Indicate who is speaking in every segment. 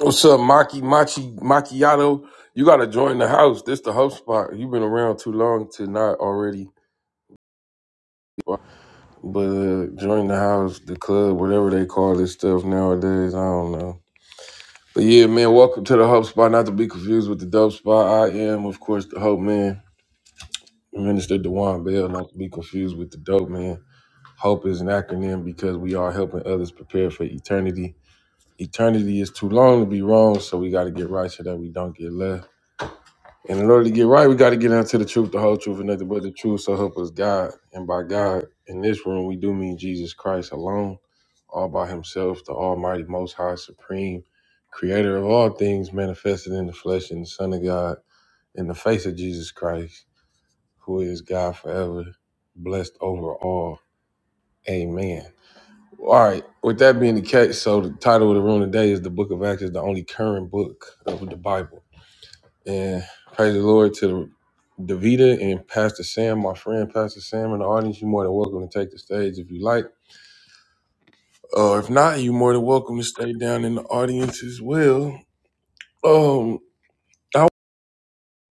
Speaker 1: What's up, Maki Machi Macchiato? You gotta join the house. This the hub spot. You've been around too long to not already. But uh, join the house, the club, whatever they call this stuff nowadays. I don't know. But yeah, man, welcome to the Hope Spot. Not to be confused with the Dope Spot. I am, of course, the Hope Man, Minister Dewan Bell. Not to be confused with the Dope Man. Hope is an acronym because we are helping others prepare for eternity. Eternity is too long to be wrong, so we got to get right so that we don't get left. And in order to get right, we got to get down to the truth, the whole truth, and nothing but the truth. So help us God. And by God, in this room, we do mean Jesus Christ alone, all by himself, the Almighty, Most High, Supreme, Creator of all things, manifested in the flesh and the Son of God, in the face of Jesus Christ, who is God forever, blessed over all. Amen. All right. With that being the case, so the title of the room today is the Book of Acts is the only current book of the Bible. And praise the Lord to the Davita and Pastor Sam, my friend Pastor Sam in the audience. You're more than welcome to take the stage if you like. Uh, if not, you're more than welcome to stay down in the audience as well. Um, I,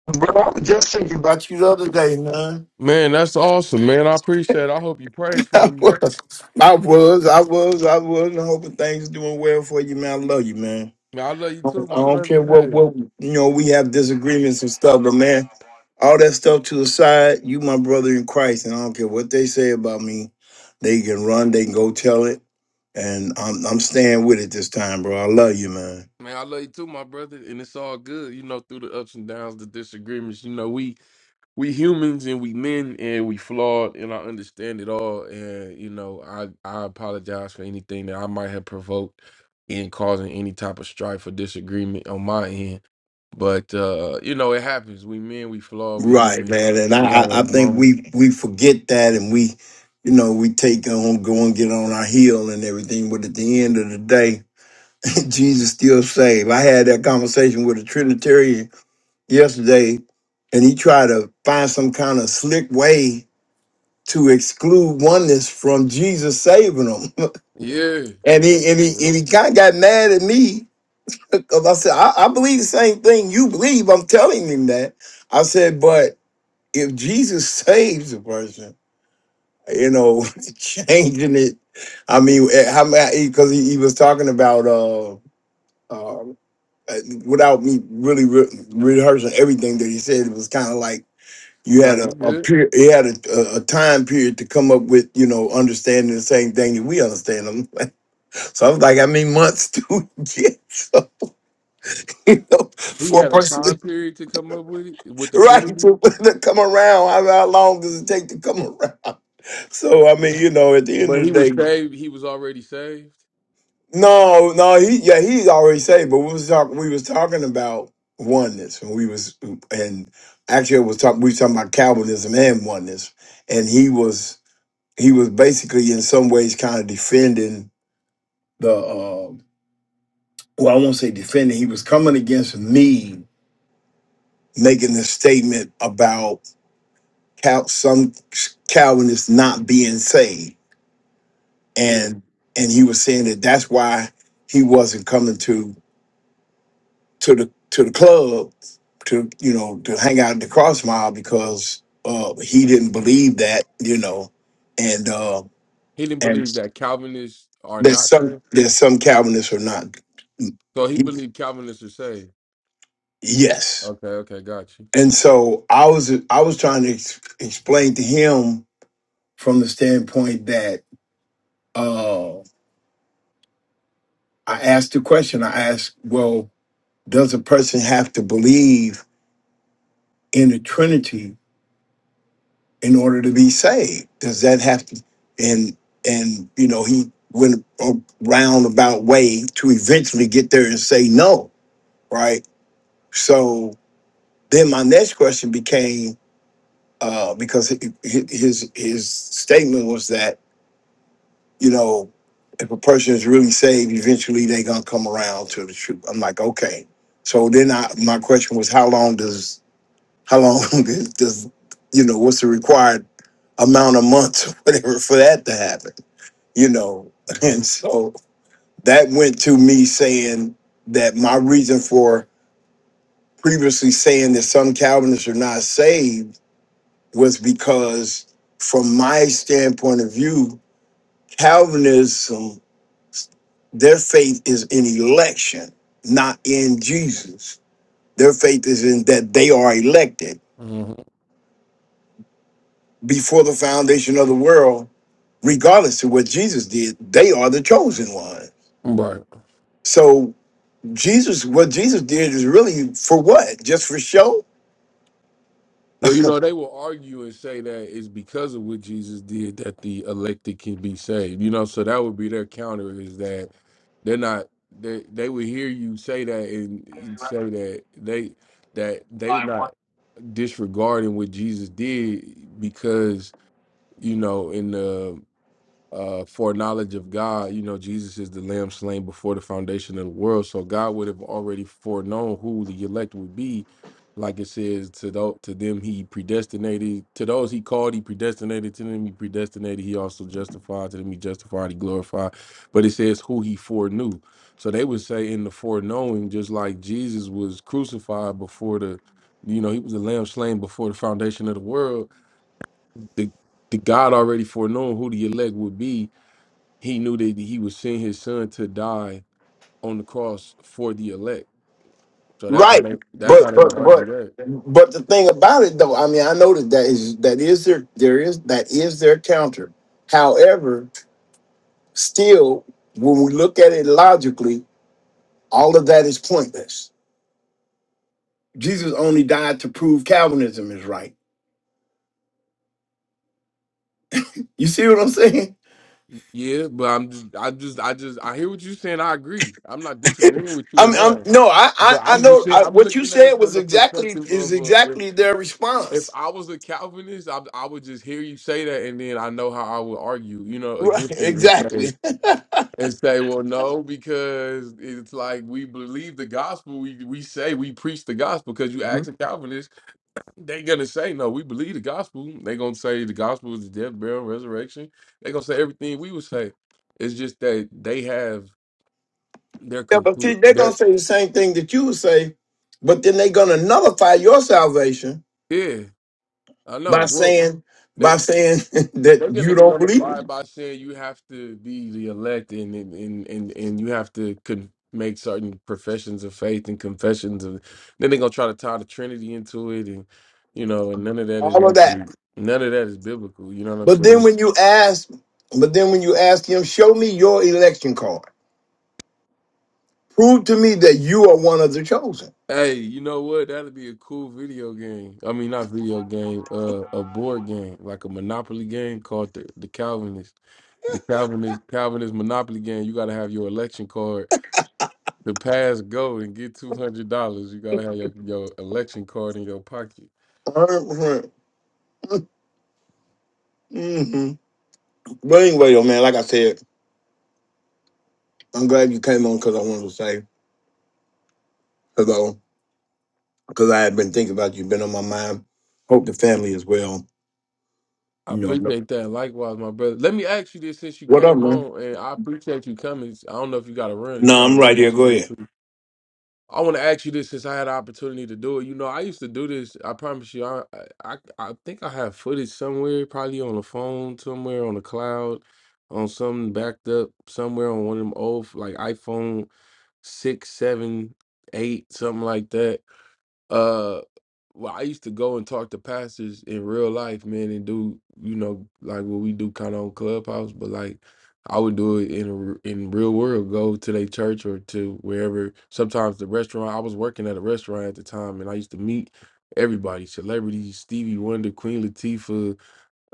Speaker 2: Bro, I was just thinking about you the other day, man.
Speaker 1: man, that's awesome, man. I appreciate it. I hope you prayed for
Speaker 2: I
Speaker 1: me.
Speaker 2: was, I was, I was, I was, and hoping things doing well for you, man. I love you, man.
Speaker 1: Man, I love you
Speaker 2: I
Speaker 1: too, my
Speaker 2: don't
Speaker 1: brother.
Speaker 2: care what,
Speaker 1: Hey,
Speaker 2: what you know, we have disagreements and stuff, but man, all that stuff to the side, you my brother in Christ, and I don't care what they say about me. They can run, they can go tell it, and I'm I'm staying with it this time, bro. I love you, man.
Speaker 1: man, I love you too, my brother. And it's all good, you know, through the ups and downs, the disagreements. You know, we we humans and we men and we flawed and I understand it all and you know I I apologize for anything that I might have provoked in causing any type of strife or disagreement on my end but uh you know it happens we men we flawed we
Speaker 2: Right,
Speaker 1: human
Speaker 2: man, and I,
Speaker 1: we
Speaker 2: I
Speaker 1: had a
Speaker 2: I think
Speaker 1: moment
Speaker 2: we we forget that, and we, you know, we take on go and get on our heel and everything. But at the end of the day, Jesus still saved. I had that conversation with a Trinitarian yesterday, and he tried to find some kind of slick way to exclude oneness from Jesus saving them,
Speaker 1: yeah
Speaker 2: and he
Speaker 1: Like,
Speaker 2: and he
Speaker 1: yeah.
Speaker 2: and he kind of got mad at me because I said I, I believe the same thing you believe. I'm telling him that. I said, but if Jesus saves a person, you know, changing it. I mean, eh, how many? Because he, he was talking about uh, uh, eh, without me really re- rehearsing everything that he said, it was kind of like you
Speaker 1: no
Speaker 2: had
Speaker 1: you
Speaker 2: a, a
Speaker 1: good
Speaker 2: period, you had a, a a time period to come up with, you know, understanding the same thing that we understand them. So I was like, I mean, months to get. So, you know,
Speaker 1: he
Speaker 2: for a
Speaker 1: had a
Speaker 2: person,
Speaker 1: time
Speaker 2: to-
Speaker 1: period to come up with it with the
Speaker 2: right,
Speaker 1: Trinity
Speaker 2: to, to come around, how, how long does it take to come around? So I mean, you know, at the end
Speaker 1: but he
Speaker 2: of the
Speaker 1: was
Speaker 2: day,
Speaker 1: saved he was already saved
Speaker 2: no, no, he yeah, he's already saved. But we was talking, we was talking about oneness, and we was and actually it was talking, we was talking about Calvinism and oneness, and he was he was basically in some ways kind of defending the uh, well, I won't say defending. He was coming against me making the statement about Cal- some Calvinists not being saved,
Speaker 1: yeah
Speaker 2: and and he was saying that that's why he wasn't coming to to the to the club to you know to hang out in the cross mile because uh he didn't believe that you know and uh
Speaker 1: he didn't
Speaker 2: and
Speaker 1: believe that Calvinists are
Speaker 2: there's
Speaker 1: not
Speaker 2: some
Speaker 1: saved
Speaker 2: there's some calvinists who are not
Speaker 1: so he
Speaker 2: he-
Speaker 1: believed Calvinists are saved
Speaker 2: yes
Speaker 1: Okay, okay, got you.
Speaker 2: and so i was i was trying to ex- explain to him from the standpoint that uh i asked the question i asked well does a person have to believe in the trinity in order to be saved? Does that have to and and you know he went a roundabout way to eventually get there and say no, right? So then my next question became uh, because hi- hi- his his statement was that you know if a person is really saved, eventually they're gonna come around to the truth. I'm like, okay. So then I, my question was, how long does How long does you know what's the required amount of months or whatever for that to happen? You know,
Speaker 1: hmm
Speaker 2: and so that went to me saying that my reason for previously saying that some Calvinists are not saved was because, from my standpoint of view, Calvinism their faith is in election, not in Jesus. Their faith is in that they are elected.
Speaker 1: hmm
Speaker 2: before the foundation of the world, regardless of what Jesus did, they are the chosen one.
Speaker 1: Right.
Speaker 2: So Jesus, what Jesus did is really for what? Just for show?
Speaker 1: Well, you know, they will argue and say that it's because of what Jesus did that the elected can be saved. You know, so that would be their counter is that they're not they they would hear you say that and and say that they that they were not disregarding what Jesus did because you know in the uh, foreknowledge of God, you know, Jesus is the lamb slain before the foundation of the world. So God would have already foreknown who the elect would be. Like it says, to those, to them he predestinated, to those he called, he predestinated, to them he predestinated, he also justified, to them he justified, he glorified. But it says who he foreknew. So they would say in the foreknowing, just like Jesus was crucified before the, you know, he was the lamb slain before the foundation of the world. The the God already foreknown who the elect would be he knew that he was sending his son to die on the cross for the elect. So that's how
Speaker 2: Right.
Speaker 1: they that's how
Speaker 2: But
Speaker 1: they
Speaker 2: but
Speaker 1: would argue
Speaker 2: but
Speaker 1: that.
Speaker 2: but the thing about it though, I mean, I know that that is that is their there is that is their counter. However, still, when we look at it logically, all of that is pointless. Jesus only died to prove Calvinism is right. You see what I'm saying?
Speaker 1: Yeah, but I'm just I just I just I hear what you're saying. I agree. I'm not disagreeing with you
Speaker 2: I'm,
Speaker 1: at
Speaker 2: I'm
Speaker 1: all.
Speaker 2: no, I, I,
Speaker 1: But
Speaker 2: I
Speaker 1: I'm just
Speaker 2: know
Speaker 1: saying,
Speaker 2: I,
Speaker 1: I'm
Speaker 2: what you
Speaker 1: looking at it
Speaker 2: said
Speaker 1: from
Speaker 2: was
Speaker 1: the
Speaker 2: exactly
Speaker 1: perspective
Speaker 2: is
Speaker 1: of uh, if
Speaker 2: exactly their
Speaker 1: if
Speaker 2: response.
Speaker 1: I was a Calvinist, I, I would just hear you say that, and then I know how I would argue, you know,
Speaker 2: Right,
Speaker 1: against it and
Speaker 2: exactly.
Speaker 1: say
Speaker 2: yeah,
Speaker 1: and say, well, no, because it's like we believe the gospel. We we say we preach the gospel because you ask a Calvinist They're gonna say, no, we believe the gospel. They're gonna say the gospel is the death, burial, and resurrection. They're gonna say everything we would say. It's just that they have their
Speaker 2: but see,
Speaker 1: conclusion.
Speaker 2: they're gonna say the same thing that you would say, but then they're gonna nullify your salvation
Speaker 1: Yeah, I know.
Speaker 2: by
Speaker 1: Well,
Speaker 2: saying by
Speaker 1: they
Speaker 2: saying that
Speaker 1: they're gonna
Speaker 2: you
Speaker 1: get
Speaker 2: don't believe it.
Speaker 1: notified by saying you have to be the elect and and and and, and you have to con- make certain professions of faith and confessions of. Then they're gonna try to tie the Trinity into it, and you know, and none of that is
Speaker 2: All of that.
Speaker 1: actually none of that is biblical. You know what I'm
Speaker 2: But
Speaker 1: saying?
Speaker 2: then when you ask, but then when you ask him, show me your election card. Prove to me that you are one of the chosen.
Speaker 1: Hey, you know what? That'd be a cool video game. I mean, not video game, uh, a board game, like a Monopoly game called the, the Calvinist. The Calvinist Calvinist Monopoly game. You gotta have your election card to pass go and get two hundred dollars. You gotta have your, your election card in your pocket.
Speaker 2: Uh-huh. Mm-hmm. But anyway, though, man, like I said. I'm glad you came on because I wanted to say hello because I had been thinking about you, been on my mind. Hope the family is well.
Speaker 1: I
Speaker 2: You know, I know-
Speaker 1: appreciate that. Likewise, my brother. Let me ask you this since you
Speaker 2: what up,
Speaker 1: came
Speaker 2: man?
Speaker 1: on, and I appreciate you coming. I don't know if you gotta run. If you
Speaker 2: No,
Speaker 1: gotta
Speaker 2: I'm
Speaker 1: run,
Speaker 2: right here.
Speaker 1: that's
Speaker 2: Go
Speaker 1: cool
Speaker 2: ahead.
Speaker 1: I want to ask you this since I had the opportunity to do it. You know, I used to do this. I promise you, I I, I think I have footage somewhere, probably on the phone, somewhere on the cloud, on something backed up somewhere on one of them old like iPhone six, seven, eight, something like that. Uh, well, I used to go and talk to pastors in real life, man, and do you know like what we do kind of on Clubhouse, but like I would do it in a r in real world. Go to their church or to wherever. Sometimes the restaurant. I was working at a restaurant at the time, and I used to meet everybody, celebrities, Stevie Wonder, Queen Latifah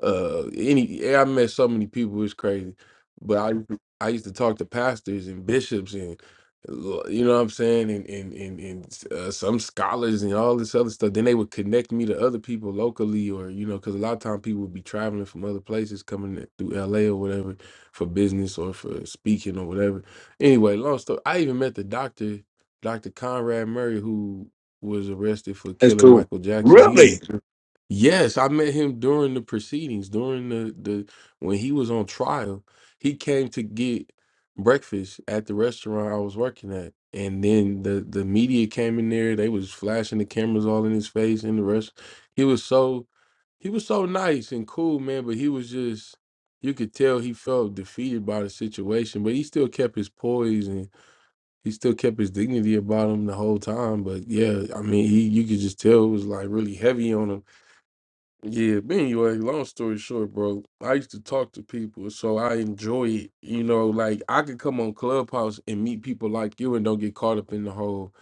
Speaker 1: uh any yeah, I met so many people it's crazy. But I used to- I used to talk to pastors and bishops and l- you know what I'm saying and and and, and uh, some scholars and all this other stuff. Then they would connect me to other people locally or you know because a lot of time people would be traveling from other places coming through LA or whatever for business or for speaking or whatever. Anyway, long story. I even met the doctor, Dr. Conrad Murray, who was arrested for
Speaker 2: That's
Speaker 1: killing
Speaker 2: cool.
Speaker 1: Michael Jackson. He
Speaker 2: Really?
Speaker 1: Yes, I met him during the proceedings, during the the when he was on trial. He came to get breakfast at the restaurant I was working at. And then the the media came in there, they was flashing the cameras all in his face in the rest. He was so he was so nice and cool, man, but he was just you could tell he felt defeated by the situation, but he still kept his poise and he still kept his dignity about him the whole time. But yeah, I mean, he you could just tell it was like really heavy on him yeah, but anyway, long story short, bro, I used to talk to people, so I enjoy it. You know, like I could come on Clubhouse and meet people like you and don't get caught up in the whole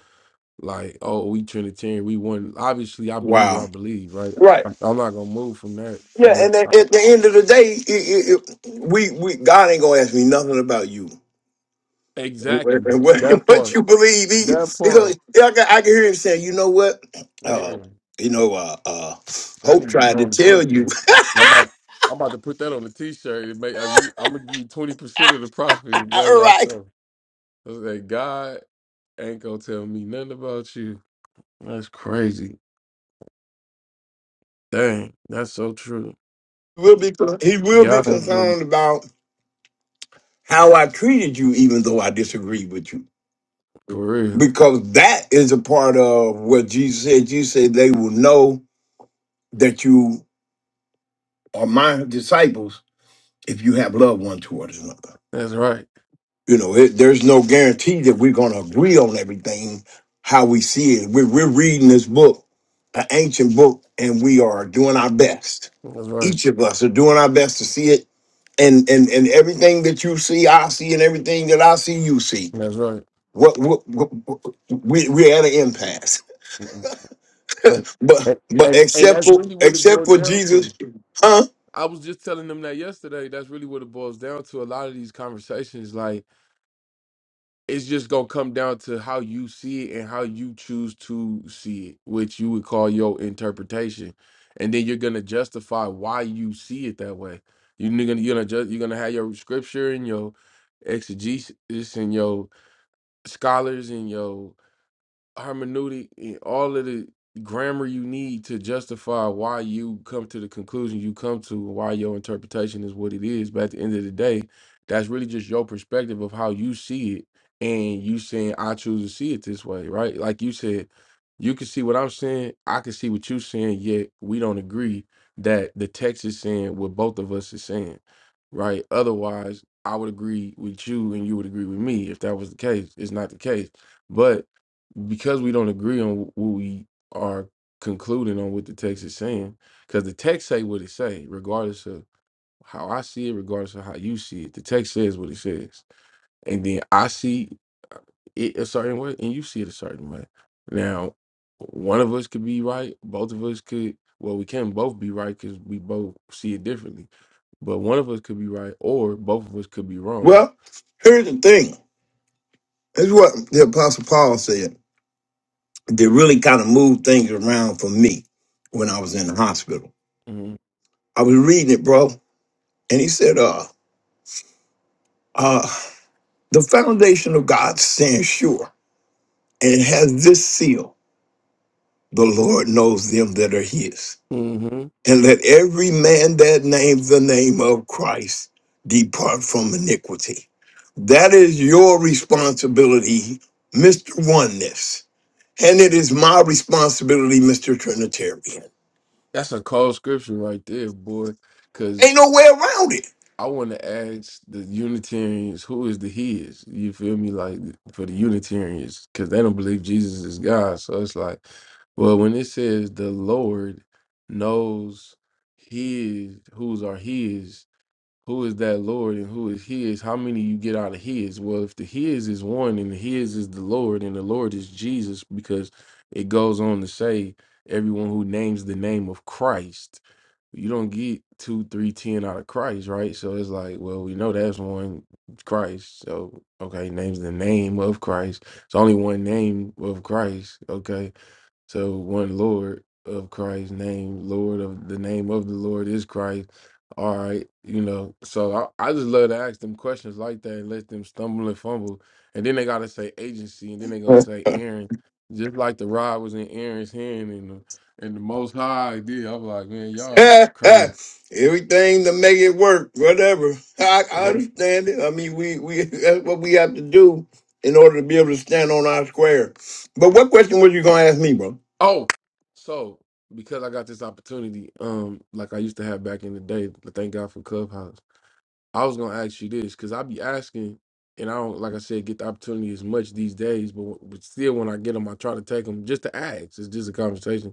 Speaker 1: like, oh, we Trinitarian, we one. Obviously, I believe what I
Speaker 2: Wow.
Speaker 1: believe, right?
Speaker 2: Right.
Speaker 1: I- I'm not gonna move from that.
Speaker 2: Yeah,
Speaker 1: But
Speaker 2: and at
Speaker 1: I-
Speaker 2: at the end of the day, it, it, it, we we God ain't gonna ask me nothing about you and
Speaker 1: exactly
Speaker 2: what, and what
Speaker 1: that
Speaker 2: what
Speaker 1: part,
Speaker 2: you believe. He,
Speaker 1: that
Speaker 2: because
Speaker 1: part,
Speaker 2: yeah, I can, I can hear him saying, you know what, uh,
Speaker 1: man,
Speaker 2: you know, uh, uh,
Speaker 1: that
Speaker 2: Hope
Speaker 1: needs to
Speaker 2: tried
Speaker 1: go
Speaker 2: to
Speaker 1: on the
Speaker 2: tell
Speaker 1: t-shirt.
Speaker 2: you.
Speaker 1: And I'm about, I'm about to put that on the t-shirt. and make- I- we- I'm gonna give you twenty percent of the profits as
Speaker 2: All
Speaker 1: I
Speaker 2: right,
Speaker 1: sell. I was like, God. ain't gonna tell me nothing about you. That's crazy. Dang, that's so true.
Speaker 2: will be con- he will be
Speaker 1: God ain't been-
Speaker 2: concerned about how I treated you, even though I disagree with you.
Speaker 1: for real.
Speaker 2: Because that is a part of what Jesus said. You said they will know that you are my disciples if you have love one toward another.
Speaker 1: That's right.
Speaker 2: You know, it, there's no guarantee that we're going to agree on everything how we see it. We're, we're reading this book, an ancient book, and we are doing our best.
Speaker 1: That's right.
Speaker 2: Each of us are doing our best to see it and and and everything that you see, I see, and everything that I see, you see.
Speaker 1: That's right.
Speaker 2: What, what, what, what we we're at an impasse.
Speaker 1: Mm-mm. right.
Speaker 2: But
Speaker 1: And,
Speaker 2: but
Speaker 1: and and
Speaker 2: except
Speaker 1: that's
Speaker 2: for
Speaker 1: really what it
Speaker 2: except
Speaker 1: boils
Speaker 2: for
Speaker 1: down to.
Speaker 2: Jesus, huh?
Speaker 1: I was just telling them that yesterday. That's really what it boils down to. A lot of these conversations, like it's just gonna come down to how you see it and how you choose to see it, which you would call your interpretation, and then you're gonna justify why you see it that way. You're gonna you're gonna ju- you're gonna have your scripture and your exegesis and your scholars and your hermeneutic and all of the grammar you need to justify why you come to the conclusion you come to why your interpretation is what it is but at the end of the day that's really just your perspective of how you see it and you saying i choose to see it this way right like you said you can see what i'm saying i can see what you're saying yet we don't agree that the text is saying what both of us is saying right otherwise i would agree with you and you would agree with me if that was the case it's not the case but because we don't agree on what we are concluding on what the text is saying, because the text say what it say, regardless of how I see it, regardless of how you see it. The text says what it says, and then I see uh, it a certain way, and you see it a certain way. Now, one of us could be right, both of us could. Well, we can't both be right because we both see it differently. But one of us could be right, or both of us could be wrong.
Speaker 2: Well, here's the thing. This is what the Apostle Paul said that really kind of moved things around for me when I was in the hospital.
Speaker 1: hmm
Speaker 2: I was reading it, bro, and he said, uh, uh, the foundation of God stands sure, and it has this seal. The Lord knows them that are his.
Speaker 1: hmm
Speaker 2: and let every man that names the name of Christ depart from iniquity. That is your responsibility, Mr. Oneness. And it is my responsibility, Mr. Trinitarian.
Speaker 1: That's a cold scripture right there, boy. Because
Speaker 2: Ain't no way around
Speaker 1: I want to ask the Unitarians who is the He is. You feel me? Like for the Unitarians, because they don't believe Jesus is God. So it's like, well, when it says the Lord knows His, whose are His, who is that Lord and who is his? How many you get out of his? Well, if the his is one and the his is the Lord and the Lord is Jesus, because it goes on to say, everyone who names the name of Christ, you don't get two, three, ten out of Christ, right? So it's like, well, we know that's one Christ. So okay, names the name of Christ. It's only one name of Christ. Okay so one Lord of Christ's name Lord of the name of the Lord is Christ. All right, you know. So I, I just love to ask them questions like that and let them stumble and fumble, and then they gotta say agency, and then they gonna say Aaron, just like the rod was in Aaron's hand, and the, and the Most High did. I'm like, man,
Speaker 2: it.
Speaker 1: y'all crazy.
Speaker 2: Everything to make it work, whatever. I, I
Speaker 1: Okay.
Speaker 2: understand it. I mean, we, we that's what we have to do in order to be able to stand on our square. But what question was you gonna ask me, bro?
Speaker 1: Oh, so because I got this opportunity, um, like I used to have back in the day, thank God for Clubhouse I was gonna ask you this because I be asking, and I don't, like I said, get the opportunity as much these days. But, but still, when I get them, I try to take them just to ask. It's just a conversation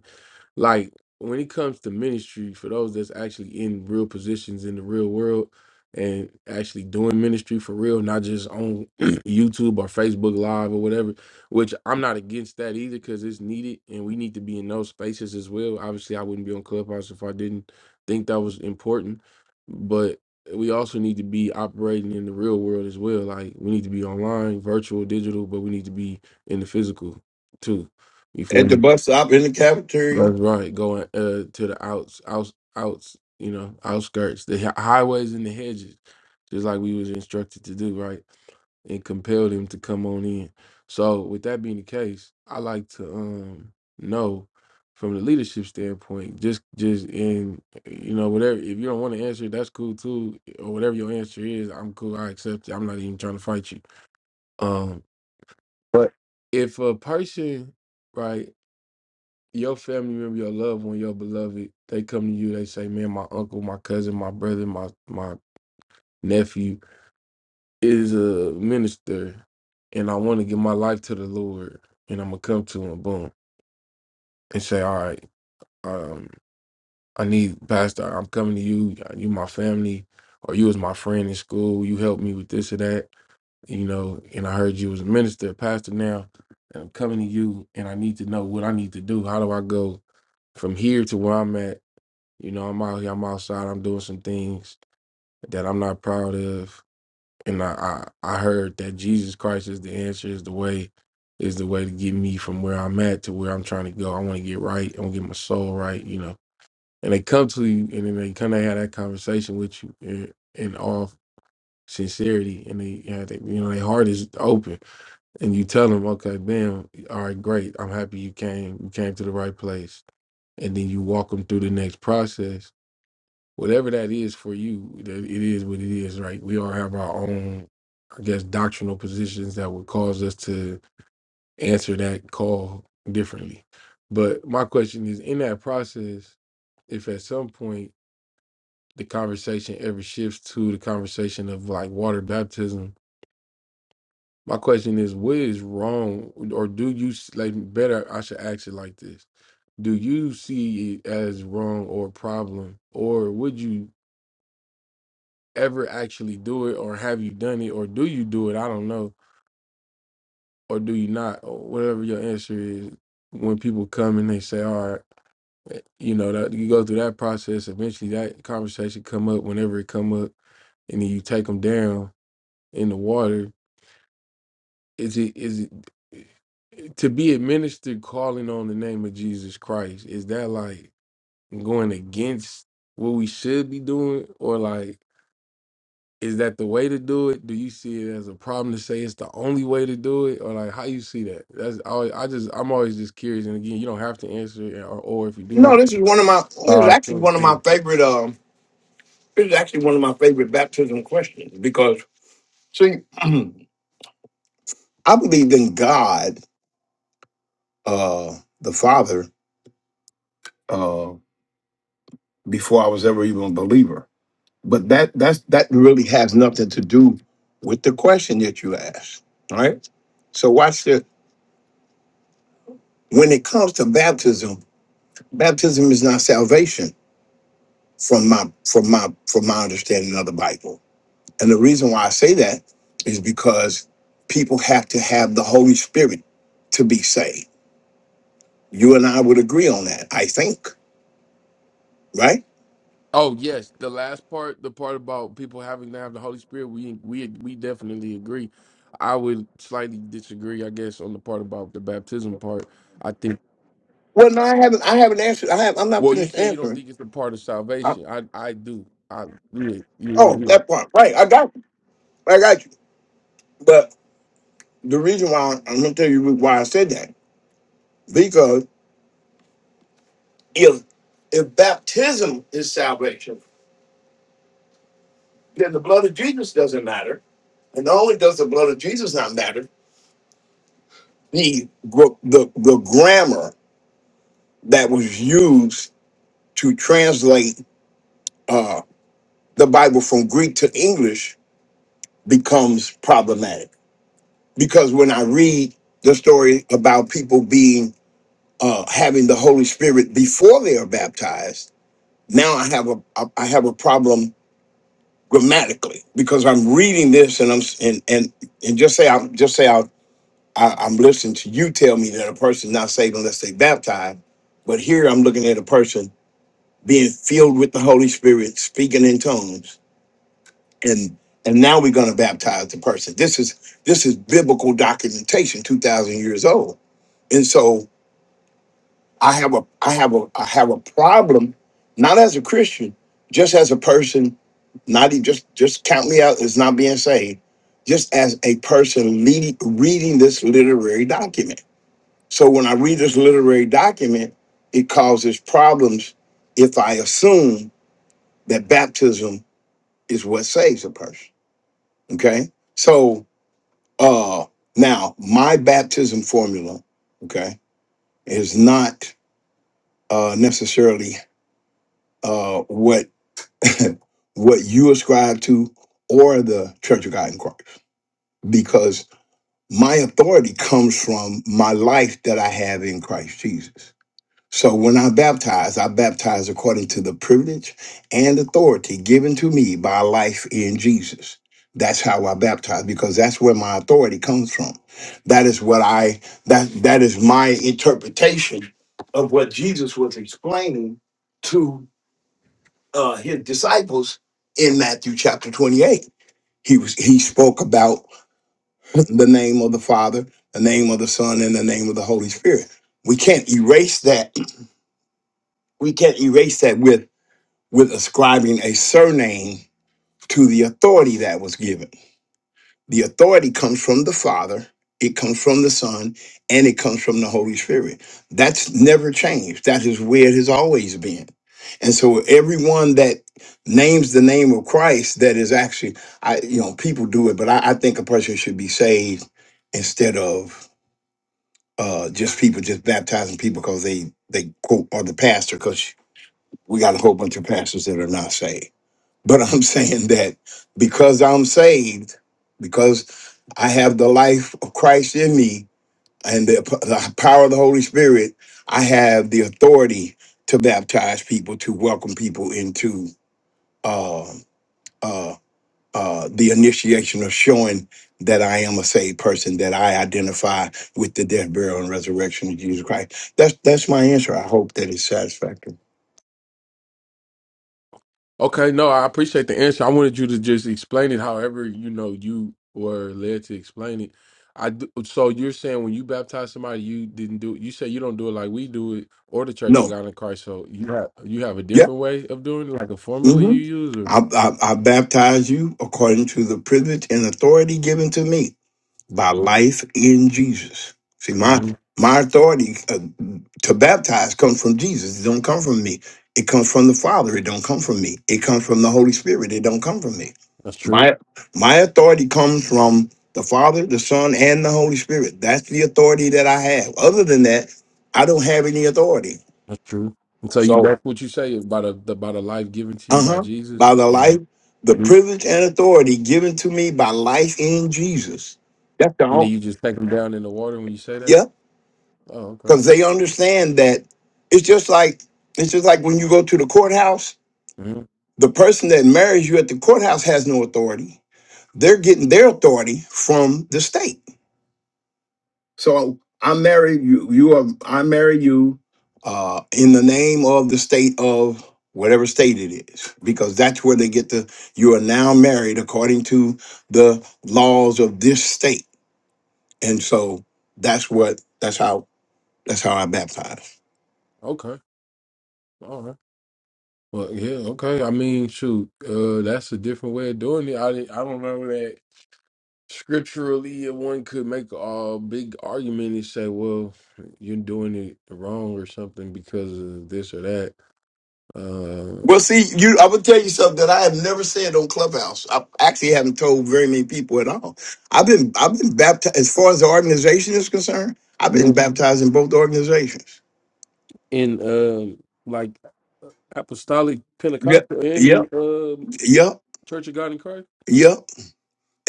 Speaker 1: like when it comes to ministry for those that's actually in real positions in the real world and actually doing ministry for real not just on youtube or facebook live or whatever which i'm not against that either because it's needed and we need to be in those spaces as well obviously i wouldn't be on clubhouse if i didn't think that was important but we also need to be operating in the real world as well like we need to be online virtual digital but we need to be in the physical too you feel
Speaker 2: At
Speaker 1: me
Speaker 2: the bus stop, in the cafeteria?
Speaker 1: that's right. Going uh, to the outs, outs, outs. You know, outskirts, the hi- highways and the hedges, just like we was instructed to do, right? And compelled him to come on in. So, with that being the case, I like to um know from the leadership standpoint, just just in you know whatever. If you don't want to answer, that's cool too, or whatever your answer is, I'm cool. I accept it. I'm not even trying to fight you. Um, but if a person, right? your family member, your loved one, your beloved, they come to you, they say, Man, my uncle, my cousin, my brother, my my nephew is a minister and I want to give my life to the Lord and I'm gonna come to him, boom, and say, All right, um, I need Pastor, I'm coming to you, you my family, or you was my friend in school, you helped me with this or that, you know, and I heard you was a minister, a pastor now, and I'm coming to you and I need to know what I need to do. How do I go from here to where I'm at You know, I'm out here, I'm outside, I'm doing some things that I'm not proud of. And I, I, I heard that Jesus Christ is the answer, is the way, is the way to get me from where I'm at to where I'm trying to go. I want to get right. I want to get my soul right, you know. And they come to you and then they come, they have that conversation with you in, in all sincerity. And they, yeah, they, you know, their heart is open. And you tell them, okay, bam, all right, great. I'm happy you came. You came to the right place and then you walk them through the next process whatever that is for you, that it is what it is, right? We all have our own, I guess, doctrinal positions that would cause us to answer that call differently. But my question is in that process, if at some point the conversation ever shifts to the conversation of like water baptism, my question is what is wrong or do you s- like better I should ask it like this. Do you see it as wrong or a problem or would you ever actually do it or have you done it or do you do it i don't know or do you not or whatever your answer is when people come and they say all right eh, you know that you go through that process eventually that conversation come up whenever it come up and then you take them down in the water is it is it eh, to be administered calling on the name of jesus christ is that like going against what we should be doing or like Is that the way to do it? Do you see it as a problem to say it's the only way to do it, or like how you see that? That's I, always, I just I'm always just curious. And again, you don't have to answer, it, or, or if you do want,
Speaker 2: No, this is
Speaker 1: to.
Speaker 2: one of my. This is
Speaker 1: uh,
Speaker 2: actually
Speaker 1: cool,
Speaker 2: one of my
Speaker 1: cool.
Speaker 2: favorite. Um, this is actually one of my favorite baptism questions because, see, I believed in God, uh, the Father, uh, before I was ever even a believer. But that that's that really has nothing to do with the question that you asked. All right. So watch this. When it comes to baptism, baptism is not salvation from my from my from my understanding of the Bible And the reason why I say that is because people have to have the Holy Spirit to be saved. You and I would agree on that, I think, right?
Speaker 1: Oh yes, the last part, the part about people having to have the Holy Spirit, we we we definitely agree. I would slightly disagree, I guess, on the part about the baptism part. I think.
Speaker 2: Well, no, I haven't. I haven't answered. I have. I'm not
Speaker 1: Well, you
Speaker 2: finished
Speaker 1: say you don't
Speaker 2: answering.
Speaker 1: think it's a part of
Speaker 2: I-
Speaker 1: salvation. I I do. I yeah, yeah, yeah,
Speaker 2: oh,
Speaker 1: yeah.
Speaker 2: that part, right? I got you. I got you. But the reason why I'm going to tell you why I said that because if if baptism is salvation, then the blood of Jesus doesn't matter. And not only does the blood of Jesus not matter, the gr- the the grammar that was used to translate uh, the Bible from Greek to English becomes problematic because when I read the story about people being uh, having the Holy Spirit before they are baptized, now I have a I have a problem grammatically because I'm reading this and I'm and and and just say I'm just say I, I I'm listening to you tell me that a person not saved unless they baptized, but here I'm looking at a person being filled with the Holy Spirit, speaking in tongues and and now we're going to baptize the person this is this is biblical documentation 2000 years old and so i have a i have a i have a problem not as a christian just as a person not even just just count me out as not being saved just as a person leading, reading this literary document so when i read this literary document it causes problems if i assume that baptism is what saves a person okay so Uh, now, my baptism formula, okay, is not uh, necessarily uh, what what you ascribe to or the Church of God in Christ, because my authority comes from my life that I have in Christ Jesus. So when I baptize, I baptize according to the privilege and authority given to me by life in Jesus. That's how I baptize because that's where my authority comes from. That is what I that that is my interpretation of what Jesus was explaining to uh, his disciples in Matthew chapter 28. He was he spoke about the name of the Father, the name of the Son, and the name of the Holy Spirit. We can't erase that we can't erase that with with ascribing a surname to the authority that was given. The authority comes from the Father, it comes from the Son, and it comes from the Holy Spirit. That's never changed. That is where it has always been. And so everyone that names the name of Christ that is actually I you know, people do it, but I, I think a person should be saved instead of uh just people just baptizing people because they they quote are the pastor because we got a whole bunch of pastors that are not saved. But I'm saying that because I'm saved, because I have the life of Christ in me and the, the power of the Holy Spirit, I have the authority to baptize people, to welcome people into uh, uh, uh, the initiation of showing that I am a saved person, that I identify with the death, burial, and resurrection of Jesus Christ. That's that's my answer. I hope that it's satisfactory.
Speaker 1: Okay, no, I appreciate the answer. I wanted you to just explain it however you know you were led to explain it. I d- so you're saying when you baptize somebody, you didn't do You say you don't do it like we do it, or the Church of
Speaker 2: No.
Speaker 1: God in Christ. So you have you have a
Speaker 2: Yes,
Speaker 1: different way of doing it, like a formula you
Speaker 2: hmm
Speaker 1: use,
Speaker 2: I,
Speaker 1: or
Speaker 2: I, I baptize you according to the privilege and authority given to me by life in Jesus. See, my
Speaker 1: Mhm.
Speaker 2: my authority uh, to baptize comes from Jesus. It don't come from me. It comes from the Father. It don't come from me. It comes from the Holy Spirit. It don't come from me.
Speaker 1: that's true.
Speaker 2: My my authority comes from the Father, the Son, and the Holy Spirit. That's the authority that I have. Other than that, I don't have any authority.
Speaker 1: That's true. And so you
Speaker 2: So.
Speaker 1: that's what you say about a, about a life given to you by
Speaker 2: Uh-huh.
Speaker 1: Jesus,
Speaker 2: By the life,
Speaker 1: and
Speaker 2: the
Speaker 1: and
Speaker 2: privilege and authority given to me by life in Jesus. That's the
Speaker 1: then
Speaker 2: home.
Speaker 1: you just take them down in the water when you say that.
Speaker 2: Yeah.
Speaker 1: Oh, okay.
Speaker 2: Because they understand that it's just like it's just like when you go to the courthouse,
Speaker 1: Mhm.
Speaker 2: the person that marries you at the courthouse has no authority. They're getting their authority from the state. So I marry you. You are I marry you uh, in the name of the state of whatever state it is, because that's where they get the you are now married according to the laws of this state, and so that's what that's how that's how I baptize.
Speaker 1: Okay. All right. Well, yeah, okay. I mean, shoot, uh, that's a different way of doing it. I didn't- I don't remember that scripturally uh, one could make a big argument and say, well, you're doing it wrong or something because of this or that. Uh,
Speaker 2: Well, see, you, I would tell you something that I have never said on Clubhouse. I actually haven't told very many people at all. I've been, I've been baptized as far as the organization is concerned. I've been
Speaker 1: Mhm.
Speaker 2: baptized in both organizations.
Speaker 1: in um, like apostolic
Speaker 2: Yep,
Speaker 1: Pentecostal and
Speaker 2: yep.
Speaker 1: in um,
Speaker 2: Yep,
Speaker 1: Church of God in Christ.
Speaker 2: yep.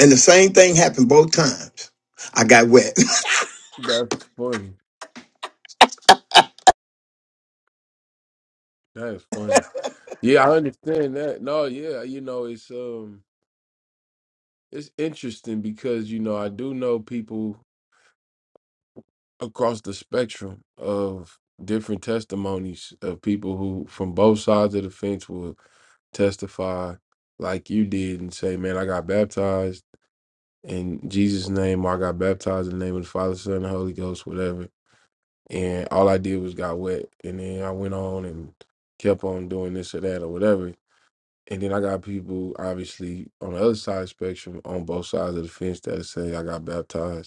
Speaker 2: And the same thing happened both times. I got wet.
Speaker 1: That's funny. That's funny. Yeah, I understand that. No, yeah, you know, it's um, it's interesting because you know I do know people. across the spectrum of different testimonies of people who from both sides of the fence will testify like you did and say, Man, I got baptized in Jesus' name, or I got baptized in the name of the Father, Son, and Holy Ghost, whatever. And all I did was got wet. And then I went on and kept on doing this or that or whatever. And then I got people obviously on the other side of the spectrum on both sides of the fence that say I got baptized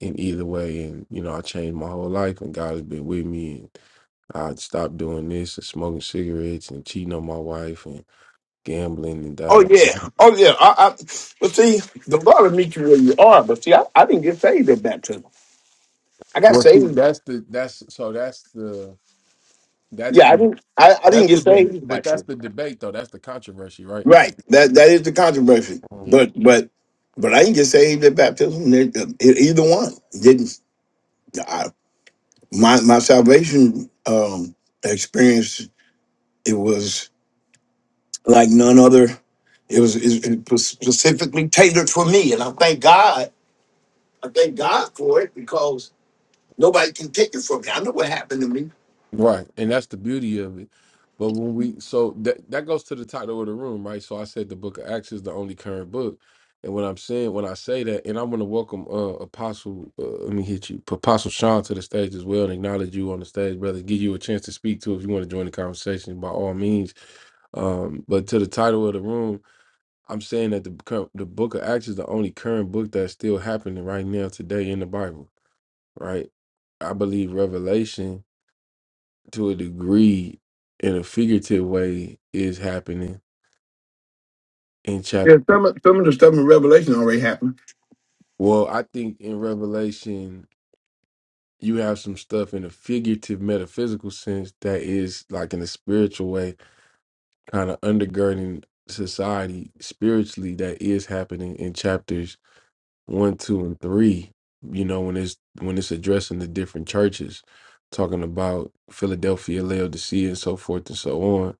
Speaker 1: in either way. And, you know, I changed my whole life and God has been with me. And I stopped doing this and smoking cigarettes and cheating on my wife and gambling and da
Speaker 2: Oh
Speaker 1: da
Speaker 2: yeah,
Speaker 1: da.
Speaker 2: oh yeah. I, I but see, the Lord will meet you where you are. But see, I, I didn't get saved at baptism. I got
Speaker 1: Well, see,
Speaker 2: saved.
Speaker 1: that's the, that's, so that's the, that's
Speaker 2: Yeah, I
Speaker 1: the,
Speaker 2: didn't. I, I didn't
Speaker 1: that's
Speaker 2: get
Speaker 1: the, deb-
Speaker 2: saved at
Speaker 1: but that's
Speaker 2: baptism.
Speaker 1: the debate though. That's the controversy, right?
Speaker 2: Right. That that is the controversy. But but but I didn't get saved at baptism. Ne- uh, e- Either one didn't. I, my my salvation um, experience. It was. like none other. It was, it it was specifically tailored for me, and I thank God. I thank God for it because nobody can take it from me. I know what happened to me.
Speaker 1: Right. And that's the beauty of it. But when we so that that goes to the title of the room, right? So I said the book of Acts is the only current book. And what I'm saying when I say that, and I want to welcome uh Apostle uh, let me hit you, Apostle Sean to the stage as well and acknowledge you on the stage, brother. Give you a chance to speak to if you want to join the conversation by all means. Um, but to the title of the room, I'm saying that the cur- the book of Acts is the only current book that's still happening right now today in the Bible, right? I believe Revelation to a degree in a figurative way is happening in
Speaker 2: Yeah,
Speaker 1: chapter
Speaker 2: some of, some of the stuff in Revelation already happened.
Speaker 1: well i think in revelation you have some stuff in a figurative metaphysical sense that is like in a spiritual way kind of undergirding society spiritually that is happening in chapters one two and three you know when it's when it's addressing the different churches talking about philadelphia laodicea and so forth and so on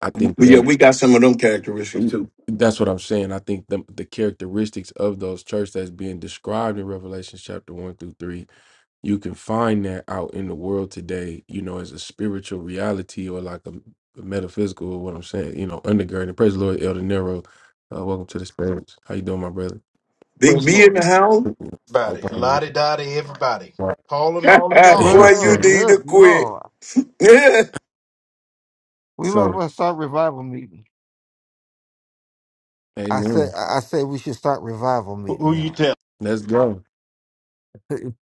Speaker 1: i think
Speaker 2: But yeah,
Speaker 1: that
Speaker 2: we got some of them characteristics too.
Speaker 1: That's what I'm saying. I think the the characteristics of those church that's being described in Revelation chapter one through three, you can find that out in the world today. You know, as a spiritual reality or like a, metaphysical. or What I'm saying, you know, undergirding. Praise the Lord, Elder Nero. Uh, welcome to the stage. How you doing, my brother?
Speaker 2: Big
Speaker 3: Praise the
Speaker 2: B in the
Speaker 3: Lord.
Speaker 2: house,
Speaker 1: I'll
Speaker 3: Everybody,
Speaker 1: probably
Speaker 3: lottie dottie, everybody, Paul and all of y'all.
Speaker 2: boy, you
Speaker 4: Well,
Speaker 2: need to
Speaker 4: good
Speaker 2: quit.
Speaker 4: Lord.
Speaker 2: Yeah,
Speaker 4: We must
Speaker 1: so.
Speaker 4: well start revival meeting. I said
Speaker 1: Amen.
Speaker 4: I I said we should start revival
Speaker 3: Who who
Speaker 4: meeting,
Speaker 3: you
Speaker 4: y'all.
Speaker 3: tell?
Speaker 1: Let's go.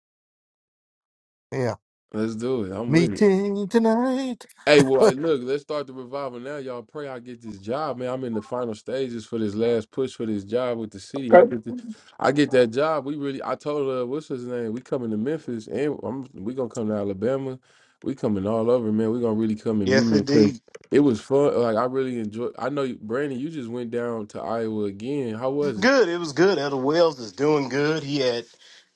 Speaker 4: yeah.
Speaker 1: Let's do it. I'm with it.
Speaker 4: Meeting tonight.
Speaker 1: Hey, well, I- look, let's start the revival now. Y'all pray I get this job, man. I'm in the final stages for this last push for this job with the city. I
Speaker 2: Okay.
Speaker 1: get the, I get that job. We really, I told her, what's his name? We coming to Memphis, and I'm, we gonna come to Alabama. We coming all over, man. We gonna really come and
Speaker 3: Yes,
Speaker 1: meet. 'em, 'cause
Speaker 3: indeed.
Speaker 1: It was fun. Like I really enjoyed. I know, you- Brandon, you just went down to Iowa again. How was it?
Speaker 3: Good. It was good. Elder Wells is doing good. He had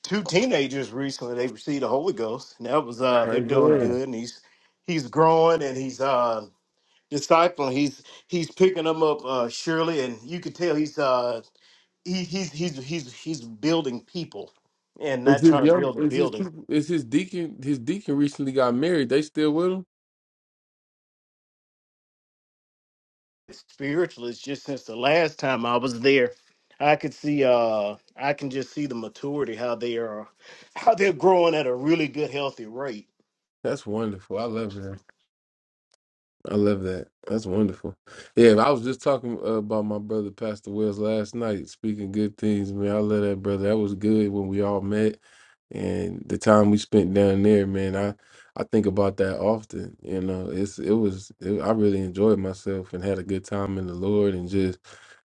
Speaker 3: two teenagers recently. They received the Holy Ghost, and that was uh, they're
Speaker 1: Praise the
Speaker 3: doing
Speaker 1: Lord.
Speaker 3: good. And he's he's growing and he's uh discipling. He's he's picking them up uh, surely, and you could tell he's uh he, he's he's he's he's building people and
Speaker 1: Is
Speaker 3: not
Speaker 1: his young?
Speaker 3: children
Speaker 1: Is his
Speaker 3: building.
Speaker 1: people? Is his deacon? His deacon recently got married. They still with him?
Speaker 3: spiritualist just since the last time I was there. I could see uh I can just see the maturity they are how they're growing at a really good healthy rate.
Speaker 1: That's wonderful. I love it. I love that. That's wonderful. Yeah, I was just talking uh, about my brother Pastor Wells last night, speaking good things. Man, I love that brother. That was good when we all met, and the time we spent down there, man. I I think about that often. You know, it's it was it, I really enjoyed myself and had a good time in the Lord, and just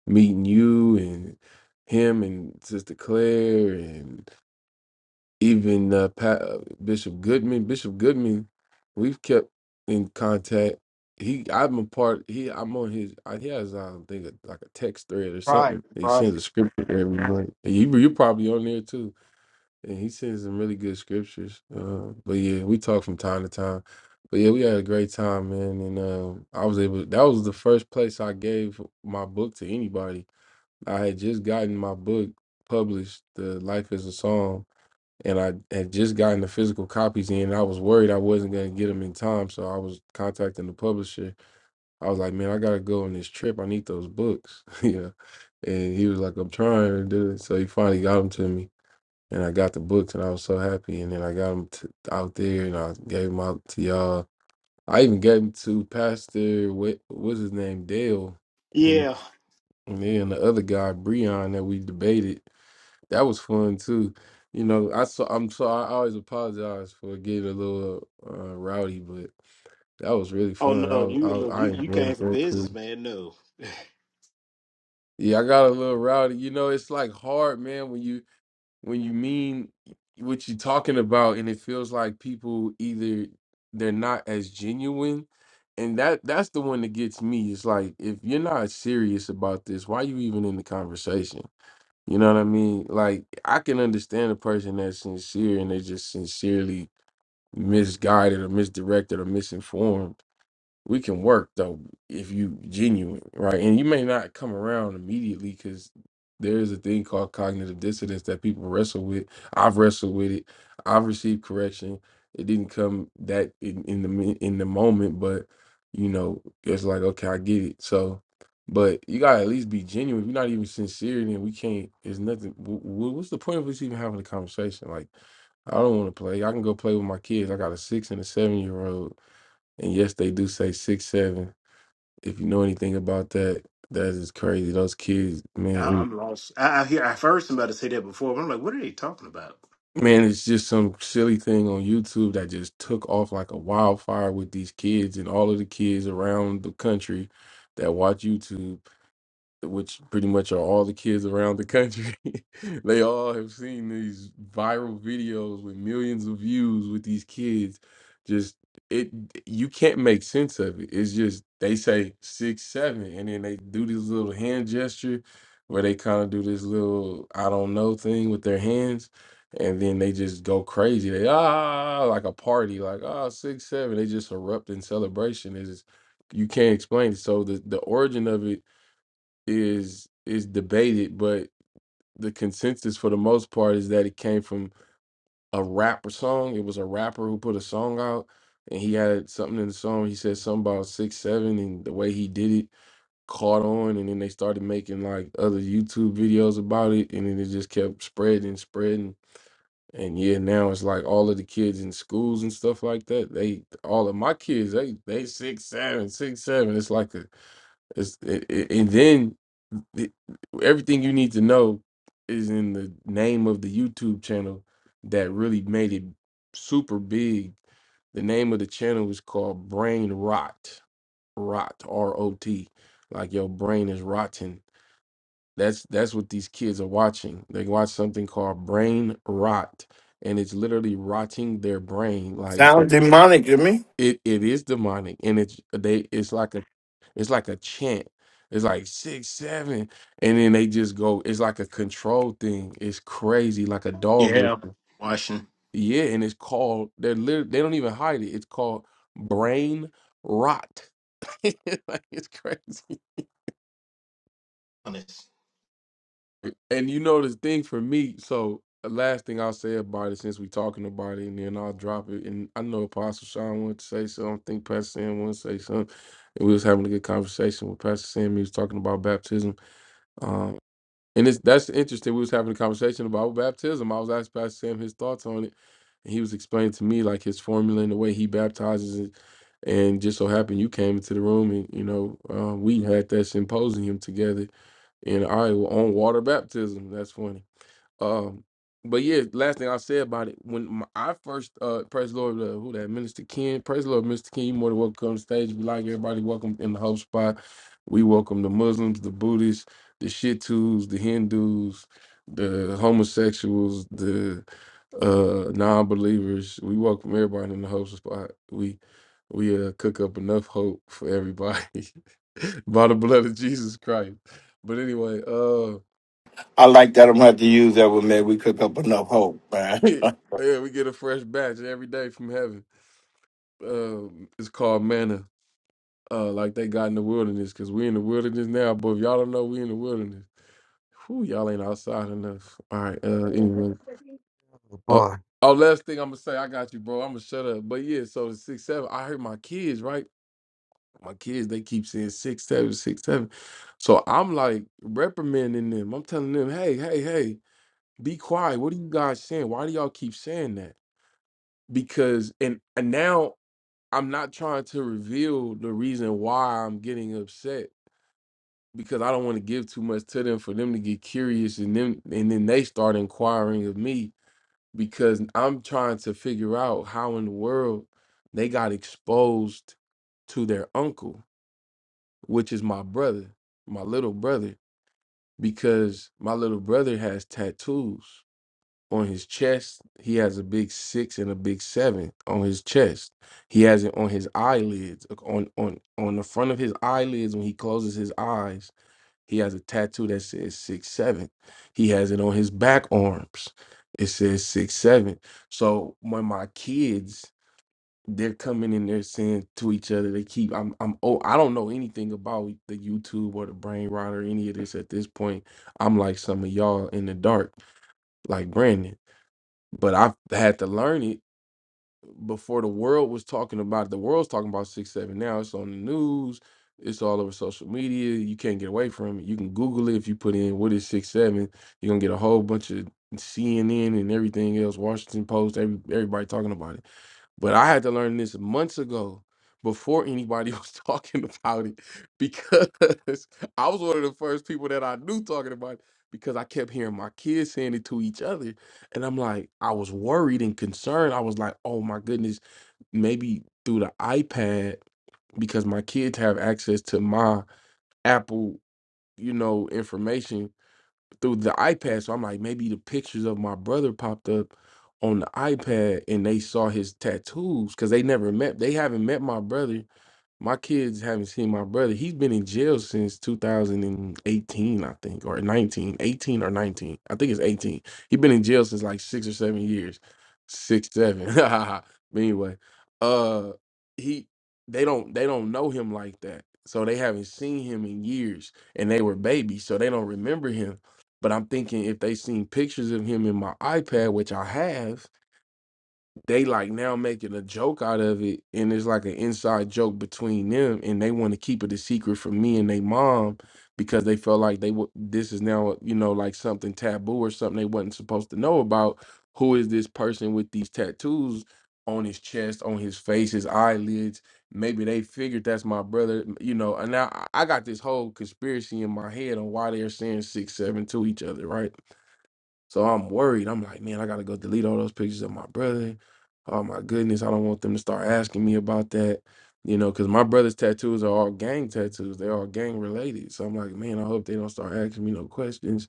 Speaker 1: meeting you and him and Sister Claire and even uh, Pat, uh, Bishop Goodman. Bishop Goodman, we've kept in contact. He, I'm a part. He, I'm on his. I, he has, I don't think, like a text thread or
Speaker 3: Right,
Speaker 1: something. He
Speaker 3: right.
Speaker 1: sends a scripture every night. And you, you're probably on there too. And he sends some really good scriptures. Uh, but yeah, we talk from time to time. But yeah, we had a great time, man. And uh, I was able. That was the first place I gave my book to anybody. I had just gotten my book published, "The Life Is a Song," and I had just gotten the physical copies in. And I was worried I wasn't gonna get them in time, so I was contacting the publisher. I was like, "Man, I gotta go on this trip. I need those books." yeah, and he was like, "I'm trying to do it." So he finally got them to me, and I got the books, and I was so happy. And then I got them to, out there, and I gave them out to y'all. I even gave them to Pastor what what's his name Dale, and
Speaker 3: Yeah.
Speaker 1: and then the other guy Breon that we debated. That was fun too. You know, I so I'm so I always apologize for getting a little uh, rowdy, but that was really
Speaker 3: Oh
Speaker 1: fun. I
Speaker 3: no,
Speaker 1: was
Speaker 3: you look
Speaker 1: I, I
Speaker 3: you, you came
Speaker 1: enjoyed
Speaker 3: for
Speaker 1: that
Speaker 3: business,
Speaker 1: too.
Speaker 3: man. No.
Speaker 1: Yeah, I got a little rowdy. You know, it's like hard, man, when you when you mean what you're talking about, and it feels like people either they're not as genuine, and that that's the one that gets me. It's like if you're not serious about this, why you even in the conversation? You know what I mean? Like I can understand a person that's sincere and they just sincerely misguided or misdirected or misinformed we can work though if you genuine right and you may not come around immediately because there is a thing called cognitive dissonance that people wrestle with i've wrestled with it i've received correction it didn't come that in, in the mi- in the moment but you know it's like okay i get it so but you gotta at least be genuine if you're not even sincere then we can't there's nothing wh- wh- what's the point of us even having a conversation like i don't want to play i can go play with my kids i got a six and a seven year old and yes, they do say six seven. If you know anything about that, that is crazy. Those kids, man,
Speaker 3: I,
Speaker 1: and-
Speaker 3: I'm lost. I, I hear I've heard somebody say that before, but I'm like, what are they talking about?
Speaker 1: man, it's just some silly thing on YouTube that just took off like a wildfire with these kids and all of the kids around the country that watch YouTube. which pretty much are all the kids around the country. they all have seen these viral videos with millions of views with these kids. Just it, you can't make sense of it. It's just they say six, seven, and then they do this little hand gesture where they kind of do this little I don't know thing with their hands. And then they just go crazy. They ah ah, ah, ah," like a party, like ah six seven. They just erupt in celebration. Is you can't explain. it. So the the origin of it is is debated, but the consensus for the most part is that it came from a rapper song. It was a rapper who put a song out, and he had something in the song. He said something about six seven, and the way he did it caught on, and then they started making like other YouTube videos about it, and then it just kept spreading, spreading. And yeah, now it's like all of the kids in schools and stuff like that. They all of my kids, they they six seven, six seven. It's like a it's, it, it- and then it, everything you need to know is in the name of the YouTube channel that really made it super big. The name of the channel is called Brain Rot. Rot, R O T. Like your brain is rotten. That's that's what these kids are watching. They watch something called Brain Rot and it's literally rotting their brain like
Speaker 2: sounds demonic to me.
Speaker 1: it it is demonic and it's they it's like a it's like a chant. It's like six, seven, and then they just go. It's like a control thing. It's crazy, like a dog
Speaker 3: Yeah.
Speaker 1: whistle.
Speaker 3: Washington.
Speaker 1: Yeah, and it's called. They're literally. They don't even hide it. It's called brain rot. like it's crazy.
Speaker 3: Honest.
Speaker 1: And you know the thing for me. So the last thing I'll say about it, since we're talking about it, and then I'll drop it. And I know Apostle Sean wanted to say something. I think Pastor Sam wanted to say something. And we was having a good conversation with Pastor Sam. He was talking about baptism. Um, And it's, that's interesting. We was having a conversation about baptism. I was asking Pastor Sam his thoughts on it. And he was explaining to me like his formula and the way he baptizes it. And just so happened you came into the room and, you know, uh, we had that symposium together in Iowa on water baptism. That's funny. Um, but yeah, last thing I'll say about it, when my, I first uh praise the Lord, uh, who that Minister Ken, praise the Lord, Mr. Ken, you more than welcome to come on stage. We like everybody welcome in the hope spot. We welcome the Muslims, the Buddhists, the Shittus, the Hindus, the homosexuals, the uh non-believers. We welcome everybody in the hope spot. We we uh cook up enough hope for everybody by the blood of Jesus Christ. But anyway, uh.
Speaker 2: I like that. I'm gonna have to use that one, man. We cook up enough hope, man.
Speaker 1: yeah, we get a fresh batch every day from heaven. Um, it's called manna, uh, like they got in the wilderness, because we in the wilderness now. But if y'all don't know, we in the wilderness. Whew, y'all ain't outside enough. All right. Uh, anyway.
Speaker 4: Oh,
Speaker 1: Oh,
Speaker 4: boy.
Speaker 1: oh, last thing I'm gonna say, I got you, bro. I'm gonna shut up. But yeah, so the six seven. I heard my kids right. My kids, they keep saying six seven, six seven. So I'm like reprimanding them. I'm telling them, hey, hey, hey, be quiet. What are you guys saying? Why do y'all keep saying that? Because and, and now I'm not trying to reveal the reason why I'm getting upset because I don't want to give too much to them for them to get curious and then and then they start inquiring of me because I'm trying to figure out how in the world they got exposed to their uncle, which is my brother, my little brother, because my little brother has tattoos on his chest. He has a big six and a big seven on his chest. He has it on his eyelids, like, on on on the front of his eyelids when he closes his eyes. He has a tattoo that says six seven. He has it on his back arms. It says six seven. So when my kids they're coming in there saying to each other, they keep I'm I'm oh I don't know anything about the YouTube or the brain rot or any of this at this point. I'm like some of y'all in the dark, like Brandon but I've had to learn it before the world was talking about it. The world's talking about six seven now. It's on the news. It's all over social media. You can't get away from it. You can Google it if you put in what is six seven. You're gonna get a whole bunch of CNN and everything else, Washington Post, every, everybody talking about it but I had to learn this months ago before anybody was talking about it because I was one of the first people that I knew talking about it because I kept hearing my kids saying it to each other. And I'm like, I was worried and concerned. I was like, oh my goodness, maybe through the iPad, because my kids have access to my Apple, you know, information through the iPad. So I'm like, maybe the pictures of my brother popped up on the iPad and they saw his tattoos because they never met. They haven't met my brother my kids haven't seen my brother. He's been in jail since 2018, I think, or 19, 18 or 19. I think it's 18. He's been in jail since like six or seven years. Six, seven. but anyway, uh he they don't they don't know him like that. So they haven't seen him in years. And they were babies, so they don't remember him. But I'm thinking if they seen pictures of him in my iPad, which I have, they like now making a joke out of it and it's like an inside joke between them and they want to keep it a secret from me and they mom because they felt like they w- this is now you know like something taboo or something they wasn't supposed to know about who is this person with these tattoos on his chest on his face his eyelids maybe they figured that's my brother you know and now i I got this whole conspiracy in my head on why they're saying six seven to each other right so I'm worried. I'm like, man, I gotta go delete all those pictures of my brother. Oh my goodness, I don't want them to start asking me about that. You know, because my brother's tattoos are all gang tattoos. They're all gang related. So I'm like, man, I hope they don't start asking me no questions,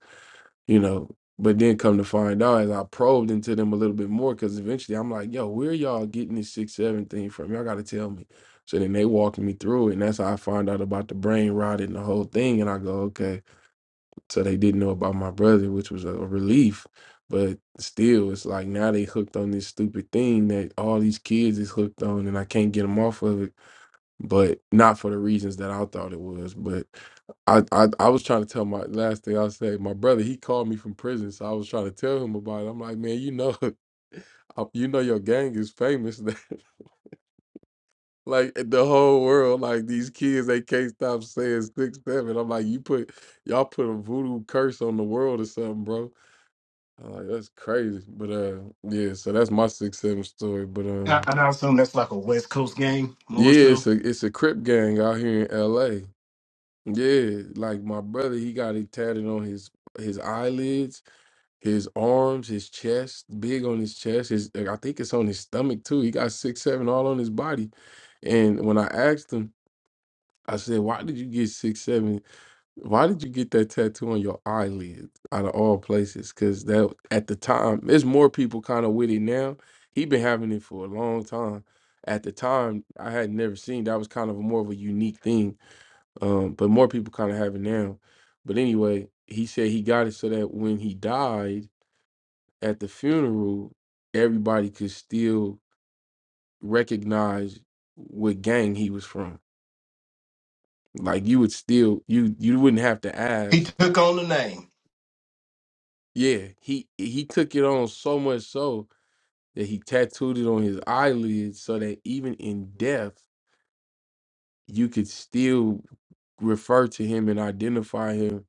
Speaker 1: you know. But then come to find out as I probed into them a little bit more, because eventually I'm like, yo, where y'all getting this six seven thing from? Y'all gotta tell me. So then they walking me through it, and that's how I find out about the brain rot and the whole thing. And I go, okay, so they didn't know about my brother, which was a relief. But still, it's like now they hooked on this stupid thing that all these kids is hooked on, and I can't get them off of it. But not for the reasons that I thought it was. But I, I, I was trying to tell my last thing I say. My brother, he called me from prison, so I was trying to tell him about it. I'm like, man, you know, uh, you know, your gang is famous. Like eh, the whole world, like these kids, they can't stop saying six seven. I'm like, you put y'all put a voodoo curse on the world or something, bro. I'm like, that's crazy. But uh yeah, so that's my six seven story. But
Speaker 3: I,
Speaker 1: um
Speaker 3: and I assume that's like a West Coast game,
Speaker 1: yeah,
Speaker 3: more
Speaker 1: it's
Speaker 3: so.
Speaker 1: a it's a Crip gang out here in LA. Yeah, like my brother, he got it tatted on his his eyelids, his arms, his chest, big on his chest. His I think it's on his stomach too. He got six seven all on his body. And when I asked him I said, why did you get six seven? Why did you get that tattoo on your eyelid out of all places? Cause that at the time, there's more people kind of with it now. He been having it for a long time. At the time, I had never seen that was kind of a more of a unique thing. Um, but more people kind of have it now. But anyway, he said he got it so that when he died at the funeral, everybody could still recognize what gang he was from Like you would still you you wouldn't have to
Speaker 3: He
Speaker 1: ask.
Speaker 3: took on the name.
Speaker 1: Yeah, he he took it on so much so that he tattooed it on his eyelids so that even in death you could still refer to him and identify him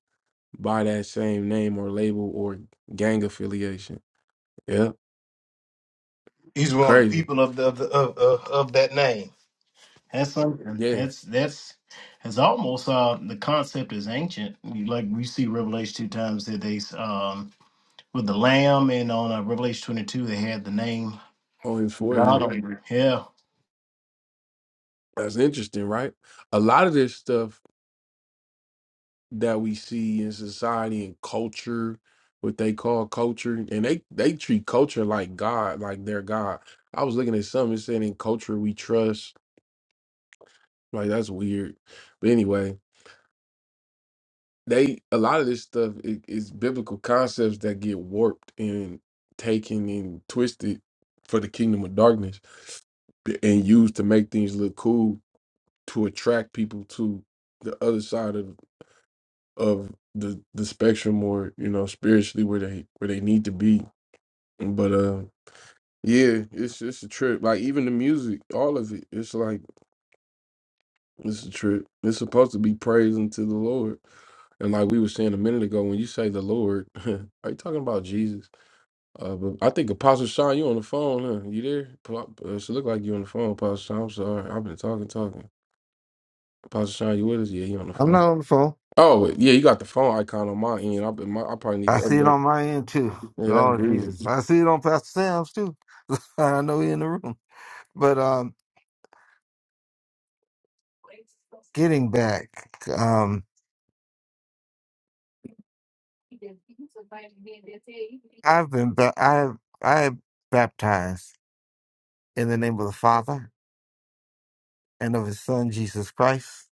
Speaker 1: by that same name or label or gang affiliation. Yeah,
Speaker 3: He's one of the
Speaker 1: crazy.
Speaker 3: people of the, of, the, of, of of that name. That's something.
Speaker 1: Yeah,
Speaker 3: That's that's that's almost uh the concept is ancient. You- Like we see Revelation two times that they um with the lamb and on uh, Revelation twenty two they had the name
Speaker 1: on his
Speaker 3: God
Speaker 1: forehead.
Speaker 3: on it. Yeah,
Speaker 1: That's interesting, right? A lot of this stuff that we see in society and culture, what they call culture, and they they treat culture like God, like their God. I was looking at something it said in culture we trust, like that's weird. But anyway, they a lot of this stuff i- is biblical concepts that get warped and taken and twisted for the kingdom of darkness and used to make things look cool to attract people to the other side of of the the spectrum or you know spiritually where they where they need to be But uh, yeah, it's it's a trip. Like even the music, all of it, it's like it's a trip. It's supposed to be praising to the Lord. And like we were saying a minute ago, when you say the Lord, are you talking about Jesus? Uh, but I think Apostle Sean, you on the phone, huh? You there? Po- uh, It look like you on the phone, Apostle Sean. I'm sorry, I've been talking, talking. Apostle Sean, you with us? Yeah, you on the
Speaker 4: I'm
Speaker 1: phone.
Speaker 4: not on the phone.
Speaker 1: Oh yeah, you got the phone icon on my end. I, my, I probably need to
Speaker 4: I see it
Speaker 1: update.
Speaker 4: on my end too.
Speaker 1: Yeah, that's
Speaker 4: Lord
Speaker 1: weird.
Speaker 4: Jesus. I see it on Pastor Sam's too. I know he in the room. But um getting back, um I've been ba- I I am baptized in the name of the Father and of his son Jesus Christ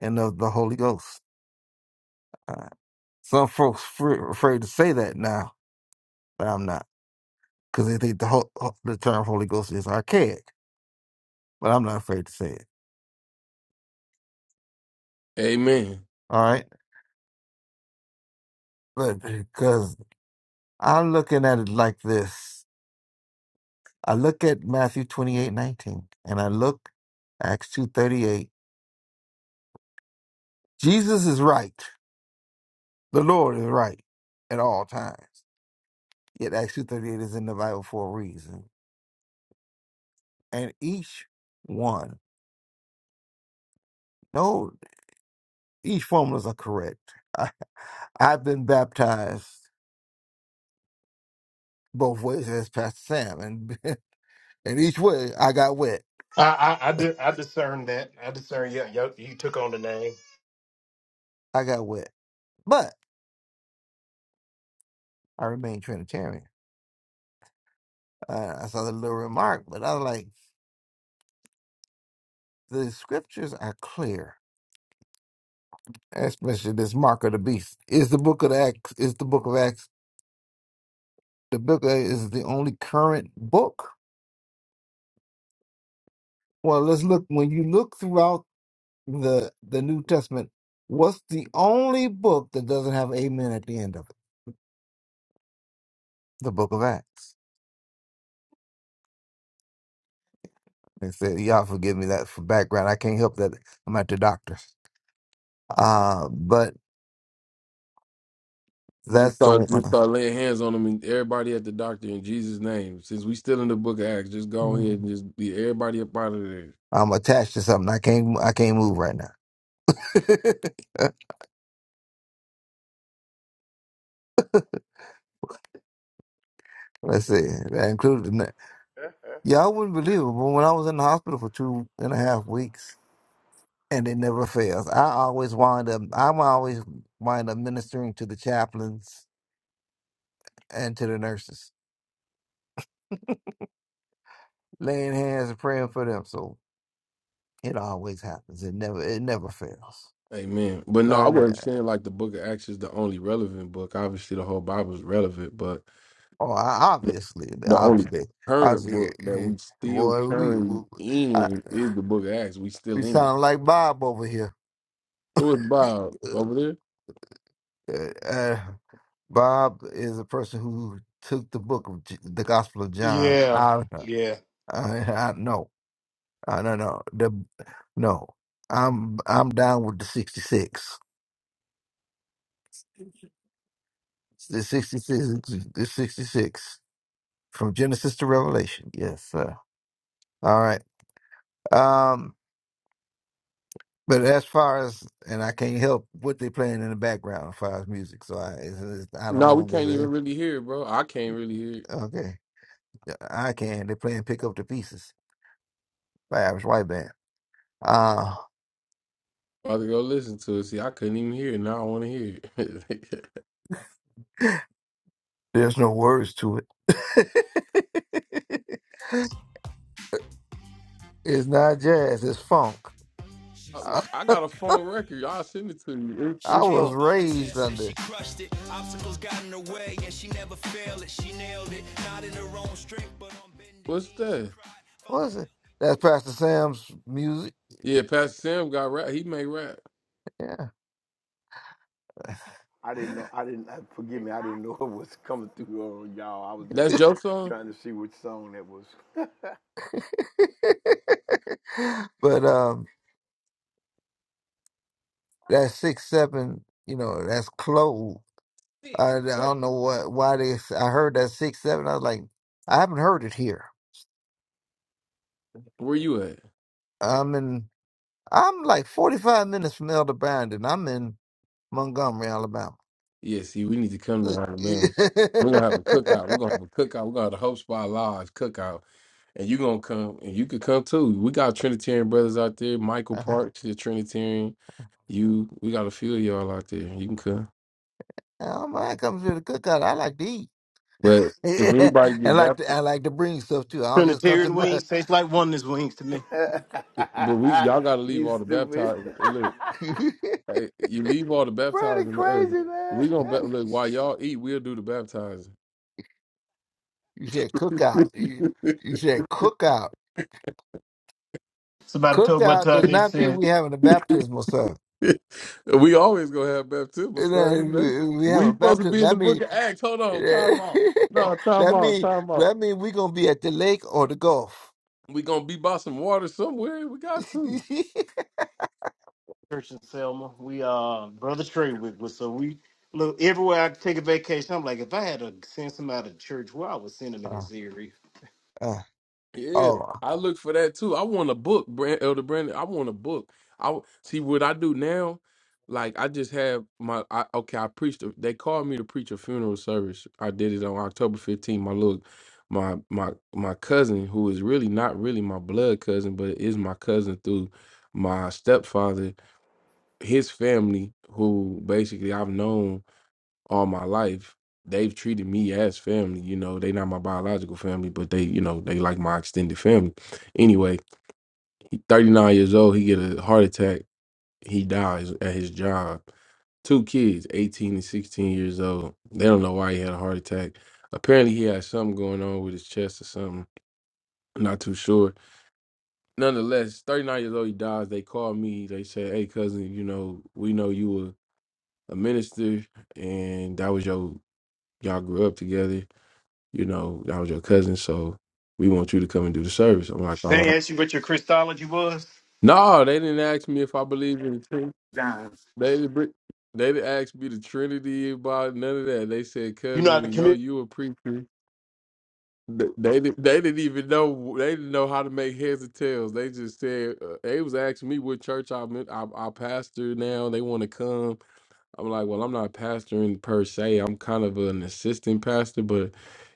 Speaker 4: and of the Holy Ghost. Uh, Some folks fr- afraid to say that now, but I'm not, because they think the whole, the term Holy Ghost is archaic. But I'm not afraid to say it.
Speaker 1: Amen.
Speaker 4: All right, but because I'm looking at it like this, I look at Matthew 28 19, and I look Acts 2 38. Jesus is right. The Lord is right at all times. Yet Acts 2 38 is in the Bible for a reason, and each one, no, each formulas are correct. I, I've been baptized both ways as Pastor Sam, and and each way I got wet.
Speaker 3: I I I, di- I discern that. I discern. Yeah, you, you took on the name.
Speaker 4: I got wet, but I remain Trinitarian. Uh, I saw the little remark, but I was like, the scriptures are clear, especially this mark of the beast. Is the book of Acts? Is the book of Acts the book of, is the only current book? Well, let's look. When you look throughout the the New Testament, what's the only book that doesn't have amen at the end of it? The book of Acts They said, y'all forgive me that for background. I can't help that. I'm at the doctor's. Uh, but
Speaker 1: Just
Speaker 4: that's the
Speaker 1: start, just
Speaker 4: one.
Speaker 1: start laying hands on them and everybody at the doctor in Jesus' name. Since we still in the book of Acts, just go ahead and just be everybody up out of there.
Speaker 4: I'm attached to something. I can't. I can't move right now. Let's see. That included. in that. Y'all wouldn't believe it, but when I was in the hospital for two and a half weeks, and it never fails. I always wind up. I'm always wind up ministering to the chaplains and to the nurses, laying hands and praying for them. So it always happens. It never. It never fails.
Speaker 1: Amen. But no, I wasn't saying like the book of Acts is the only relevant book. Obviously, the whole Bible is relevant, but
Speaker 4: Oh, I- obviously,
Speaker 1: the only
Speaker 4: obviously,
Speaker 1: current
Speaker 4: obviously,
Speaker 1: book that
Speaker 4: eh,
Speaker 1: we still
Speaker 4: boy, we we,
Speaker 1: currently
Speaker 4: I,
Speaker 1: in is the book of Acts. We
Speaker 4: we
Speaker 1: still in it.
Speaker 4: sound like Bob over here.
Speaker 1: Who is Bob
Speaker 4: Uh,
Speaker 1: over there?
Speaker 4: uh, uh, Bob is a person who took the book of J- the Gospel of John.
Speaker 3: yeah,
Speaker 4: I,
Speaker 3: Yeah,
Speaker 4: I, I no, I no, no, the no. I'm I'm down with the sixty six. The sixty six. The sixty six from Genesis to Revelation. Yes, sir. All right. Um. But as far as and I can't help what they playing in the background as far as music. So I it's, it's, I don't
Speaker 1: No, we
Speaker 4: know. Is
Speaker 1: can't even
Speaker 4: it
Speaker 1: really hear it, bro. I can't really hear it.
Speaker 4: okay? I can. They're playing "Pick Up the Pieces" by Average White Band. Uh
Speaker 1: I have to go listen to it. See, I couldn't even hear it. Now I want to hear it.
Speaker 4: there's no words to it. it's not jazz. It's funk.
Speaker 1: I,
Speaker 4: I,
Speaker 1: like, I got a phone record. I'll send it to you. It,
Speaker 4: I
Speaker 1: it's on.
Speaker 4: was raised under
Speaker 1: What's that?
Speaker 4: what is it? That's Pastor Sam's music.
Speaker 1: Yeah, Pastor Sam got rap. He made rap.
Speaker 4: Yeah.
Speaker 2: I didn't know. I didn't. Forgive me. I didn't know it was coming through on y'all. I was just
Speaker 1: That's your song?
Speaker 2: trying to see which song that was.
Speaker 4: but um, that six seven. You know, that's close. I, I don't know what why they. s- I heard that six seven. I was like, I haven't heard it here.
Speaker 1: Where you at?
Speaker 4: I'm in. I'm like 45 minutes from Elder Brandon. I'm in Montgomery, Alabama.
Speaker 1: Yeah, see, we need to come to Alabama. We're gonna have a cookout. We're gonna have a cookout. We're gonna have the Hope Spot Live cookout. And you gonna come and you could come too. We got Trinitarian brothers out there, Michael
Speaker 4: I
Speaker 1: Parks, the Trinitarian. You we got a few of y'all out there. You can come.
Speaker 4: don't mind coming to the cookout. I like to eat.
Speaker 1: But if anybody
Speaker 4: I
Speaker 1: get
Speaker 4: like to. I
Speaker 1: baptized
Speaker 4: like to bring stuff too. I don't just come to
Speaker 3: Trinitarian
Speaker 4: the. bar.
Speaker 3: wings tastes like oneness wings to me.
Speaker 1: but we y'all gotta leave
Speaker 2: you
Speaker 1: all the
Speaker 2: stupid,
Speaker 1: baptized.
Speaker 4: you
Speaker 1: Hey, you leave all the
Speaker 2: Brady,
Speaker 1: baptizing to us.
Speaker 2: crazy man.
Speaker 1: We gonna bap- look while y'all eat. We'll do the baptizing.
Speaker 4: said cookout. You, you said cookout.
Speaker 3: it's about to tell what
Speaker 4: Cookout
Speaker 3: uh,
Speaker 4: does
Speaker 3: they
Speaker 4: not mean
Speaker 3: said.
Speaker 4: we having a baptismal service.
Speaker 1: we always gonna have baptismal
Speaker 4: You know, if
Speaker 1: service. man.
Speaker 4: We if we have
Speaker 1: We
Speaker 4: a
Speaker 1: supposed to
Speaker 4: baptism.
Speaker 1: be in
Speaker 4: That
Speaker 1: the
Speaker 4: means
Speaker 1: Book of Acts. Hold on, time out. No, time
Speaker 4: that
Speaker 1: out,
Speaker 4: mean
Speaker 1: time out.
Speaker 4: that mean we gonna be at the lake or the golf.
Speaker 1: We gonna be by some water somewhere. We got to.
Speaker 3: church in Selma. We uh brother Trey with was so we look everywhere I take a vacation. I'm like, if I had to send somebody to church, where I would send him in
Speaker 4: Uh,
Speaker 3: his ear.
Speaker 4: uh,
Speaker 1: Yeah,
Speaker 4: oh,
Speaker 1: I look for that too. I want a book, Brand Elder Brandon. I want a book. I w- see what I do now. Like I just have my I, okay. I preached. A, they called me to preach a funeral service. I did it on October 15th. My little, my my my cousin, who is really not really my blood cousin, but is my cousin through my stepfather. His family, who basically I've known all my life, they've treated me as family. You know, they not my biological family, but they, you know, they like my extended family. Anyway, he 39 years old, he get a heart attack, he dies at his job. Two kids, 18 and 16 years old. They don't know why he had a heart attack. Apparently he had something going on with his chest or something. I'm not too sure. Nonetheless, 39 years old, he dies. They call me. They say, Hey cousin, you know, we know you were a minister and that was your y'all grew up together you know, I was your cousin, so we want you to come and do the service. I'm like, all
Speaker 3: They
Speaker 1: right.
Speaker 3: asked you what your Christology was.
Speaker 1: No, they didn't ask me if I believe in the Trinity.
Speaker 3: Nah.
Speaker 1: They didn't, br- they didn't ask me the Trinity about none of that. They said,
Speaker 3: You know how
Speaker 1: cousin,
Speaker 3: to
Speaker 1: we know
Speaker 3: commit.
Speaker 1: you a preacher. Th- They didn't. They didn't even know. They didn't know how to make heads or tails. They just said uh, they was asking me what church I'm in. I, I pastor now. They want to come. I'm like, well, I'm not pastoring per se. I'm kind of an assistant pastor, but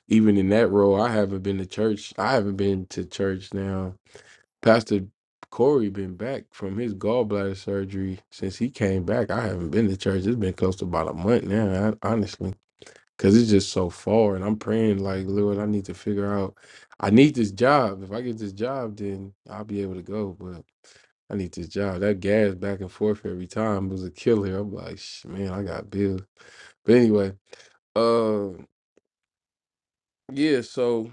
Speaker 1: even in that role, I haven't been to church. I haven't been to church now. Pastor Corey been back from his gallbladder surgery since he came back. I haven't been to church. It's been close to about a month now, I, honestly, because it's just so far. And I'm praying, like, Lord, I need to figure out. I need this job. If I get this job, then I'll be able to go. I need this job. That gas back and forth every time was a killer. I'm like, "Sh- man, I got bills. But anyway, uh, yeah. So,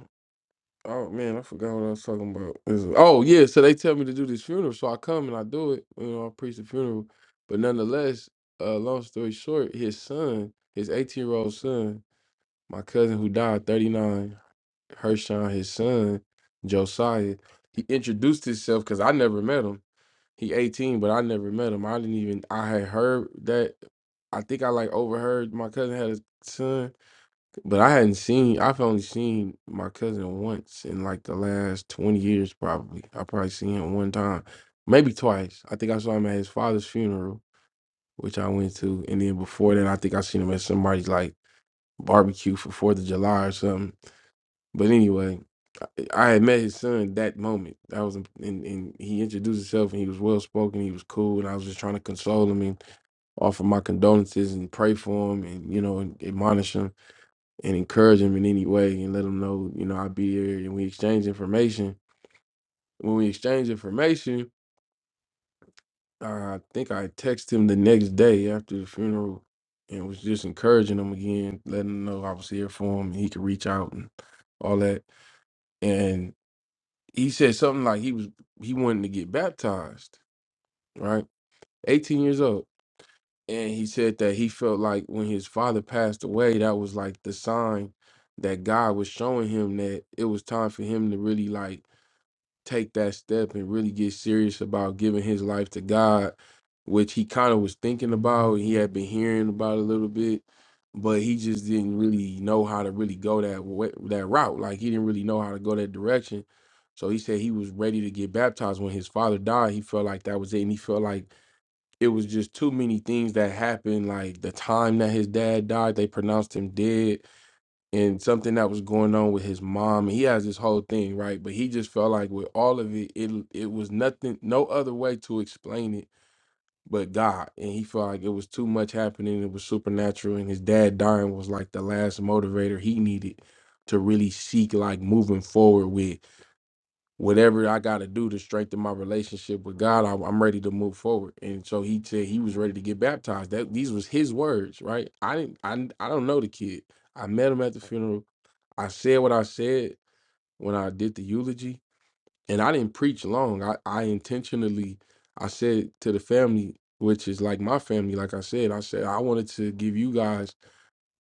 Speaker 1: oh man, I forgot what I was talking about. This is- Oh yeah, so they tell me to do this funeral, so I come and I do it. You know, I preach the funeral. But nonetheless, uh, long story short, his son, his 18 year old son, my cousin who died 39, Hershon, his son, Josiah, he introduced himself because I never met him He 18, but I never met him. I didn't even I had heard that I think I like overheard my cousin had a son, but I hadn't seen I've only seen my cousin once in like the last 20 years probably. I probably seen him one time, maybe twice. I think I saw him at his father's funeral, which I went to, and then before then I think I seen him at somebody's like barbecue for 4th of July or something. But anyway, I I had met his son that moment. That was and and he introduced himself and he was well spoken. He was cool, and I was just trying to console him and offer my condolences and pray for him and you know and admonish him and encourage him in any way and let him know you know I'll be here. And we exchanged information. When we exchanged information, I think I texted him the next day after the funeral and was just encouraging him again, letting him know I was here for him and he could reach out and all that. and. he said something like he was he wanted to get baptized, right? 18 years old. And he said that he felt like when his father passed away, that was like the sign that God was showing him that it was time for him to really like take that step and really get serious about giving his life to God, which he kind of was thinking about. He had been hearing about a little bit, but he just didn't really know how to really go that way, that route. Like he didn't really know how to go that direction. So he said he was ready to get baptized when his father died. He felt like that was it, and he felt like it was just too many things that happened. Like the time that his dad died, they pronounced him dead and something that was going on with his mom. He has this whole thing, right? But he just felt like with all of it, it it was nothing, no other way to explain it but God. And he felt like it was too much happening. It was supernatural, and his dad dying was like the last motivator he needed to really seek like moving forward with whatever I got to do to strengthen my relationship with God. I, I'm ready to move forward. And so he said he was ready to get baptized. That these was his words, right? I didn't, I I don't know the kid. I met him at the funeral I said what I said when I did the eulogy, and I didn't preach long. I, I intentionally I said to the family, which is like my family, like I said, I said I wanted to give you guys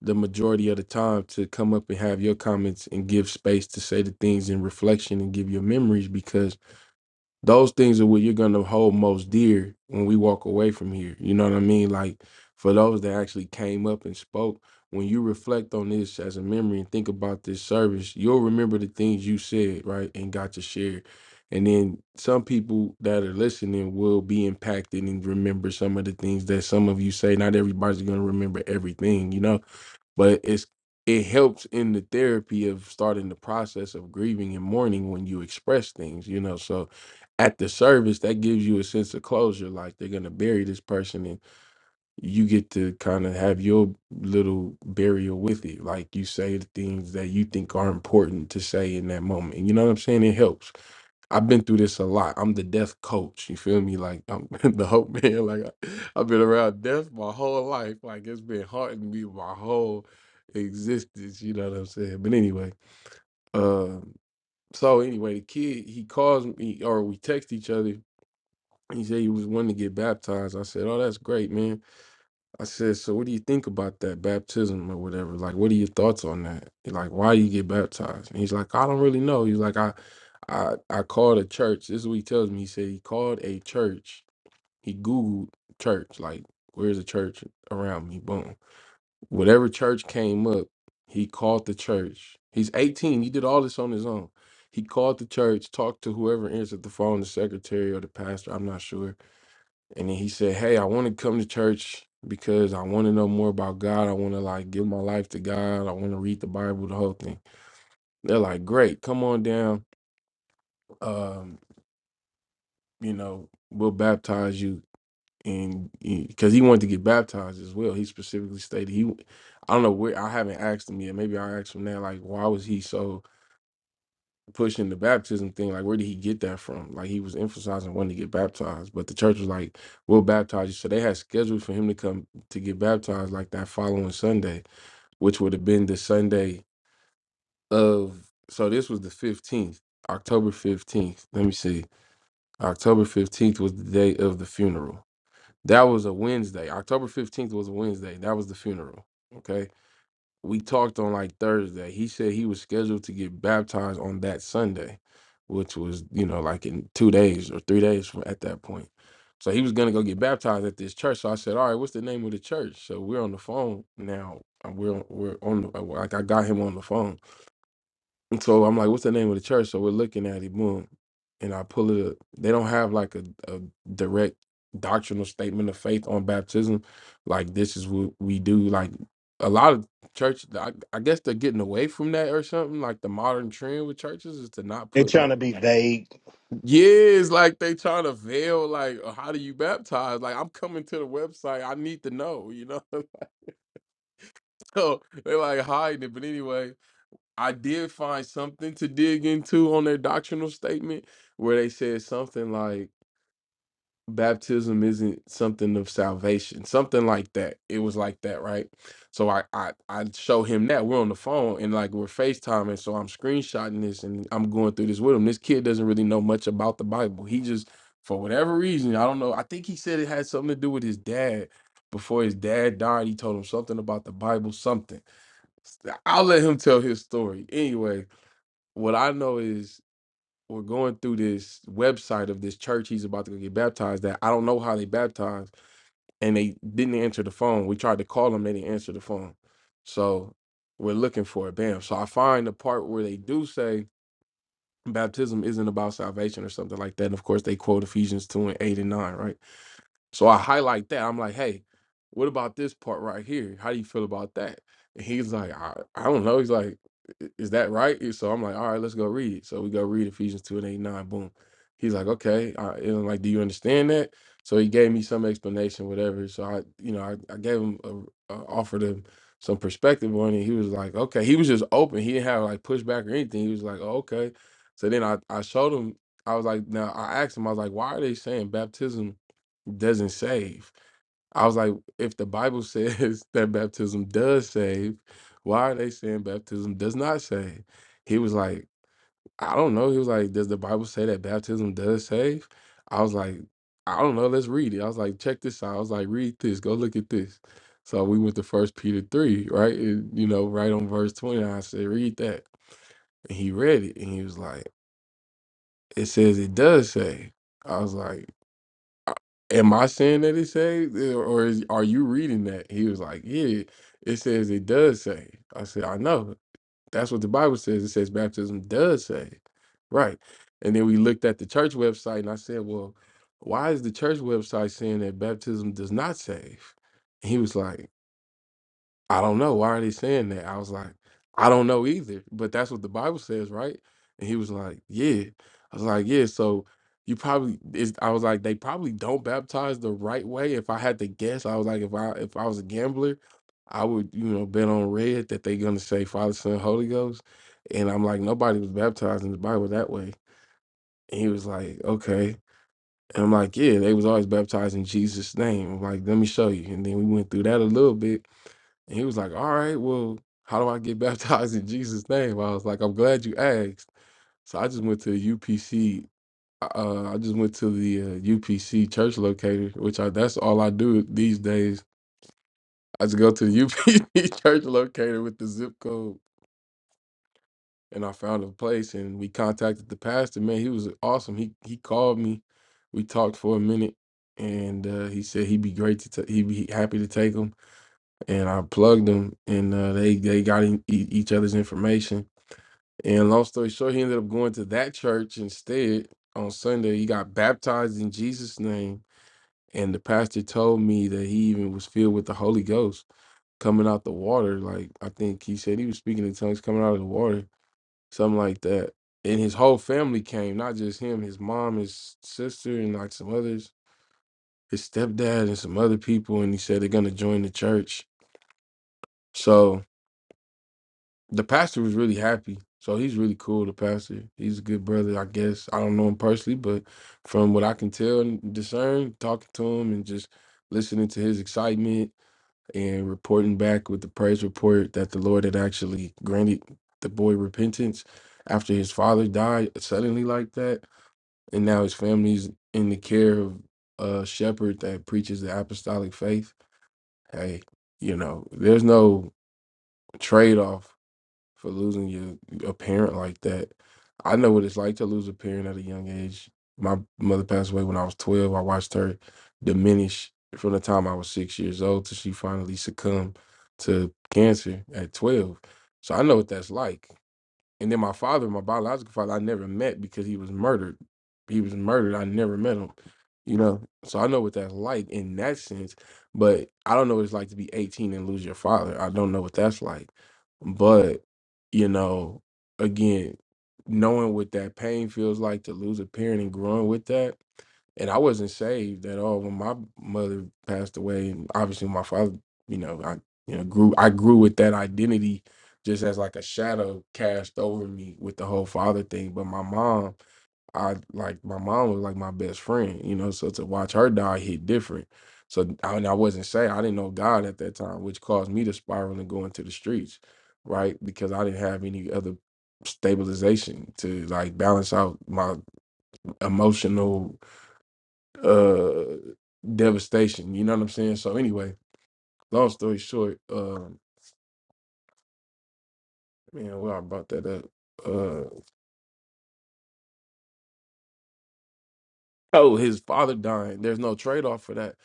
Speaker 1: the majority of the time to come up and have your comments and give space to say the things in reflection and give your memories because those things are what you're going to hold most dear when we walk away from here. You know what I mean? Like for those that actually came up and spoke, when you reflect on this as a memory and think about this service, you'll remember the things you said, right? And got to share. And then some people that are listening will be impacted and remember some of the things that some of you say. Not everybody's going to remember everything, you know? but it's it helps in the therapy of starting the process of grieving and mourning when you express things you know so at the service that gives you a sense of closure like they're going to bury this person and you get to kind of have your little burial with it like you say the things that you think are important to say in that moment you know what i'm saying it helps I've been through this a lot. I'm the death coach. You feel me? Like I'm the hope man. Like I, I've been around death my whole life. Like it's been haunting me my whole existence. You know what I'm saying? But anyway, um, so anyway, the kid he calls me or we text each other. He said he was wanting to get baptized. I said, "Oh, that's great, man." I said, "So what do you think about that baptism or whatever? Like, what are your thoughts on that? Like, why you get baptized?" And he's like, "I don't really know." He's like, "I." I I called a church. This is what he tells me. He said he called a church. He Googled church, like where's a church around me? Boom. Whatever church came up, he called the church. He's 18. He did all this on his own. He called the church, talked to whoever answered the phone, the secretary or the pastor, I'm not sure. And then he said, Hey, I want to come to church because I want to know more about God. I want to like give my life to God. I want to read the Bible, the whole thing. They're like, Great, come on down. Um, you know, we'll baptize you. And because he wanted to get baptized as well, he specifically stated he, I don't know where I haven't asked him yet. Maybe I'll ask him now. Like, why was he so pushing the baptism thing? Like, where did he get that from? Like, he was emphasizing wanting to get baptized, but the church was like, we'll baptize you. So they had scheduled for him to come to get baptized like that following Sunday, which would have been the Sunday of, so this was the 15th, October 15th. Let me see. October 15th was the day of the funeral That was a Wednesday. October 15th was a Wednesday. That was the funeral. Okay. We talked on like Thursday. He said he was scheduled to get baptized on that Sunday, which was, you know, like in two days or three days from at that point. So he was going to go get baptized at this church. So I said, All right, what's the name of the church? So we're on the phone now. and We're, we're on, the, uh, like, I got him on the phone. And so I'm like, what's the name of the church? So we're looking at it, boom. And I pull it up. They don't have like a, a direct doctrinal statement of faith on baptism. Like, this is what we do. Like, a lot of church, I, I guess they're getting away from that or something. Like, the modern trend with churches is to not
Speaker 3: They
Speaker 1: put
Speaker 3: trying
Speaker 1: like,
Speaker 3: to be vague.
Speaker 1: yeah, it's like they trying to veil, like, uh, how do you baptize? Like, I'm coming to the website. I need to know, you know? so they're like hiding it. But anyway, I did find something to dig into on their doctrinal statement where they said something like baptism isn't something of salvation, something like that. It was like that, right? So I I I show him that we're on the phone and like we're FaceTiming, so I'm screenshotting this and I'm going through this with him. This kid doesn't really know much about the Bible. He just for whatever reason, I don't know. I think he said it had something to do with his dad. Before his dad died, he told him something about the Bible, something. I'll let him tell his story. anyway what I know is we're going through this website of this church he's about to go get baptized at. I don't know how they baptized, and they didn't answer the phone. We tried to call them, they didn't answer the phone. So we're looking for it. Bam. So I find the part where they do say baptism isn't about salvation or something like that. And of course, they quote Ephesians 2 and 8 and 9, right? So I highlight that. I'm like, hey, what about this part right here? How do you feel about that? And he's like, I, I don't know. He's like, "I- is that right? And So I'm like, all right, let's go read. it." So we go read Ephesians 2 and 89. Boom. He's like, okay. I, and I'm like, do you understand that? So he gave me some explanation, whatever. So I, you know, I, I gave him, a, a, offered him some perspective on it. He was like, okay. He was just open. He didn't have like pushback or anything. He was like, oh, okay. So then I, I showed him, I was like, now I asked him, I was like, why are they saying baptism? doesn't save. I was like, if the Bible says that baptism does save, why are they saying baptism does not save? He was like, I don't know. He was like, does the Bible say that baptism does save? I was like, I don't know. Let's read it. I was like, check this out. I was like, read this. Go look at this. So we went to First Peter three, right? It- you know, right on verse twenty. I said, read that. And he read it, and he was like, it says it does save. I was like. "Uh, am I saying that it says, it, or is, are you reading that? He was like, yeah, it says it does say. I said, I know. That's what the Bible says. It says baptism does say. Right. And then we looked at the church website and I said, well, why is the church website saying that baptism does not save? And he was like, I don't know. Why are they saying that? I was like, I don't know either. But that's what the Bible says, right? And he was like, Yeah. I was like, Yeah, so you probably is I was like, they probably don't baptize the right way. If I had to guess, I was like, if I if I was a gambler, I would, you know, bet on red that they're gonna say Father, Son, Holy Ghost. And I'm like, nobody was baptized in the Bible that way. And he was like, Okay. And I'm like, Yeah, they was always baptized in Jesus' name. I'm like, let me show you. And then we went through that a little bit. And he was like, All right, well, how do I get baptized in Jesus' name? I was like, I'm glad you asked. So I just went to the UPC. Uh, uh, I just went to the uh, UPC church locator, which I, that's all I do these days. I just go to the UPC church locator with the zip code, and I found a place. And we contacted the pastor. Man, he was awesome. He he called me. We talked for a minute, and uh, he said he'd be great to ta- he'd be happy to take him. and I plugged them, and uh, they they got in, e- each other's information. And long story short, he ended up going to that church instead on Sunday. He got baptized in Jesus' name, and the pastor told me that he even was filled with the Holy Ghost coming out the water. Like I think he said he was speaking in tongues coming out of the water, something like that. And his whole family came, not just him, his mom, his sister, and like some others, his stepdad, and some other people. And he said they're gonna join the church. So The pastor was really happy. So he's really cool, the pastor. He's a good brother, I guess. I don't know him personally, but from what I can tell and discern, talking to him and just listening to his excitement and reporting back with the praise report that the Lord had actually granted the boy repentance after his father died suddenly like that. And now his family's in the care of a shepherd that preaches the apostolic faith. Hey, you know, there's no trade off for losing your a parent like that. I know what it's like to lose a parent at a young age. My mother passed away when I was twelve. I watched her diminish from the time I was six years old till she finally succumbed to cancer at twelve. So I know what that's like. And then my father, my biological father, I never met because he was murdered. He was murdered. I never met him. You know, so I know what that's like in that sense. But I don't know what it's like to be 18 and lose your father. I don't know what that's like. But, you know, again, knowing what that pain feels like to lose a parent and growing with that. And I wasn't saved at all when my mother passed away. And obviously my father, you know, I you know, grew I grew with that identity just as like a shadow cast over me with the whole father thing. But my mom, I like my mom was like my best friend, you know. So to watch her die hit different. So I, and I wasn't saved. I didn't know God at that time, which caused me to spiral and go into the streets, right? Because I didn't have any other stabilization to like balance out my emotional uh devastation. You know what I'm saying? So anyway, long story short, um, man, well I brought that up. Uh Oh, his father dying. There's no trade off for that.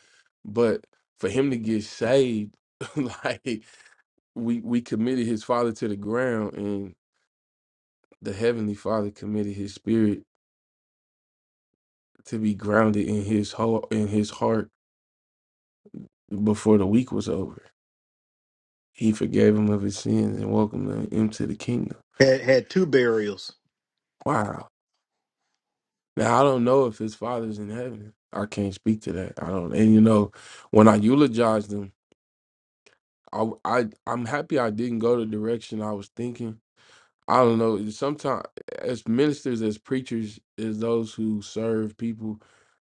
Speaker 1: But for him to get saved, like we we committed his father to the ground, and the heavenly Father committed his spirit to be grounded in his whole in his heart before the week was over. He forgave him of his sins and welcomed him to the kingdom.
Speaker 3: Had, had two burials.
Speaker 1: Wow. Now I don't know if his father's in heaven. I can't speak to that. I don't. And you know, when I eulogized him, I I I'm happy I didn't go the direction I was thinking I don't know. Sometimes, as ministers, as preachers, as those who serve people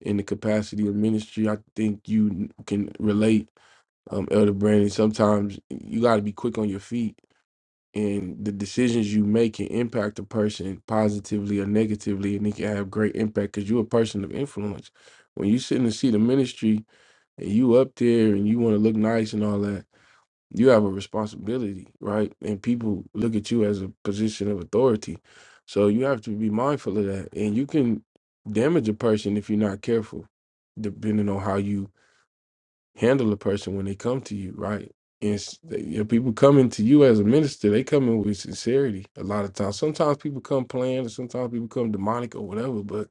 Speaker 1: in the capacity of ministry, I think you n- can relate, um, Elder Brandon. Sometimes you got to be quick on your feet, and the decisions you make can impact a person positively or negatively, and it can have great impact because you're a person of influence. When you sit in the seat of ministry and you up there and you want to look nice and all that, you have a responsibility, right? And people look at you as a position of authority. So you have to be mindful of that. And you can damage a person if you're not careful, depending on how you handle a person when they come to you, right? And s- they- if people coming to you as a minister, they come in with sincerity a lot of times. Sometimes people come planned, or sometimes people come demonic or whatever. But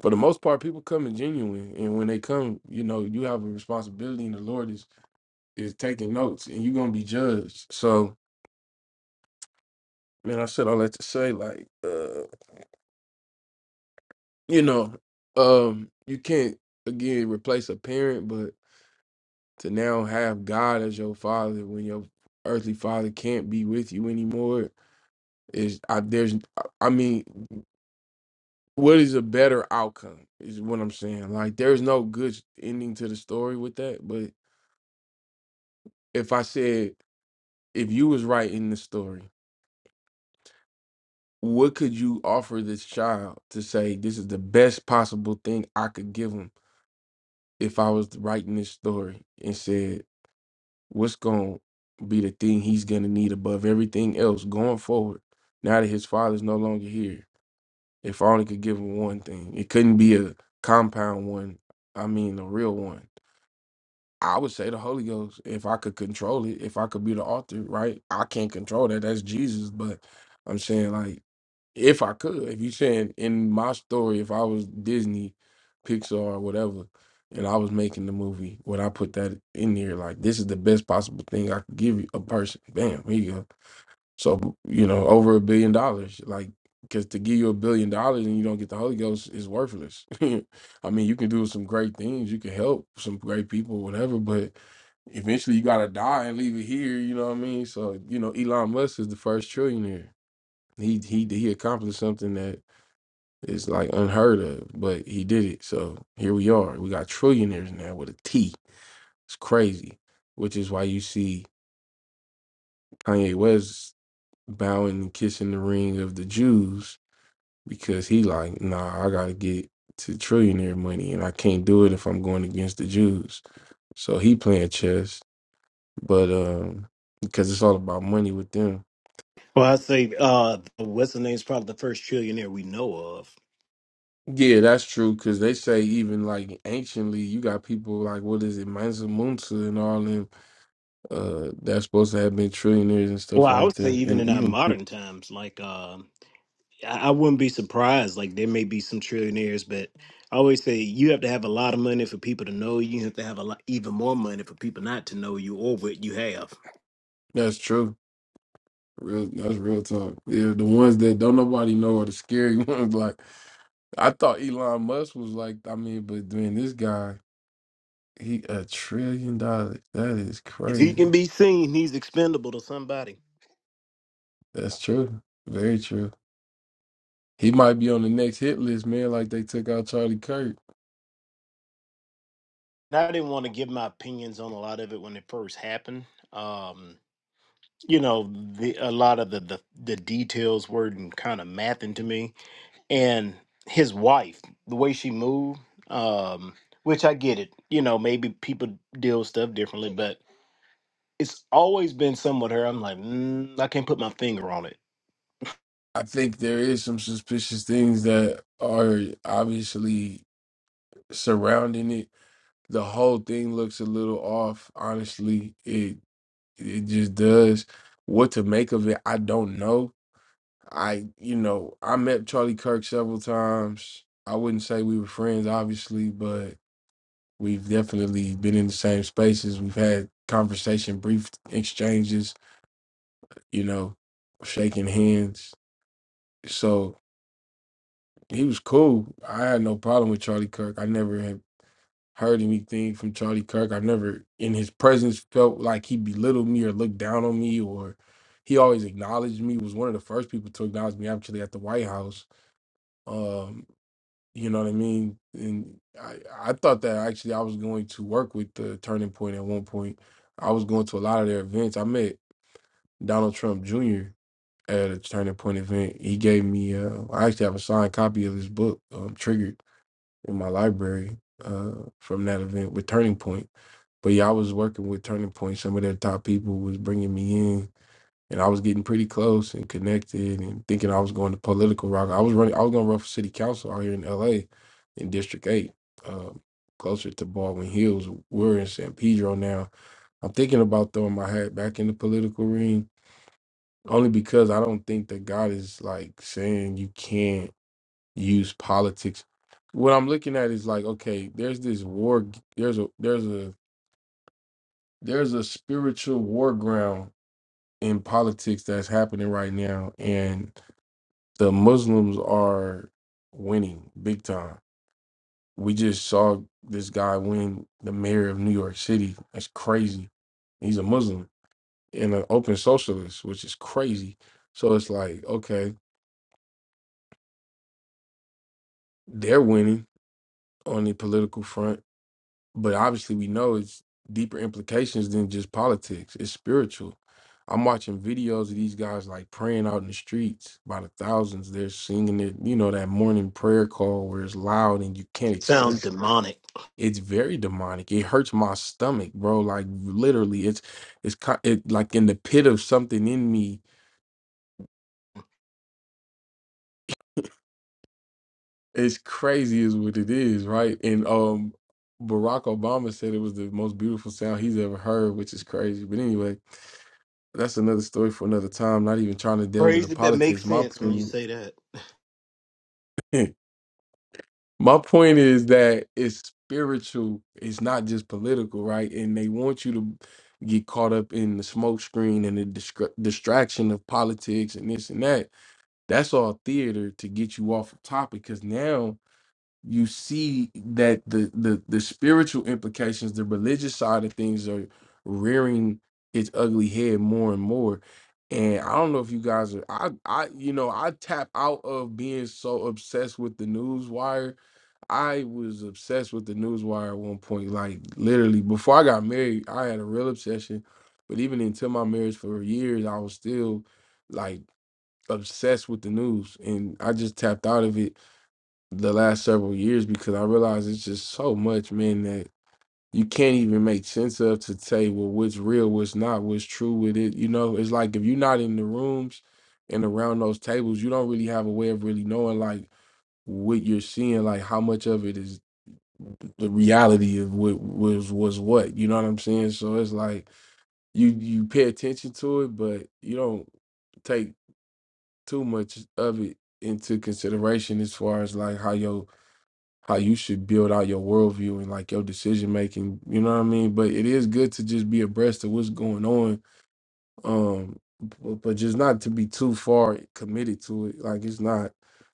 Speaker 1: for the most part, people come in genuine. And when they come, you know, you have a responsibility, and the Lord is is taking notes, and you're gonna be judged. So man, I said all that to say, like, uh, you know, um, you can't again replace a parent, but to now have God as your father when your earthly father can't be with you anymore is I, there's I mean, what is a better outcome is what I'm saying. Like, there's no good ending to the story with that. But if I said if you was writing the story. What could you offer this child to say this is the best possible thing I could give him? if I was writing this story and said, what's going to be the thing he's going to need above everything else going forward, now that his father's no longer here? If I only could give him one thing, it couldn't be a compound one. I mean, a real one. I would say the Holy Ghost, if I could control it, if I could be the author, right? I can't control that. That's Jesus. But I'm saying, like, if I could, if you saying in my story, if I was Disney, Pixar, or whatever, and I was making the movie, would I put that in there? Like, this is the best possible thing I could give you a person. Bam, here you go. So, you know, over a billion dollars. Like, because to give you a billion dollars and you don't get the Holy Ghost is worthless. I mean, you can do some great things, you can help some great people, whatever, but eventually you got to die and leave it here. You know what I mean? So, you know, Elon Musk is the first trillionaire. He he he accomplished something that is like unheard of, but he did it. So here we are. We got trillionaires now with a T. It's crazy, which is why you see Kanye West bowing and kissing the ring of the Jews because he like, nah, I gotta get to trillionaire money, and I can't do it if I'm going against the Jews. So he playing chess, but um, because it's all about money with them
Speaker 3: Well, I say, uh, what's the name's probably the first trillionaire we know of.
Speaker 1: Yeah, that's true. Because they say even like anciently, you got people like what is it, Mansa Musa and all them uh, that's supposed to have been trillionaires and
Speaker 3: Well,
Speaker 1: stuff
Speaker 3: I
Speaker 1: like
Speaker 3: would say
Speaker 1: that.
Speaker 3: even
Speaker 1: And
Speaker 3: in our
Speaker 1: even
Speaker 3: modern times, like uh. I I wouldn't be surprised. Like there may be some trillionaires, but I always say you have to have a lot of money for people to know you. You have to have a lot, even more money for people not to know you or what you have.
Speaker 1: that's true. Real, that's real talk. Yeah, the ones that don't nobody know are the scary ones. Like I thought Elon Musk was like, I mean, but then this guy, he a trillion dollars. That is
Speaker 3: If he can
Speaker 1: crazy.
Speaker 3: be seen, he's expendable to somebody.
Speaker 1: That's true. Very true. He might be on the next hit list, man. Like they took out Charlie Kirk.
Speaker 3: Now, I didn't want to give my opinions on a lot of it when it first happened. Um, you know, the, a lot of the, the the details were kind of mathing to me, and his wife, the way she moved, um, which I get it. You know, maybe people deal with stuff differently, but it's always been somewhat her. I'm like, mm, I can't put my finger on it.
Speaker 1: I think there is some suspicious things that are obviously surrounding it. The whole thing looks a little off, honestly. It it just does. What to make of it, I don't know. I you know, I met Charlie Kirk several times. I wouldn't say we were friends, obviously, but we've definitely been in the same spaces. We've had conversation, brief exchanges, you know, shaking hands. So. He was cool. I had no problem with Charlie Kirk. I never had heard anything from Charlie Kirk. I've never, in his presence, felt like he belittled me or looked down on me, or he always acknowledged me. was one of the first people to acknowledge me actually at the White House. Um, you know what I mean? And I, I thought that actually I was going to work with the Turning Point at one point. I was going to a lot of their events. I met Donald Trump Jr. at a Turning Point event. He gave me, uh, I actually have a signed copy of his book, um, Triggered in my library uh, from that event with Turning Point. But yeah, I was working with Turning Point. Some of their top people was bringing me in, and I was getting pretty close and connected, and thinking I was going to political rock. I was running. I was going to run for city council out here in L.A. in District Eight, um, closer to Baldwin Hills. We're in San Pedro now. I'm thinking about throwing my hat back in the political ring, only because I don't think that God is like saying you can't use politics. What I'm looking at is like, okay, there's this war, there's a there's a there's a spiritual war ground in politics that's happening right now, and the Muslims are winning big time. We just saw this guy win the mayor of New York City. That's crazy. He's a Muslim and an open socialist, which is crazy. So it's like, okay, they're winning on the political front but obviously we know it's deeper implications than just politics. It's spiritual. I'm watching videos of these guys like praying out in the streets by the thousands. They're singing it, you know, that morning prayer call where it's loud and you can't
Speaker 3: Sounds
Speaker 1: escape.
Speaker 3: demonic.
Speaker 1: It's very demonic. It hurts my stomach, bro. Like literally, it's it's ki- it like in the pit of something in me. It's crazy, is what it is, right? And um, Barack Obama said it was the most beautiful sound he's ever heard, which is crazy. But anyway, that's another story for another time. Not even trying to delve into
Speaker 3: Crazy, but makes
Speaker 1: politics. My
Speaker 3: sense when you
Speaker 1: point,
Speaker 3: say that.
Speaker 1: my point is that it's spiritual. It's not just political, right? And they want you to get caught up in the smoke screen and the distra- distraction of politics and this and that. That's all theater to get you off of topic. Because now you see that the the the spiritual implications, the religious side of things are rearing its ugly head more and more. And I don't know if you guys are I I you know, I tap out of being so obsessed with the news wire. I was obsessed with the news wire at one point. Like literally before I got married, I had a real obsession. But even until my marriage for years, I was still like obsessed with the news and I just tapped out of it the last several years because I realize it's just so much, man, that you can't even make sense of to say, well, what's real, what's not, what's true with it. You know, it's like if you're not in the rooms and around those tables, you don't really have a way of really knowing like what you're seeing, like how much of it is the reality of what was was what. You know what I'm saying? So it's like you you pay attention to it, but you don't take too much of it into consideration as far as like how your how you should build out your worldview and like your decision making. You know what I mean? But it is good to just be abreast of what's going on. Um, but, but just not to be too far committed to it. Like it's not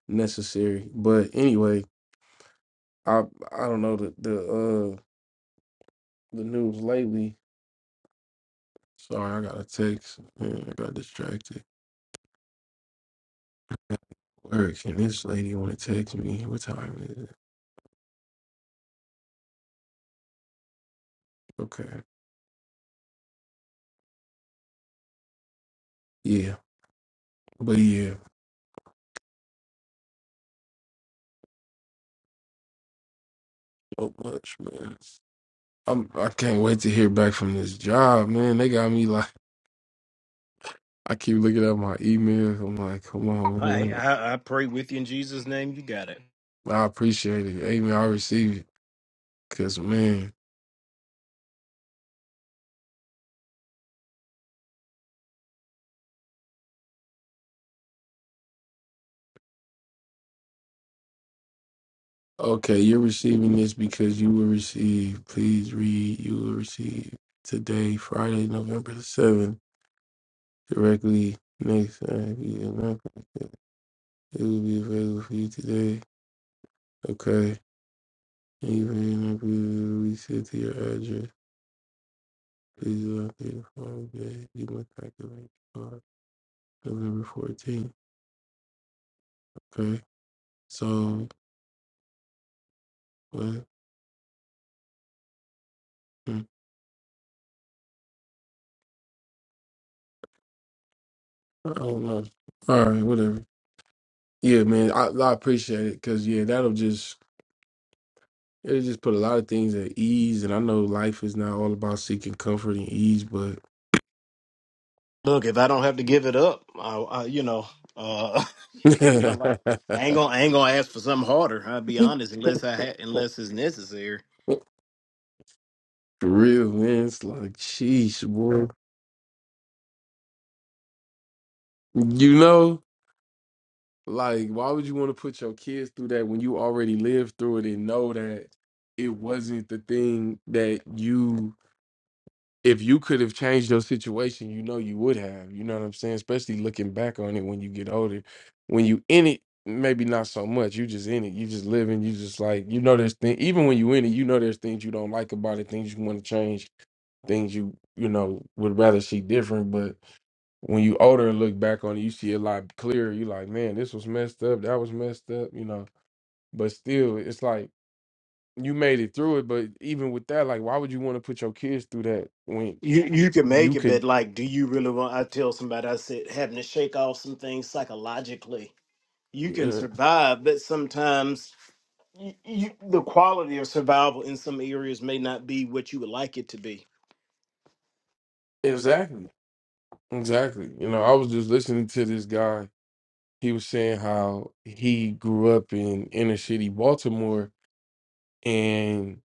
Speaker 1: necessary. But anyway, I I don't know the the uh the news lately. Sorry, I got a text. Man, I got distracted. Where can this lady want to text me? What time is it? Okay. Yeah. But yeah, so much, man. I'm I can't wait to hear back from this job, man. They got me like I keep looking at my emails. I'm like, come on,
Speaker 3: I,
Speaker 1: man.
Speaker 3: I I pray with you in Jesus' name. You got it.
Speaker 1: I appreciate it. Amen. I receive it. Cause man, okay, you're receiving this because you will receive. Please read. You will receive today, Friday, November the seventh, directly next time. you are not gonna get an applicant. It will be available for you today. Okay. Even if we sent to your address, please look at the form that you must activate. November 14th. Okay. So, what? Hmm. I don't know. All right, whatever. Yeah, man, I, I appreciate it because, yeah, that'll just, it'll just put a lot of things at ease. And I know life is not all about seeking comfort and ease, but
Speaker 3: Look, if I don't have to give it up, I, I you know, uh, you know,
Speaker 1: for
Speaker 3: like I ain't gonna I ain't gonna ask for something harder. I'll be honest, unless I ha- unless it's necessary.
Speaker 1: real, man, it's like, sheesh, boy. You know, like, why would you want to put your kids through that when you already lived through it and know that it wasn't the thing that you if you could have changed your situation, you know you would have. You know what I'm saying? Especially looking back on it when you get older. When you in it, maybe not so much. You just in it. You just living. You just like you know there's things. Even when you in it, you know there's things you don't like about it. Things you want to change. Things you you know would rather see different. But when you older and look back on it, you see a lot clearer. You like, man, this was messed up. That was messed up. You know. But still, it's like you made it through it. But even with that, like, why would you want to put your kids through that when?
Speaker 3: You you can make
Speaker 1: you
Speaker 3: it,
Speaker 1: could
Speaker 3: but like, do you really want? I tell somebody, I said, having to shake off some things psychologically. You can
Speaker 1: Yeah,
Speaker 3: survive, but sometimes y- you, the quality of survival in some areas may not be what you would like it to be.
Speaker 1: exactly. Exactly. You know, I was just listening to this guy. He was saying how he grew up in inner city Baltimore and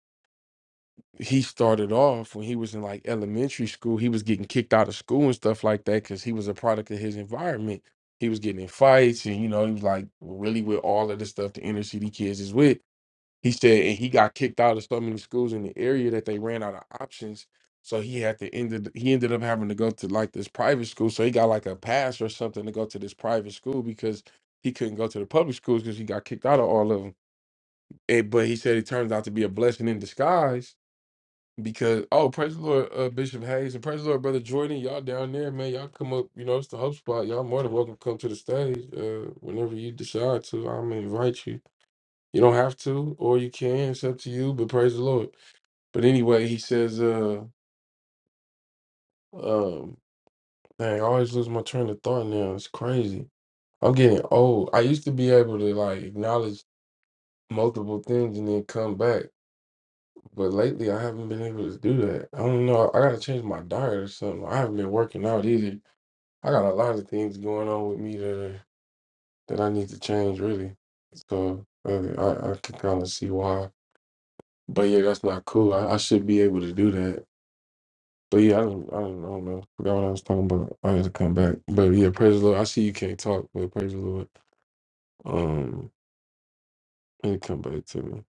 Speaker 1: he started off when he was in like elementary school. He was getting kicked out of school and stuff like that because he was a product of his environment. He was getting in fights and, you know, he was like really with all of the stuff the inner city kids is with. He said, and he got kicked out of so many schools in the area that they ran out of options. So he had to ended he ended up having to go to like this private school. So he got like a pass or something to go to this private school because he couldn't go to the public schools because he got kicked out of all of them. And, but he said it turned out to be a blessing in disguise because oh praise the Lord, uh, Bishop Hayes and praise the Lord, brother Jordan, y'all down there, man, y'all come up. You know it's the hub spot. Y'all more than welcome to come to the stage uh, whenever you decide to. I'm gonna invite you. You don't have to, or you can. It's up to you. But praise the Lord. But anyway, he says, uh, um, dang, I always lose my train of thought now. It's crazy. I'm getting old. I used to be able to like acknowledge multiple things and then come back, but lately I haven't been able to do that. I don't know. I gotta change my diet or something. I haven't been working out either. I got a lot of things going on with me that are, that I need to change really. So uh, I, I can kind of see why. But yeah, that's not cool. I, I should be able to do that But yeah, I don't, I don't, I don't know. Forgot what I was talking about. I had to come back. But yeah, praise the Lord. I see you can't talk, but praise the Lord. Um, it come back to me.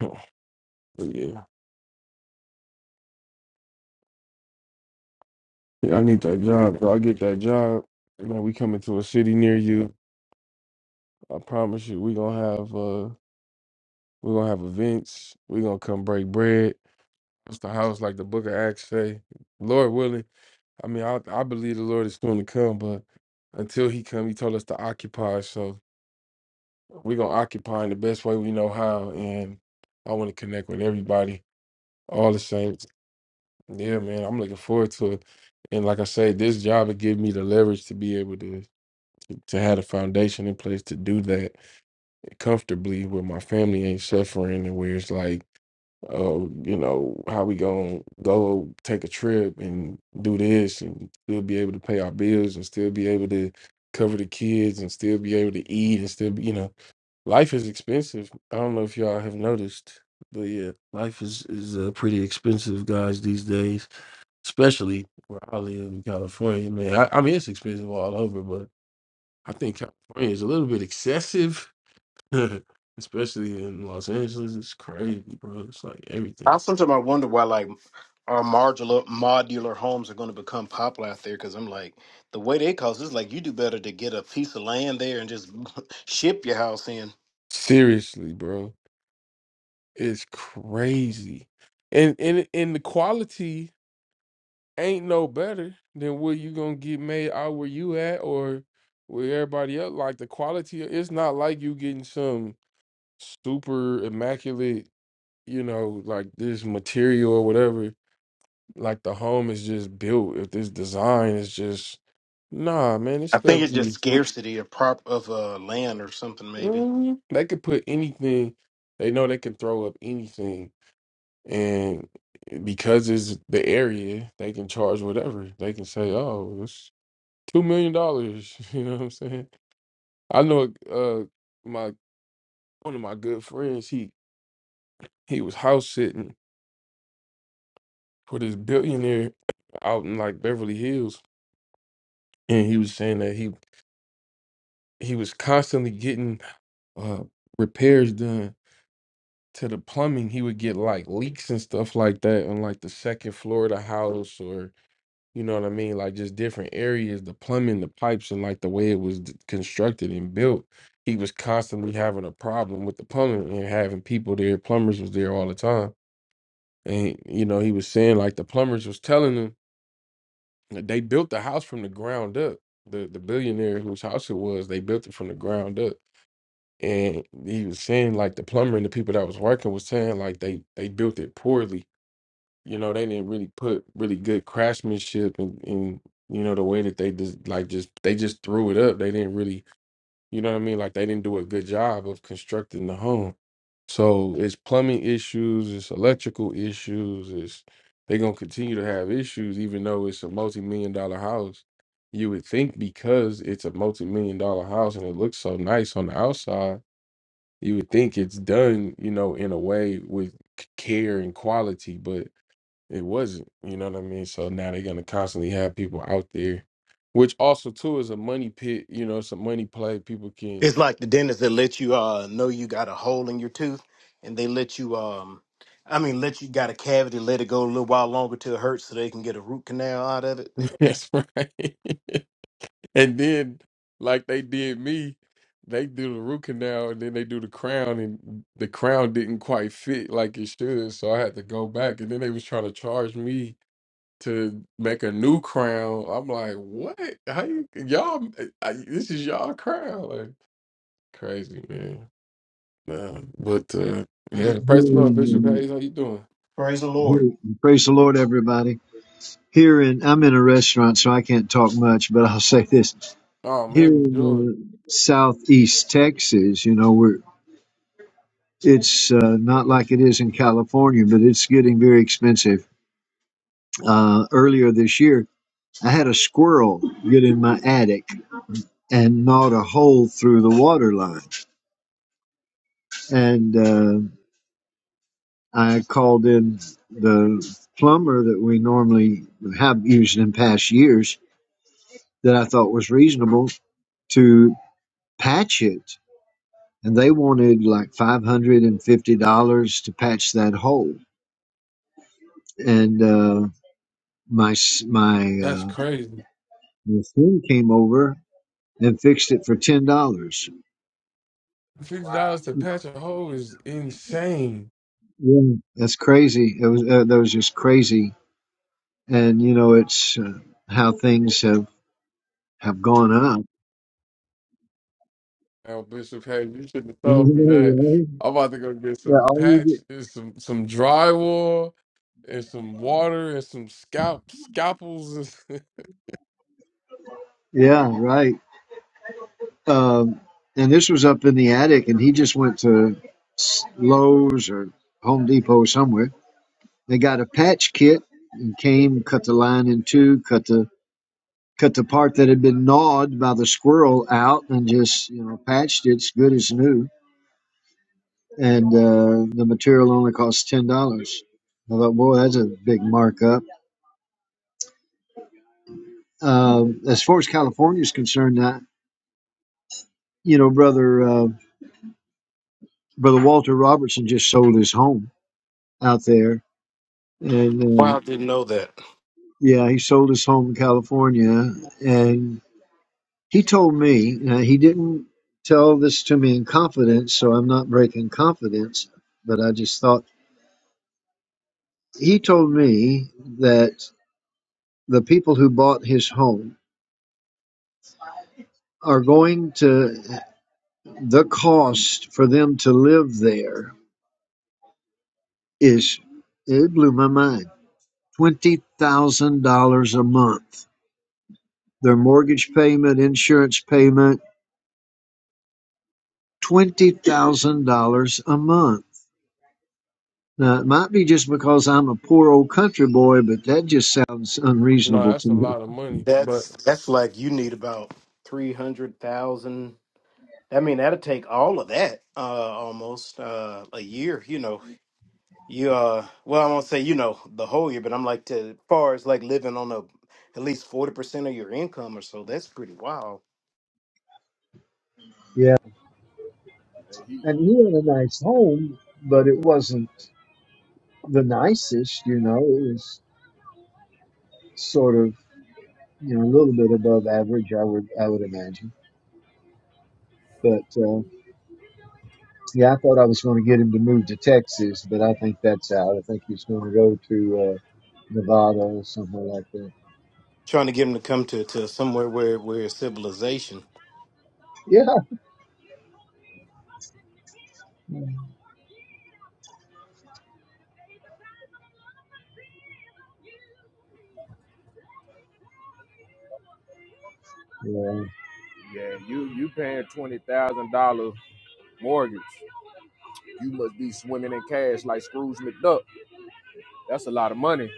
Speaker 1: But yeah, yeah, I need that job. Bro. I get that job. Man, we coming to a city near you. I promise you, we gonna have uh, we gonna have events. We gonna come break bread. It's the house like the Book of Acts say. Lord willing, I mean, I I believe the Lord is soon to come, but until He come, He told us to occupy ourselves. We're gonna occupy in the best way we know how, and I want to connect with everybody, all the saints. Yeah, man, I'm looking forward to it. And like I say, this job will give me the leverage to be able to to have the foundation in place to do that comfortably, where my family ain't suffering, and where it's like, oh, you know, how we gonna go take a trip and do this, and still be able to pay our bills, and still be able to cover the kids, and still be able to eat, and still be, you know. Life is expensive. I don't know if y'all have noticed, but yeah, life is is uh, pretty expensive, guys, these days. Especially where I live in California, man. I, I mean, it's expensive all over, but I think California is a little bit excessive, especially in Los Angeles. It's crazy, bro. It's like
Speaker 3: I
Speaker 1: everything.
Speaker 3: sometimes I wonder why like our modular modular homes are going to become popular out there because I'm like the way they cost is like you do better to get a piece of land there and just ship your house in.
Speaker 1: Seriously, bro, it's crazy, and and and the quality. ain't no better than what you gonna get made out where you at or where everybody else. Like the quality, it's not like you getting some super immaculate, you know, like this material or whatever. Like the home is just built. If this design is just nah, man, this
Speaker 3: I
Speaker 1: stuff
Speaker 3: think it's just
Speaker 1: be
Speaker 3: scarcity of prop of uh, land or something maybe.
Speaker 1: mm, they could put anything. They know they can throw up anything, and eh, because it's the area, they can charge whatever. They can say, "Oh, this." Two million dollars. You know what I'm saying? I know uh my one of my good friends, he he was house sitting for this billionaire out in like Beverly Hills. And he was saying that he he was constantly getting uh repairs done to the plumbing. He would get like leaks and stuff like that on like the second floor of the house or. You know what I mean? Like just different areas, the plumbing, the pipes, and like the way it was d- constructed and built. He was constantly having a problem with the plumbing and having people there. Plumbers was there all the time. And you know, he was saying like the plumbers was telling him that they built the house from the ground up. The the billionaire whose house it was, they built it from the ground up. And he was saying like the plumber and the people that was working was saying like they they built it poorly you know they didn't really put really good craftsmanship and in, in you know the way that they just like just they just threw it up they didn't really you know what i mean like they didn't do a good job of constructing the home so it's plumbing issues it's electrical issues it's they're going to continue to have issues even though it's a multi-million dollar house you would think because it's a multi-million dollar house and it looks so nice on the outside you would think it's done you know in a way with c- care and quality but it wasn't. You know what I mean? So now they're gonna constantly have people out there, which also too is a money pit. You know, it's a money play. People can.
Speaker 3: It's like the dentist that let you uh, know you got a hole in your tooth and they let you um I mean let you got a cavity let it go a little while longer till it hurts so they can get a root canal out of it.
Speaker 1: That's right. and then, like they did me, they do the root canal and then they do the crown, and the crown didn't quite fit like it should, so I had to go back. And then they was trying to charge me to make a new crown. I'm like, what? How you y'all? eh, I, this is y'all crown? Like crazy, man. Nah, but uh,
Speaker 5: I
Speaker 1: yeah,
Speaker 5: don't hear
Speaker 1: praise the Lord, Bishop
Speaker 5: any-
Speaker 1: Hayes. How you doing?
Speaker 3: Praise the Lord.
Speaker 5: hear- Praise the Lord, everybody. Here in, I'm in a restaurant, so I can't talk much, but I'll say this.
Speaker 1: Oh
Speaker 5: Here
Speaker 1: man, enjoy.
Speaker 5: in uh, southeast Texas, you know, we're, it's uh, not like it is in California, but it's getting very expensive. Uh, earlier this year, I had a squirrel get in my attic and gnawed a hole through the water line. And uh, I called in the plumber that we normally have used in past years that I thought was reasonable to patch it. And they wanted like $550 to patch that hole. And uh, my, my,
Speaker 1: That's
Speaker 5: uh,
Speaker 1: crazy.
Speaker 5: my friend came over and fixed it for $10.
Speaker 6: Wow.
Speaker 1: Fifty dollars to patch a hole is insane.
Speaker 5: Yeah. That's crazy. It was, uh, that was just crazy. And, you know, it's uh, how things have, have gone up.
Speaker 1: Oh, Bishop Hayes, you should not have told me
Speaker 5: Yeah,
Speaker 1: that.
Speaker 5: right?
Speaker 1: I'm about to go get
Speaker 5: Yeah,
Speaker 1: some
Speaker 5: all you
Speaker 1: patch
Speaker 5: do-
Speaker 1: and some some drywall and some water and some scalp scalpels.
Speaker 5: yeah, right. Um, and this was up in the attic, and he just went to Lowe's or Home Depot somewhere. They got a patch kit and came, cut the line in two, cut the cut the part that had been gnawed by the squirrel out, and just you know patched it as good as new. And uh, the material only cost ten dollars. I thought, boy, that's a big markup. Um, as far as California is concerned, I, you know, brother uh, brother Walter Robertson just sold his home out there, and uh,
Speaker 3: Wow, didn't know that.
Speaker 5: Yeah, he sold his home in California, and he told me now he didn't tell this to me in confidence, so I'm not breaking confidence. But I just thought he told me that the people who bought his home are going to the cost for them to live there is it blew my mind twenty thousand dollars a month. Their mortgage payment, insurance payment, twenty thousand dollars a month Now, it might be just because I'm a poor old country boy, but that just sounds
Speaker 1: no,
Speaker 5: unreasonable
Speaker 1: that's
Speaker 5: to
Speaker 1: a
Speaker 5: me.
Speaker 1: lot of money, but
Speaker 3: That's that's like you need about three hundred thousand. I mean, that'll take all of that, uh, almost uh, a year. You know, you uh, well, I won't say you know the whole year, but I'm like to as far as like living on a at least forty percent of your income or so. That's pretty wild.
Speaker 5: Yeah.
Speaker 6: Hey, He,
Speaker 5: And he had a nice home, but it wasn't the nicest, you know. It was sort of, you know, a little bit above average, I would, I would imagine. But, uh, yeah, I thought I was going to get him to move to Texas, but I think that's out. I think he's going to go to, uh, Nevada or somewhere like that.
Speaker 3: Trying to get them to come to, to somewhere where where it's civilization.
Speaker 5: Yeah. Yeah.
Speaker 6: yeah, you you paying twenty thousand dollar mortgage. You must be swimming in cash like Scrooge McDuck. That's a lot of money.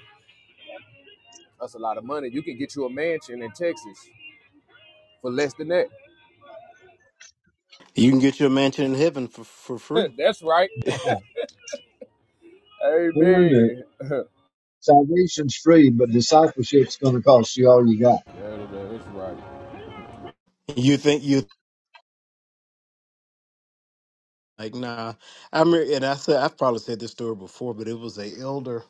Speaker 6: That's a lot of money. You can get you a mansion in Texas for less than that.
Speaker 3: You can get your mansion in heaven for for free.
Speaker 6: That's right.
Speaker 5: Well, wait a
Speaker 6: Amen.
Speaker 5: Salvation's free, but discipleship's going to cost you all you got.
Speaker 6: Yeah, that- that's right.
Speaker 3: You think you like nah? I remember, and I said I've probably said this story before, but it was a elder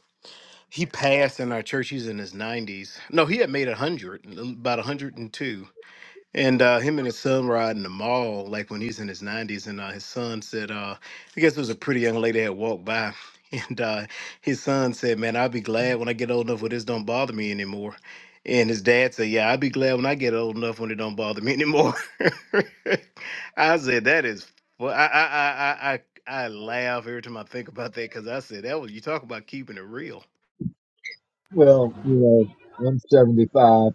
Speaker 3: He passed in our church. He's in his 90s. No, he had made 100, about 102. And two. And uh, him and his son were out in the mall, like when he's in his 90s. And uh, his son said, uh, I guess it was a pretty young lady that walked by. And uh, his son said, Man, I'll be glad when I get old enough where this don't bother me anymore. And his dad said, Yeah, I'll be glad when I get old enough when it don't bother me anymore. I said, That is, well, I, I, I, I, I I laugh every time I think about that because I said, That was, you talk about keeping it real.
Speaker 5: Well, you know, I'm 75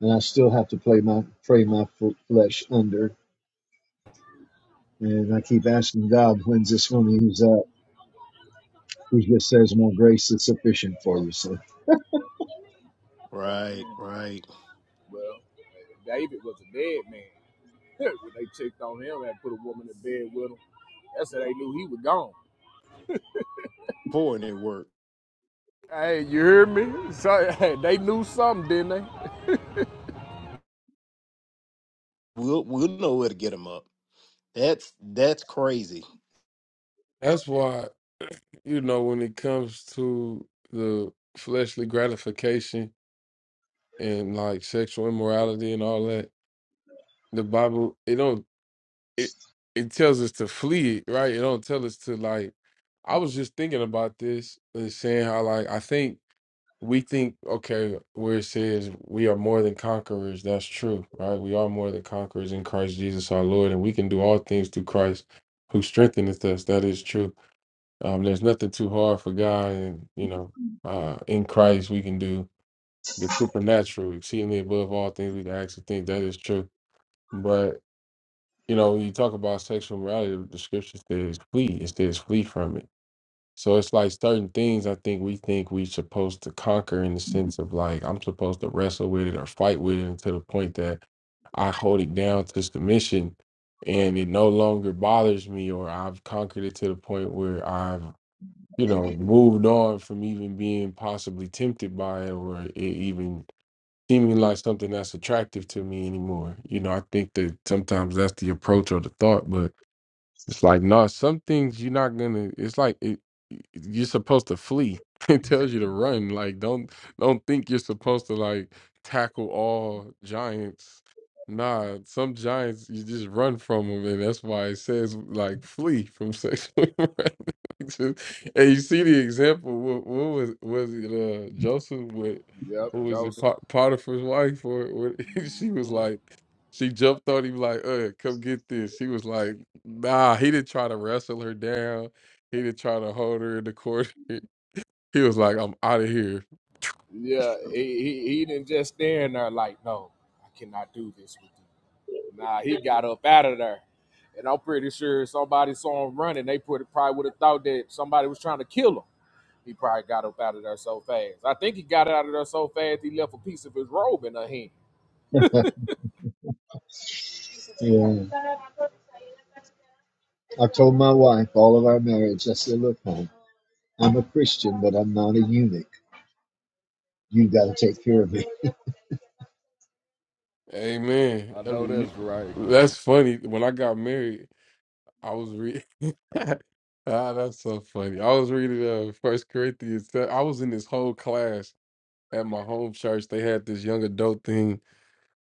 Speaker 5: and I still have to play my pray my f- flesh under, and I keep asking God, when's this going to ease up? He just says, "My grace is sufficient for you." So,
Speaker 3: Right,
Speaker 6: Amen.
Speaker 3: right.
Speaker 6: Well, David was a dead man. when they checked on him and put a woman in bed with him, that's how they knew he was gone.
Speaker 3: Poor network.
Speaker 6: Hey, you hear me? So, they knew something, didn't they?
Speaker 3: We'll we'll know where to get them up. That's that's crazy.
Speaker 1: that's why you know when it comes to the fleshly gratification and like sexual immorality and all that the Bible it don't it it tells us to flee, right? It don't tell us to like I was just thinking about this and saying how like I think we think okay, where it says we are more than conquerors, that's true, right? We are more than conquerors in Christ Jesus our Lord, and we can do all things through Christ who strengtheneth us. That is true. Um there's nothing too hard for God and you know, uh in Christ we can do the supernatural, exceedingly above all things we can actually think that is true. but you know, when you talk about sexual morality, the scripture says flee. It says flee from it. So it's like certain things I think we think we supposed to conquer in the sense of like I'm supposed to wrestle with it or fight with it to the point that I hold it down to submission and it no longer bothers me or I've conquered it to the point where I've, you know, moved on from even being possibly tempted by it or it even seeming like something that's attractive to me anymore. You know, I think that sometimes that's the approach or the thought, but it's like no, some things you're not gonna. It's like it, you're supposed to flee. It tells you to run. Like don't don't think you're supposed to like tackle all giants. Nah, some giants you just run from them, and that's why it says like flee from sexual harassment. And you see the example. What, what was was it? Uh, Joseph with
Speaker 6: Yep,
Speaker 1: what was it?
Speaker 6: Joseph.
Speaker 1: Pot- Potiphar's wife, or what? She was
Speaker 6: hmm
Speaker 1: like. She jumped on him like, uh, come get this. He was like, nah, he didn't try to wrestle her down. He didn't try to hold her in the corner. He was like, I'm out of here.
Speaker 6: Yeah, he, he he didn't just stand there like, no, I cannot do this with you. Nah, he got up out of there, and I'm pretty sure somebody saw him running. They put, probably would have thought that somebody was trying to kill him. He probably got up out of there so fast. I think he got out of there so fast he left a piece of his robe in her hand.
Speaker 5: yeah, I told my wife all of our marriage. I said, "Look, hon, I'm a Christian, but I'm not a eunuch. You got to take care of me."
Speaker 1: Amen.
Speaker 6: I
Speaker 1: I
Speaker 6: know
Speaker 1: mean,
Speaker 6: that's right.
Speaker 1: you- that's funny. When I got married, I was reading. ah, that's so funny. I was reading uh, First Corinthians. I was in this whole class at my home church. They had this young adult thing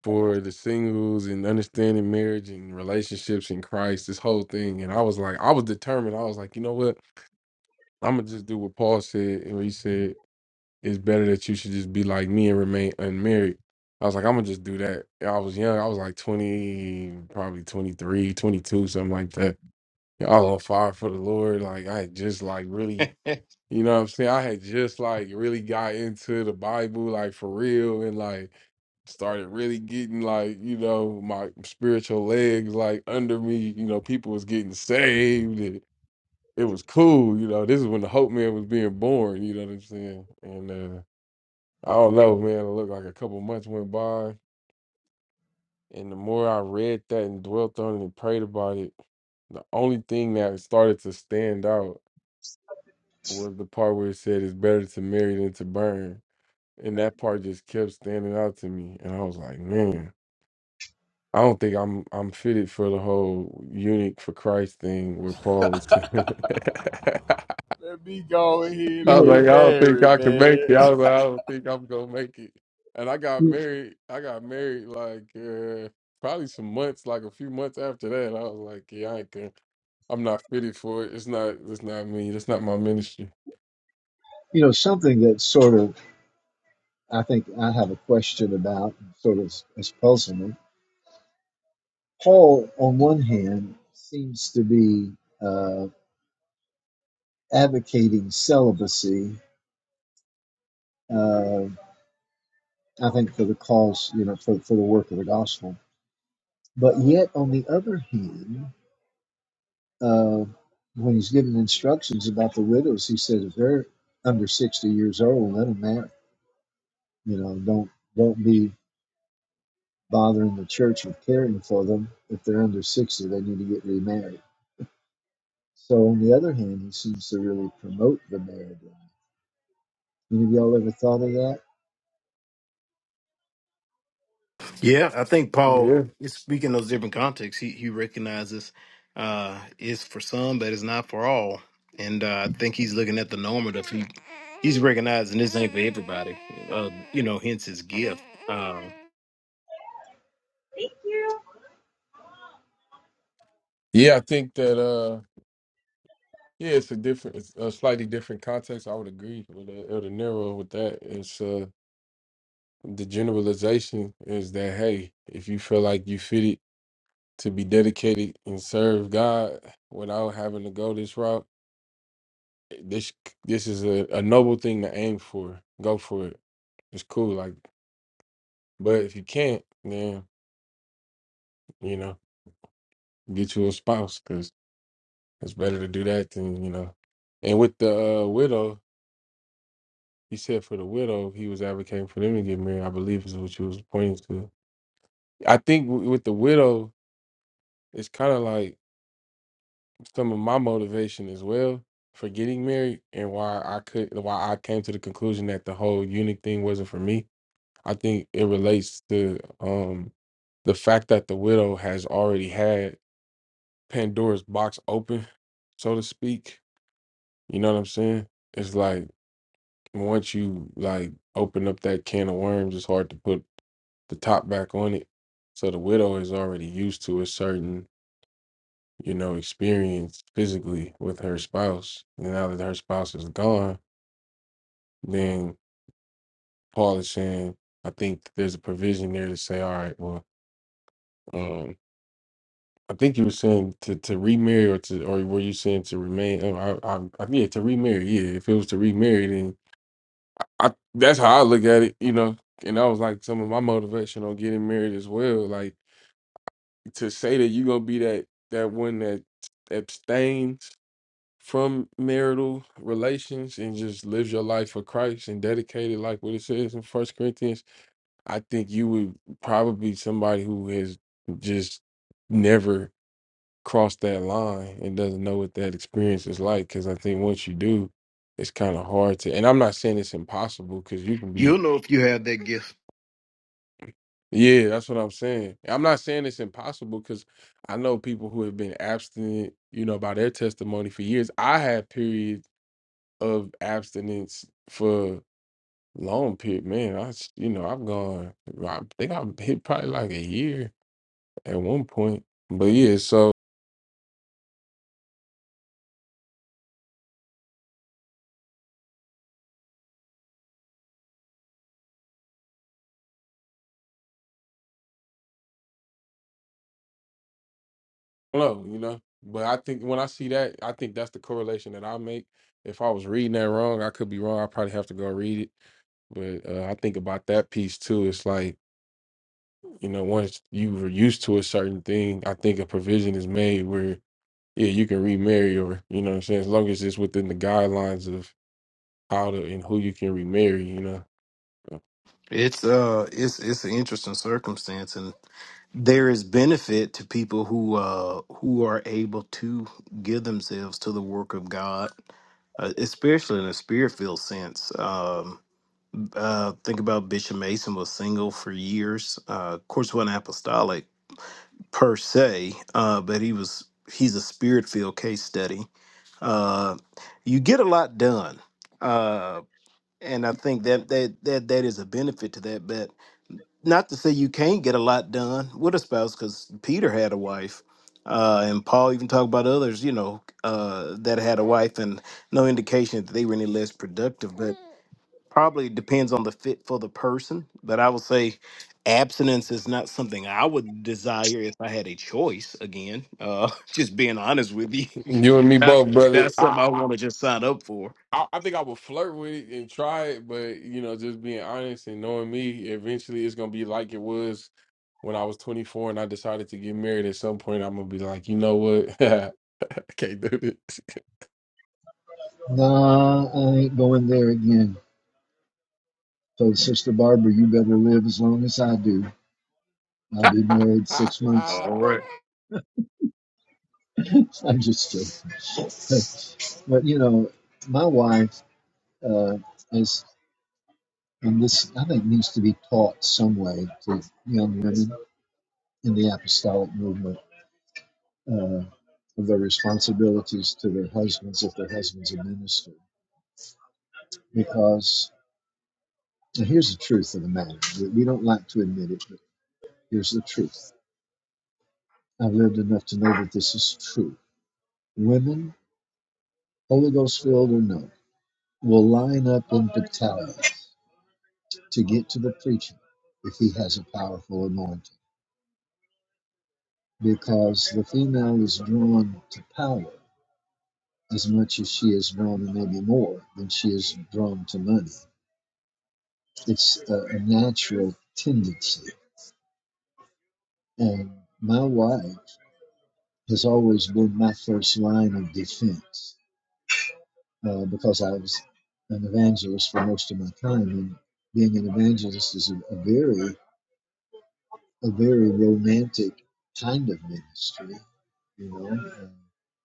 Speaker 1: for the singles and understanding marriage and relationships in Christ, this whole thing. And I was like, I was determined. I was like, you know what? I'm gonna just do what Paul said, and he said it's better that you should just be like me and remain unmarried. I was like, I'm gonna just do that. And I was young. I was like 20, probably 23, 22, something like that. And I was on fire for the Lord. Like I had just like really
Speaker 3: yeah,
Speaker 1: you know what I'm saying? I had just like really got into the Bible, like for real, and like started really getting like, you know, my spiritual legs like under me. You know, people was getting saved. And it was cool. You know, this is when the Hope Man was being born. You know what I'm saying? And uh, I don't know, man. It looked like a couple months went by. And the more I read that and dwelt on it and prayed about it, the only thing that started to stand out was the part where it said it's better to marry than to burn and that part just kept standing out to me and i was like man i don't think i'm i'm fitted for the whole eunuch for christ thing where paul was i
Speaker 6: Let me go ahead
Speaker 5: You
Speaker 6: and
Speaker 1: was
Speaker 5: know,
Speaker 1: like
Speaker 6: get
Speaker 1: i don't think
Speaker 6: married,
Speaker 1: i can make
Speaker 6: man.
Speaker 1: it i was like i don't think i'm gonna make it and i got
Speaker 5: you,
Speaker 1: married i got married like uh, probably some months like a few months after that i was like yeah i ain't gonna I'm not fitted for it. It's not. It's not me. That's not my ministry.
Speaker 5: you know something that sort of I think I have a question about, sort of has puzzled me. Paul, on one hand, seems to be. uh, advocating celibacy, uh, I think, for the cause, you know, for, for the work of the gospel. But yet, on the other hand, uh, when he's giving instructions about the widows, he says, if they're under 60 years old, let them marry. You know, don't, don't be bothering the church with caring for them. If they're under 60, they need to get remarried. So, on the other hand, he seems to really promote the marriage. Any of y'all ever thought of that?
Speaker 3: I think Paul
Speaker 1: Yeah.
Speaker 3: is speaking those different contexts. He he recognizes uh it's for some, but it's not for all. And uh, I think he's looking at the normative. He he's recognizing this ain't for everybody. Uh, you know, hence his gift. Uh,
Speaker 1: Yeah, I think that. uh Yeah, it's a different, it's a slightly different context. I would agree with uh, El De Niro with that. It's uh, the generalization is that hey, if you feel like you fit it to be dedicated and serve God without having to go this route, this this is a, a noble thing to aim for. Go for it. It's cool. Like, but if you can't, then you know, get you a spouse because it's better to do that than you know. And with the uh, widow. He said for the widow, he was advocating for them to get married. I believe is what you was pointing to. I think w- with the widow, it's kind of like some of my motivation as well for getting married and why I could, why I came to the conclusion that the whole eunuch thing wasn't for me. I think it relates to um the fact that the widow has already had Pandora's box open, so to speak. You know what I'm saying? It's like once you like open up that can of worms, it's hard to put the top back on it. So the widow is already used to a certain, you know, experience physically with her spouse. And now that her spouse is gone, then Paul is saying, I think there's a provision there to say, all right, well, um, I think you were saying to, to remarry or to or were you saying to remain? Oh, I, I, I yeah, to remarry. Yeah, if it was to remarry, then I that's how I look at it, you know. And that was like some of my motivation on getting married as well. Like to say that you're gonna be that that one that abstains from marital relations and just lives your life for Christ and dedicated like what it says in First Corinthians, I think you would probably be somebody who has just never crossed that line and doesn't know what that experience is like. Cause I think once you do, it's kind of hard to and I'm not saying it's impossible because you can be
Speaker 3: you'll know if you have that gift.
Speaker 1: Yeah, that's what I'm saying. I'm not saying it's impossible because I know people who have been abstinent, you know, by their testimony for years. I had periods of abstinence for long period. Man, I, s- you know, I've gone, I think I've hit probably like a year at one point. But yeah, so I don't know, you know. But I think when I see that, I think that's the correlation that I make. If I was reading that wrong, I could be wrong. I probably have to go read it. But uh, I think about that piece too. It's like You know, once you were used to a certain thing, I think a provision is made where, yeah, you can remarry or, you know what I'm saying, as long as it's within the guidelines of how to and who you can remarry, you know.
Speaker 3: It's uh, it's it's an interesting circumstance, there is benefit to people who uh who are able to give themselves to the work of God, uh, especially in a spirit-filled sense. Um, uh, think about Bishop Mason was single for years. Uh, of course, wasn't apostolic per se, uh, but he was. He's a spirit-filled case study. Uh, you get a lot done, uh, and I think that that that that is a benefit to that. Bet not to say you can't get a lot done with a spouse because peter had a wife uh, and paul even talked about others you know uh, that had a wife and no indication that they were any less productive but probably depends on the fit for the person but i would say abstinence is not something i would desire if i had a choice again uh, just being honest with you
Speaker 1: You and me
Speaker 3: that's,
Speaker 1: both, brother.
Speaker 3: that's something
Speaker 1: I,
Speaker 3: i
Speaker 1: I
Speaker 3: want to just sign up for
Speaker 1: I I think I would flirt with it and try it, but you know, just being honest and knowing me, eventually it's gonna be like it was when I was 24 and I decided to get married. At some point, I'm gonna be like, you know what, I can't do this.
Speaker 5: Nah, I ain't going there again. told Sister Barbara, "You better live as long as I do. I'll be married six months."
Speaker 3: all right
Speaker 5: I'm just kidding, but but you know, my wife uh, is, and this I think needs to be taught some way to young women in the apostolic movement uh, of their responsibilities to their husbands if their husbands are ministers. Because now here's the truth of the matter: we, we don't like to admit it, but here's the truth. I've lived enough to know that this is true. Women Holy Ghost filled or no, will line up in battalions to get to the preacher if he has a powerful anointing. Because the female is drawn to power as much as she is drawn, and maybe more than she is drawn to money. It's a, a natural tendency. And my wife has always been my first line of defense uh, because I was an evangelist for most of my time. And being an evangelist is a, a very a very romantic kind of ministry. You know, Uh,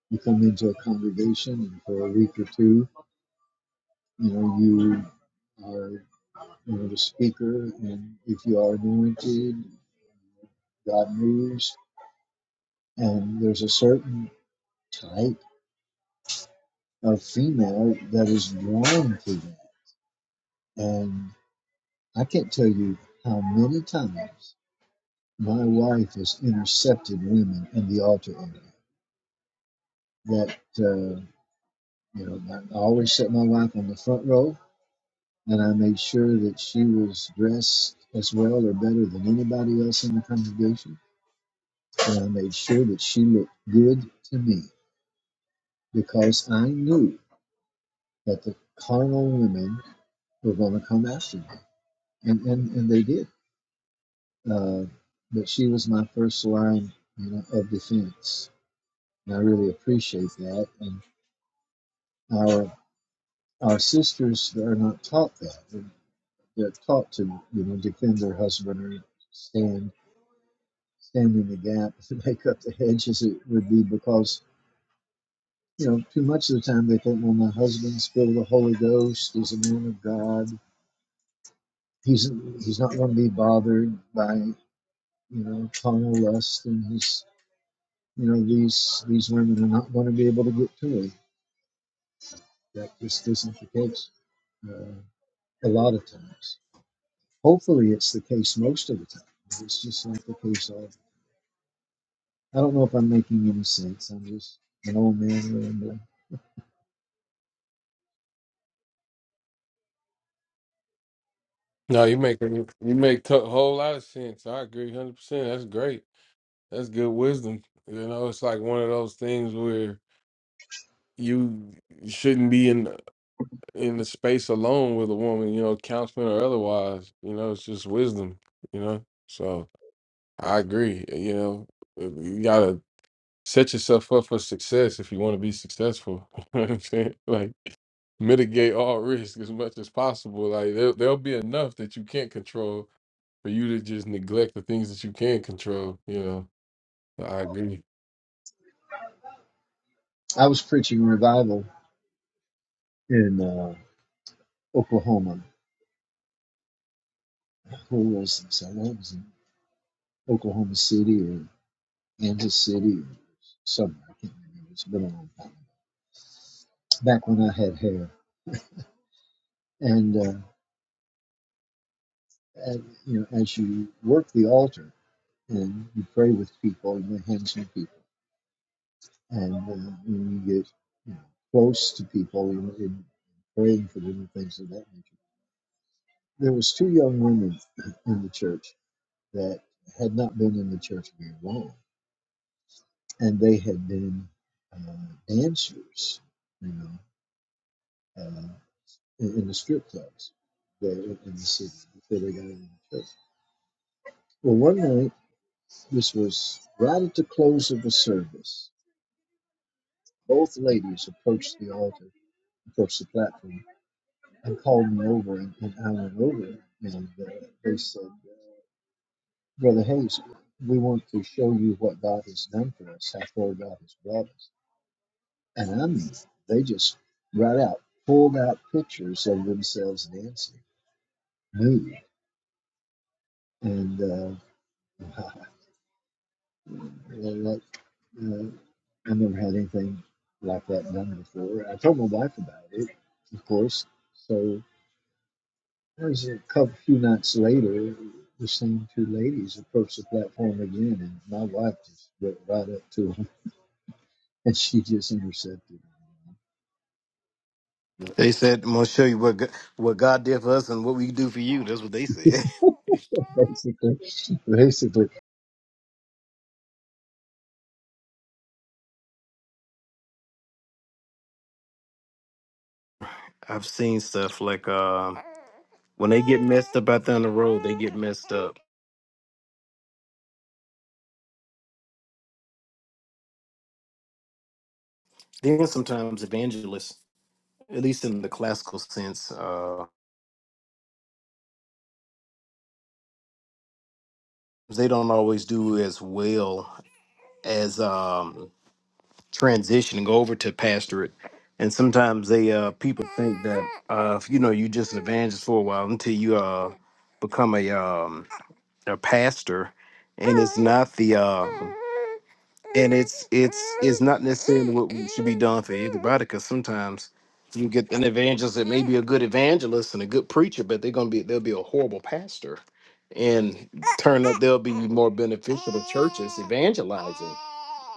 Speaker 5: you come into a congregation and for a week or two, you know, you are you know, the speaker, and if you are anointed, God moves. And there's a certain type of female that is drawn to that. And I can't tell you how many times my wife has intercepted women in the altar area that uh, You know, I always set my wife on the front row, and I made sure that she was dressed as well or better than anybody else in the congregation. And I made sure that she looked good to me because I knew that the carnal women were going to come after me, and and, and they did. Uh, but she was my first line, you know, of defense, and I really appreciate that. And our our sisters are not taught that. they're taught to you know defend their husbandry, stand stand in the gap, make up the hedge as it would be, because you know too much of the time they think, well, my husband's filled with the Holy Ghost, he's a man of God, he's he's not going to be bothered by you know carnal lust, and he's you know these these women are not going to be able to get to him. That just isn't the case uh, a lot of times. Hopefully, it's the case most of the time. It's just not the case all I don't know if I'm making any sense. I'm just an old man rambling.
Speaker 1: No, you make you make a whole lot of sense. I agree, hundred percent. That's great. That's good wisdom. You know, it's like one of those things where you shouldn't be in in the space alone with a woman. You know, counseling or otherwise. You know, it's just wisdom. You know, so I agree. You know, you gotta set yourself up for success if you want to be successful. you know what I'm saying? Like mitigate all risk as much as possible. Like there, there'll be enough that you can't control for you to just neglect the things that you can control. You know, I agree.
Speaker 5: I was preaching revival in uh, Oklahoma. Where was this? I was in Oklahoma City or Kansas City or somewhere. I can't remember. It's been a long time. Back when I had hair. And, uh, at, you know, as you work the altar and you pray with people, you lay hands on people, and uh, when you get you know, close to people and, and praying for them and things of that nature there was two young women in the church that had not been in the church very long, and they had been uh, dancers, you know, uh, in, in the strip clubs there in the city before they got into the church. Well, one night, this was right at the close of the service. Both ladies approached the altar, approached the platform, and called me over, and, and I went over, and uh, they said. Brother Hayes, we want to show you what God has done for us, how far God has brought us. And I mean, they just right out pulled out pictures of themselves dancing, nude. And uh, that, uh, I never had anything like that done before. I told my wife about it, of course. So there was a couple few nights later, the same two ladies approached the platform again, and my wife just went right up to them, and she just intercepted.
Speaker 3: they said i'm going to show you what, Go- what god did for us and what we do for you that's what they said
Speaker 5: basically, basically,
Speaker 3: I've seen stuff like um when they get messed up out there on the road, they get messed up. Then sometimes evangelists, at least in the classical sense, uh, they don't always do as well as um, transition and go over to pastorate. And sometimes they uh, people think that uh, if, you know you just an evangelist for a while until you uh, become a um, a pastor, and it's not the uh, and it's it's it's not necessarily what we should be done for everybody because sometimes you get an evangelist that may be a good evangelist and a good preacher but they're gonna be they'll be a horrible pastor and turn up they'll be more beneficial to churches evangelizing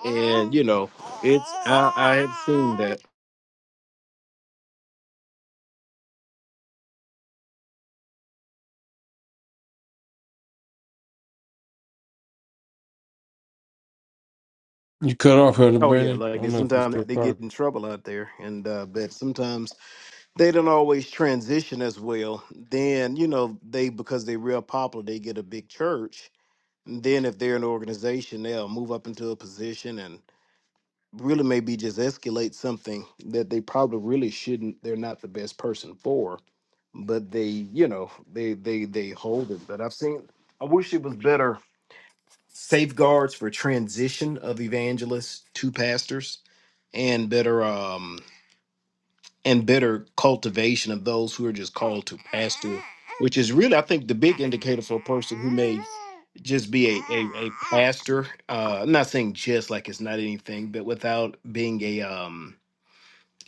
Speaker 3: and you know it's i i have seen that
Speaker 1: You cut off Elder
Speaker 3: oh yeah
Speaker 1: Brandon. I
Speaker 3: like they
Speaker 1: don't know if you
Speaker 3: sometimes
Speaker 1: still
Speaker 3: they get
Speaker 1: talking.
Speaker 3: in trouble out there and uh but sometimes they don't always transition as well then you know they because they're real popular they get a big church And then if they're an organization, they'll move up into a position and really maybe just escalate something that they probably really shouldn't they're not the best person for, but they, you know, they they they hold it. But I've seen I wish it was better safeguards for transition of evangelists to pastors and better um and better cultivation of those who are just called to pastor which is really, I think, the big indicator for a person who may just be a, a, a pastor. Uh, I'm not saying just like it's not anything, but without being a um,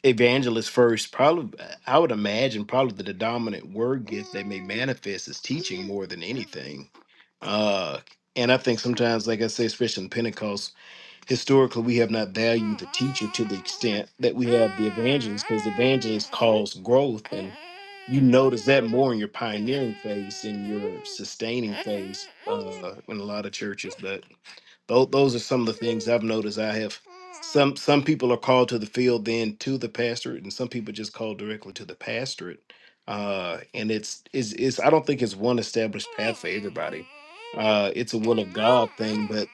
Speaker 3: evangelist first, probably, I would imagine, probably the dominant word gift that may manifest is teaching more than anything. Uh, and I think sometimes, like I say, especially in Pentecost, historically we have not valued the teacher to the extent that we have the evangelist because the evangelist calls growth and you notice that more in your pioneering phase in your sustaining phase uh, in a lot of churches but. Those those are some of the things I've noticed. I have some some people are called to the field, then to the pastorate, and some people just called directly to the pastorate. Uh, and it's is is I don't think it's one established path for everybody. Uh, it's a will of God thing, but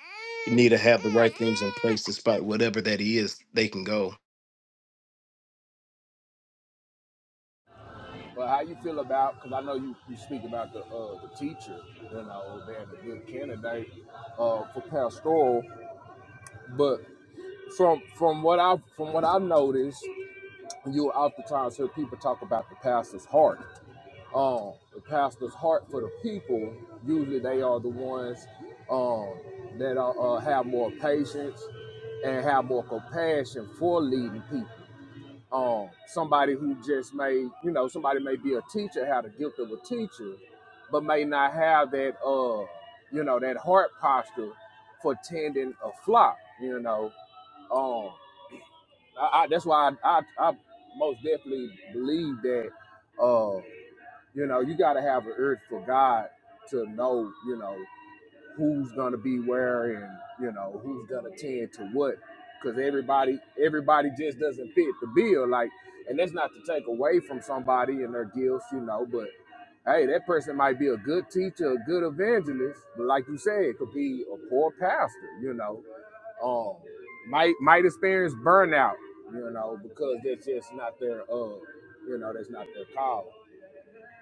Speaker 3: you need to have the right things in place to spot whatever that is. They can go.
Speaker 6: Well, how you feel about? Because I know you, you speak about the uh, the teacher, you know, being a good candidate uh, for pastoral. But from from what I from what I've noticed, you oftentimes hear people talk about the pastor's heart. Um, the pastor's heart for the people. Usually, they are the ones um, that are, uh, have more patience and have more compassion for leading people um, somebody who just may, you know, somebody may be a teacher, have the gift of a teacher, but may not have that, uh, you know, that heart posture for tending a flock. You know, um, I, I, that's why I, I, I most definitely believe that, uh, you know, you got to have an urge for God to know, you know who's gonna be where and you know who's gonna tend to what because everybody everybody just doesn't fit the bill like and that's not to take away from somebody and their gifts you know but hey that person might be a good teacher a good evangelist but like you said it could be a poor pastor you know um might might experience burnout you know because that's just not their uh you know that's not their call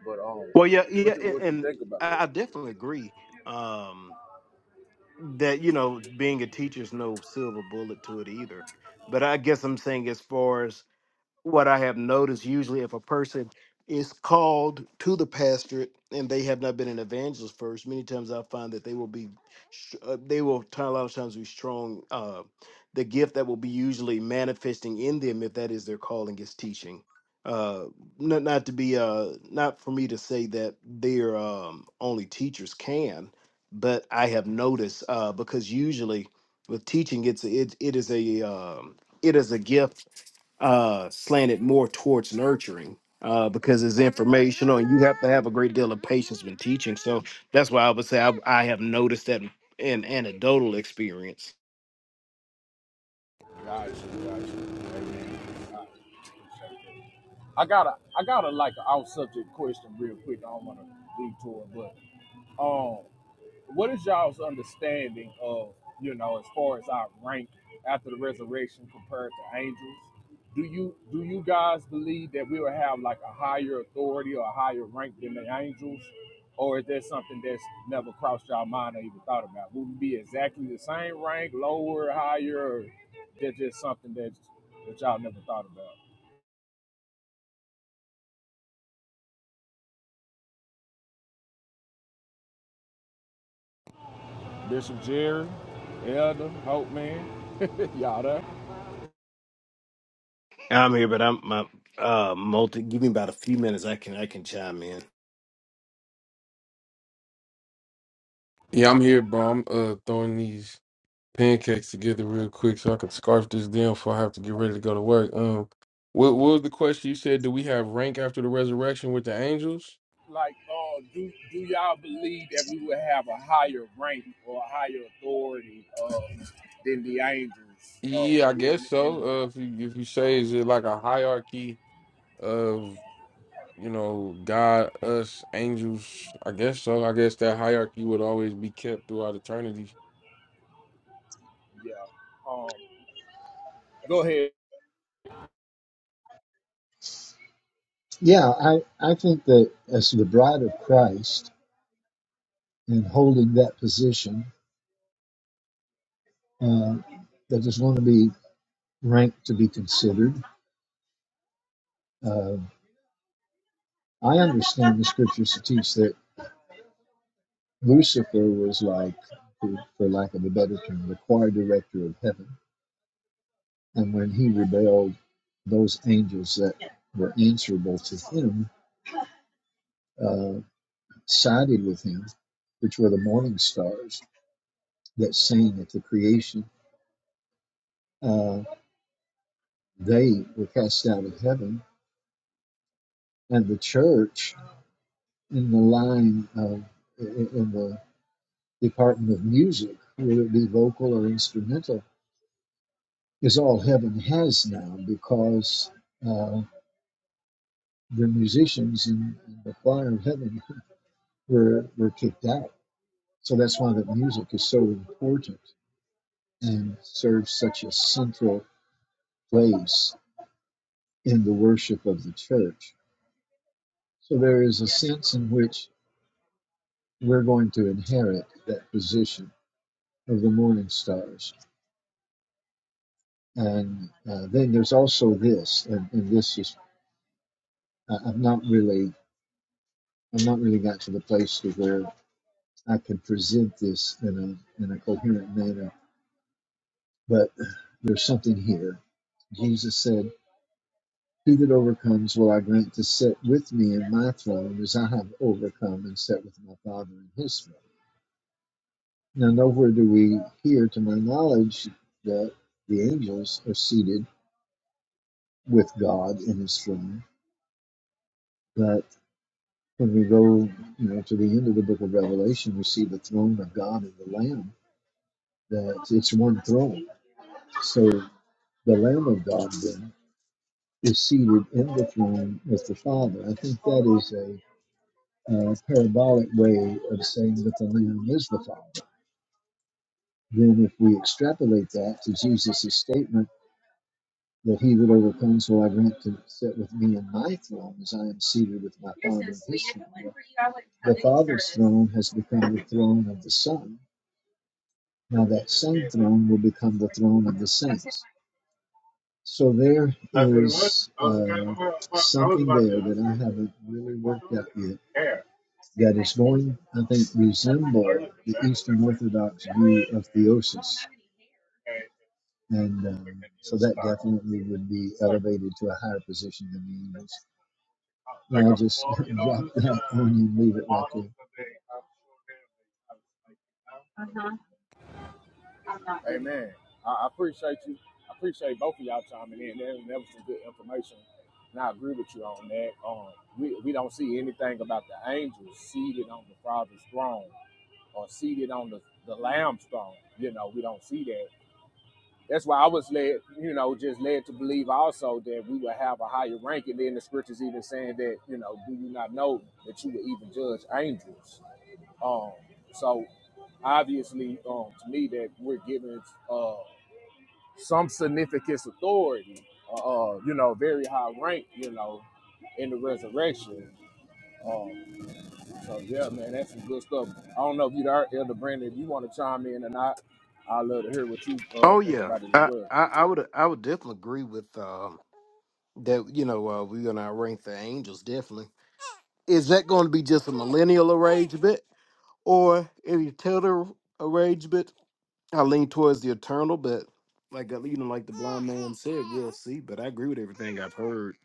Speaker 6: but um
Speaker 3: Well, yeah,
Speaker 6: what
Speaker 3: yeah,
Speaker 6: you
Speaker 3: a-
Speaker 6: what you
Speaker 3: and
Speaker 6: think about that
Speaker 3: I I definitely agree um, that you know being a teacher is no silver bullet to it either. But I guess I'm saying as far as what I have noticed usually if a person is called to the pastorate and they have not been an evangelist first, many times I find that they will be, str- uh, they will t- a lot of times be strong. Uh, the gift that will be usually manifesting in them, if that is their calling, is teaching. Uh, not not to be uh, not for me to say that they're um, only teachers can, but I have noticed uh, because usually with teaching, it's it it is a um, it is a gift uh, slanted more towards nurturing uh, because it's informational and you have to have a great deal of patience when teaching. So that's why I would say I, I have noticed that in anecdotal experience.
Speaker 6: Gotcha, gotcha. Amen. Alright. I got a I got a like an off subject question real quick. I don't want to detour, but um, what is y'all's understanding of, you know, as far as our rank after the resurrection compared to angels? Do you do you guys believe that we will have like a higher authority or a higher rank than the angels? Or is there something that's never crossed y'all mind or even thought about? Would we be exactly the same rank, lower, higher, or that's just something that's that y'all never thought about? Bishop Jerry, Elder, Hope Man, y'all there?
Speaker 3: I'm here, but I'm my uh multi. Give me about a few minutes. I can I can chime in.
Speaker 1: Yeah, I'm here, bro. I'm uh throwing these pancakes together real quick so I can scarf this down before I have to get ready to go to work. Um, what, what was the question you said? Do we have rank after the resurrection with the angels?
Speaker 6: like uh do do y'all believe that we would have a higher rank or a higher authority uh than the angels uh
Speaker 1: Yeah, I
Speaker 6: in
Speaker 1: guess
Speaker 6: the, in the room?
Speaker 1: so. Uh, if you if you say is it like a hierarchy of you know God, us, angels? I guess so. I guess that hierarchy would always be kept throughout eternity
Speaker 6: Yeah. Um go ahead.
Speaker 5: yeah. I I think that as the bride of Christ and holding that position, uh, that is going to be ranked to be considered. Uh, I understand the scriptures to teach that Lucifer was like, for for lack of a better term, the choir director of heaven, and when he rebelled, those angels that were answerable to him uh, sided with him, which were the morning stars that sang at the creation uh, they were cast out of heaven, and the church in the line of in the department of music, whether it be vocal or instrumental, is all heaven has now because uh, the musicians in the choir of heaven were were kicked out. So that's why the music is so important and serves such a central place in the worship of the church. So there is a sense in which we're going to inherit that position of the morning stars. And uh, then there's also this, and, and this is I, I've not really I've not really got to the place to where I can present this in a in a coherent manner. But there's something here. Jesus said, "He that overcomes will I grant to sit with me in my throne, as I have overcome and sat with my Father in His throne." Now, nowhere do we hear, to my knowledge, that the angels are seated with God in his throne. that when we go, you know, to the end of the book of Revelation, we see the throne of God and the Lamb, that it's one throne. So the Lamb of God then is seated in the throne with the Father. I think that is a uh, parabolic way of saying that the Lamb is the Father. Then, if we extrapolate that to Jesus' statement that he that overcomes will I grant to sit with me in my throne as I am seated with my Father in his throne. The Father's throne has become the throne of the Son. Now that same throne will become the throne of the saints. So there is uh, something there that I haven't really worked out yet that is going, I think, resemble the Eastern Orthodox view of theosis. And um, so that definitely would be elevated to a higher position than the angels. I'll just drop that on you and leave it right there.
Speaker 6: Amen. I, I appreciate you. I appreciate both of y'all chiming in. That, that was some good information. And I agree with you on that. Um we, we don't see anything about the angels seated on the Father's throne or seated on the, the Lamb's throne. You know, we don't see that. that's why I was led, you know, just led to believe also that we would have a higher rank. And then the scriptures even saying that, you know, do you not know that you would even judge angels? Um, so obviously, um, to me, that we're given uh, some significant authority, uh, uh, you know, very high rank, you know, in the resurrection. Um, so yeah, man, that's some good stuff. I don't know if you, Elder Brandon, if you want to chime in or not. I'd love to hear what you uh,
Speaker 3: Oh
Speaker 6: think
Speaker 3: yeah,
Speaker 6: about it as
Speaker 3: I,
Speaker 6: well.
Speaker 3: I, I would I would definitely agree with um, that. You know, uh, we're gonna rank the angels definitely. Is that going to be just a millennial arrangement, or if you tell the arrangement, I lean towards the eternal, but like uh, you know, like the blind man said, we'll see. But I agree with everything I've heard.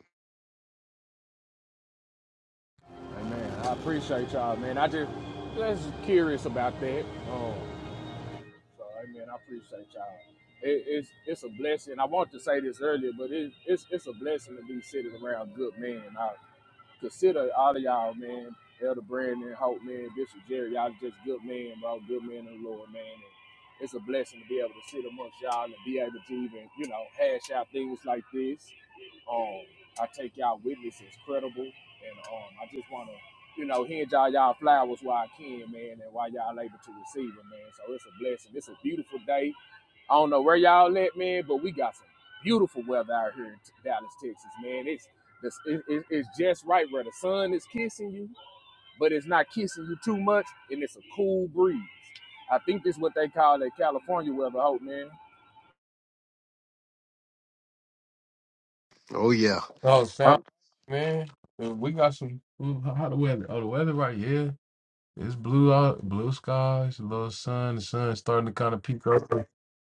Speaker 6: Amen. I appreciate y'all, man. I just I was just curious about that. Um, so, amen. I appreciate y'all. It, it's it's a blessing. I wanted to say this earlier, but it, it's it's a blessing to be sitting around good men. I consider all of y'all, man. Elder Brandon, Hope, man, Bishop Jerry, y'all just good men, bro. Good men in the Lord, man. And it's a blessing to be able to sit amongst y'all and be able to even, you know, hash out things like this. Um, I take y'all witness as credible, and um, I just want to, you know, hand y'all y'all flowers while I can, man, and while y'all able to receive it, man. So it's a blessing. It's a beautiful day. I don't know where y'all at, man, but we got some beautiful weather out here in T- Dallas, Texas, man. It's this, it- it- it's just right where the sun is kissing you, but it's not kissing you too much, and it's a cool breeze. I think this is what they call that California weather, hope, man.
Speaker 3: Oh yeah,
Speaker 1: Oh, sound
Speaker 3: Up
Speaker 1: man, uh, we got some. Ooh, How, how the weather? Oh, the weather right here. It's blue out, blue skies, a little sun. The sun's starting to kind of peek up.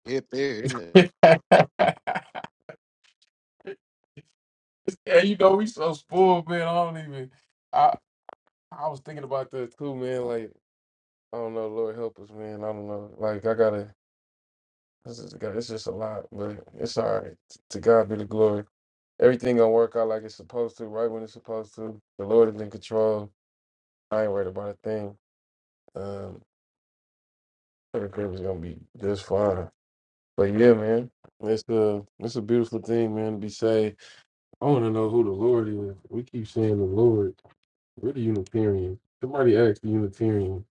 Speaker 3: hit there, isn't it?
Speaker 1: yeah, you know we so spoiled, man. I don't even. I I was thinking about that too, man. Like I don't know, Lord help us, man. I don't know. Like I gotta. This is got- it's just a lot, but it's all right. To God be the glory. Everything gonna work out like it's supposed to, right when it's supposed to. The Lord is in control. I ain't worried about a thing. Um, Everything was gonna be just fine. But yeah, man, it's a it's a beautiful thing, man, to be saved. I want to know who the Lord is. We keep saying the Lord. We're the Unitarian. Somebody asked the Unitarian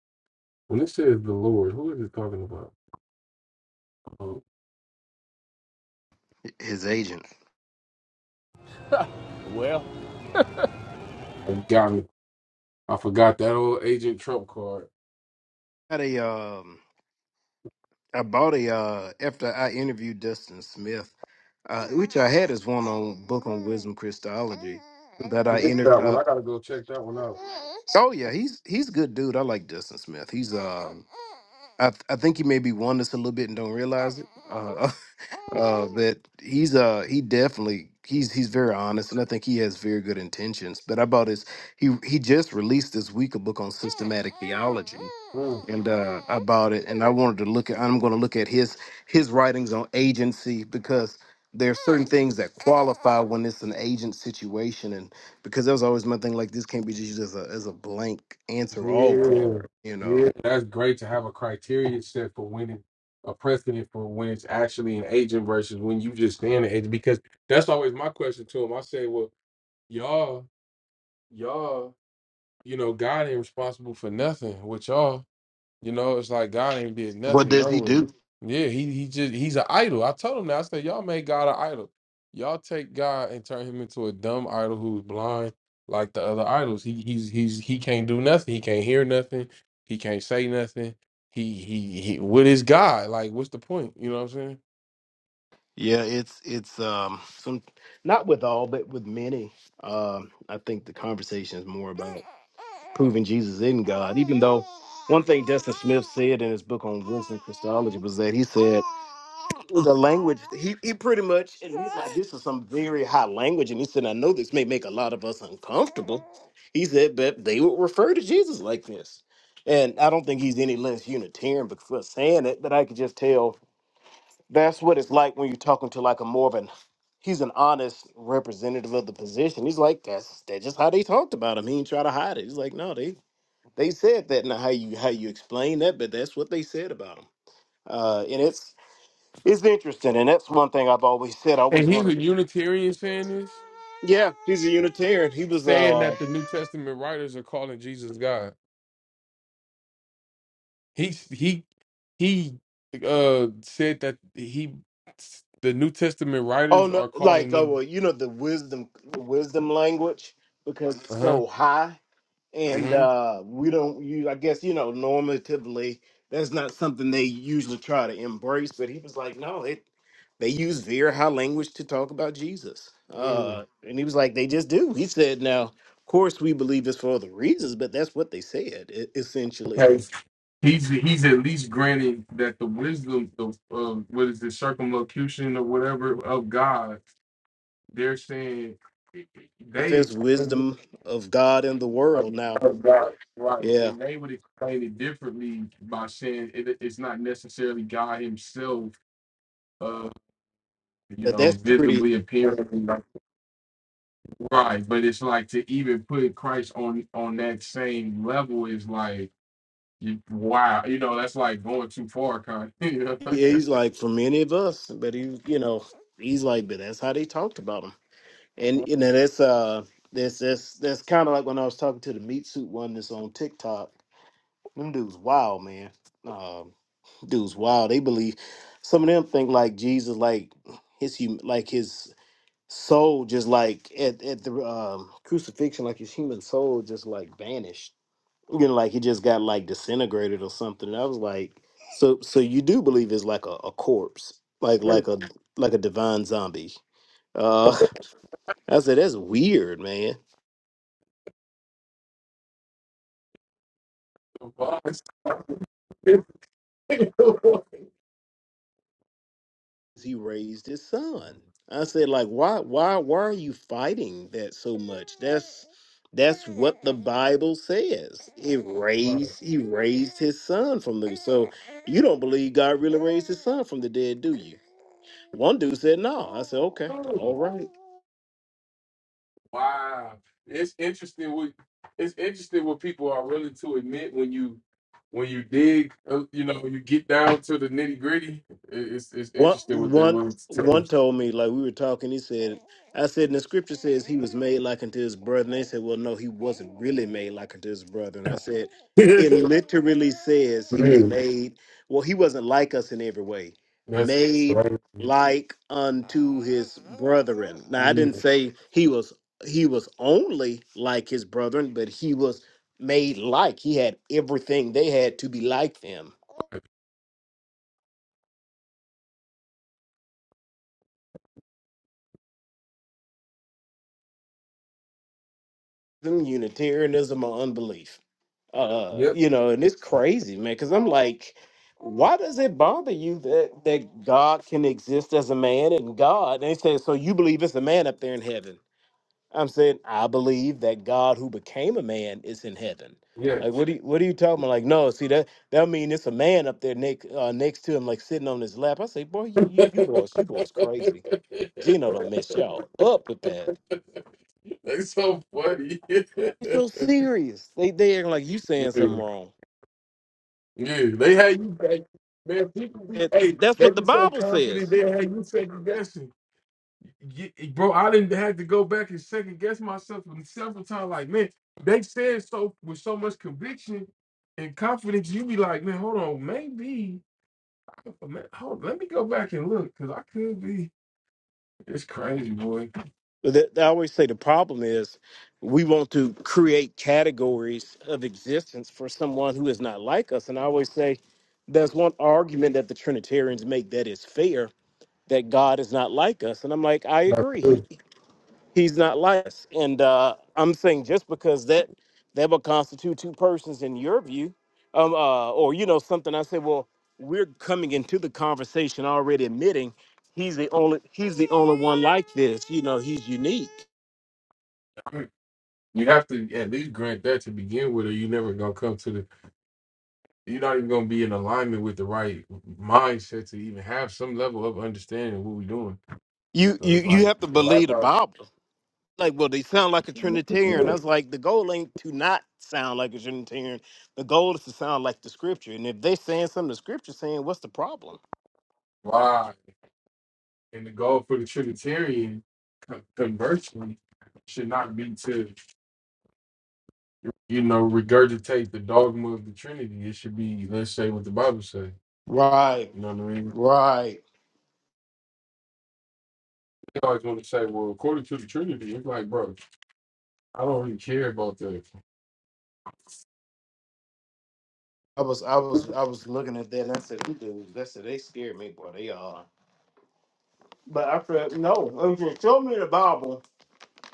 Speaker 1: when it says the Lord, who is it talking about? Oh,
Speaker 3: his agent.
Speaker 1: I got me. I forgot that old Agent Trump card.
Speaker 3: had a um I bought a uh after I interviewed Dustin Smith, uh, which I had his one on book on wisdom Christology that
Speaker 1: I
Speaker 3: I
Speaker 1: missed that one.
Speaker 3: entered.
Speaker 1: I gotta go check that one out.
Speaker 3: Oh yeah, he's he's a good dude. I like Justin Smith. He's um, I th- I think he maybe won this a little bit and don't realize it. Uh, uh, that he's uh he definitely he's he's very honest and I think he has very good intentions. But I bought his he he just released this week a book on systematic theology,
Speaker 1: Hmm.
Speaker 3: and uh, I bought it and I wanted to look at I'm going to look at his his writings on agency because there are certain things that qualify when it's an agent situation because that was always my thing. Like this can't be just used as a as a blank answer all
Speaker 1: Yeah,
Speaker 3: card. You know,
Speaker 1: yeah, that's great to have a criteria set for when it, a precedent for when it's actually an agent versus when you just stand an agent. Because that's always my question to him. I say, well, y'all, y'all, you know, God ain't responsible for nothing with y'all. You know, it's like God ain't did
Speaker 3: what
Speaker 1: nothing.
Speaker 3: does
Speaker 1: No
Speaker 3: he
Speaker 1: way.
Speaker 3: do?
Speaker 1: Yeah, he he just he's an idol. I told him that. I said, y'all made God an idol. Y'all take God and turn him into a dumb idol who's blind like the other idols. He he's he's he can't do nothing. He can't hear nothing. He can't say nothing. He he, he what is God? Like what's the point? You know what I'm saying?
Speaker 3: Yeah, it's it's um some not with all, but with many. Um, I think the conversation is more about proving Jesus in God. Even though one thing Destin Smith said in his book on Winston Christology was that he said the language he, he pretty much and he's like this is some very high language and he said I know this may make a lot of us uncomfortable. He said but they would refer to Jesus like this. And I don't think he's any less Unitarian for saying it, but I could just tell that's what it's like when you're talking to like a more of an he's an honest representative of the position. He's like, that's that's just how they talked about him. He ain't try to hide it. He's like, no, they they said that. Now how you how you explain that, but that's what they said about him. Uh, and it's it's interesting, and that's one thing I've always said. I
Speaker 1: And
Speaker 3: always
Speaker 1: he's a
Speaker 3: wanted. to-
Speaker 1: Unitarian saying this,
Speaker 3: Yeah, he's a Unitarian. He was
Speaker 1: saying
Speaker 3: uh
Speaker 1: that the New Testament writers are calling Jesus God. He he he uh said that he the New Testament
Speaker 3: oh
Speaker 1: writers
Speaker 3: no,
Speaker 1: are
Speaker 3: like
Speaker 1: calling
Speaker 3: oh
Speaker 1: new
Speaker 3: well, you know the wisdom the wisdom language because it's
Speaker 1: uh-huh.
Speaker 3: so high and
Speaker 1: mhm,
Speaker 3: uh we don't use i guess you know normatively that's not something they usually try to embrace but he was like no it they use very high language to talk about jesus uh
Speaker 1: mm
Speaker 3: and he was like they just do he said now of course we believe this for other reasons but that's what they said e- essentially
Speaker 1: Okay. He's he's at least granting that the wisdom of uh, what is the circumlocution or whatever of God, they're saying they
Speaker 3: manifest
Speaker 1: explain
Speaker 3: wisdom of god in the
Speaker 1: it of,
Speaker 3: world now
Speaker 1: of God. Right.
Speaker 3: yeah
Speaker 1: And they would explain it differently by saying it, it's not necessarily God himself uh, you
Speaker 3: but that's
Speaker 1: know,
Speaker 3: pretty
Speaker 1: visibly appearing. Right, but it's like to even put Christ on on that same level is like you, wow, you know that's like going too far, kind. You
Speaker 3: yeah, he's like for many of us but he you know he's like but that's how they talked about him And you know, that's uh that's that's that's kinda like when I was talking to the meat suit one that's on TikTok. Them dudes wild, man. Um dudes wild. They believe some of them think like Jesus like his hum like his soul just like at, at the um crucifixion, like his human soul just like vanished. You know, like he just got like disintegrated or something. And I was like, so so you do believe it's like a, a corpse, like
Speaker 1: know,
Speaker 3: like a like a divine zombie. Uh I said that's weird, man.
Speaker 1: Boss.
Speaker 3: he raised his son. I said, like, why, why, why are you fighting that so much? That's that's what the Bible says. It
Speaker 1: Right.
Speaker 3: raised, he raised his son from the. So you don't believe God really raised his son from the dead, do you? One dude said, no. I said, okay, all right.
Speaker 1: wow, it's interesting what it's interesting what people are willing to admit when you when you dig, uh, you know, you get down to the nitty gritty. It's it's
Speaker 3: One
Speaker 1: interesting what they're
Speaker 3: one
Speaker 1: willing to tell
Speaker 3: one told me like we were talking. He said, "I said and the scripture says he was made like unto his brother." And they said, "Well, no, he wasn't really made like unto his brother." And I said, "It
Speaker 1: you.
Speaker 3: literally says he was
Speaker 1: Man,
Speaker 3: made. Well, he wasn't like us in every way.
Speaker 1: That's
Speaker 3: Made
Speaker 1: right.
Speaker 3: like unto his brethren." Now I didn't say he was he was only like his brethren, but he was made like. He had everything they had to be like them. Them Unitarianism or unbelief. uh
Speaker 1: Yep.
Speaker 3: you know and it's crazy man because i'm like why does it bother you that that god can exist as a man and god and they said so you believe it's a man up there in heaven i'm saying i believe that god who became a man is in heaven
Speaker 1: Yes.
Speaker 3: like what do you what are you talking about like no see that that mean it's a man up there next uh, next to him like sitting on his lap i say boy you you, you boys you boys crazy gino don't mess y'all up with that
Speaker 1: That's so funny. yeah,
Speaker 3: it's so serious they they acting like you saying something wrong
Speaker 1: yeah, they had you back. Man, people be,
Speaker 3: That-
Speaker 1: hey,
Speaker 3: that's
Speaker 1: they
Speaker 3: what the
Speaker 1: be so
Speaker 3: bible
Speaker 1: confident
Speaker 3: says
Speaker 1: they had you second guessing. Ye- Bro, I didn't have to go back and second guess myself several times. Like, man, they said so with so much conviction and confidence. You be like, man, hold on, maybe, man, hold, let me go back and look because I could be. It's crazy, boy.
Speaker 3: That- I always say the problem is we want to create categories of existence for someone who is not like us. And I always say there's one argument that the Trinitarians make that is fair that God is not like us. And I'm like, I agree. He he's not like us. And uh, I'm saying just because that that would constitute two persons in your view, um, uh, or you know something. I say, well, we're coming into the conversation already admitting he's the only he's the only one like this. You know, he's unique.
Speaker 1: You have to at least grant that to begin with, or you are never gonna come to the. You're not even gonna be in alignment with the right mindset to even have some level of understanding of what we're doing.
Speaker 3: you
Speaker 1: So
Speaker 3: you
Speaker 1: it's
Speaker 3: you
Speaker 1: like
Speaker 3: have to
Speaker 1: a lot of
Speaker 3: believe the
Speaker 1: times,
Speaker 3: Bible. Like, well, they sound like a Trinitarian.
Speaker 1: yeah,
Speaker 3: I was like, the goal ain't to not sound like a Trinitarian. The goal is to sound like the Scripture. And if they saying something the Scripture's saying, what's the problem?
Speaker 1: why and the goal for the Trinitarian, con- conversely, should not be to you know regurgitate the dogma of the Trinity. It should be let's say what the Bible says.
Speaker 3: Right,
Speaker 1: You know what I mean?
Speaker 3: right.
Speaker 1: They always want to say, well, according to the Trinity, it's like, bro, I don't really care about
Speaker 3: I was, I was, I was looking at that, and I said, "Who dudes?" I said, "They scared me, boy. They are." But I said, "No, if you show me the Bible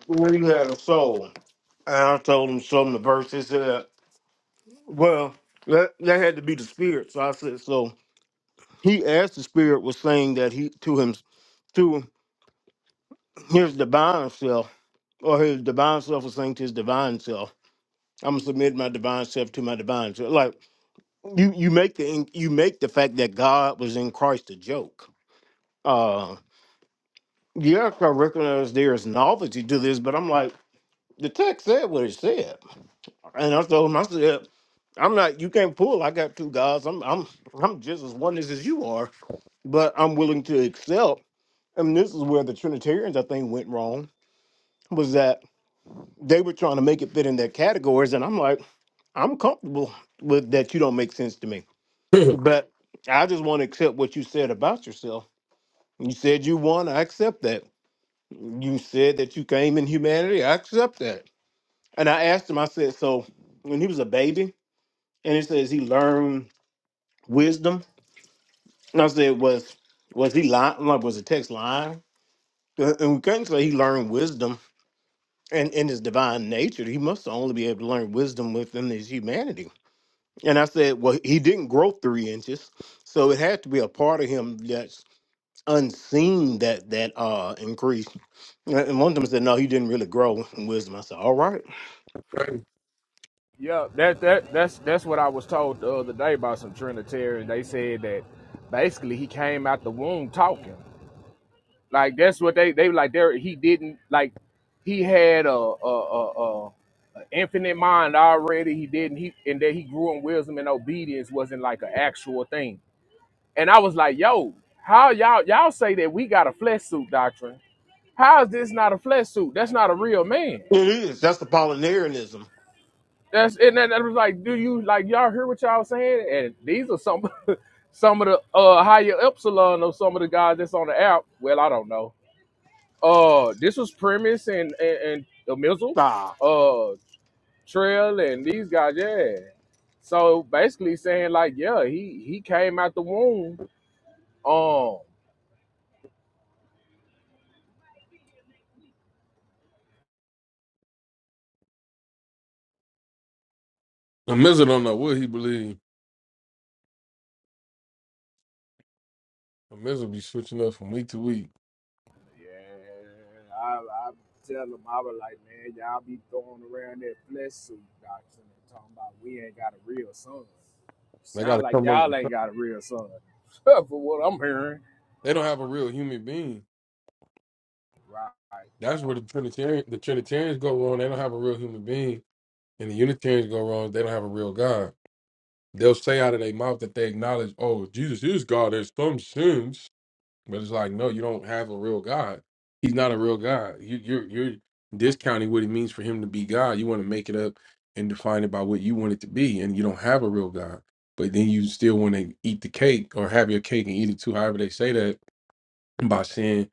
Speaker 3: where you had a soul." And I told them, "Show them the verses." Uh, well, that that had to be the spirit. So I said, "So." He, as the Spirit, was saying that he to him, to his divine self, or his divine self was saying to his divine self, "I'm gonna submit my divine self to my divine self." Like you, you make the you make the fact that God was in Christ a joke. Uh, yes, I recognize there is novelty to this, but I'm like, the text said what it said, and I told him, I said, I'm not. You can't pull. I got two gods. I'm. I'm. I'm just as oneness as you are. But I'm willing to accept. I mean, this is where the Trinitarians, I think, went wrong, was that they were trying to make it fit in their categories. And I'm like, I'm comfortable with that you don't make sense to me.
Speaker 1: that.
Speaker 3: But I just want to accept what you said about yourself. You said you won, I accept that. You said that you came in humanity, I accept that. And I asked him, I said, so when he was a baby, and it says he learned wisdom. And I said, was was he lying? Like, was the text lying? And we couldn't say he learned wisdom and in his divine nature, he must only be able to learn wisdom within his humanity. And I said, well, he didn't grow three inches, so it had to be a part of him that's unseen that that uh increased. And and one of them said, no, he didn't really grow in wisdom. I said, all right,
Speaker 6: Yeah, that that that's that's what I was told the other day by some Trinitarians. They said that basically he came out the womb talking. Like that's what they they like. There he didn't like he had a a a, a, a infinite mind already. He didn't he and that he grew in wisdom and obedience wasn't like an actual thing. And I was like, yo, how y'all y'all say that we got a flesh suit doctrine? How is this not a flesh suit? That's not a real man.
Speaker 3: it is. That's the Apollinarianism.
Speaker 6: That's and that, that was like, do you like y'all hear what y'all saying? And these are some Some of the uh, higher epsilon or some of the guys that's on the app. Well, I don't know. Uh, this was Premise and and, and Mizzle, uh, Trail and these guys. Yeah. So basically saying like, yeah, he he came out the womb. Um.
Speaker 1: A miser don't know what he believe. A miser be switching up from week to week.
Speaker 6: Yeah, I, I tell them, I was like, man, y'all be throwing around that flesh suit doctrine and talking about we ain't got a real son.
Speaker 1: They got
Speaker 6: Sound
Speaker 1: to
Speaker 6: like
Speaker 1: come over.
Speaker 6: y'all ain't got a real son. For what I'm hearing.
Speaker 1: They don't have a real human being.
Speaker 6: Right, right.
Speaker 1: That's where the Trinitarian, the Trinitarians go wrong. They don't have a real human being, and the Unitarians go wrong. They don't have a real God. They'll say out of their mouth that they acknowledge, "Oh, Jesus is God in some sense," But it's like, no, you don't have a real God. He's not a real God. You, you're you're discounting what it means for him to be God. You want to make it up and define it by what you want it to be, and you don't have a real God. But then you still want to eat the cake or have your cake and eat it too. However they say that by saying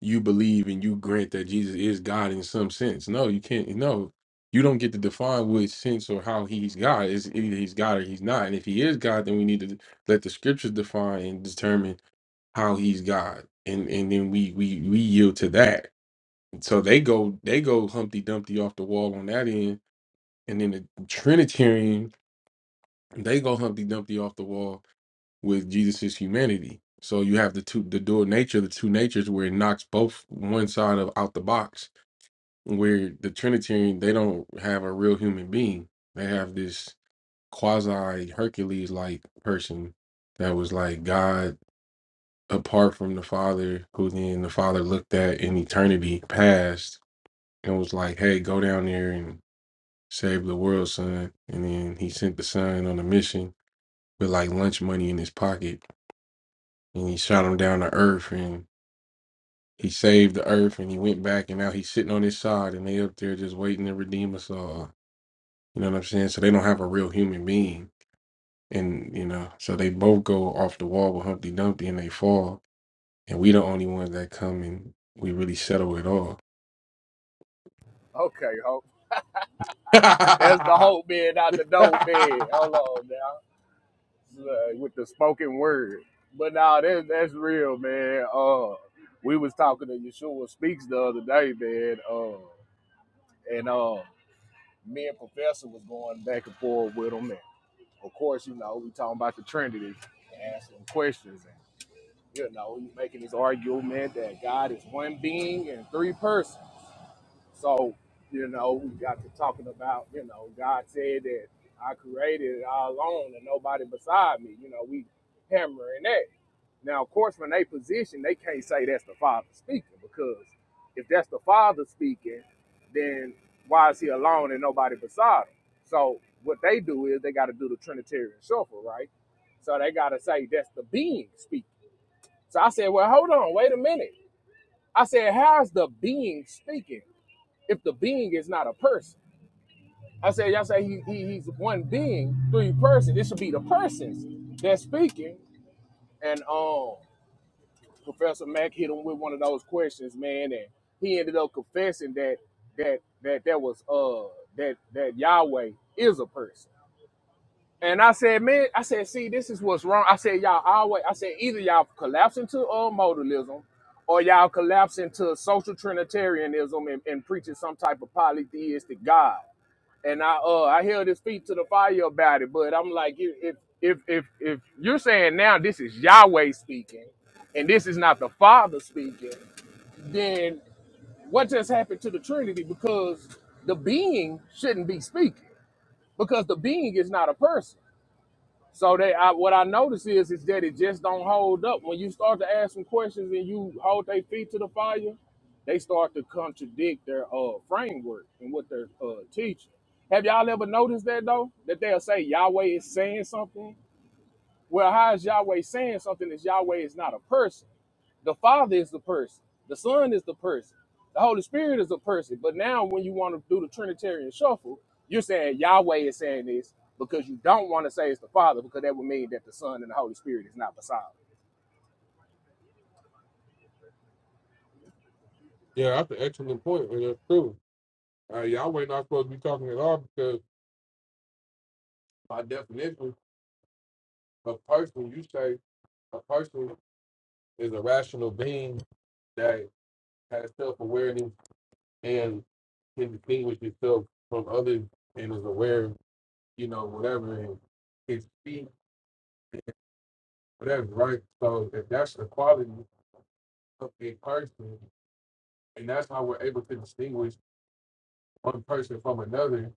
Speaker 1: you believe and you grant that Jesus is God in some sense. No, you can't. No, you don't get to define which sense or how he's God. It's either he's God or he's not. And if he is God, then we need to let the scriptures define and determine how he's God, and and then we we we yield to that. So they go they go Humpty Dumpty off the wall on that end, and then the Trinitarian they go Humpty Dumpty off the wall with Jesus's humanity. So you have the two the dual nature, the two natures, where it knocks both one side of out the box. Where the Trinitarian they don't have a real human being, they have this quasi Hercules like person that was like God apart from the father who then the father looked at in eternity past and was like hey go down there and save the world son and then he sent the son on a mission with like lunch money in his pocket and he shot him down to earth and he saved the earth and he went back and now he's sitting on his side and they up there just waiting to redeem us all you know what i'm saying so they don't have a real human being and you know so they both go off the wall with humpty dumpty and they fall and we the only ones that come and we really settle it all
Speaker 6: Okay, Hope. That's the
Speaker 1: yeah,
Speaker 6: Hope being not the dope man. Hold on now, Look, with the spoken word. But now that that's real, man. Uh, we was talking to Yeshua Speaks the other day, man. Uh, and uh, me and Professor was going back and forth with him, and of course, you know, we talking about the Trinity and asking questions, and you know, he making this argument that God is one being and three persons. So, you know, we got to talking about, you know, God said that I created it all alone and nobody beside me. You know, we hammering that. Now, of course, when they position, they can't say that's the Father speaking because if that's the Father speaking, then why is he alone and nobody beside him? So what they do is they got to do the Trinitarian shuffle, right? So they got to say that's the being speaking. So I said, well, hold on, wait a minute. I said, how's the being speaking? if the being is not a person. I said, y'all say he, he he's one being, three persons. It should be the persons that's speaking. And um, Professor Mack hit him with one of those questions, man, and he ended up confessing that that that that was uh that that Yahweh is a person. And I said, man, I said, see, this is what's wrong. I said, y'all always, I said, either y'all collapse into uh, modalism or y'all collapse into social trinitarianism and, and preaching some type of polytheistic God. and I uh I held his feet to the fire about it. But I'm like, if if if if you're saying now this is Yahweh speaking, and this is not the Father speaking, then what just happened to the Trinity? Because the being shouldn't be speaking, because the being is not a person. So they, I, what I notice is, is that it just don't hold up. When you start to ask some questions and you hold their feet to the fire, they start to contradict their uh, framework and what they're uh, teaching. Have y'all ever noticed that though? That they'll say Yahweh is saying something. Well, how is Yahweh saying something? Is Yahweh is not a person? The Father is the person, the Son is the person, the Holy Spirit is the person. But now, when you want to do the Trinitarian shuffle, you're saying Yahweh is saying this because you don't want to say it's the Father because that would mean that the Son and the Holy Spirit is not beside him.
Speaker 1: that's an excellent point, and that's true. Uh, Yahweh not supposed to be talking at all because, by definition, a person, you say a person is a rational being that has self awareness and can distinguish itself from others and is aware, you know, whatever, and can speak, whatever, right? So, if that's the quality of a person, and that's how we're able to distinguish one person from another,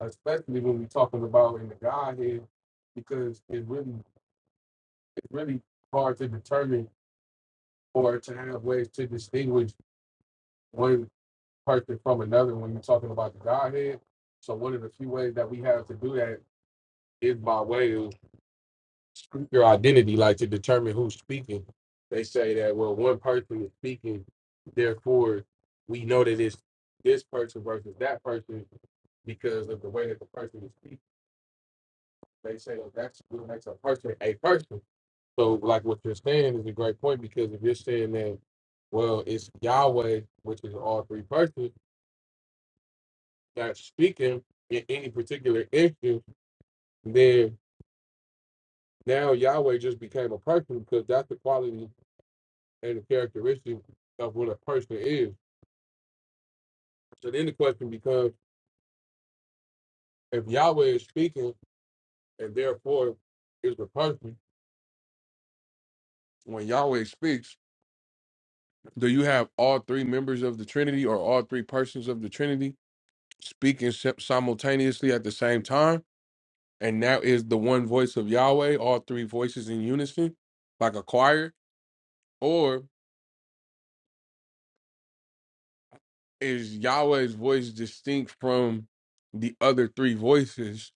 Speaker 1: especially when we're talking about in the Godhead, because it really it's really hard to determine or to have ways to distinguish one person from another when you're talking about the Godhead. So one of the few ways that we have to do that is by way of your identity, like to determine who's speaking. They say that well, one person is speaking, therefore we know that it's this person versus that person because of the way that the person is speaking. They say well, that's what makes a person a person So, like what you're saying is a great point because if you're saying that, well, it's Yahweh, which is all three persons, that's speaking in any particular issue, then now Yahweh just became a person because that's the quality and the characteristic of what a person is. So then the question becomes if Yahweh is speaking and therefore is the person, when Yahweh speaks, do you have all three members of the Trinity or all three persons of the Trinity speaking sim- simultaneously at the same time? and that is the one voice of Yahweh, all three voices in unison, like a choir? Or is Yahweh's voice distinct from the other three voices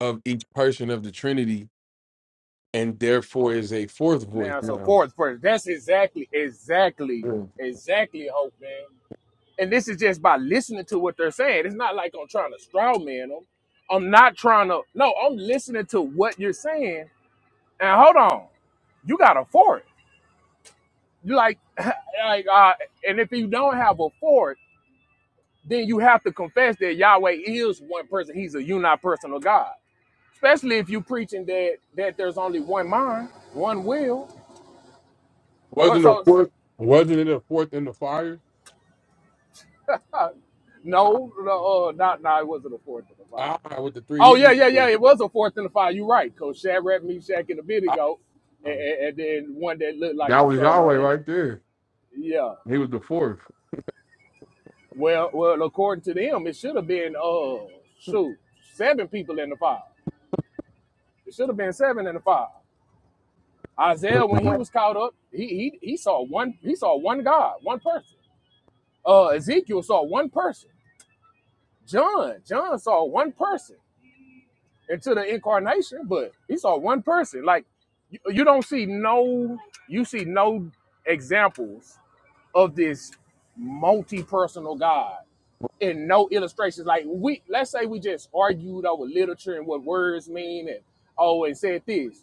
Speaker 1: of each person of the Trinity, and therefore is a fourth voice
Speaker 6: Now, so
Speaker 1: now?
Speaker 6: fourth person, that's exactly, exactly,
Speaker 1: Mm.
Speaker 6: exactly hope, man. And this is just by listening to what they're saying. It's not like I'm trying to straw man them. I'm not trying to. No, I'm listening to what you're saying. And hold on, you got a fourth. like like uh and if you don't have a fort then you have to confess that yahweh is one person he's a unipersonal god especially if you are preaching that that there's only one mind one will well
Speaker 1: Wasn't a
Speaker 6: so
Speaker 1: fourth? Wasn't it a fourth in the fire?
Speaker 6: uh, no no uh, not no it wasn't a fourth and a five.
Speaker 1: Ah, with the three
Speaker 6: Oh yeah
Speaker 1: Hebrew
Speaker 6: yeah yeah
Speaker 1: boys.
Speaker 6: it was a fourth and a five you're right coach shadrach meshach and
Speaker 1: Ah,
Speaker 6: abednego and, and, and then one that looked like
Speaker 1: that
Speaker 6: the
Speaker 1: was
Speaker 6: son of
Speaker 1: Yahweh
Speaker 6: man
Speaker 1: right there.
Speaker 6: yeah
Speaker 1: He was the fourth.
Speaker 6: well well according to them it should have been uh shoot seven people in the five. It should have been seven and a five. Isaiah, when he
Speaker 1: Can't
Speaker 6: was caught up, he he he saw one he saw one God, one person. Uh Ezekiel saw one person. John, John saw one person into the incarnation, but he saw one person. Like you, you don't see no you see no examples of this multi-personal God and no illustrations. Like we let's say we just argued over literature and what words mean and oh and said this.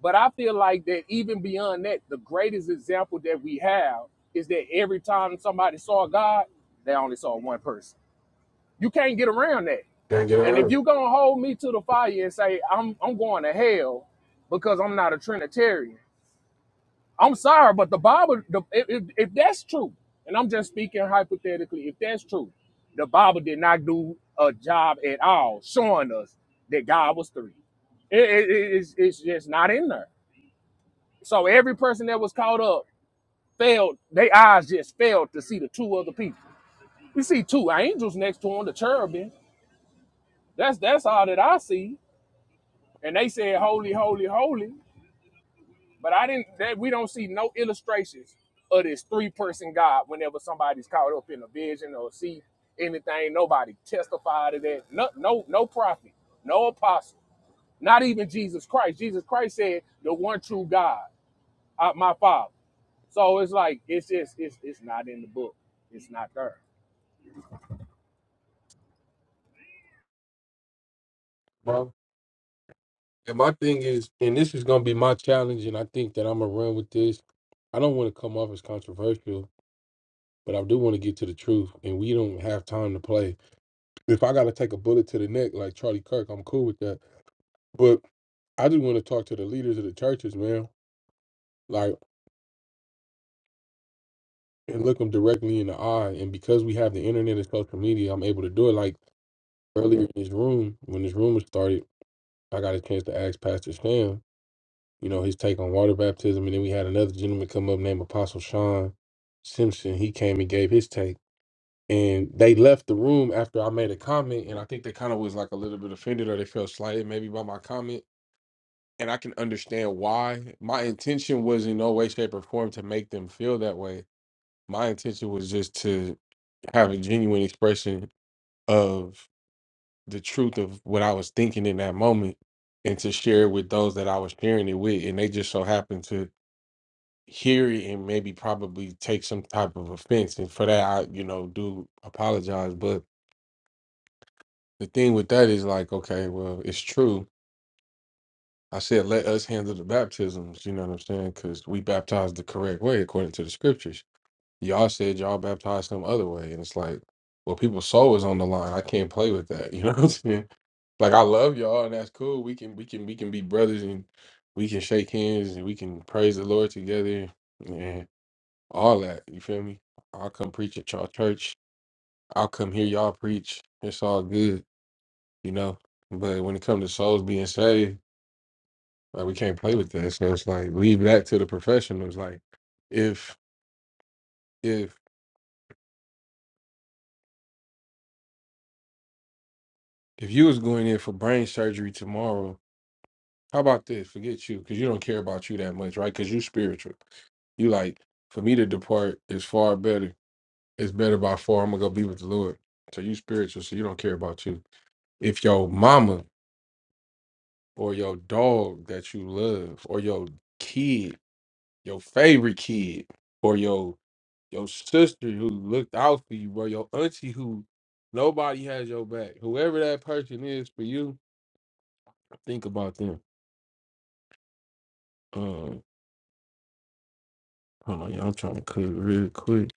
Speaker 6: But I feel like that even beyond that, the greatest example that we have is that every time somebody saw God, they only saw one person. You can't get around that.
Speaker 1: get
Speaker 6: And if
Speaker 1: around.
Speaker 6: you're gonna hold me to the fire and say I'm I'm going to hell because I'm not a Trinitarian, I'm sorry, but the Bible, the, if, if if that's true, and I'm just speaking hypothetically, if that's true, the Bible did not do a job at all showing us that God was three. It, it, it- it's, it's just not in there. So every person that was caught up failed. their eyes just failed to see the two other people. We see two angels next to him, the cherubim. That's that's all that I see. And they said, "Holy, holy, holy." But I didn't. That we don't see no illustrations of this three-person God. Whenever somebody's caught up in a vision or see anything, nobody testified to that. No, no, no prophet, no apostle, not even Jesus Christ. Jesus Christ said, "The one true God, uh, my Father." So it's like it's just it's it's not in the book. It's not there.
Speaker 1: And my thing is, and this is gonna be my challenge, and I think that I'm gonna run with this. I don't want to come off as controversial, but I do want to get to the truth, and we don't have time to play. If I gotta take a bullet to the neck like Charlie Kirk, I'm cool with that. But I just want to talk to the leaders of the churches, man, like and look them directly in the eye. And because we have the internet and social media, I'm able to do it. Like earlier in this room, when this room was started, I got a chance to ask Pastor Sam you know, his take on water baptism. And then we had another gentleman come up named Apostle Sean Simpson. He came and gave his take. And they left the room after I made a comment. And I think they kind of was like a little bit offended or they felt slighted maybe by my comment. And I can understand why. My intention was in no way, shape, or form to make them feel that way. My intention was just to have a genuine expression of the truth of what I was thinking in that moment and to share it with those that I was sharing it with. And they just so happened to hear it and maybe probably take some type of offense. And for that, I, you know, do apologize. But the thing with that is like, okay, well, it's true. I said, let us handle the baptisms. You know what I'm saying? Because we baptized the correct way according to the scriptures. Y'all said y'all baptized some other way. And it's like, well, people's soul is on the line. I can't play with that. You know what I'm saying? Like I love y'all and that's cool. We can we can we can be brothers and we can shake hands and we can praise the Lord together. and. all that. You feel me? I'll come preach at y'all church. I'll come hear y'all preach. It's all good, you know. But when it comes to souls being saved, like we can't play with that. So it's like leave that to the professionals. Like if if if you was going in for brain surgery tomorrow, how about this? Forget you, because you don't care about you that much, right? Because you spiritual. You like for me to depart is far better. It's better by far. I'm gonna go be with the Lord. So you spiritual, so you don't care about you. If your mama or your dog that you love or your kid, your favorite kid, or your your sister who looked out for you, or your auntie who nobody has your back. Whoever that person is for you, think about them. Um, hold on, y'all. I'm trying to cook real quick.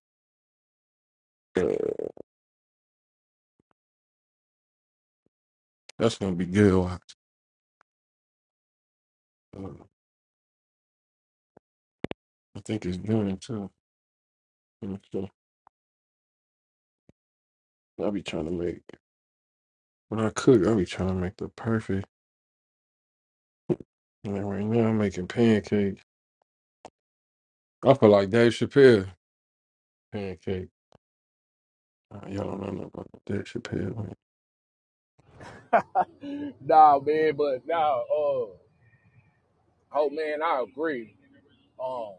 Speaker 1: Uh, that's gonna be good. Watch. Uh, I think it's done too. Let me see. i be trying to make when I cook. i be trying to make the perfect. And right now, I'm making pancakes. I feel like Dave Chappelle pancakes. Uh, Y'all don't know nothing about Dave Chappelle.
Speaker 6: Nah, man, but nah, uh oh man, I agree. Um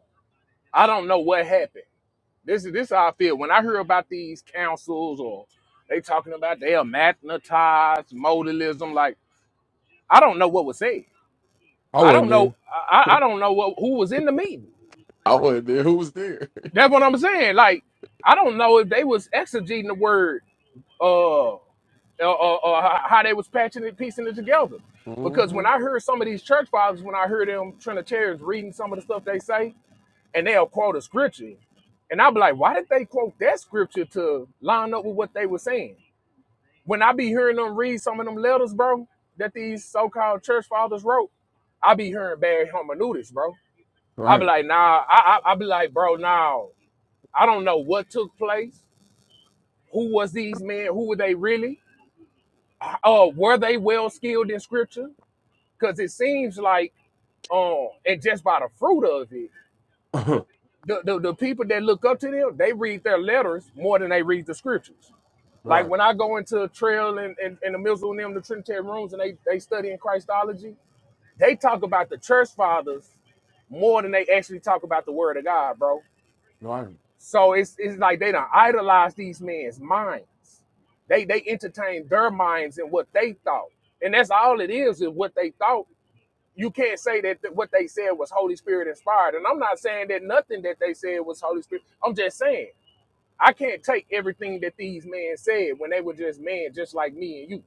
Speaker 6: I don't know what happened. This is this is how I feel. When I hear about these councils or they talking about they are magnetized modalism, like I don't know what was said.
Speaker 1: I
Speaker 6: I don't
Speaker 1: wasn't there.
Speaker 6: know I, I I don't know what who was in the meeting.
Speaker 1: I wasn't there. Who was there?
Speaker 6: That's what I'm saying. Like I don't know if they was exegeting the word uh, or, or, or how they was patching it, piecing it together. Because
Speaker 1: hmm
Speaker 6: when I heard some of these church fathers, when I heard them Trinitarians reading some of the stuff they say, and they'll quote a scripture, and I'll be like, why did they quote that scripture to line up with what they were saying? When I be hearing them read some of them letters, bro, that these so-called church fathers wrote, I be hearing bad hermeneutics, bro. I be
Speaker 1: Right.
Speaker 6: like, nah, I, I, I be like, bro, nah, I don't know what took place. Who was these men? Who were they really? uh, were they well skilled in scripture? Because it seems like, um, and just by the fruit of it, the, the, the people that look up to them, they read their letters more than they read the scriptures. Like
Speaker 1: right.
Speaker 6: when I go into a trail and, and, and the middle of them, the Trinitarian rooms, and they, they study in Christology, they talk about the church fathers more than they actually talk about the word of God, bro.
Speaker 1: Right.
Speaker 6: So it's, it's like they don't idolize these men's minds. They they entertain their minds and what they thought. And that's all it is, is what they thought you can't say that th- what they said was Holy Spirit inspired. And I'm not saying that nothing that they said was Holy Spirit. I'm just saying I can't take everything that these men said when they were just men, just like me and you.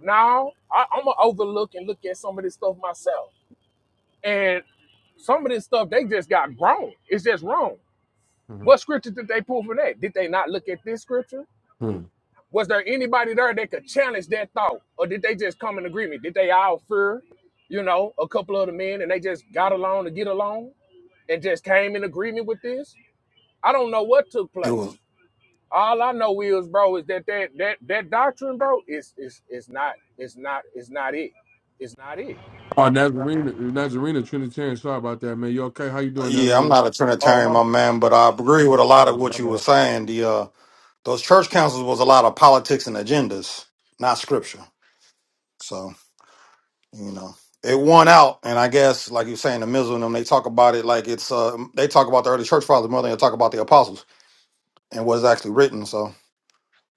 Speaker 6: Now I, I'm gonna overlook and look at some of this stuff myself. And some of this stuff they just got wrong. It's just wrong.
Speaker 1: Mm-hmm.
Speaker 6: What scripture did they pull from that? Did they not look at this scripture?
Speaker 1: Hmm.
Speaker 6: Was there anybody there that could challenge that thought, or did they just come in agreement? Did they all fear, you know, a couple of the men and they just got along to get along? and just came in agreement with this. I don't know what took
Speaker 7: It
Speaker 6: place.
Speaker 7: was
Speaker 6: All I know is, bro, is that that that that doctrine, bro, is is is not it's not it's not it. It's not it.
Speaker 1: Oh, Nazarena, Nazarena Trinitarian. Sorry about that, man. You okay? How you doing,
Speaker 7: yeah, I'm
Speaker 1: Nazarena?
Speaker 7: not a
Speaker 6: Oh
Speaker 7: Trinitarian, my
Speaker 6: my
Speaker 7: man, but I agree with a lot of
Speaker 1: Oh,
Speaker 7: what
Speaker 1: my
Speaker 7: you were
Speaker 1: bad.
Speaker 7: saying. The uh those church councils was a lot of politics and agendas, not scripture. So, you know. It won out, and I guess, like you're saying, the Mizzle and them, they talk about it like it's uh they talk about the early church fathers more than they talk about the apostles and what's actually written. So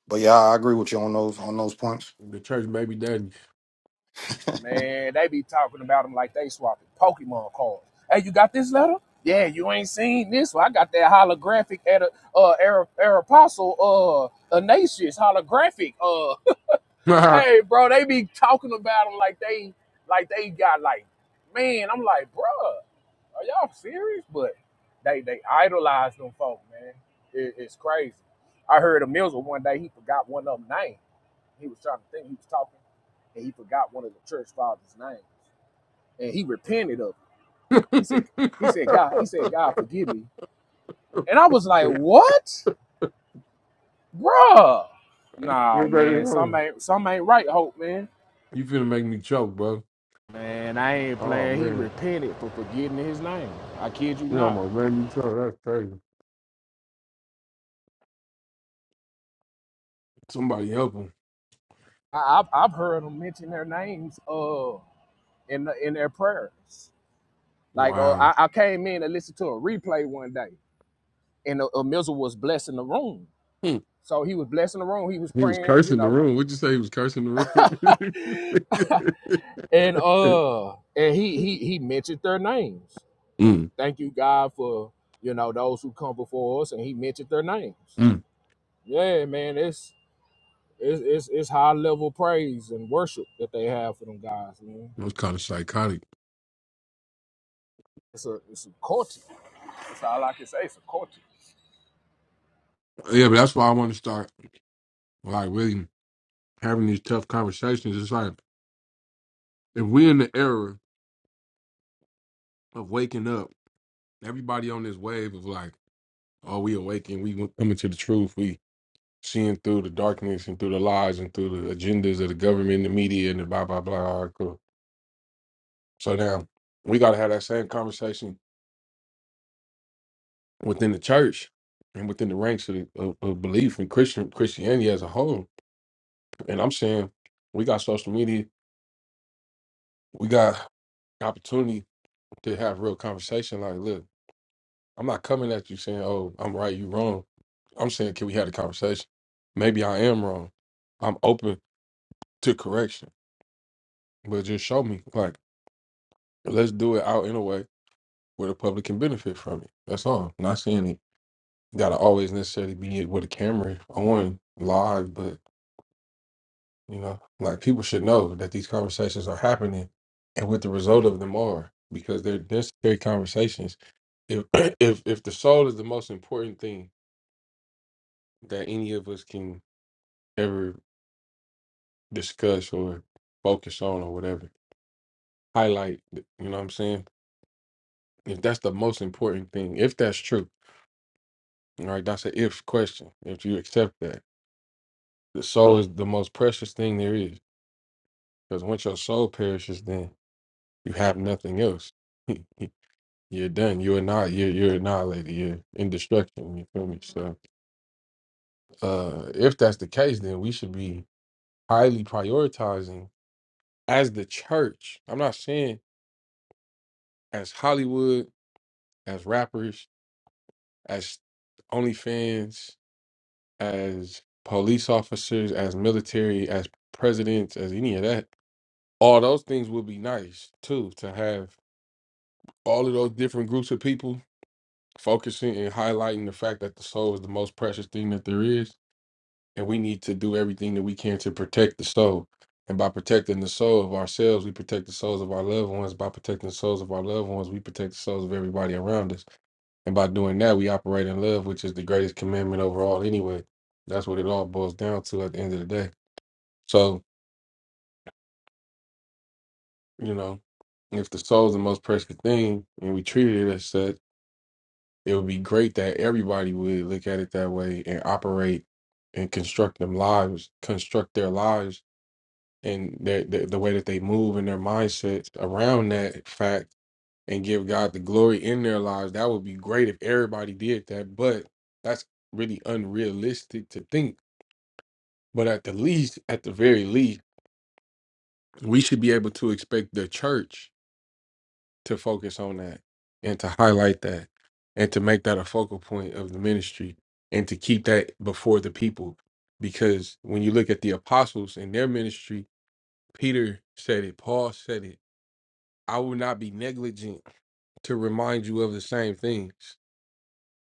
Speaker 7: but yeah, I agree with you on those on those points.
Speaker 1: The church baby daddy.
Speaker 6: man, they be talking about them like they swapping Pokemon cards. Hey, you got this letter? Yeah, you ain't seen this one. I got that holographic at a uh Aer- apostle uh Ignatius holographic. Uh
Speaker 1: you
Speaker 6: hey bro, they be talking about them like they like they got like man, I'm like, bruh. Are y'all serious? But they they idolize them folk, man. It, it's crazy. I heard a Mills one day he forgot one of them name. He was trying to think he was talking, and he forgot one of the church fathers' name, and he repented of it. He said he said God he said God forgive me, and I was like what, bruh? Nah,
Speaker 1: better
Speaker 6: man, some
Speaker 1: know.
Speaker 6: ain't some ain't right, Hope, man.
Speaker 1: You finna make me choke, bro.
Speaker 6: Man, I ain't
Speaker 1: Oh
Speaker 6: playing. He
Speaker 1: man,
Speaker 6: repented for forgetting his name. I kid you
Speaker 1: we
Speaker 6: not.
Speaker 1: almost ran into each other. That's crazy. Somebody help him.
Speaker 6: I, I've I've heard him mention their names. Uh. in in their prayers. Like uh,
Speaker 1: Wow.
Speaker 6: I, I came in and listened to a replay one day, and uh, Mizzle was blessing the room.
Speaker 1: Hmm.
Speaker 6: So he was blessing the room. He was
Speaker 1: He was
Speaker 6: praying, you
Speaker 1: cursing the
Speaker 6: know,
Speaker 1: room. Would you say he was cursing the
Speaker 6: and
Speaker 1: room?
Speaker 6: uh, and he he he mentioned their names.
Speaker 1: Mm.
Speaker 6: Thank you, God, for you know those who come before us, and he mentioned their names.
Speaker 1: Mm.
Speaker 6: Yeah, man, it's it's it's, it's high level praise and worship that they have for them guys, man.
Speaker 1: That was kind of psychotic.
Speaker 6: It's a it's a culture. That's all I can say. It's a culture.
Speaker 1: Yeah, but that's why I want to start like really having these tough conversations. It's like if we're in the era of waking up, everybody on this wave of like, oh, we awaken, we coming to the truth, we seeing through the darkness and through the lies and through the agendas of the government, the media, and the blah blah blah. So now we got to have that same conversation within the church and within the ranks of, the, of, of belief in Christian Christianity as a whole. And I'm saying we got social media, we got opportunity to have real conversation. Like, look, I'm not coming at you saying, "Oh, I'm right, you wrong." I'm saying, can we have a conversation? Maybe I am wrong. I'm open to correction, but just show me. Like, let's do it out in a way where the public can benefit from it. That's all. Not saying it." gotta always necessarily be with a camera on live, but you know, like people should know that these conversations are happening and what the result of them are because they're necessary conversations. If if if the soul is the most important thing that any of us can ever discuss or focus on or whatever, highlight, you know what I'm saying? If that's the most important thing, if that's true, all right, that's a if question. If you accept that, the soul is the most precious thing there is Because once your soul perishes, then you have nothing else. you're done. You're not. You're you're annihilated. You're in destruction. You feel me? So, uh, if that's the case, then we should be highly prioritizing as the church. I'm not saying as Hollywood, as rappers, as OnlyFans, as police officers, as military, as presidents, as any of that. All those things would be nice too to have all of those different groups of people focusing and highlighting the fact that the soul is the most precious thing that there is, and we need to do everything that we can to protect the soul. And by protecting the soul of ourselves, we protect the souls of our loved ones. By protecting the souls of our loved ones, we protect the souls of everybody around us. And by doing that, we operate in love, which is the greatest commandment overall, anyway. That's what it all boils down to at the end of the day. So, you know, if the soul is the most precious thing and we treat it as such, it would be great that everybody would look at it that way and operate and construct them lives, construct their lives and their, the, the way that they move and their mindsets around that fact and give God the glory in their lives. That would be great if everybody did that, but that's really unrealistic to think. But at the least, at the very least, we should be able to expect the church to focus on that and to highlight that and to make that a focal point of the ministry and to keep that before the people. Because when you look at the apostles and their ministry, Peter said it, Paul said it, I will not be negligent to remind you of the same things.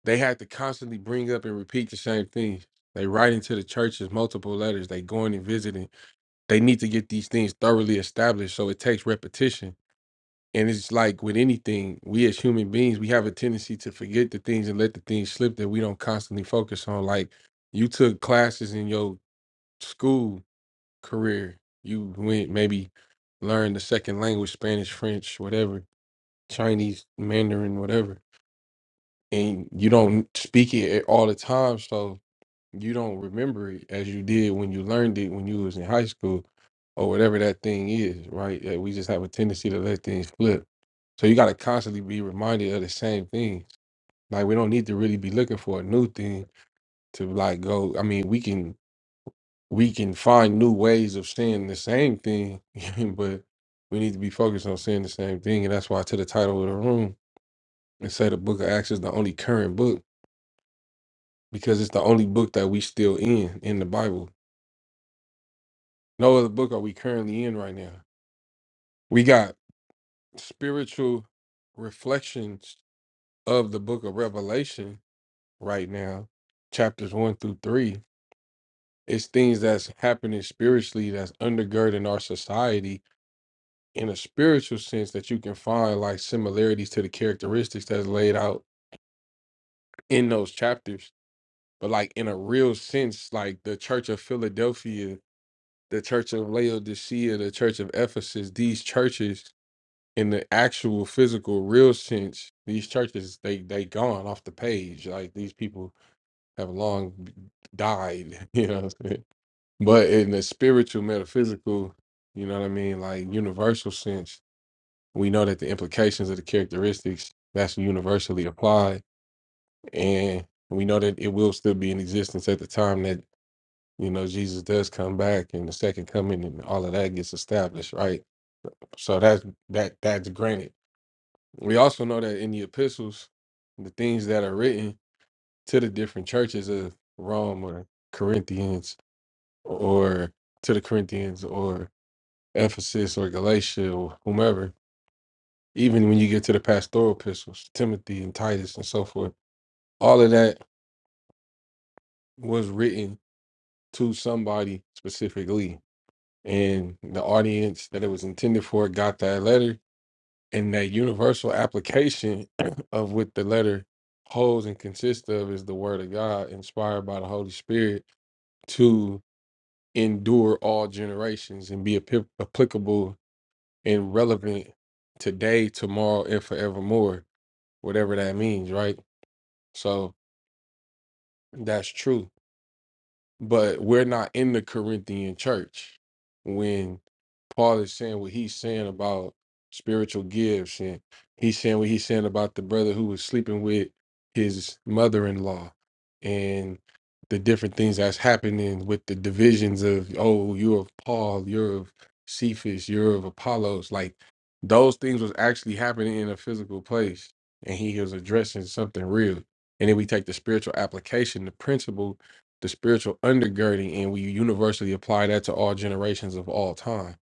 Speaker 1: They had to constantly bring up and repeat the same things. They writing to the churches multiple letters. They going and visiting. They need to get these things thoroughly established. So it takes repetition and it's like with anything, we as human beings, we have a tendency to forget the things and let the things slip that we don't constantly focus on. Like you took classes in your school career, you went maybe learned the second language, Spanish, French, whatever, Chinese, Mandarin, whatever, and you don't speak it all the time. So you don't remember it as you did when you learned it when you was in high school or whatever that thing is, right? Uh, We just have a tendency to let things flip. So you got to constantly be reminded of the same things. Like we don't need to really be looking for a new thing to like go. I mean, we can we can find new ways of saying the same thing, but we need to be focused on saying the same thing. And that's why to the title of the room and say the book of Acts is the only current book because it's the only book that we still in in the Bible. No other book are we currently in right now. We got spiritual reflections of the book of Revelation right now, chapters one through three. It's things that's happening spiritually that's undergirding our society in a spiritual sense that you can find like similarities to the characteristics that's laid out in those chapters. But like in a real sense, like the church of Philadelphia, the church of Laodicea, the church of Ephesus, these churches in the actual physical real sense these churches they they gone off the page like these people have long b- died you know what I'm saying? but in the spiritual metaphysical you know what i mean like universal sense we know that the implications of the characteristics that's universally applied and we know that it will still be in existence at the time that you know jesus does come back and the second coming and all of that gets established right so that's that that's granted We also know that in the epistles, the things that are written to the different churches of Rome or Corinthians or to the Corinthians or Ephesus or Galatia or whomever, even when you get to the pastoral epistles, Timothy and Titus and so forth, all of that was written to somebody specifically. And the audience that it was intended for got that letter and that universal application of what the letter holds and consists of is the word of God inspired by the Holy Spirit to endure all generations and be ap- applicable and relevant today, tomorrow, and forevermore, whatever that means, right? So that's true but we're not in the Corinthian church when Paul is saying what he's saying about spiritual gifts and he's saying what he's saying about the brother who was sleeping with his mother-in-law and the different things that's happening with the divisions of oh you're of Paul you're of Cephas you're of Apollos like those things was actually happening in a physical place and he was addressing something real and then we take the spiritual application the principle the spiritual undergirding and we universally apply that to all generations of all time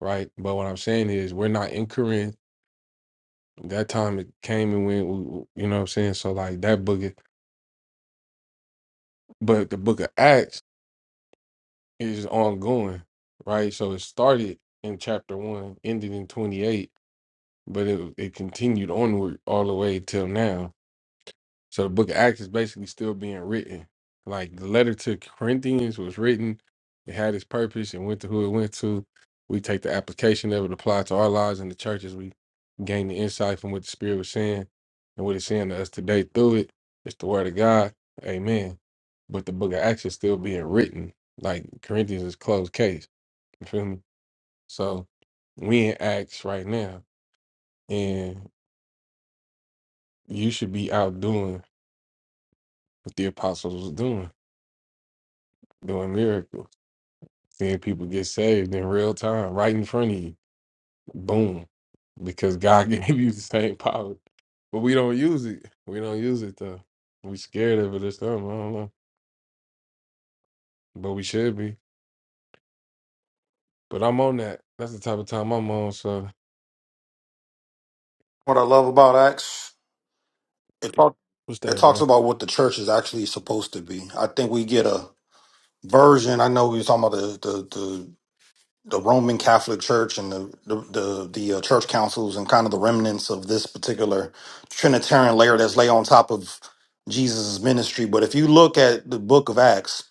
Speaker 1: right but what i'm saying is we're not in corinth that time it came and went w- w- you know what i'm saying so like that book is- but the book of acts is ongoing right so it started in chapter 1 ended in 28 but it, it continued onward all the way till now So the book of Acts is basically still being written. Like the letter to Corinthians was written, it had its purpose and went to who it went to. We take the application of it, apply it to our lives in the churches. We gain the insight from what the Spirit was saying and what it's saying to us today through it. It's the word of God. Amen. But the book of Acts is still being written. Like Corinthians is closed case. You feel me? So we in Acts right now. And you should be out doing what the apostles was doing, doing miracles Seeing people get saved in real time, right in front of you. Boom. Because God gave you the same power. But we don't use it. We don't use it though. We scared of it or something. I don't know. But we should be. But I'm on that. That's the type of time I'm on. So
Speaker 7: What I love about Acts, it talk,
Speaker 1: what's
Speaker 7: it
Speaker 1: that,
Speaker 7: talks
Speaker 1: bro?
Speaker 7: about what the church is actually supposed to be. I think we get a version. I know we were talking about the, the, the the Roman Catholic Church and the the the, the uh, church councils and kind of the remnants of this particular Trinitarian layer that's lay on top of Jesus' ministry. But if you look at the Book of Acts,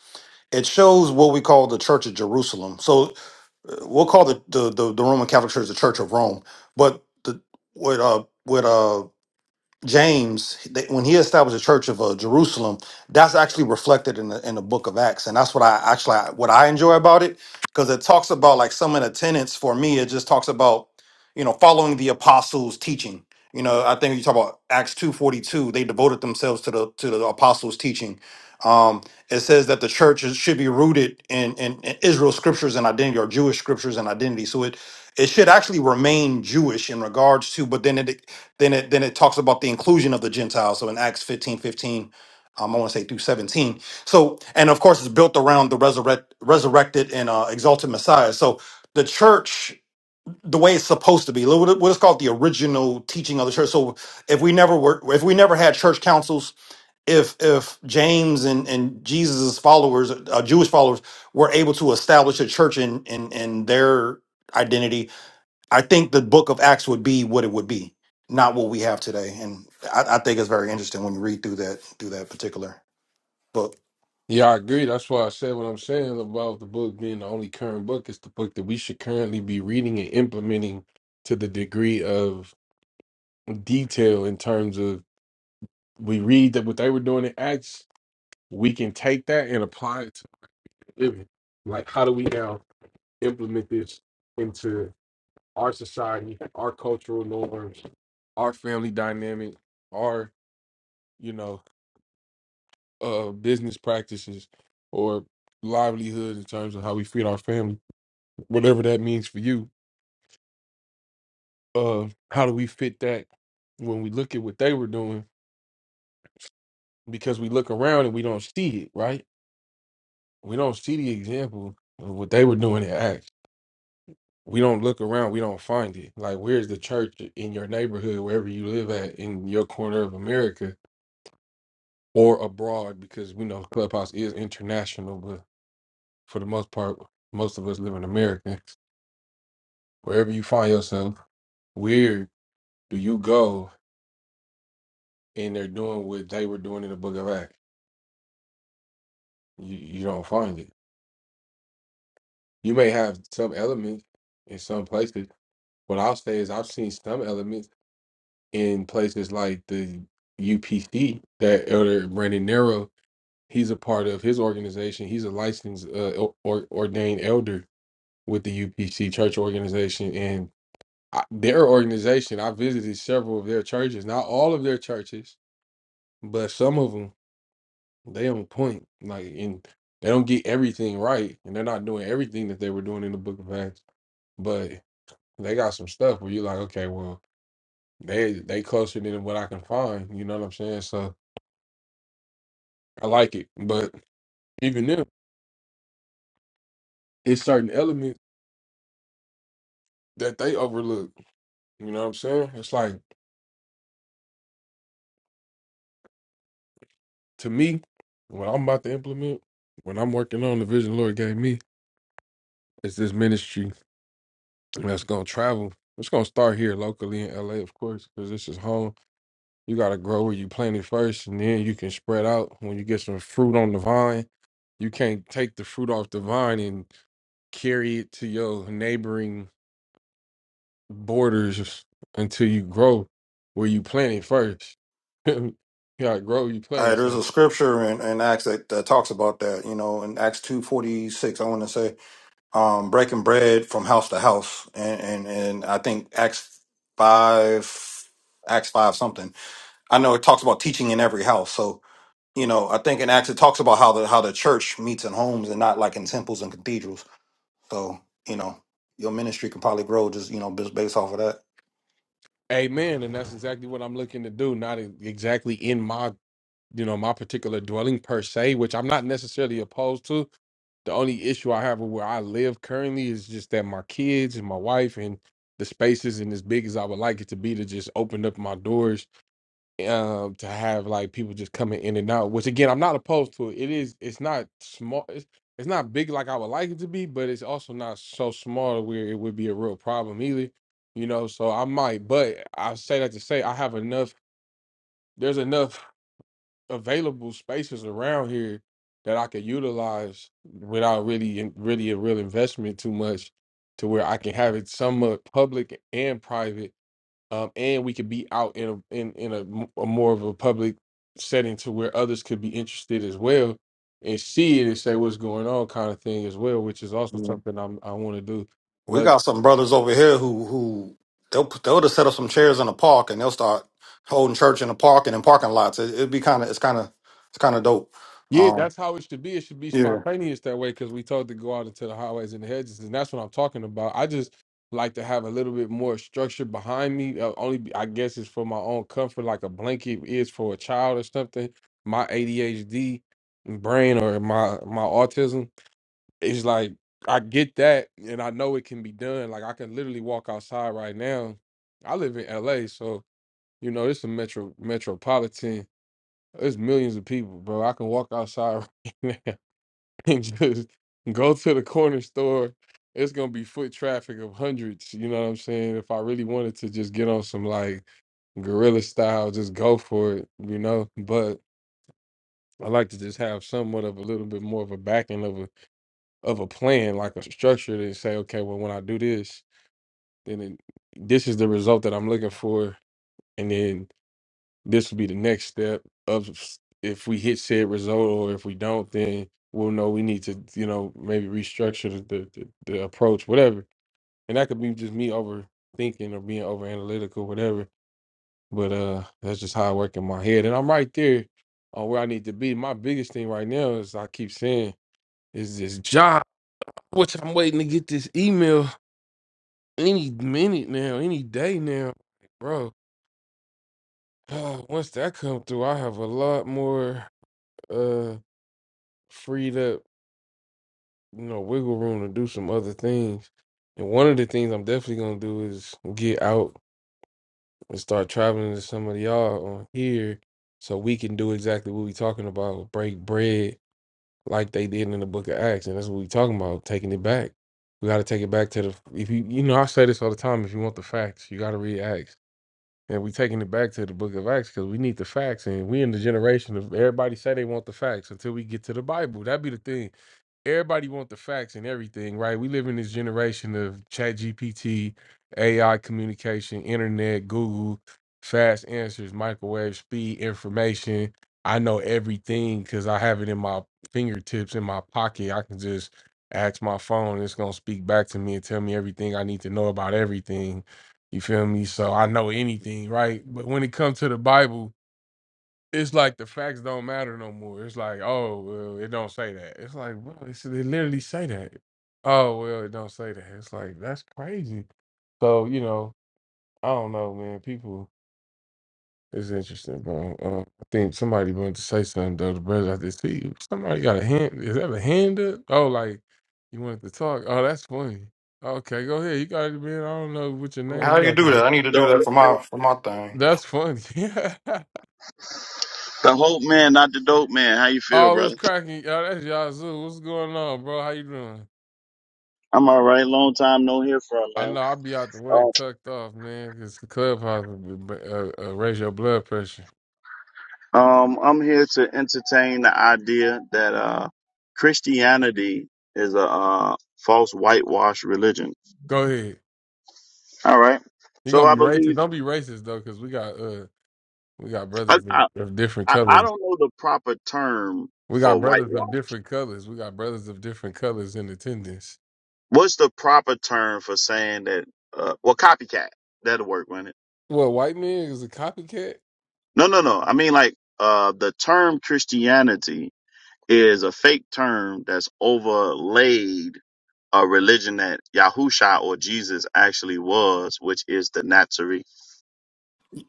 Speaker 7: it shows what we call the Church of Jerusalem. So uh, we'll call the the the, the Roman Catholic Church the Church of Rome, but the what uh what uh James, that when he established the Church of uh, Jerusalem, that's actually reflected in the in the Book of Acts, and that's what I actually what I enjoy about it because it talks about like some of the tenets. For me, it just talks about you know following the apostles' teaching. You know, I think you talk about Acts two forty two. They devoted themselves to the to the apostles' teaching. Um, it says that the church is- should be rooted in, in in Israel's scriptures and identity, or Jewish scriptures and identity. So it it should actually remain Jewish in regards to, but then it then it then it talks about the inclusion of the Gentiles. So in Acts 15 15, um, I want to say through 17. So, and of course it's built around the resurrect resurrected and uh, exalted Messiah. So the church, the way it's supposed to be, what it- what is called the original teaching of the church. So if we never were if we never had church councils, if if James and, and Jesus's followers, uh, Jewish followers, were able to establish a church in in in their identity I think the book of Acts would be what it would be, not what we have today. And I, I think it's very interesting when you read through that through that particular book.
Speaker 1: Yeah, I agree. That's why I said what I'm saying about the book being the only current book. It's the book that we should currently be reading and implementing to the degree of detail in terms of we read that what they were doing in Acts we can take that and apply it to living. Like, how do we now implement this into our society, our cultural norms, our family dynamic, our you know uh business practices or livelihood in terms of how we feed our family, whatever that means for you. Uh, how do we fit that when we look at what they were doing? Because we look around and we don't see it, right? We don't see the example of what they were doing in Acts we don't look around, we don't find it. Like, where's the church in your neighborhood, wherever you live at, in your corner of America or abroad? Because we know Clubhouse is international, but for the most part, most of us live in America. Wherever you find yourself, where do you go and they're doing what they were doing in the book of Acts? You, you don't find it. You may have some elements in some places. What I'll say is, I've seen some elements in places like the UPC that Elder Brandon Nero he's a part of his organization. He's a licensed uh, el- or, ordained elder with the UPC church organization and I, their organization. I visited several of their churches, not all of their churches, but some of them. They on point, like and they don't get everything right, and they're not doing everything that they were doing in the Book of Acts, but they got some stuff where you're like, okay, well, they they closer than what I can find. You know what I'm saying? So I like it, but even them, it's certain elements that they overlook You know what I'm saying? It's like to me, what I'm about to implement, when I'm working on the vision the Lord gave me, is this ministry that's gonna travel. It's gonna start here locally in LA, of course, because this is home. You gotta grow where you plant it first, and then you can spread out. When you get some fruit on the vine, you can't take the fruit off the vine and carry it to your neighboring borders until you grow where you plant it first. you gotta grow where you
Speaker 7: All
Speaker 1: plant
Speaker 7: right,
Speaker 1: it.
Speaker 7: there's
Speaker 1: So
Speaker 7: a scripture in, in Acts that, that talks about that, you know, in Acts two forty six, I want to say, um, breaking bread from house to house, and, and and I think Acts five, Acts five something. I know it talks about teaching in every house, so you know, I think in Acts it talks about how the how the church meets in homes and not like in temples and cathedrals. So you know, your ministry can probably grow just you know just based off of that.
Speaker 1: Amen. And that's exactly what I'm looking to do. Not e- exactly in my, you know, my particular dwelling per se, which I'm not necessarily opposed to. The only issue I have with where I live currently is just that my kids and my wife and the space isn't as big as I would like it to be to just open up my doors um to have like people just coming in and out which again i'm not opposed to it it is it's not small it's, it's not big like i would like it to be but it's also not so small where it would be a real problem either you know so i might but i say that to say i have enough there's enough available spaces around here that i could utilize without really in- really a real investment too much to where i can have it somewhat public and private um, and we could be out in a, in in a, m- a more of a public setting to where others could be interested as well and see it and say what's going on kind of thing as well, which is also
Speaker 7: Yeah.
Speaker 1: something I'm, I want to do.
Speaker 7: We
Speaker 1: But
Speaker 7: got some brothers over here who who they'll they'll just set up some chairs in the park and they'll start holding church in the park and in parking lots. It, it'd be kind of it's kind of it's kind of dope.
Speaker 1: yeah,
Speaker 7: Um,
Speaker 1: that's how it should be. It should be
Speaker 7: yeah.
Speaker 1: spontaneous that way because we told to go out into the highways and the hedges, and that's what I'm talking about. I just like to have a little bit more structure behind me. Uh, only be- I guess it's for my own comfort, like a blanket is for a child or something. My ADHD brain or my my autism it's like I get that and I know it can be done. Like I can literally walk outside right now. I live in LA, so you know it's a metro metropolitan. There's millions of people, bro. I can walk outside right now and just go to the corner store. It's gonna be foot traffic of hundreds, you know what I'm saying? If I really wanted to just get on some like guerrilla style, just go for it, you know. But I like to just have somewhat of a little bit more of a backing of a of a plan, like a structure to say, okay, well, when I do this, then it, this is the result that I'm looking for. And then this will be the next step of s- if we hit said result or if we don't, then we'll know we need to, you know, maybe restructure the, the, the, the approach, whatever. And that could be just me overthinking or being over analytical, whatever. But uh that's just how I work in my head. And I'm right there on where I need to be. My biggest thing right now is I keep saying is this job, which I'm waiting to get this email any minute now, any day now, bro. once that come through, I have a lot more uh freed up, you know, wiggle room to do some other things. And one of the things I'm definitely gonna do is get out and start traveling to some of y'all on here, so we can do exactly what we talking about, break bread like they did in the Book of Acts, and that's what we talking about, taking it back. We got to take it back to the. If you, you know, I say this all the time. If you want the facts, you got to read Acts And we taking it back to the book of Acts because we need the facts. And we in the generation of everybody say they want the facts until we get to the Bible. That'd be the thing everybody want the facts and everything, right? We live in this generation of chat GPT, AI communication, internet, Google, fast answers, microwave speed, information. I know everything because I have it in my fingertips, in my pocket. I can just ask my phone, and it's gonna speak back to me and tell me everything I need to know about everything. You feel me? So I know anything, right? But when it comes to the Bible, it's like the facts don't matter no more. It's like, oh well, it don't say that. It's like, bro, it's, they literally say that. Oh well, it don't say that. It's like that's crazy. So you know, I don't know, man. People, it's interesting, bro. Uh, I think somebody wanted to say something though. The brother I just see somebody got a hand. Is that a hand up? Oh, like you wanted to talk. Oh, that's funny. Okay, go ahead. You got it, man. I don't know what your
Speaker 7: How
Speaker 1: name.
Speaker 7: do you
Speaker 1: is.
Speaker 7: do that? I need to
Speaker 8: The
Speaker 7: do that
Speaker 8: Hope
Speaker 7: for
Speaker 8: Man,
Speaker 7: my for my thing.
Speaker 1: That's funny.
Speaker 8: the Hope Man, not the Dope Man. How you feel,
Speaker 1: Oh, what's
Speaker 8: brother?
Speaker 1: cracking? y'all. that's Yazoo. What's going on, bro? How you doing?
Speaker 8: I'm all right. Long time no hear from,
Speaker 1: I
Speaker 8: man.
Speaker 1: know I'll be out the way,
Speaker 8: Uh,
Speaker 1: tucked off, man, because the clubhouse will be- uh, uh, raise your blood pressure.
Speaker 8: Um, I'm here to entertain the idea that uh, Christianity is a uh, false whitewash religion.
Speaker 1: Go ahead.
Speaker 8: All right.
Speaker 1: You're
Speaker 8: So
Speaker 1: gonna
Speaker 8: I
Speaker 1: be racist.
Speaker 8: believe
Speaker 1: Don't be racist though, because we got uh we got
Speaker 8: I,
Speaker 1: brothers of,
Speaker 8: I
Speaker 1: of different
Speaker 8: I I
Speaker 1: colors.
Speaker 8: don't know the proper term
Speaker 1: We got
Speaker 8: for
Speaker 1: brothers of
Speaker 8: whitewash.
Speaker 1: different colors. We got brothers of different colors in attendance.
Speaker 8: What's the proper term for saying that? Uh, well, copycat. That'll work, won't it?
Speaker 1: What white man is a copycat.
Speaker 8: No, no, no. I mean like uh, the term Christianity is a fake term that's overlaid a religion that Yahusha or Jesus actually was, which is the Nazarene.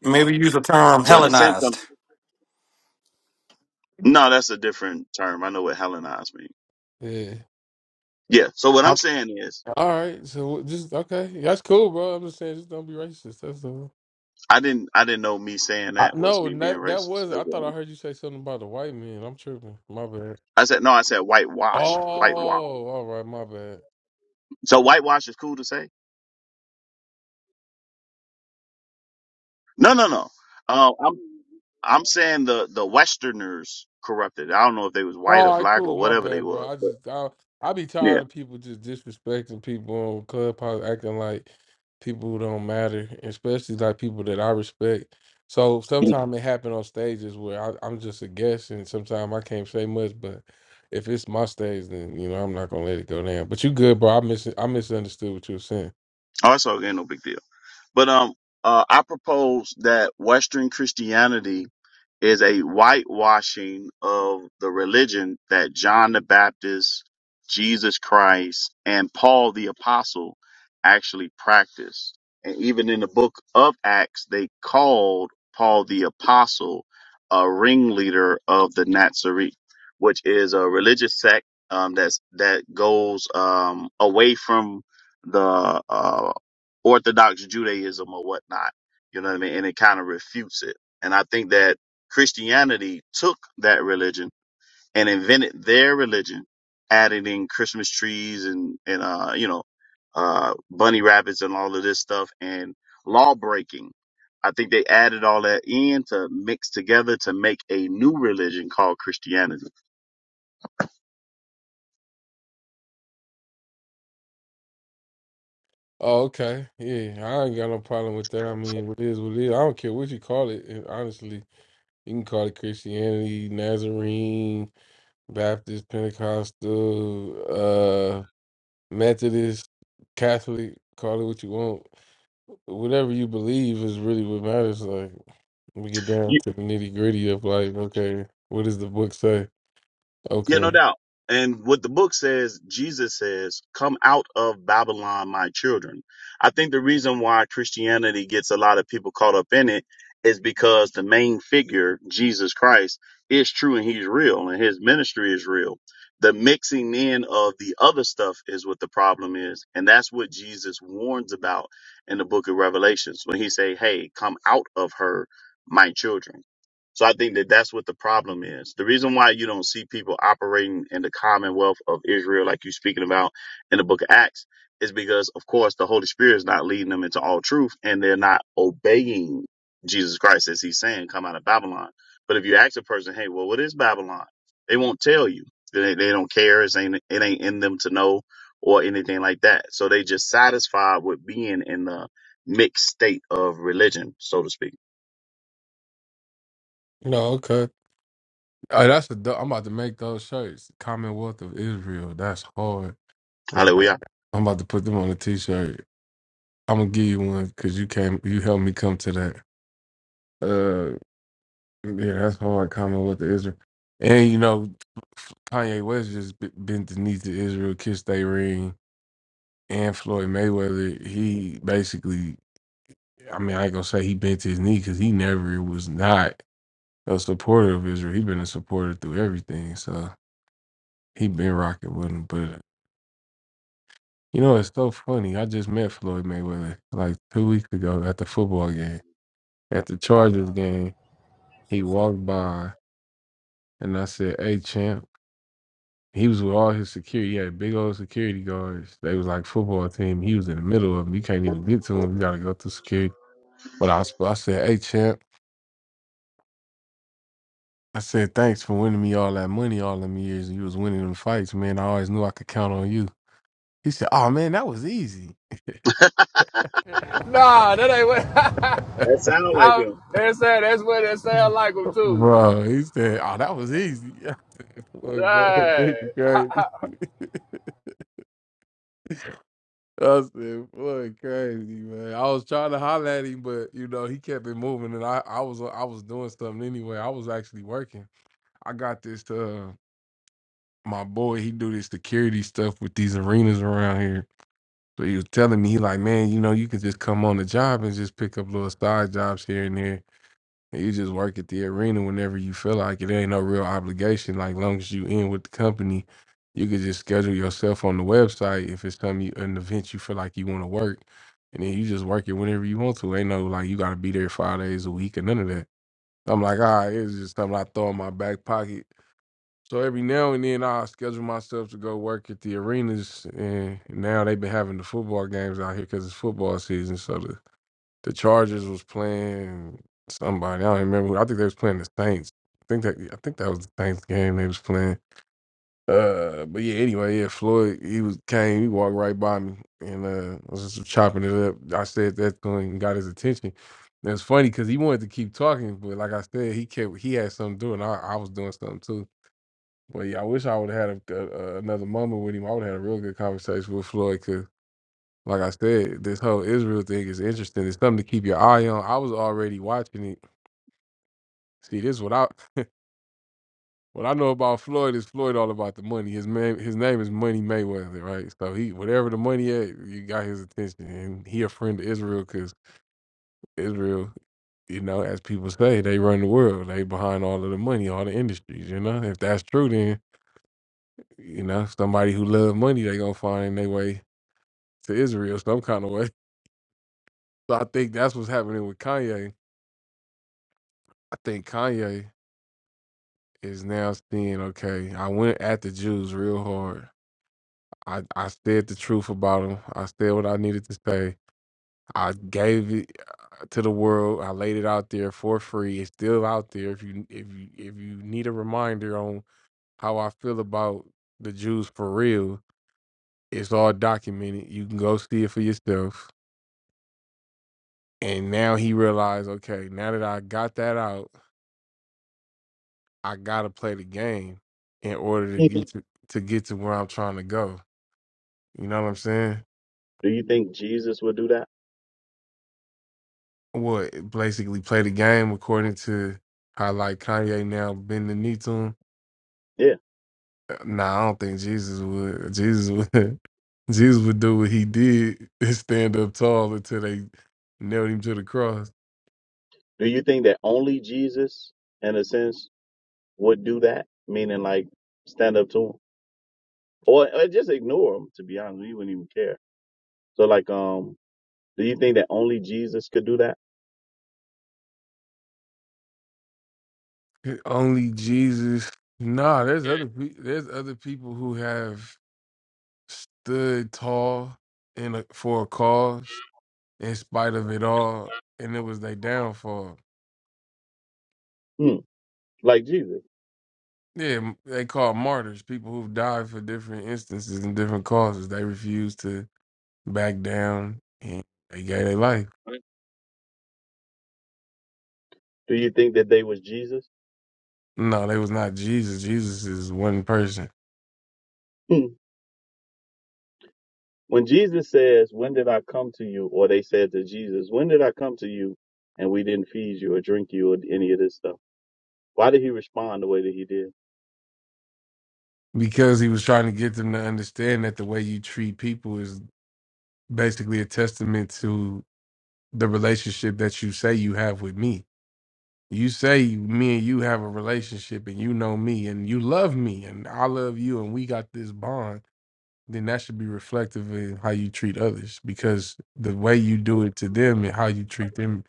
Speaker 7: Maybe use the term
Speaker 8: So in
Speaker 1: All
Speaker 8: the
Speaker 1: right.
Speaker 8: sense of
Speaker 7: Hellenized.
Speaker 8: no, that's a different term. I know what Hellenized means.
Speaker 1: Yeah.
Speaker 8: Yeah. So what I'm
Speaker 1: I-
Speaker 8: saying is,
Speaker 1: All right. So just okay. That's cool, bro. I'm just saying, just don't be racist. That's all.
Speaker 8: I didn't, I didn't know me saying
Speaker 1: I,
Speaker 8: that was
Speaker 1: no,
Speaker 8: me being
Speaker 1: that that
Speaker 8: racist.
Speaker 1: was.
Speaker 8: That's
Speaker 1: I thought
Speaker 8: what I'm-
Speaker 1: I heard you say something about the white man. I'm tripping. My bad.
Speaker 8: I said no. I said
Speaker 1: Oh,
Speaker 8: whitewashed, whitewashed.
Speaker 1: all right. My bad.
Speaker 8: So whitewash is cool to say. No, no, no. Uh, I'm, I'm saying the the Westerners corrupted. I don't know if they was white or
Speaker 1: All right,
Speaker 8: black or
Speaker 1: cool. My
Speaker 8: whatever they
Speaker 1: bad, bro.
Speaker 8: was,
Speaker 1: I
Speaker 8: but
Speaker 1: just I I be
Speaker 8: yeah.
Speaker 1: tired of people just disrespecting people on Clubhouse, acting like people who don't matter, especially like people that I respect. So sometimes it happen on stages where I, I'm just a guest, and sometimes I can't say much. But if it's my stage, then you know I'm not gonna let it go down. But you good, bro. I mis I misunderstood what you were saying.
Speaker 8: Oh, it's okay, no big deal. But um, uh, I propose that Western Christianity is a whitewashing of the religion that John the Baptist, Jesus Christ, and Paul the Apostle actually practiced. And even in the book of Acts, they called Paul the Apostle a ringleader of the Nazarene, which is a religious sect um, that's that goes um, away from the uh, Orthodox Judaism or whatnot. You know what I mean? And it kind of refutes it. And I think that Christianity took that religion and invented their religion, adding in Christmas trees and, and, uh, you know, uh, bunny rabbits and all of this stuff and law breaking. I think they added all that in to mix together to make a new religion called Christianity.
Speaker 1: Oh, okay. Yeah, I ain't got no problem with that. I mean, what is what it is. I don't care what you call it. and Honestly, you can call it Christianity, Nazarene, Baptist, Pentecostal, uh, Methodist, Catholic. Call it what you want. Whatever you believe is really what matters. Like we get down to the nitty gritty of like, okay, what does the book say?
Speaker 8: Yeah, no
Speaker 1: Okay,
Speaker 8: doubt. And what the book says, Jesus says, come out of Babylon, my children. I think the reason why Christianity gets a lot of people caught up in it is because the main figure, Jesus Christ, is true and he's real and his ministry is real. The mixing in of the other stuff is what the problem is. And that's what Jesus warns about in the book of Revelations when he say, Hey, come out of her, my children. So I think that that's what the problem is. The reason why you don't see people operating in the commonwealth of Israel, like you're speaking about in the book of Acts, is because, of course, the Holy Spirit is not leading them into all truth and they're not obeying Jesus Christ as he's saying, come out of Babylon. But if you ask a person, hey, well, what is Babylon? They won't tell you. They, they don't care. It ain't, it ain't in them to know or anything like that. So they just satisfied with being in the mixed state of religion, so to speak.
Speaker 1: no, okay. Oh, that's a. dope- I'm about to make those shirts. Commonwealth of Israel. That's hard. I'm about, to,
Speaker 8: Hallelujah.
Speaker 1: I'm about to put them on a t-shirt. I'm gonna give you one because you came, you helped me come to that. Uh, yeah, that's hard comment with the Israel, and you know, Kanye West just b- bent the knee to Israel, kissed their ring, and Floyd Mayweather. He basically, I mean, I ain't gonna say he bent his knee because he never was not a supporter of Israel. He been a supporter through everything, so he been rocking with him. But you know, it's so funny. I just met Floyd Mayweather like two weeks ago at the football game at the Chargers game,
Speaker 6: That's
Speaker 1: he
Speaker 6: what's up.
Speaker 1: walked by and I said, Hey champ. He was with all his security. He had big old security guards. They was like football team. He was in the middle of them. You can't even get to him. You gotta go through security. But I, I said, Hey champ. I said, thanks for winning me all that money all them years. You was winning them fights, man. I always knew I could count on you. He said, Oh man, that was easy.
Speaker 6: Nah, that ain't what.
Speaker 8: That sounds like
Speaker 6: I,
Speaker 8: him.
Speaker 6: that's that. That's what it sounds like them too.
Speaker 1: Bro, he said, "Oh, that was easy." I said, Boy, bro,
Speaker 6: Dang.
Speaker 1: crazy. I said, boy, crazy, man. I was trying to holler at him, but you know, he kept it moving and I, I was I was doing something anyway. I was actually working. I got this to uh, my boy, he do this security stuff with these arenas around here. So he was telling me, he like, man, you know, you can just come on the job and just pick up little side jobs here and there. You just work at the arena whenever you feel like it. Ain't no real obligation. Like long as you in with the company, you could just schedule yourself on the website if it's time you an event you feel like you want to work, and then you just work it whenever you want to. Ain't no like you got to be there five days a week or none of that. I'm like, all right, it's just something I throw in my back pocket. So every now and then I schedule myself to go work at the arenas, and now they've been having the football games out here because it's football season. So the the Chargers was playing somebody. I don't even remember. Who. I think they was playing the Saints. I think that I think that was the Saints game they was playing. Uh, but yeah. Anyway, yeah. Floyd, he was came. He walked right by me and uh was just chopping it up. I said that to him and got his attention. And it's funny because he wanted to keep talking, but like I said, he kept he had something to do, and I, I was doing something too. But yeah, I wish I would have had a, a, a- another moment with him. I would have had a real good conversation with Floyd. Like I said, this whole Israel thing is interesting. It's something to keep your eye on. I was already watching it. See, this is what I what I know about Floyd is Floyd all about the money. His man, his name is Money Mayweather, right? So he whatever the money at, you got his attention, and he a friend of Israel because Israel, you know, as people say, they run the world. They behind all of the money, all the industries. You know, if that's true, then you know somebody who love money, they gonna find their way to Israel some kind of way. So I think that's what's happening with Kanye. I think Kanye. is now seeing okay i went at the jews real hard i i said the truth about them i said what i needed to say i gave it uh, to the world i laid it out there for free it's still out there if you if you if you need a reminder on how i feel about the jews for real it's all documented you can go see it for yourself and now he realized okay now that i got that out i gotta play the game in order to
Speaker 8: Do
Speaker 1: get to, to get to where i'm trying to go You know what I'm saying?
Speaker 8: you think Jesus would do that?
Speaker 1: What basically play the game according to how like Kanye now bend the knee to him.
Speaker 8: Yeah.
Speaker 1: Uh, Nah, I don't think Jesus would. Jesus would. Jesus would do what he did and stand up tall until they nailed him to the cross.
Speaker 8: Do you think that only Jesus, in a sense, would do that? Meaning, like, stand up to him or, or just ignore him. To be honest, we wouldn't even care. So, like, um, do you think that only Jesus could do that?
Speaker 1: Only Jesus. Nah, there's other pe- there's other people who have stood tall in a, for a cause in spite of it all, and it was their downfall.
Speaker 8: Hmm. Like Jesus.
Speaker 1: Yeah, m- they call martyrs people who've died for different instances and different causes. They refused to back down and they gave their life.
Speaker 8: Right. Do you think that they was Jesus?
Speaker 1: No, they was not Jesus. Jesus is one person
Speaker 8: Hmm. When Jesus says, "When did I come to you?" or they said to Jesus, "When did I come to you?" and we didn't feed you or drink you or any of this stuff, why did he respond the way that he did?
Speaker 1: because he was trying to get them to understand that the way you treat people is basically a testament to the relationship that you say you have with me. You say me and you have a relationship and you know me and you love me and I love you and we got this bond then that should be reflective in how you treat others because the way you do it to them and how you treat them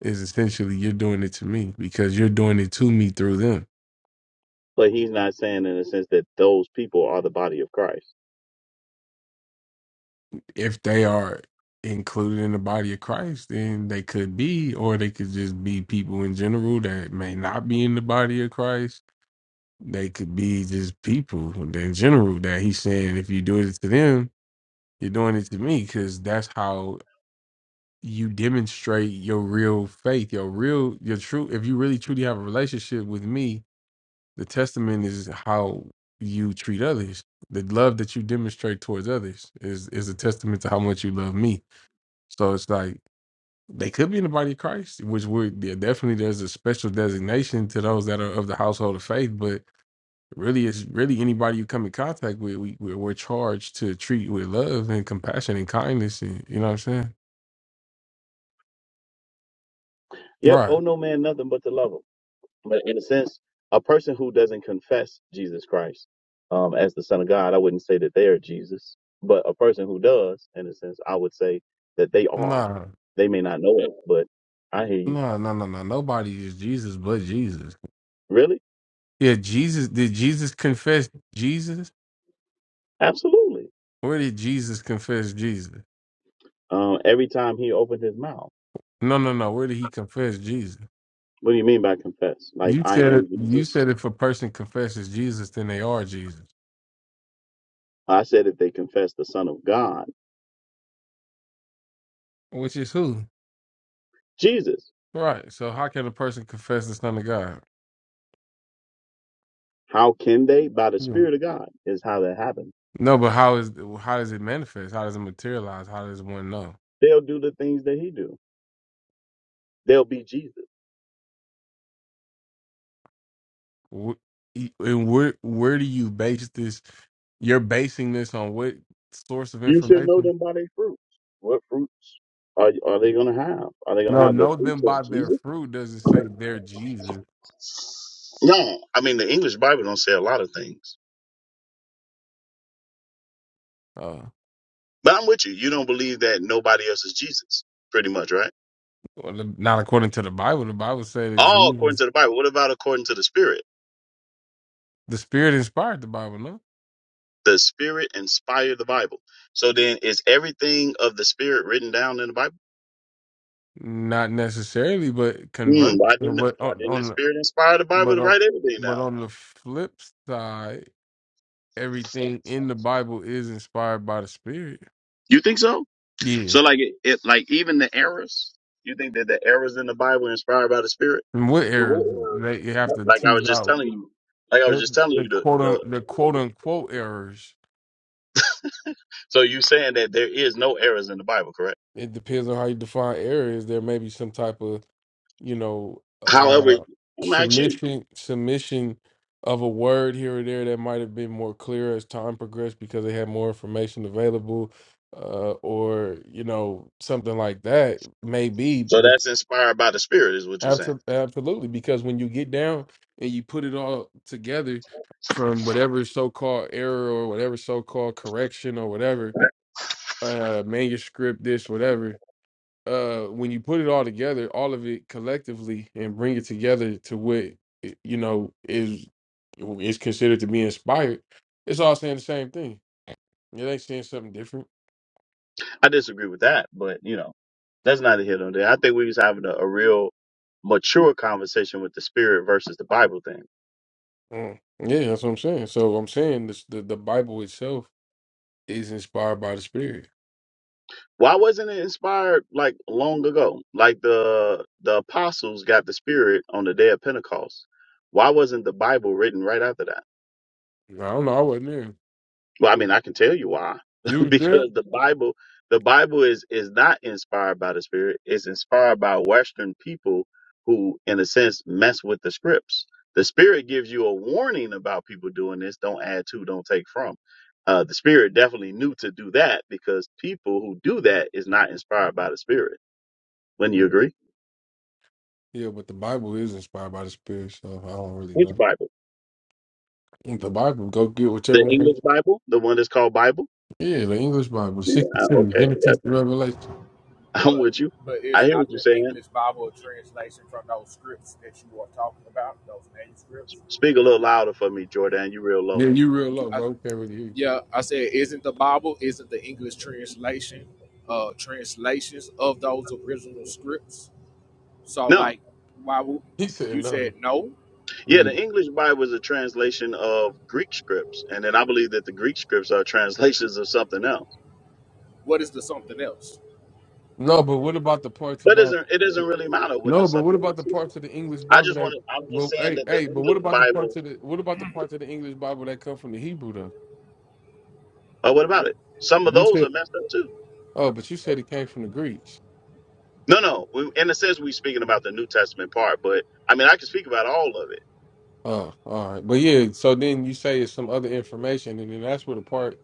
Speaker 1: is essentially you're doing it to me because you're doing it to me through them.
Speaker 8: But he's not saying in a sense that those people are the body of Christ.
Speaker 1: If they are included in the body of Christ, then they could be, or they could just be people in general that may not be in the body of Christ. They could be just people in general that he's saying if you do it to them, you're doing it to me because that's how you demonstrate your real faith, your real, your true. If you really truly have a relationship with me, the testament is how you treat others. The love that you demonstrate towards others is is a testament to how much you love me. So it's like they could be in the body of Christ, which would yeah, definitely there's a special designation to those that are of the household of faith. But really, it's really anybody you come in contact with. We we're, we're charged to treat with love and compassion and kindness. And, you know what I'm saying?
Speaker 8: Yep,
Speaker 1: Right.
Speaker 8: owe no man nothing but to love him. But in a sense, a person who doesn't confess Jesus Christ um, as the Son of God, I wouldn't say that they are Jesus. But a person who does, in a sense, I would say that they are.
Speaker 1: Nah.
Speaker 8: They may not know it, but I hear you.
Speaker 1: No, no, no, no. Nobody is Jesus but Jesus.
Speaker 8: Really?
Speaker 1: Yeah, Jesus. Did Jesus confess Jesus?
Speaker 8: Absolutely.
Speaker 1: Where did Jesus confess Jesus?
Speaker 8: Um, every time he opened his mouth.
Speaker 1: No, no, no. Where did he confess Jesus?
Speaker 8: What do you mean by confess? Like,
Speaker 1: You
Speaker 8: I
Speaker 1: said
Speaker 8: am
Speaker 1: it. You
Speaker 8: Jesus?
Speaker 1: said if a person confesses Jesus, then they are Jesus,
Speaker 8: I said if they confess the Son of God,
Speaker 1: which is who?
Speaker 8: Jesus.
Speaker 1: Right. So how can a person confess the Son of God?
Speaker 8: How can they? By the
Speaker 1: Yeah.
Speaker 8: Spirit of God is how that happens.
Speaker 1: No, but how is how does it manifest? How does it materialize? How does one know?
Speaker 8: They'll do the things that He do. They'll be Jesus.
Speaker 1: Wh- And where where do you base this? You're basing this on what source of
Speaker 8: You should know
Speaker 1: information?
Speaker 8: them by their fruits. What fruits are are they gonna have? Are they gonna
Speaker 1: No,
Speaker 8: have the
Speaker 1: know them
Speaker 8: fruits of
Speaker 1: by their
Speaker 8: Jesus?
Speaker 1: fruit doesn't say they're Jesus.
Speaker 8: No, I mean the English Bible don't say a lot of things.
Speaker 1: Uh,
Speaker 8: But I'm with you. You don't believe that nobody else is Jesus, pretty much, right?
Speaker 1: well, the- not according to the Bible. The Bible said that
Speaker 8: All according to
Speaker 1: Jesus,
Speaker 8: the Bible. What about according to the Spirit?
Speaker 1: the Spirit inspired the Bible. No,
Speaker 8: The Spirit inspired the Bible. So then, is everything of the Spirit written down in the Bible?
Speaker 1: not necessarily, but
Speaker 8: Hmm,
Speaker 1: convert.
Speaker 8: why didn't
Speaker 1: But
Speaker 8: why
Speaker 1: on,
Speaker 8: didn't the
Speaker 1: on
Speaker 8: Spirit inspire the Bible
Speaker 1: but
Speaker 8: to
Speaker 1: on
Speaker 8: write everything
Speaker 1: but on
Speaker 8: down?
Speaker 1: the flip side, everything in the Bible is inspired by the Spirit.
Speaker 8: You think so?
Speaker 1: Yeah,
Speaker 8: So like it, it like even the errors. You think that the errors in the Bible are inspired by the Spirit?
Speaker 1: and what
Speaker 8: What
Speaker 1: errors
Speaker 8: errors?
Speaker 1: they you have to
Speaker 8: Like I
Speaker 1: tease
Speaker 8: was just
Speaker 1: out
Speaker 8: telling you. Like I was
Speaker 1: the
Speaker 8: just telling
Speaker 1: the
Speaker 8: you the
Speaker 1: quote un,
Speaker 8: the.
Speaker 1: the quote unquote errors
Speaker 8: So you saying that there is no errors in the Bible, correct?
Speaker 1: It depends on how you define areas. There may be some type of you know
Speaker 8: However,
Speaker 1: uh
Speaker 8: I'm not you.
Speaker 1: submission submission of a word here or there that might have been more clear as time progressed because they had more information available uh or you know something like that maybe
Speaker 8: So
Speaker 1: but
Speaker 8: that's inspired by the Spirit, is what you're saying.
Speaker 1: abso- absolutely because when you get down and you put it all together from whatever so-called error or whatever so-called correction or whatever uh manuscript this whatever uh when you put it all together all of it collectively and bring it together to what i- you know is is considered to be inspired it's all saying the same thing it ain't saying something different
Speaker 8: I disagree with that, but you know, that's not a hit on there. I think we was having a, a real mature conversation with the Spirit versus the Bible thing.
Speaker 1: Mm. yeah that's what i'm saying so i'm saying this the, the bible itself is inspired by the spirit
Speaker 8: Why wasn't it inspired like long ago? Like the the apostles got the spirit on the day of Pentecost. Why wasn't the Bible written right after that?
Speaker 1: i don't know i wasn't there
Speaker 8: Well, I mean, I can tell you why.
Speaker 1: you was there
Speaker 8: because the Bible the Bible is is not inspired by the spirit. It's inspired by western people who in a sense mess with the scripts. The spirit gives you a warning about people doing this, don't add to, don't take from. Uh, the spirit definitely knew to do that because people who do that is not inspired by the spirit wouldn't you
Speaker 1: yeah.
Speaker 8: agree?
Speaker 1: yeah but the bible is inspired by the spirit so i don't really
Speaker 8: Which
Speaker 1: know
Speaker 8: Bible?
Speaker 1: the bible go get whichever
Speaker 8: The
Speaker 1: one
Speaker 8: English Bible? The one that's called Bible?
Speaker 1: yeah the english bible
Speaker 8: Yeah. Uh,
Speaker 1: 62
Speaker 8: okay,
Speaker 1: genesis
Speaker 8: yeah,
Speaker 1: to revelation
Speaker 8: I'm
Speaker 6: But
Speaker 8: with you.
Speaker 6: but it's
Speaker 8: I hear
Speaker 6: not
Speaker 8: what you're
Speaker 6: the
Speaker 8: saying.
Speaker 6: English Bible translation from those scripts that you are talking about, those manuscripts.
Speaker 8: Speak a little louder for me, Jordan. You real low.
Speaker 1: Yeah, you real low,
Speaker 6: I,
Speaker 1: bro. Can't really hear you.
Speaker 6: yeah, I said, isn't the Bible? Isn't the English translation? Uh, translations of those original scripts. So
Speaker 8: No,
Speaker 6: like, why would
Speaker 1: He
Speaker 6: you
Speaker 1: said
Speaker 6: said
Speaker 1: no.
Speaker 6: no?
Speaker 8: yeah,
Speaker 1: Yeah.
Speaker 8: the English Bible is a translation of Greek scripts, and then I believe that the Greek scripts are translations of something else.
Speaker 6: What is the something else?
Speaker 1: No, but what about the parts
Speaker 8: But it
Speaker 1: about
Speaker 8: doesn't it doesn't really matter what the
Speaker 1: no? But what
Speaker 8: something
Speaker 1: about the
Speaker 8: else is.
Speaker 1: parts of the English
Speaker 8: I
Speaker 1: Bible
Speaker 8: just want
Speaker 1: that?
Speaker 8: to. I'm just
Speaker 1: Well,
Speaker 8: saying
Speaker 1: hey,
Speaker 8: that the
Speaker 1: hey, but what
Speaker 8: English
Speaker 1: about the parts
Speaker 8: Bible.
Speaker 1: of the what about the parts of the English Bible that come from the Hebrew though?
Speaker 8: Uh, what about it? Some of
Speaker 1: You
Speaker 8: those are
Speaker 1: said
Speaker 8: messed up too.
Speaker 1: oh, but you said it came from the Greeks.
Speaker 8: No, no. We, in a sense, we speaking about the New Testament part, but I mean, I can speak about all of it.
Speaker 1: Oh, all right, but yeah. So then you say it's some other information, and then that's where the part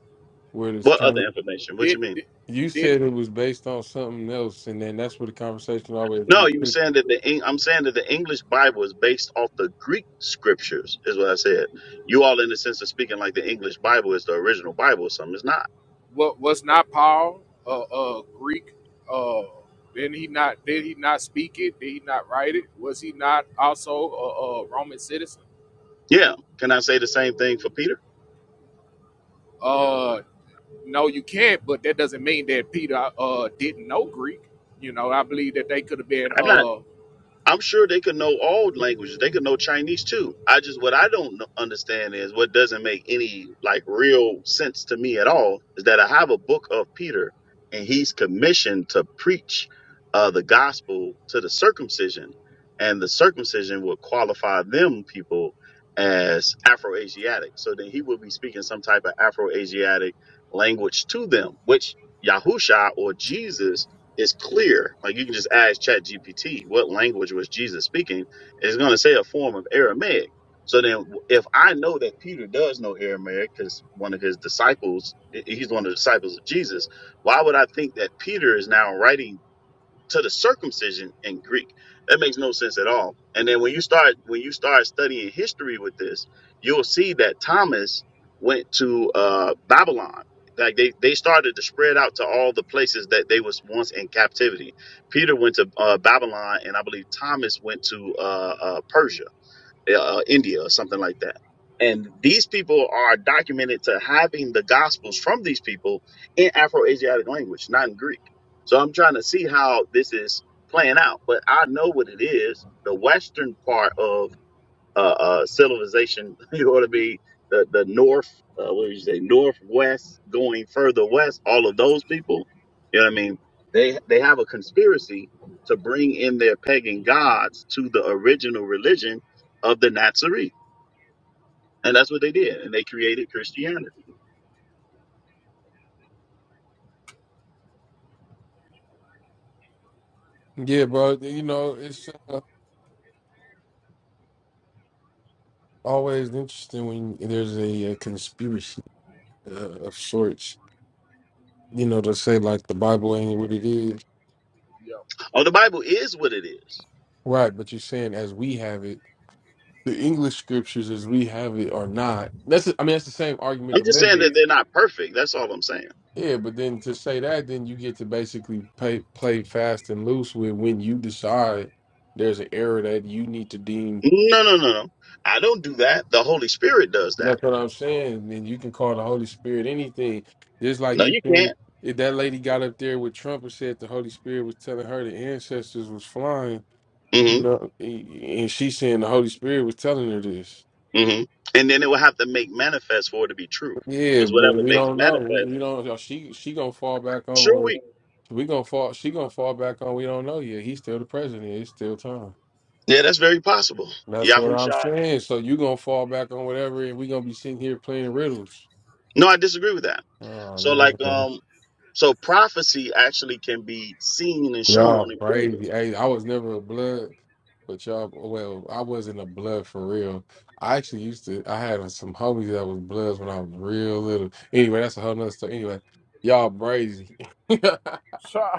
Speaker 1: where it's
Speaker 8: What
Speaker 1: kind
Speaker 8: other
Speaker 1: of
Speaker 8: information? What you
Speaker 6: Did,
Speaker 8: mean?
Speaker 1: you
Speaker 6: did not
Speaker 1: said it was based on something else, and then that's where the conversation always
Speaker 8: No,
Speaker 1: get.
Speaker 8: you were
Speaker 1: tricky.
Speaker 8: saying that the Eng- I'm saying that the English Bible is based off the Greek scriptures, is what I said. You all, in the sense of speaking, like the English Bible is the original Bible or something. It's not.
Speaker 6: What was not Paul a uh, uh, Greek? Uh, did he not? Did he not speak it? Did he not write it? Was he not also a, a Roman citizen?
Speaker 8: Yeah. Can I say the same thing for Peter?
Speaker 6: Uh, no, you can't. But that doesn't mean that Peter uh didn't know Greek. You know, I believe that they could have been
Speaker 8: I'm not.
Speaker 6: uh,
Speaker 8: I'm sure they could know all languages. They could know Chinese too. I just what I don't kn- understand is what doesn't make any like real sense to me at all is that I have a book of Peter and he's commissioned to preach uh, the gospel to the circumcision, and the circumcision would qualify them people as Afro-Asiatic. So then he would be speaking some type of Afro-Asiatic language to them, which Yahusha or Jesus it's clear. Like you can just ask Chat GPT what language was Jesus speaking. It's going to say a form of Aramaic. So then, if I know that Peter does know Aramaic because one of his disciples, he's one of the disciples of Jesus, why would I think that Peter is now writing to the circumcision in Greek. That makes no sense at all. And then when you start when you start studying history with this, you'll see that Thomas went to uh, Babylon. Like they, they started to spread out to all the places that they was once in captivity. Peter went to uh, Babylon, and I believe Thomas went to uh, uh, Persia uh, uh, India or something like that. And these people are documented to having the gospels from these people in Afro-Asiatic language, not in Greek. So I'm trying to see how this is playing out, but I know what it is. The Western part of uh, uh, civilization. You ought to be the the north. Uh, what do you say? Northwest, going further west. All of those people. You know what I mean? They they have a conspiracy to bring in their pagan gods to the original religion of the Nazarene, and that's what they did. And they created Christianity.
Speaker 1: Yeah, bro. You know, it's uh, always interesting when there's a, uh conspiracy uh, of sorts, you know, to say like the Bible ain't what it is.
Speaker 6: you know,
Speaker 8: Oh, the Bible is what it is.
Speaker 1: Right, but you're saying as we have it, the English scriptures as we have it are not. That's I mean that's the same argument
Speaker 8: I'm
Speaker 1: the
Speaker 8: just
Speaker 6: That
Speaker 8: saying
Speaker 1: Muslim.
Speaker 8: that
Speaker 6: is
Speaker 8: they're not perfect. That's all I'm saying.
Speaker 1: Yeah, but then to say that, then you get to basically play play fast and loose with when you decide there's an error that you need to deem
Speaker 8: No, no, no, no. I don't do that. The Holy Spirit does that.
Speaker 1: That's what I'm saying. And you can call the Holy Spirit anything. Just like
Speaker 8: No,
Speaker 1: you
Speaker 8: you
Speaker 1: can
Speaker 8: can't.
Speaker 1: if that lady got up there with Trump and said the Holy Spirit was telling her the ancestors was flying, you
Speaker 8: Mm-hmm.
Speaker 1: know, a- and she saying the Holy Spirit was telling her this.
Speaker 8: hmm And then it will have to make manifest for it to be true.
Speaker 1: Yeah,
Speaker 8: Because
Speaker 1: but
Speaker 8: whatever
Speaker 1: we
Speaker 8: makes
Speaker 1: don't know. We,
Speaker 8: manifest,
Speaker 1: we don't she she gonna fall back on
Speaker 8: sure
Speaker 1: what
Speaker 8: we
Speaker 1: we gonna fall she gonna fall back on we don't know yet. He's still the president. It's still time.
Speaker 8: Yeah, that's very possible.
Speaker 1: That's what I'm
Speaker 8: Yahusha.
Speaker 1: saying. So you gonna fall back on whatever and we gonna be sitting here playing riddles.
Speaker 8: No, I disagree with that.
Speaker 1: Oh
Speaker 8: So like
Speaker 1: man.
Speaker 8: um so prophecy actually can be seen and shown
Speaker 1: Y'all
Speaker 8: and proven.
Speaker 1: crazy. Hey, I was never a blood, but y'all, well, I wasn't a blood for real. I actually used to, I had some homies that was bloods when I was real little. Anyway, that's a whole nother story. Anyway, y'all crazy.
Speaker 6: So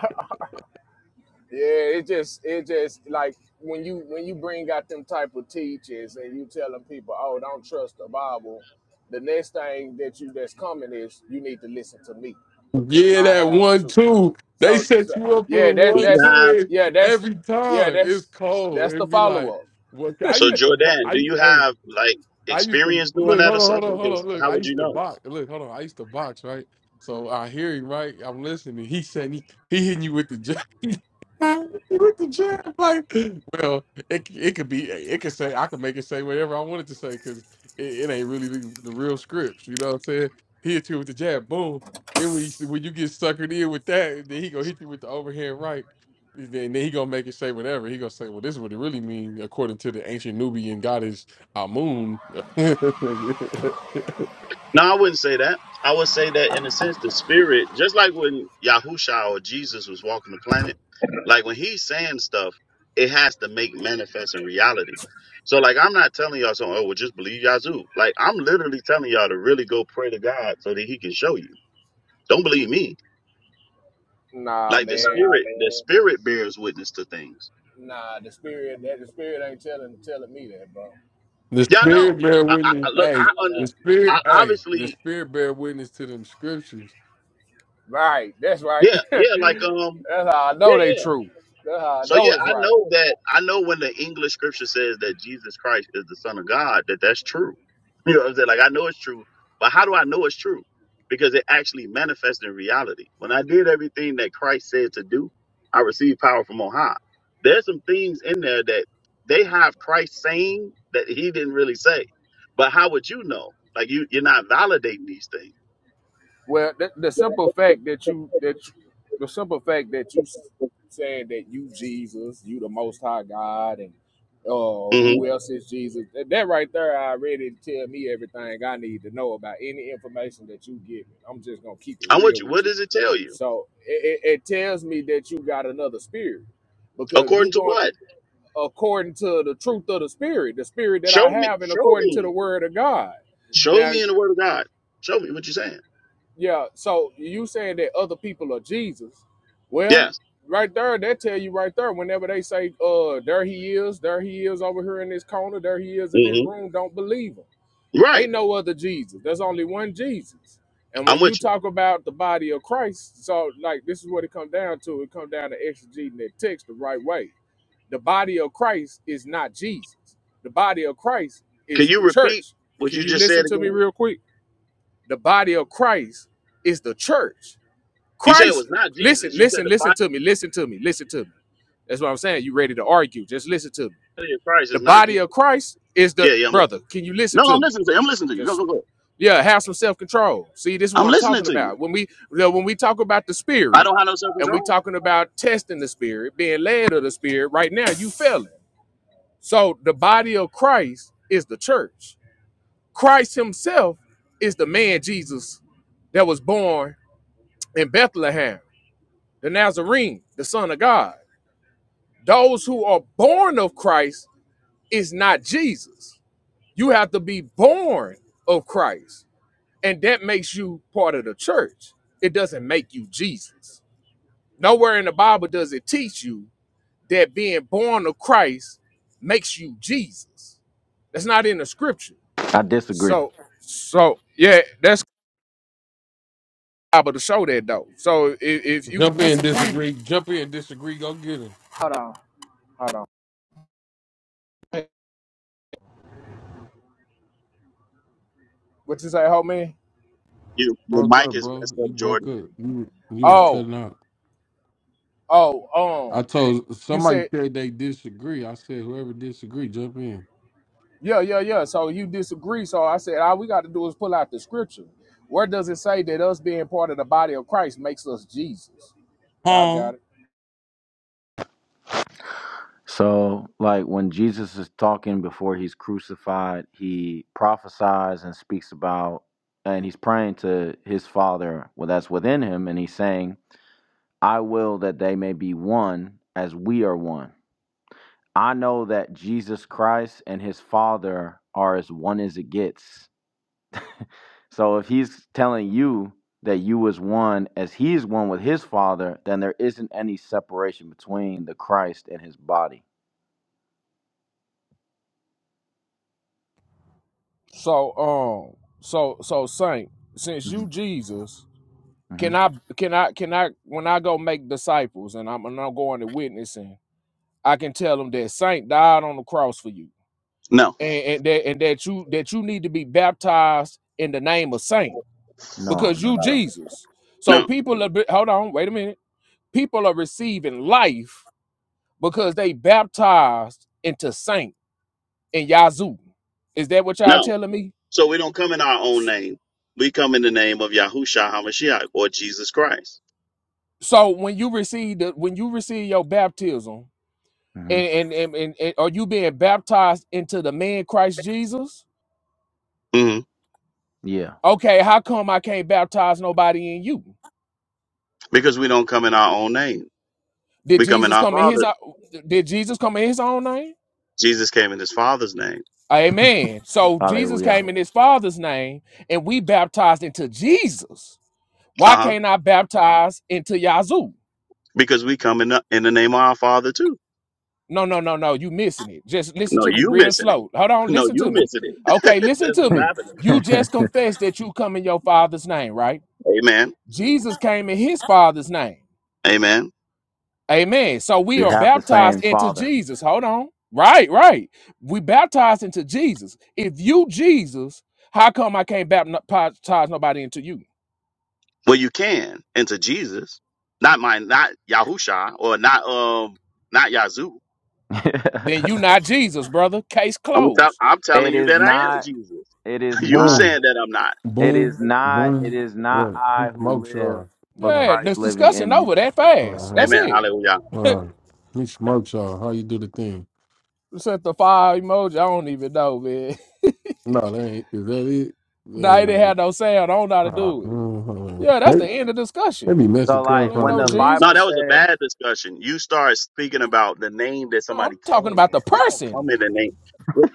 Speaker 6: Yeah, it just it just like when you when you bring out them type of teachers and you telling people, oh, don't trust the Bible. The next thing that you that's coming is you need to listen to me because
Speaker 1: Yeah,
Speaker 6: I
Speaker 1: that
Speaker 6: have the
Speaker 1: one
Speaker 6: truth.
Speaker 1: two. They
Speaker 6: So, so
Speaker 1: set you up for the
Speaker 6: yeah, that's
Speaker 8: Do
Speaker 1: one
Speaker 8: you
Speaker 6: that's
Speaker 8: have
Speaker 1: two
Speaker 6: yeah
Speaker 1: and
Speaker 6: that's
Speaker 1: every
Speaker 6: yeah
Speaker 1: time. It's
Speaker 6: that's
Speaker 1: cold.
Speaker 6: that's the
Speaker 1: It'd be
Speaker 6: follow
Speaker 1: like,
Speaker 6: up.
Speaker 1: what I
Speaker 8: so
Speaker 1: used to, bu-
Speaker 8: Jordan, do
Speaker 1: I,
Speaker 8: you
Speaker 1: hey,
Speaker 8: have like
Speaker 1: I used to
Speaker 8: experience doing
Speaker 1: look,
Speaker 8: that or
Speaker 1: hold on, hold
Speaker 8: something?
Speaker 1: on, hold
Speaker 8: 'Cause
Speaker 1: on. Look,
Speaker 8: how
Speaker 1: I
Speaker 8: would you
Speaker 1: used to
Speaker 8: know?
Speaker 1: box. Look, hold on. I used to box, right? So I hear him, right? I'm listening. He said he, he hitting you with the jab. with the jab, like, well, it it could be, it could say, I could make it say whatever I wanted to say because it, it ain't really the, the real scripts. You know what I'm saying? He hit you with the jab, boom. Then when you, when you get suckered in with that, then he gonna hit you with the overhand right. and Then, then he gonna make it say whatever. He gonna say, well, this is what it really mean according to the ancient Nubian goddess uh, Amun. the
Speaker 8: No, I wouldn't say that. I would say that in a sense, the spirit, just like when Yahusha or Jesus was walking the planet, like when he's saying stuff, it has to make manifest in reality. So, like, I'm not telling y'all something, oh, well, just believe Yazoo. Like, I'm literally telling y'all to really go pray to God so that he can show you. Don't believe me.
Speaker 6: Nah,
Speaker 8: Like, the Nah,
Speaker 6: man,
Speaker 8: spirit, the man. spirit bears witness to things.
Speaker 6: nah, the spirit that the spirit ain't telling telling me that, bro.
Speaker 8: Y'all
Speaker 6: So
Speaker 8: know.
Speaker 1: spirit bear
Speaker 8: I, I,
Speaker 6: yeah,
Speaker 8: I-
Speaker 1: witness.
Speaker 8: look, I
Speaker 1: Hey,
Speaker 8: under,
Speaker 1: the
Speaker 6: Nah,
Speaker 8: I
Speaker 1: spirit. Hey, the
Speaker 8: obviously,
Speaker 1: spirit bear witness to them scriptures.
Speaker 6: Right. That's right.
Speaker 8: yeah, yeah, like, um,
Speaker 6: That's how I know
Speaker 8: yeah,
Speaker 6: they
Speaker 8: yeah.
Speaker 6: true. That's how I
Speaker 8: So
Speaker 6: know
Speaker 8: yeah,
Speaker 6: it's
Speaker 8: I
Speaker 6: right.
Speaker 8: know that I know when the English scripture says that Jesus Christ is the Son of God, that that's true. You know what I'm saying? Like I know it's true, but how do I know it's true? Because it actually manifests in reality. When I did everything that Christ said to do, I received power from on high. There's some things in there that they have Christ saying that he didn't really say. But how would you know? Like you, you're not validating these things.
Speaker 6: Well, the, the simple fact that you that you, the simple fact that you s- said that you Jesus, you the Most High God, and uh,
Speaker 8: hmm
Speaker 6: who else is Jesus? That, that right there, I already tell me everything I need to know about any information that you give me. I'm just gonna keep it
Speaker 8: I'm
Speaker 6: real
Speaker 8: with you.
Speaker 6: with
Speaker 8: What
Speaker 6: you.
Speaker 8: does it tell you?
Speaker 6: So it, it, it tells me that you got another spirit because you
Speaker 8: According to
Speaker 6: going.
Speaker 8: what?
Speaker 6: according to the truth of the spirit, the spirit that
Speaker 8: Show
Speaker 6: I
Speaker 8: me.
Speaker 6: have, and
Speaker 8: Show
Speaker 6: according to
Speaker 8: me.
Speaker 6: the word of God.
Speaker 8: Show
Speaker 6: Now,
Speaker 8: me in the Word of God. Show me what you're saying.
Speaker 6: yeah, so you saying that other people are Jesus. Well,
Speaker 8: Yes.
Speaker 6: right there, they tell you right there, whenever they say, uh, there he is, there he is over here in this corner, there he is in this
Speaker 8: hmm
Speaker 6: room, don't believe him.
Speaker 8: Right.
Speaker 6: Ain't no other Jesus. There's only one Jesus. And
Speaker 8: I'm
Speaker 6: when you
Speaker 8: with you.
Speaker 6: talk about the body of Christ, so like this is what it comes down to. It comes down to exegeting that text the right way the body of Christ is not Jesus. The body of Christ
Speaker 8: Can
Speaker 6: is
Speaker 8: you
Speaker 6: the
Speaker 8: repeat
Speaker 6: church.
Speaker 8: what
Speaker 6: Can
Speaker 8: you
Speaker 6: you
Speaker 8: just
Speaker 6: listen
Speaker 8: said
Speaker 6: to me
Speaker 8: again?
Speaker 6: real quick? The body of Christ is the church.
Speaker 8: You said it
Speaker 6: Christ,
Speaker 8: was not
Speaker 6: listen,
Speaker 8: Jesus. You said
Speaker 6: listen,
Speaker 8: the
Speaker 6: listen
Speaker 8: body
Speaker 6: to me, listen to me, listen to me. That's what I'm saying. You ready to argue? Just listen to me.
Speaker 8: of Christ
Speaker 6: The
Speaker 8: is not
Speaker 6: body of
Speaker 8: Jesus.
Speaker 6: Christ is the
Speaker 8: Yeah, yeah. I'm listening.
Speaker 6: brother. Can you listen
Speaker 8: No,
Speaker 6: to
Speaker 8: I'm
Speaker 6: me?
Speaker 8: listening to you. I'm listening to you. Go,
Speaker 6: Just
Speaker 8: go, go.
Speaker 6: yeah, have some self control. See, this is what
Speaker 8: I'm
Speaker 6: I'm
Speaker 8: listening
Speaker 6: talking
Speaker 8: to you.
Speaker 6: about. When we you know, when we talk about the
Speaker 8: I
Speaker 6: spirit,
Speaker 8: don't have no self
Speaker 6: and we
Speaker 8: control.
Speaker 6: talking about testing the spirit, being led of the spirit. Right now, you failing. So the body of Christ is the church. Christ himself is the man Jesus that was born in Bethlehem, the Nazarene, the son of God. Those who are born of Christ is not Jesus. You have to be born of Christ, and that makes you part of the church. It doesn't make you Jesus. Nowhere in the Bible does it teach you that being born of Christ makes you Jesus. That's not in the scripture.
Speaker 9: I disagree.
Speaker 6: So, so yeah, that's able to show that though. So if, if you could
Speaker 1: Jump in,
Speaker 6: disagree,
Speaker 1: disagree. Jump in, disagree. Go get him.
Speaker 6: hold on, hold on. What you say, homie?
Speaker 8: You, your
Speaker 1: Broke
Speaker 8: mic
Speaker 1: up,
Speaker 8: is
Speaker 1: bro.
Speaker 8: messed
Speaker 1: You
Speaker 8: up,
Speaker 1: broke
Speaker 8: Jordan.
Speaker 1: up. You you was
Speaker 6: Oh,
Speaker 1: cutting out.
Speaker 6: oh,
Speaker 1: I
Speaker 6: um,
Speaker 1: told
Speaker 6: you
Speaker 1: somebody
Speaker 6: said
Speaker 1: said they disagree. I said whoever disagree, jump in.
Speaker 6: yeah, yeah, yeah. So you disagree. So I said all we got to do is pull out the scripture. Where does it say that us being part of the body of Christ makes us Jesus? Y'all
Speaker 1: Huh?
Speaker 6: got it.
Speaker 9: So, like when Jesus is talking before he's crucified, he prophesies and speaks about, and he's praying to his Father, well, that's within him, and he's saying, I will that they may be one as we are one. I know that Jesus Christ and his Father are as one as it gets. So, if he's telling you that you is one as he is one with his Father, then there isn't any separation between the Christ and his body.
Speaker 6: So, um, so so saint, since you
Speaker 9: hmm
Speaker 6: Jesus, can I can I can I when I go make disciples and I'm and I'm going to witnessing? I can tell them that Saint died on the cross for you,
Speaker 8: No,
Speaker 6: and, and that and that you that you need to be baptized in the name of Saint
Speaker 9: No,
Speaker 6: because
Speaker 9: no,
Speaker 6: you
Speaker 9: no, no.
Speaker 6: Jesus. So
Speaker 8: no,
Speaker 6: people are be- hold on, wait a minute. People are receiving life because they baptized into Saint and Yazoo. Is that what y'all
Speaker 8: no.
Speaker 6: telling me?
Speaker 8: So we don't come in our own
Speaker 6: S-
Speaker 8: name. We come in the name of Yahushua HaMashiach or Jesus Christ.
Speaker 6: So when you receive the when you receive your baptism
Speaker 9: hmm
Speaker 6: and and, and, and and are you being baptized into the man Christ Jesus?
Speaker 8: hmm
Speaker 9: Yeah.
Speaker 6: Okay, how come I can't baptize nobody in you?
Speaker 8: Because we don't come in our own name.
Speaker 6: Did
Speaker 8: We come in
Speaker 6: Jesus
Speaker 8: our
Speaker 6: come in his
Speaker 8: Father.
Speaker 6: o- did Jesus come in his own name?
Speaker 8: Jesus came in his Father's name.
Speaker 6: Amen. So Jesus
Speaker 9: Hallelujah.
Speaker 6: came in his father's name and we baptized into Jesus.
Speaker 8: Uh
Speaker 6: Why
Speaker 8: huh.
Speaker 6: can't I baptize into Yazoo?
Speaker 8: Because we come in the, in the name of our Father too.
Speaker 6: No, no, no, no. You missing it. Just listen
Speaker 8: No,
Speaker 6: to me
Speaker 8: you
Speaker 6: real
Speaker 8: missing it.
Speaker 6: slow. Hold on,
Speaker 8: No,
Speaker 6: listen
Speaker 8: you
Speaker 6: to me.
Speaker 8: missing it.
Speaker 6: Okay, listen
Speaker 8: That's
Speaker 6: to
Speaker 8: what's
Speaker 9: we
Speaker 6: me.
Speaker 8: happening.
Speaker 6: You just confessed that you come in your father's name, right?
Speaker 8: Amen.
Speaker 6: Jesus came in his father's name.
Speaker 8: Amen.
Speaker 6: Amen. So we are
Speaker 9: have the
Speaker 6: baptized
Speaker 9: same
Speaker 6: into
Speaker 9: Father.
Speaker 6: Jesus. Hold on. Right, right. We baptized into Jesus. If you Jesus, how come I can't baptize nobody into you?
Speaker 8: Well, you can into Jesus, not my, not Yahusha or not um, not Yazoo.
Speaker 6: Then you not Jesus, brother. Case
Speaker 8: I'm tell,
Speaker 6: closed.
Speaker 8: I'm telling
Speaker 9: It
Speaker 8: you
Speaker 9: is
Speaker 8: that I am
Speaker 9: not,
Speaker 8: Jesus.
Speaker 9: it is
Speaker 8: you
Speaker 9: not,
Speaker 1: Boom,
Speaker 8: saying that I'm not.
Speaker 9: it is
Speaker 1: boom,
Speaker 9: not, it
Speaker 1: boom.
Speaker 9: is not
Speaker 1: Look, he
Speaker 9: I who
Speaker 1: smokes
Speaker 9: live,
Speaker 1: y'all. Hold
Speaker 9: but
Speaker 6: Yeah,
Speaker 1: on,
Speaker 9: Christ
Speaker 6: this
Speaker 9: living
Speaker 6: discussion
Speaker 9: in me.
Speaker 6: over that
Speaker 1: hold on,
Speaker 6: fast.
Speaker 1: hold
Speaker 6: That's
Speaker 1: on.
Speaker 8: Amen.
Speaker 6: it.
Speaker 8: Hallelujah.
Speaker 1: Hold on. He smokes y'all. How you do the thing?
Speaker 6: Set the fire emoji. I don't even know, man.
Speaker 1: No, that ain't. Is that it? That
Speaker 6: Nah, it
Speaker 1: ain't
Speaker 6: didn't have
Speaker 1: it.
Speaker 6: no sound. I don't know how to
Speaker 1: Ah,
Speaker 6: do it.
Speaker 1: mm, hold on.
Speaker 6: Yeah, that's
Speaker 1: They,
Speaker 6: the end of
Speaker 1: they
Speaker 6: discussion.
Speaker 1: be
Speaker 9: So,
Speaker 1: messing
Speaker 6: Y'all
Speaker 9: like,
Speaker 6: ain't
Speaker 9: when
Speaker 6: know
Speaker 1: clubhouse
Speaker 9: the
Speaker 1: up.
Speaker 8: No,
Speaker 9: Bible
Speaker 8: that
Speaker 6: Jesus.
Speaker 8: was a
Speaker 9: says
Speaker 8: bad discussion. You start speaking about the name that
Speaker 6: No, I'm
Speaker 8: somebody came
Speaker 6: talking about the
Speaker 8: in. We don't
Speaker 6: person.
Speaker 8: come in the name. No,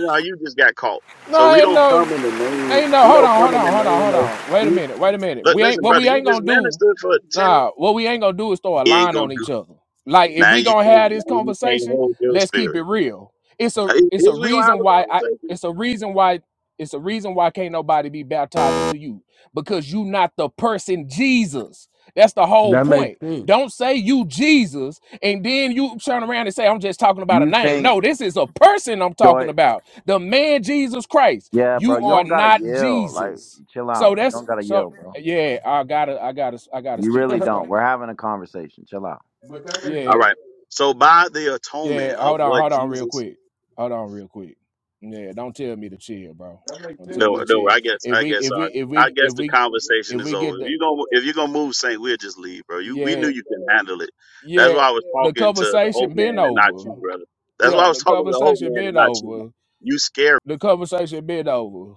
Speaker 8: no, you just got caught. So
Speaker 6: No,
Speaker 8: we
Speaker 6: ain't
Speaker 8: don't come
Speaker 6: no,
Speaker 8: in the name.
Speaker 6: ain't no.
Speaker 8: We
Speaker 6: Hold
Speaker 8: don't
Speaker 6: on, hold
Speaker 8: come in the
Speaker 6: on, hold on,
Speaker 8: name
Speaker 6: hold
Speaker 8: of.
Speaker 6: on. Wait a
Speaker 8: We,
Speaker 6: minute, wait a minute.
Speaker 8: look,
Speaker 6: We ain't
Speaker 8: listen,
Speaker 6: what
Speaker 8: brother,
Speaker 6: we
Speaker 8: you
Speaker 6: ain't
Speaker 8: just
Speaker 6: gonna do.
Speaker 8: ministered for ten.
Speaker 6: Nah, what we ain't gonna do is throw a
Speaker 8: You ain't
Speaker 6: line on
Speaker 8: gonna do.
Speaker 6: each other. Like if
Speaker 8: Now
Speaker 6: we
Speaker 8: you
Speaker 6: gonna
Speaker 8: can't.
Speaker 6: have this
Speaker 8: Now you can't
Speaker 6: conversation,
Speaker 8: hold your
Speaker 6: let's keep
Speaker 8: spirit.
Speaker 6: it real. It's a
Speaker 8: Is
Speaker 6: it's a
Speaker 8: is we gonna have
Speaker 6: reason
Speaker 8: a
Speaker 6: why I
Speaker 8: conversation?
Speaker 6: it's a reason why it's a reason why can't nobody be baptized into you because you not the person Jesus. That's the whole
Speaker 1: That makes
Speaker 6: point.
Speaker 1: sense.
Speaker 6: Don't say you Jesus and then you turn around and say I'm just talking about a
Speaker 9: you
Speaker 6: name.
Speaker 9: think
Speaker 6: No, this is a person I'm
Speaker 9: joy,
Speaker 6: talking about. The man Jesus Christ.
Speaker 9: yeah, bro,
Speaker 6: You
Speaker 9: you
Speaker 6: are
Speaker 9: don't gotta
Speaker 6: not
Speaker 9: yell. Like,
Speaker 6: Jesus.
Speaker 9: chill
Speaker 6: So
Speaker 9: out. You
Speaker 6: that's
Speaker 9: don't gotta
Speaker 6: so
Speaker 9: yell, bro.
Speaker 6: yeah, I gotta, I gotta, I gotta
Speaker 9: You
Speaker 6: speak
Speaker 9: really
Speaker 1: but
Speaker 6: this
Speaker 9: don't.
Speaker 6: way.
Speaker 9: We're having a conversation. Chill out.
Speaker 1: that makes
Speaker 8: All
Speaker 6: Yeah,
Speaker 1: sense.
Speaker 8: right. So by the atonement
Speaker 6: yeah.
Speaker 8: of
Speaker 6: Hold on,
Speaker 8: what
Speaker 6: hold on, real
Speaker 8: Jesus
Speaker 6: quick. Hold on, real quick. Yeah, don't tell me to chill, bro.
Speaker 1: That makes
Speaker 6: Don't tell
Speaker 1: sense.
Speaker 6: me
Speaker 8: No,
Speaker 6: to
Speaker 1: but
Speaker 8: no.
Speaker 6: chill.
Speaker 8: I guess,
Speaker 6: If
Speaker 8: I
Speaker 6: we,
Speaker 8: guess,
Speaker 6: if we,
Speaker 8: I,
Speaker 6: if
Speaker 8: I
Speaker 6: we,
Speaker 8: guess
Speaker 6: if
Speaker 8: the
Speaker 6: we,
Speaker 8: conversation
Speaker 6: if
Speaker 8: is
Speaker 6: we
Speaker 8: over.
Speaker 6: get
Speaker 8: If
Speaker 6: the,
Speaker 8: you gonna, if you're gonna move Saint, we'll just leave, bro. You, we knew
Speaker 6: yeah,
Speaker 8: you can handle it. That's
Speaker 6: yeah,
Speaker 8: why I was
Speaker 6: the
Speaker 8: talking to the Hope
Speaker 6: conversation been
Speaker 8: Man and not
Speaker 6: over.
Speaker 8: you, brother. That's
Speaker 6: Yeah,
Speaker 8: why I was
Speaker 6: the
Speaker 8: talking to the Hope
Speaker 6: conversation
Speaker 8: Man and
Speaker 6: been
Speaker 8: not you.
Speaker 6: over.
Speaker 8: You
Speaker 6: The conversation been over.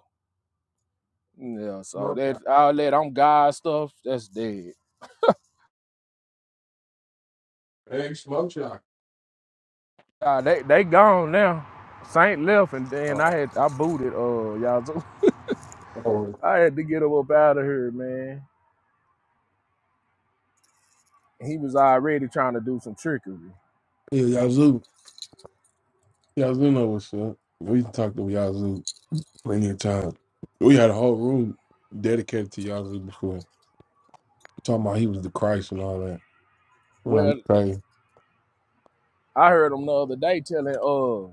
Speaker 6: Yeah, so
Speaker 1: Smoke
Speaker 6: that
Speaker 1: shop.
Speaker 6: all that on God stuff, that's dead.
Speaker 1: Hey, smoke shop.
Speaker 6: Uh, they they gone now. Saint left and
Speaker 1: All
Speaker 6: then I
Speaker 1: right.
Speaker 6: had I booted uh y'all.
Speaker 1: Oh,
Speaker 6: I had to get him up out of here, man. He was already trying to do some trickery.
Speaker 1: yeah, Yazoo. Yazoo know what's up. We talked to Yazoo plenty of times. We had a whole room dedicated to Yazoo before. Talking about he was the Christ and all that. I'm like,
Speaker 6: Well,
Speaker 1: crazy.
Speaker 6: I heard him the other day telling uh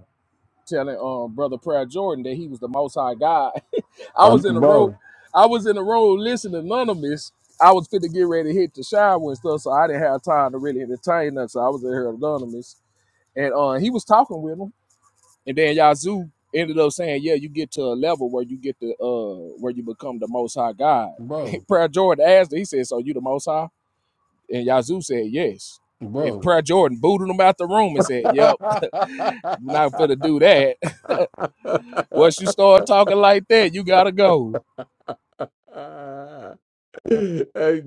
Speaker 6: telling um brother Prayer Jordan that he was the most high God. I
Speaker 1: I'm,
Speaker 6: was in a row,
Speaker 1: bro,
Speaker 6: I was in a row listening to anonymous. I was fit to get ready to hit the shower and stuff, so I didn't have time to really entertain that. So I was in here anonymous. And uh he was talking with him. And then Yazoo ended up saying, Yeah, you get to a level where you get to, uh where you become the most high God.
Speaker 1: bro,
Speaker 6: Prayer Jordan asked him, he said, So you the most high? And Yazoo said yes. And
Speaker 1: bro.
Speaker 6: Prayer Jordan booted him out the room and said,
Speaker 1: hey,
Speaker 6: Yep, we're not finna do that. Once you start talking like that, you gotta go.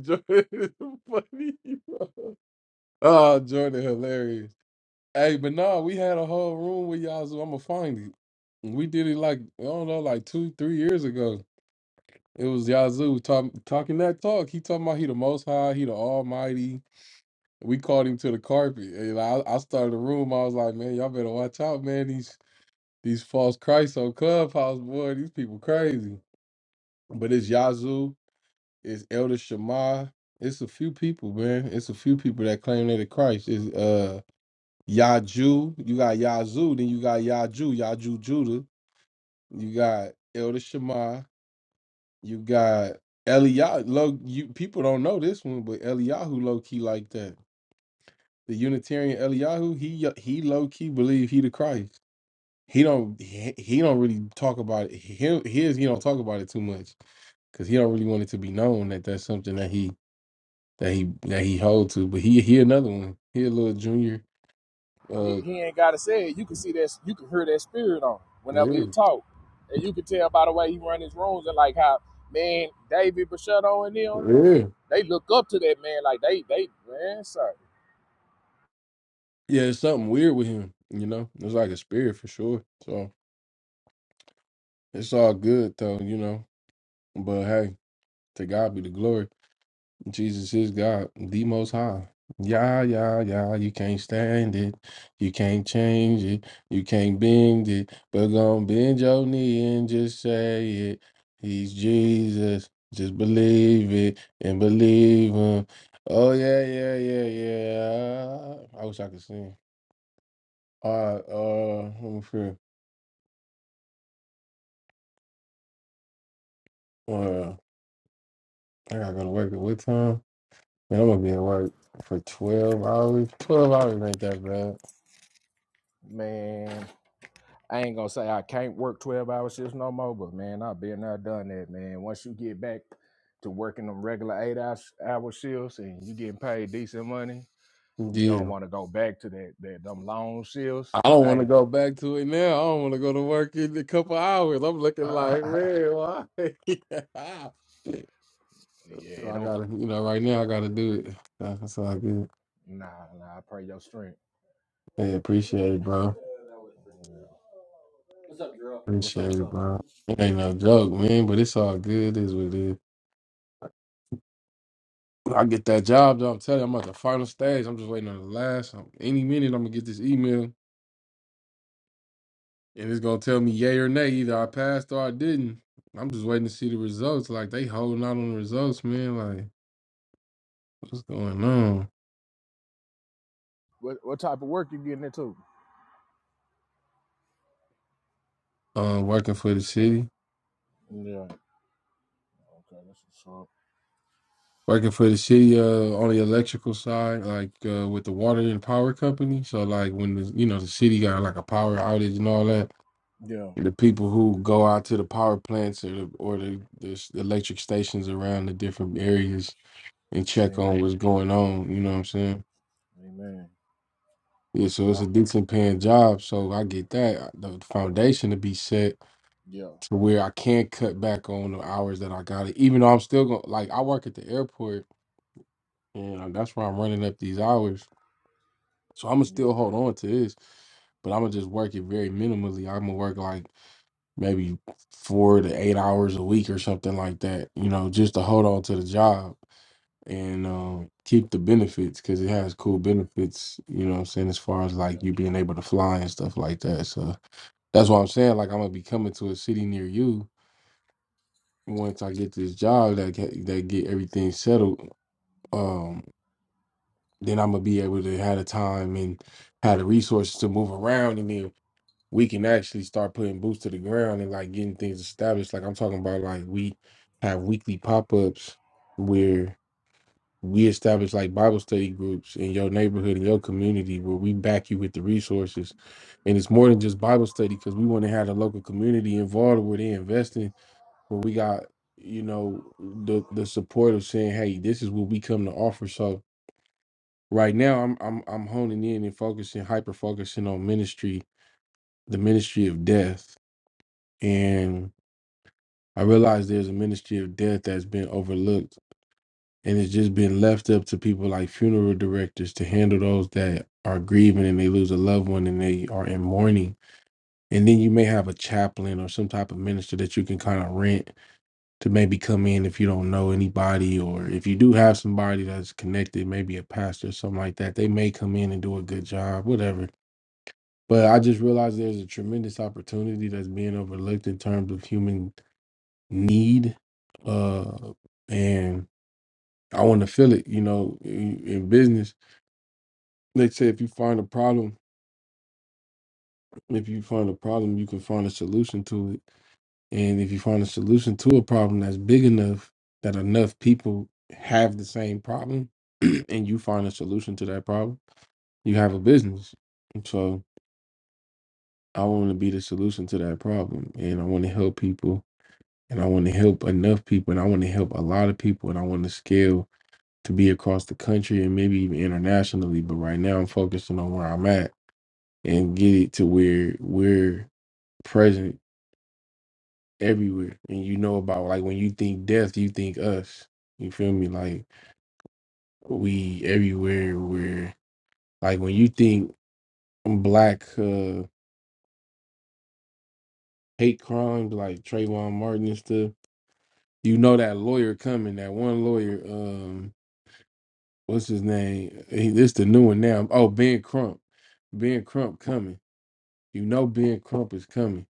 Speaker 1: Jordan is funny, bro. Oh, Jordan, hilarious. Hey, but nah, we had a whole room with Yazoo. I'ma find it. We did it like I don't know, like two, three years ago. It was Yazoo talk, talking that talk. He talking about he the Most High, he the Almighty. We called him to the carpet. And I, I started a room. I was like, man, y'all better watch out, man. These these false Christs on Clubhouse, boy. These people crazy. But it's Yazoo. It's Elder Shema. It's a few people, man. It's a few people that claim they're the Christ. It's uh Yaju, you got Yazoo, then you got Yaju, Yaju Judah, you got Elder Shema, you got Eliyahu. Low, you people don't know this one, but Eliyahu low key like that. The Unitarian Eliyahu, he he low key believe he the Christ. He don't he, he don't really talk about it. Him his he don't talk about it too much because he don't really want it to be known that that's something that he that he that he hold to. But he he another one. He a little junior.
Speaker 6: He,
Speaker 1: Uh,
Speaker 6: he ain't gotta say it. You can see that you can hear that spirit on him whenever
Speaker 1: yeah,
Speaker 6: he talk. And you can tell by the way he run his rooms and like how man, David Bruschetto and them,
Speaker 1: yeah.
Speaker 6: they look up to that man like they they man, sir
Speaker 1: Yeah, it's something weird with him, you know. It's like a spirit for sure. So it's all good though, you know. But hey, to God be the glory. Jesus is God, the most high. Yeah, yeah, yeah. You can't stand it. You can't change it. You can't bend it. But gonna bend your knee and just say it. He's Jesus. Just believe it and believe him. Oh yeah, yeah, yeah, yeah. I wish I could sing. All right, uh, let me see. Well, I gotta go to work at what time? Man, I'm gonna be at work for twelve hours. Twelve hours ain't that bad.
Speaker 6: Man. I ain't gonna say I can't work 12 hour shifts no more, but man, I've been there, done that, man. Once you get back to working them regular eight hour, hour shifts and you getting paid decent money, you don't
Speaker 1: Yeah.
Speaker 6: want to go back to that, that them long shifts.
Speaker 1: I don't wanna
Speaker 6: Hey,
Speaker 1: go back to it now. I don't wanna go to work in a couple hours. I'm looking like,
Speaker 6: yeah,
Speaker 1: man, why?
Speaker 6: it
Speaker 1: I
Speaker 6: don't,
Speaker 1: gotta you know, right now I gotta do it. That's all good.
Speaker 6: nah, nah, I pray your strength.
Speaker 1: Hey, appreciate it, bro.
Speaker 6: Yeah. What's up,
Speaker 1: Appreciate
Speaker 6: what's
Speaker 1: it,
Speaker 6: up?
Speaker 1: bro. It ain't no joke, man, but it's all good, it is what it is. I get that job though, I'm telling you, I'm at the final stage. I'm just waiting on the last. um, Any minute I'm gonna get this email. And it's gonna tell me yay or nay. Either I passed or I didn't. I'm just waiting to see the results. Like they holding out on the results, man. Like what's going on?
Speaker 6: What, what type of work you getting into?
Speaker 1: Uh, working for the city,
Speaker 6: Yeah, okay, that's what's up.
Speaker 1: working for the city. Uh, on the electrical side, like uh, with the water and power company. So like when the you know the city got like a power outage and all that,
Speaker 6: Yeah,
Speaker 1: the people who go out to the power plants or the, or the, the s- electric stations around the different areas and check on
Speaker 6: amen,
Speaker 1: what's going on. You know what I'm saying?
Speaker 6: amen.
Speaker 1: Yeah, so it's a
Speaker 6: Ah,
Speaker 1: decent paying job. So I get that. The foundation to be set
Speaker 6: yeah,
Speaker 1: to where I can't cut back on the hours that I got it, even though I'm still going to, like, I work at the airport and uh, that's where I'm running up these hours. So I'm going to
Speaker 6: yeah,
Speaker 1: still hold on to this, but I'm going to just work it very minimally. I'm going to work like maybe four to eight hours a week or something like that, you know, just to hold on to the job and um, keep the benefits because it has cool benefits, you know what I'm saying, as far as
Speaker 6: yeah.
Speaker 1: like you being able to fly and stuff like that. So. That's why I'm saying like I'm gonna be coming to a city near you. And once I get this job that get, that get everything settled, um, then I'm gonna be able to have the time and have the resources to move around, and then we can actually start putting boots to the ground and like getting things established. Like I'm talking about, like we have weekly pop ups where we establish like Bible study groups in your neighborhood in your community where we back you with the resources, and it's more than just Bible study because we want to have the local community involved where they investing where we got you know the the support of saying hey this is what we come to offer so right now i'm i'm, I'm honing in and focusing hyper focusing on ministry the ministry of death and i realize there's a ministry of death that's been overlooked and it's just been left up to people like funeral directors to handle those that are grieving and they lose a loved one and they are in mourning and then you may have a chaplain or some type of minister that you can kind of rent to maybe come in if you don't know anybody or if you do have somebody that's connected, maybe a pastor or something like that. They may come in and do a good job, whatever. But I just realized there's a tremendous opportunity that's being overlooked in terms of human need. Uh and I want to feel it, you know, in, in business. They say if you find a problem, if you find a problem, you can find a solution to it And if you find a solution to a problem that's big enough that enough people have the same problem and you find a solution to that problem, you have a business. And so I want to be the solution to that problem. And I want to help people. And I want to help enough people. And I want to help a lot of people. And I want to scale to be across the country and maybe even internationally. But right now I'm focusing on where I'm at and get it to where we're present everywhere. And you know about like when you think death, you think us. You feel me? Like we everywhere where like when you think black uh hate crimes like Trayvon Martin and stuff, you know that lawyer coming, that one lawyer, um, what's his name? He, this the new one now. Oh, Ben Crump. Ben Crump coming. You know Ben Crump is coming.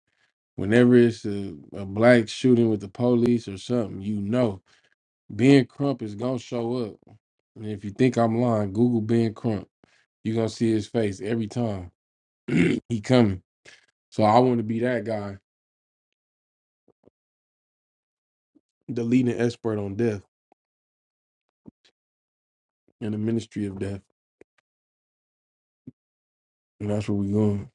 Speaker 1: Whenever it's a, a black shooting with the police or something, you know. Ben Crump is gonna show up. And if you think I'm lying, Google Ben Crump. You're gonna see his face every time. he coming. So I want to be that guy, the leading expert on death and the ministry of death. And that's where we going.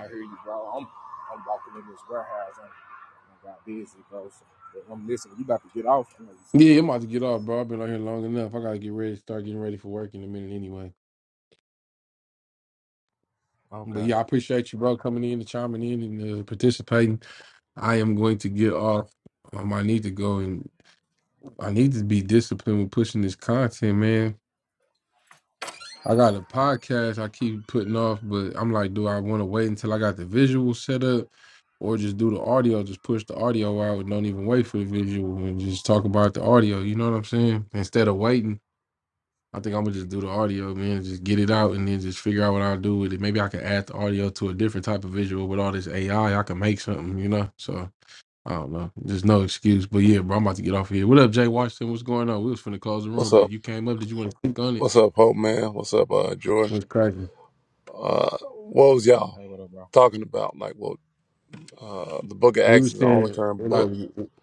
Speaker 6: I hear you, bro. I'm I'm walking in this warehouse. I'm, I got busy, bro. So but I'm listening. You about to get off? I know you said you
Speaker 1: Yeah, I'm
Speaker 6: about
Speaker 1: about to get off,
Speaker 6: to
Speaker 1: bro. I've been out here long enough. I gotta get ready, start getting ready for work in a minute anyway.
Speaker 6: go to
Speaker 1: But
Speaker 6: Okay.
Speaker 1: yeah, I appreciate you, bro, coming in and chiming in and uh, participating. I am going to get off. Um, I need to go and I need to be disciplined with pushing this content, man. I got a podcast I keep putting off, but I'm like, do I want to wait until I got the visual set up or just do the audio, just push the audio out and don't even wait for the visual and just talk about the audio? You know what I'm saying? Instead of waiting, I think I'm going to just do the audio, man, and just get it out and then just figure out what I'll do with it. Maybe I can add the audio to a different type of visual with all this AI. I I can make something, you know? So I don't know. There's no excuse. But yeah, bro, I'm about to get off of here. What up, Jay Washington? What's going on? We was finna close the
Speaker 10: What's
Speaker 1: room, but
Speaker 10: up?
Speaker 1: you came up. Did you want to click on it?
Speaker 10: What's up, Hope Man? What's up, uh, Jordan?
Speaker 1: What's crazy?
Speaker 10: Uh, what was y'all
Speaker 6: Hey, what up, bro?
Speaker 10: talking about? Like, well, uh, the Book of
Speaker 1: We were
Speaker 10: Acts is the only
Speaker 1: saying
Speaker 10: current
Speaker 1: like
Speaker 10: book.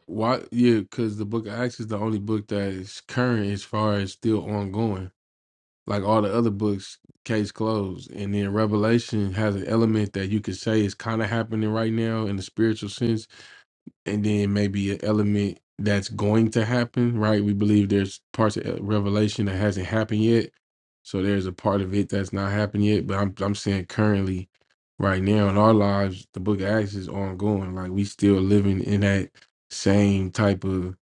Speaker 1: why? Yeah, because the Book of Acts is the only book that is current as far as still ongoing. Like all the other books, case closed, and then Revelation has an element that you could say is kind of happening right now in the spiritual sense, and then maybe an element that's going to happen, right? We believe there's parts of uh, Revelation that hasn't happened yet, so there's a part of it that's not happened yet. But I'm I'm saying currently, right now in our lives, the Book of Acts is ongoing. Like we still living in that same type of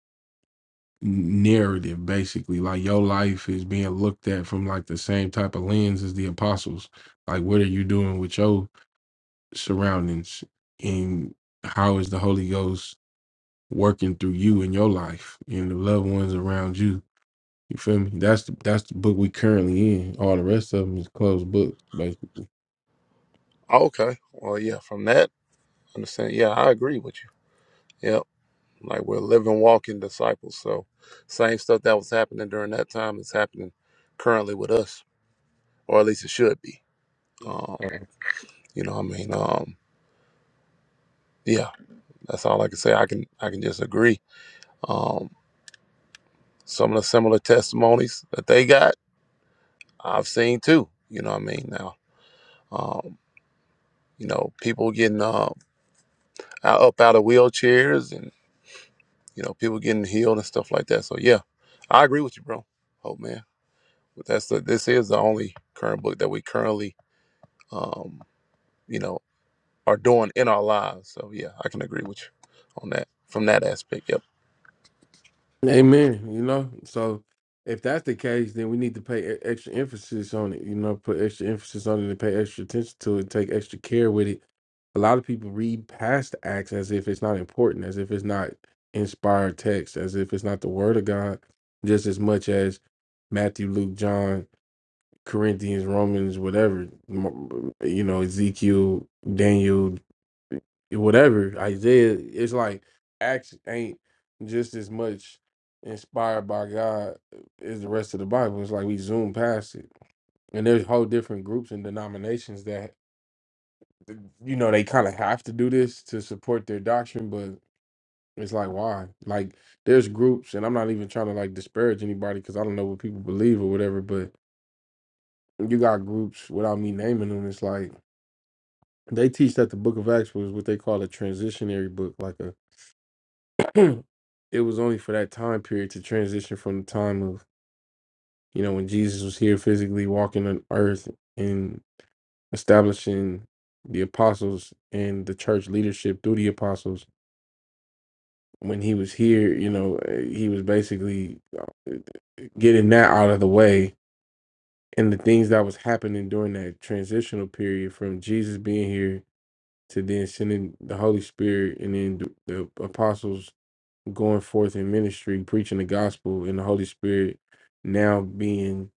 Speaker 1: narrative, basically. Like your life is being looked at from like the same type of lens as the apostles. Like what are you doing with your surroundings, and how is the Holy Ghost? working through you in your life and the loved ones around you. You feel me? That's the that's the book we currently in. All the rest of them is closed books, basically.
Speaker 10: Okay. Well, yeah. From that, understand. Yeah, I agree with you. Yep. Like we're living, walking disciples. So, same stuff that was happening during that time is happening currently with us, or at least it should be. Um, you know, what I mean, um, yeah. That's all I can say. I can, I can just agree. Um, some of the similar testimonies that they got, I've seen too. You know, what I mean, now Um, you know, people getting um, out, up out of wheelchairs and, you know, people getting healed and stuff like that. So, yeah, I agree with you, bro. Hope, man. But that's the, this is the only current book that we currently, um, you know, are doing in our lives. So, yeah, I can agree with you on that from that aspect. Yep.
Speaker 1: Amen. You know, so if that's the case, then we need to pay e- extra emphasis on it. You know, put extra emphasis on it and pay extra attention to it. Take extra care with it. A lot of people read past acts as if it's not important, as if it's not inspired text, as if it's not the word of God, just as much as Matthew, Luke, John. Corinthians, Romans, whatever, you know, Ezekiel, Daniel, whatever, Isaiah. It's like Acts ain't just as much inspired by God as the rest of the Bible. It's like we zoom past it, and there's whole different groups and denominations that you know they kind of have to do this to support their doctrine, but it's like why? Like there's groups, and I'm not even trying to like disparage anybody because I don't know what people believe or whatever, but you got groups without me naming them. It's like They teach that the Book of Acts was what they call a transitionary book, like a. it was only for that time period to transition from the time of you know when Jesus was here physically walking on earth and establishing the apostles and the church leadership through the apostles. When he was here, you know, eh, he was basically uh, getting that out of the way and the things that was happening during that transitional period from Jesus being here to then sending the Holy Spirit and then th- the apostles going forth in ministry, preaching the gospel, and the Holy Spirit now being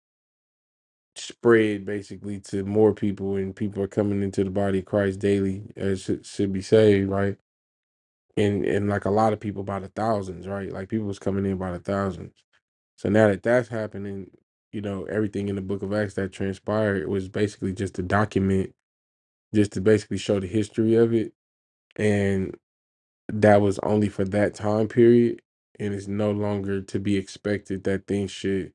Speaker 1: spread basically to more people, and people are coming into the body of Christ daily as should, should be saved, right? And and like a lot of people by the thousands, right? Like people was coming in by the thousands. So now that that's happening, you know, everything in the Book of Acts that transpired was basically just to document, just to basically show the history of it and. that was only for that time period and it's no longer to be expected that things should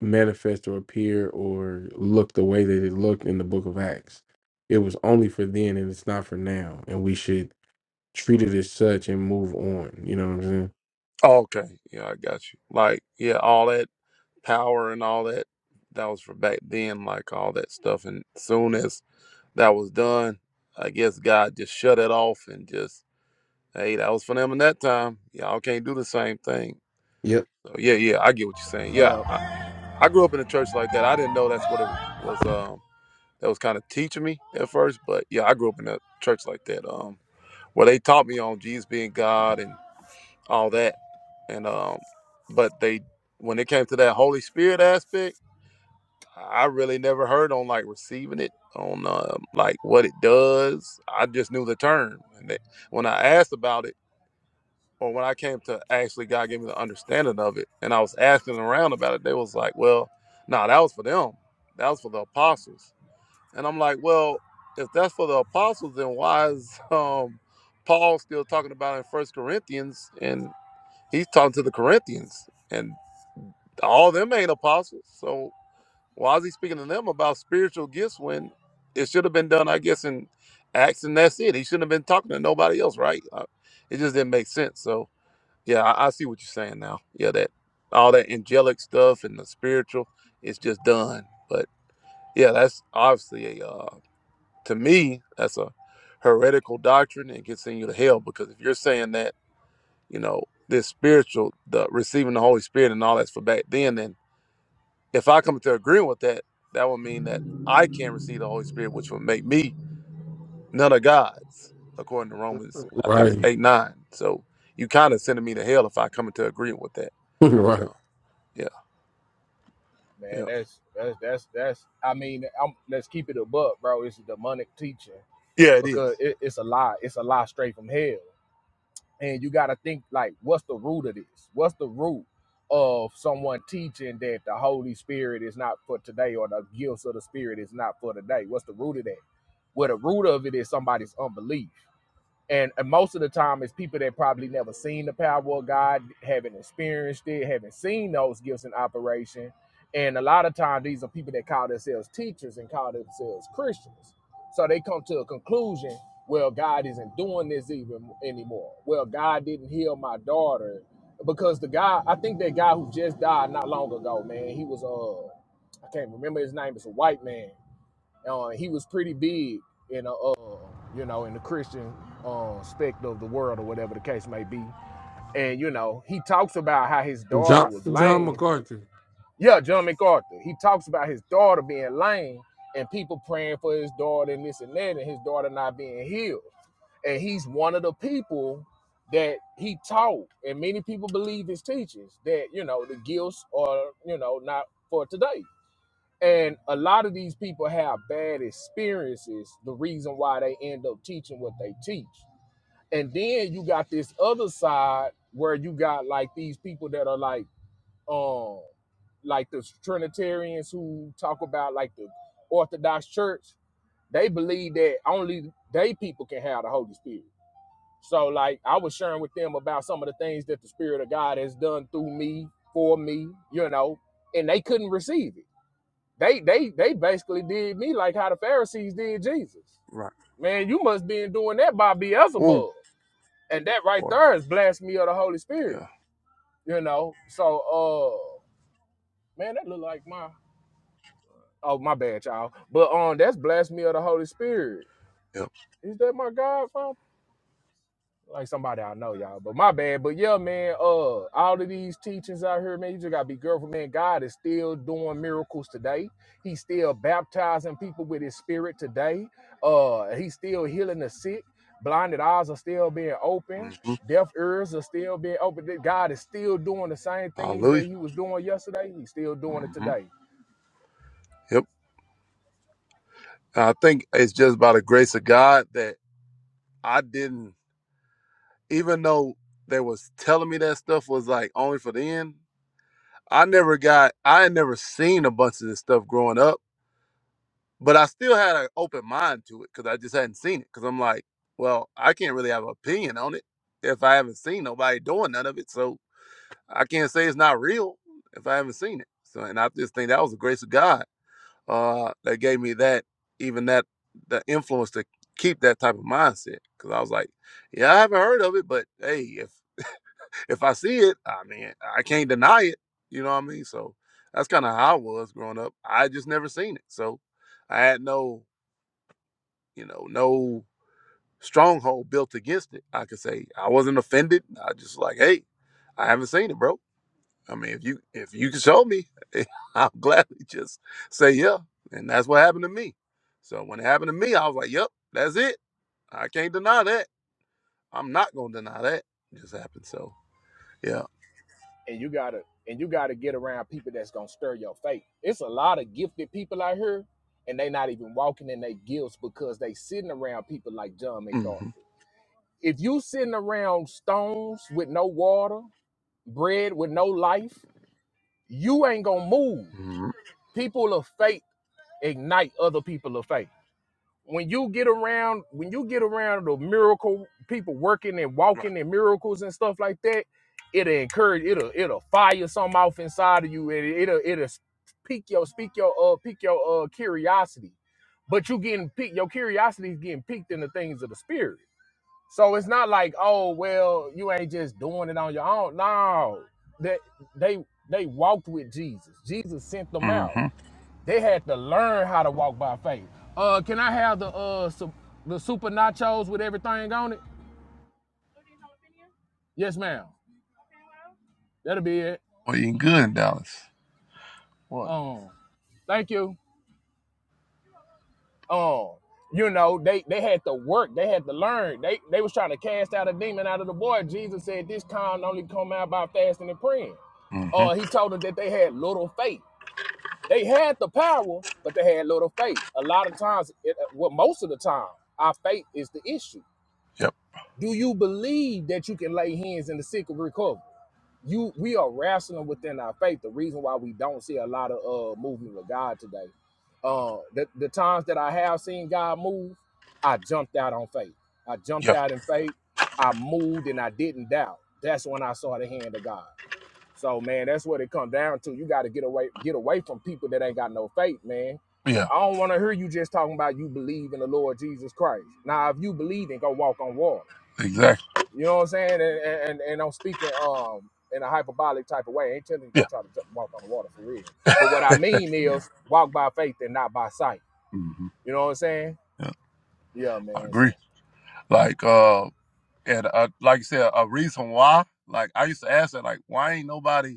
Speaker 1: manifest or appear or look the way that it looked in the book of acts it was only for then and it's not for now and we should treat it as such and move on you know what i'm saying
Speaker 10: Okay. Yeah, I got you. Like, yeah, all that power and all that, that was for back then, like all that stuff. And soon as that was done, I guess God just shut it off and just Hey, that was for them in that time. Y'all can't do the same thing.
Speaker 1: yep
Speaker 10: So yeah, yeah, I get what you're saying. Yeah, I,
Speaker 6: Yeah,
Speaker 10: I grew up in a church like that. I didn't know that's what it was. Um, that was kind of teaching me at first, but yeah, I grew up in a church like that. Um, where they taught me on Jesus being God and all that, and um, but they when it came to that Holy Spirit aspect, I really never heard on like receiving it on um, like what it does. I just knew the term, and they, when I asked about it or when I came to actually God gave me the understanding of it and I was asking around about it, they was like, Well, no, nah, that was for them. That was for the apostles. And I'm like, Well, if that's for the apostles, then why is um Paul still talking about it in First Corinthians and he's talking to the Corinthians and all them ain't apostles. So why is he speaking to them about spiritual gifts when it should have been done, I guess, in Acts and that's it. He shouldn't have been talking to nobody else, right? Uh, It just didn't make sense. So yeah, I, I see what you're saying now. Yeah, that all that angelic stuff and the spiritual is just done. But yeah, that's obviously a uh, to me that's a heretical doctrine and can send you to hell because if you're saying that you know this spiritual, the receiving the Holy Spirit and all that's for back then, then if I come to agree with that, that would mean that I can't receive the Holy Spirit, which would make me none of God's, according to Romans, I think
Speaker 1: right
Speaker 10: it's eight nine. So you kind of sending me to hell if I come into agreement with that.
Speaker 1: right
Speaker 10: So yeah. Yeah,
Speaker 6: man. That's that's that's that's. I mean, I'm, let's keep it above, bro. It's demonic teaching
Speaker 10: Yeah, it
Speaker 6: because
Speaker 10: is.
Speaker 6: it, it's a lie. It's a lie straight from hell. and you got to think like what's the root of this what's the root of someone teaching that the holy spirit is not for today or the gifts of the spirit is not for today what's the root of that well the root of it is somebody's unbelief and, and most of the time it's people that probably never seen the power of god haven't experienced it haven't seen those gifts in operation and a lot of times these are people that call themselves teachers and call themselves christians so they come to a conclusion well god isn't doing this even anymore well god didn't heal my daughter because the guy i think that guy who just died not long ago man he was uh i can't remember his name it's a white man uh, he was pretty big in a, uh, you know, in the Christian uh, spect of the world or whatever the case may be. And you know, he talks about how his daughter
Speaker 1: john
Speaker 6: was
Speaker 1: john
Speaker 6: lame.
Speaker 1: macarthur
Speaker 6: Yeah, John MacArthur. He talks about his daughter being lame and people praying for his daughter and this and that, and his daughter not being healed. And he's one of the people that he taught, and many people believe his teachings that you know the gifts are you know not for today and a lot of these people have bad experiences, the reason why they end up teaching what they teach. And then you got this other side where you got like these people that are like um like the Trinitarians who talk about like the Orthodox Church, they believe that only they people can have the Holy Spirit. So like I was sharing with them about some of the things that the Spirit of God has done through me, for me, you know, and they couldn't receive it they they they basically did me like how the Pharisees did Jesus.
Speaker 10: Right.
Speaker 6: Man, you must be doing that by
Speaker 10: Oh,
Speaker 6: Beelzebub. And that right
Speaker 10: boy.
Speaker 6: there is blasphemy of the Holy Spirit.
Speaker 10: yeah.
Speaker 6: You know? So uh man, that look like my oh my bad, y'all. But um that's blasphemy of the Holy Spirit.
Speaker 10: Yep.
Speaker 6: Is that my God phone? like somebody I know, y'all. But my bad. But yeah, man, uh, all of these teachings out here, man, you just gotta be careful, man. God is still doing miracles today. He's still baptizing people with his spirit today. Uh, he's still healing the sick. Blinded eyes are still being open.
Speaker 10: hmm
Speaker 6: Deaf ears are still being open. God is still doing the same things that
Speaker 10: Hallelujah.
Speaker 6: he was doing yesterday. He's still doing it
Speaker 10: hmm
Speaker 6: today.
Speaker 10: Yep. I think it's just by the grace of God that I didn't, even though they was telling me that stuff was like only for the end. I never got, I had never seen a bunch of this stuff growing up, but I still had an open mind to it because I just hadn't seen it. Because I'm like, well, I can't really have an opinion on it if I haven't seen nobody doing none of it. So I can't say it's not real if I haven't seen it. So, and I just think that was the grace of God uh, that gave me that, even that, the influence to keep that type of mindset. Because I was like, yeah, I haven't heard of it, but hey, if if I see it, I mean, I can't deny it. You know what I mean? So that's kind of how I was growing up. I just never seen it, so I had no, you know, no stronghold built against it. I could say I wasn't offended. I just like, hey, I haven't seen it, bro I mean, if you if you can show me, I'll gladly just say yeah. And that's what happened to me. So when it happened to me, I was like, "Yep, that's it. I can't deny that. I'm not gonna deny that. It just happened." So yeah.
Speaker 6: and you gotta and you gotta get around people that's gonna stir your faith. It's a lot of gifted people out here, and they not even walking in their gifts because they sitting around people like John McDowell.
Speaker 10: Mm-hmm.
Speaker 6: If you sitting around stones with no water, bread with no life, you ain't gonna move.
Speaker 10: Mm-hmm.
Speaker 6: People of faith ignite other people of faith when you get around when you get around the miracle people working and
Speaker 10: Right.
Speaker 6: walking and miracles and stuff like that it'll encourage it'll it'll fire something off inside of you and it, it'll it'll pique your speak your uh pique your uh curiosity but you getting piqued your curiosity is getting piqued in the things of the spirit so it's not like oh well you ain't just doing it on your own no that they they walked with jesus jesus sent them out
Speaker 10: Mm-hmm.
Speaker 6: they had to learn how to walk by faith. Uh, can I have the uh su- the super nachos with everything on it? Yes, ma'am. That'll be it.
Speaker 10: Well, you good in Dallas. What?
Speaker 6: Um, thank you. Um, you know they they had to work. They had to learn. They they was trying to cast out a demon out of the boy. Jesus said this kind only come out by fasting and praying.
Speaker 10: Mm-hmm.
Speaker 6: Uh, he told them that they had little faith. They had the power, but they had little faith. A lot of times, it, uh, well, most of the time, our faith is the issue.
Speaker 10: Yep.
Speaker 6: Do you believe that you can lay hands in the sick and recover? You, we are wrestling within our faith. The reason why we don't see a lot of uh, movement of God today, uh, the, the times that I have seen God move, I jumped out on faith. I jumped
Speaker 10: Yeah.
Speaker 6: out in faith. I moved and I didn't doubt. That's when I saw the hand of God. So man, that's what it comes down to. You got to get away, get away from people that ain't got no faith, man.
Speaker 10: Yeah.
Speaker 6: I don't want to hear you just talking about you believe in the Lord Jesus Christ. Now, if you believe, then go walk on water.
Speaker 10: Exactly.
Speaker 6: You know what I'm saying? And and, and I'm speaking um in a hyperbolic type of way. I ain't telling you to go
Speaker 10: Yeah.
Speaker 6: try to ju- walk on the water for real. But what I mean
Speaker 10: Yeah.
Speaker 6: is walk by faith and not by sight.
Speaker 10: Mm-hmm.
Speaker 6: You know what I'm saying?
Speaker 10: Yeah.
Speaker 6: Yeah,
Speaker 10: I
Speaker 6: man.
Speaker 10: agree.
Speaker 6: So
Speaker 10: Like uh, and uh, like you said, a reason why. Like I used to ask that, like, why ain't nobody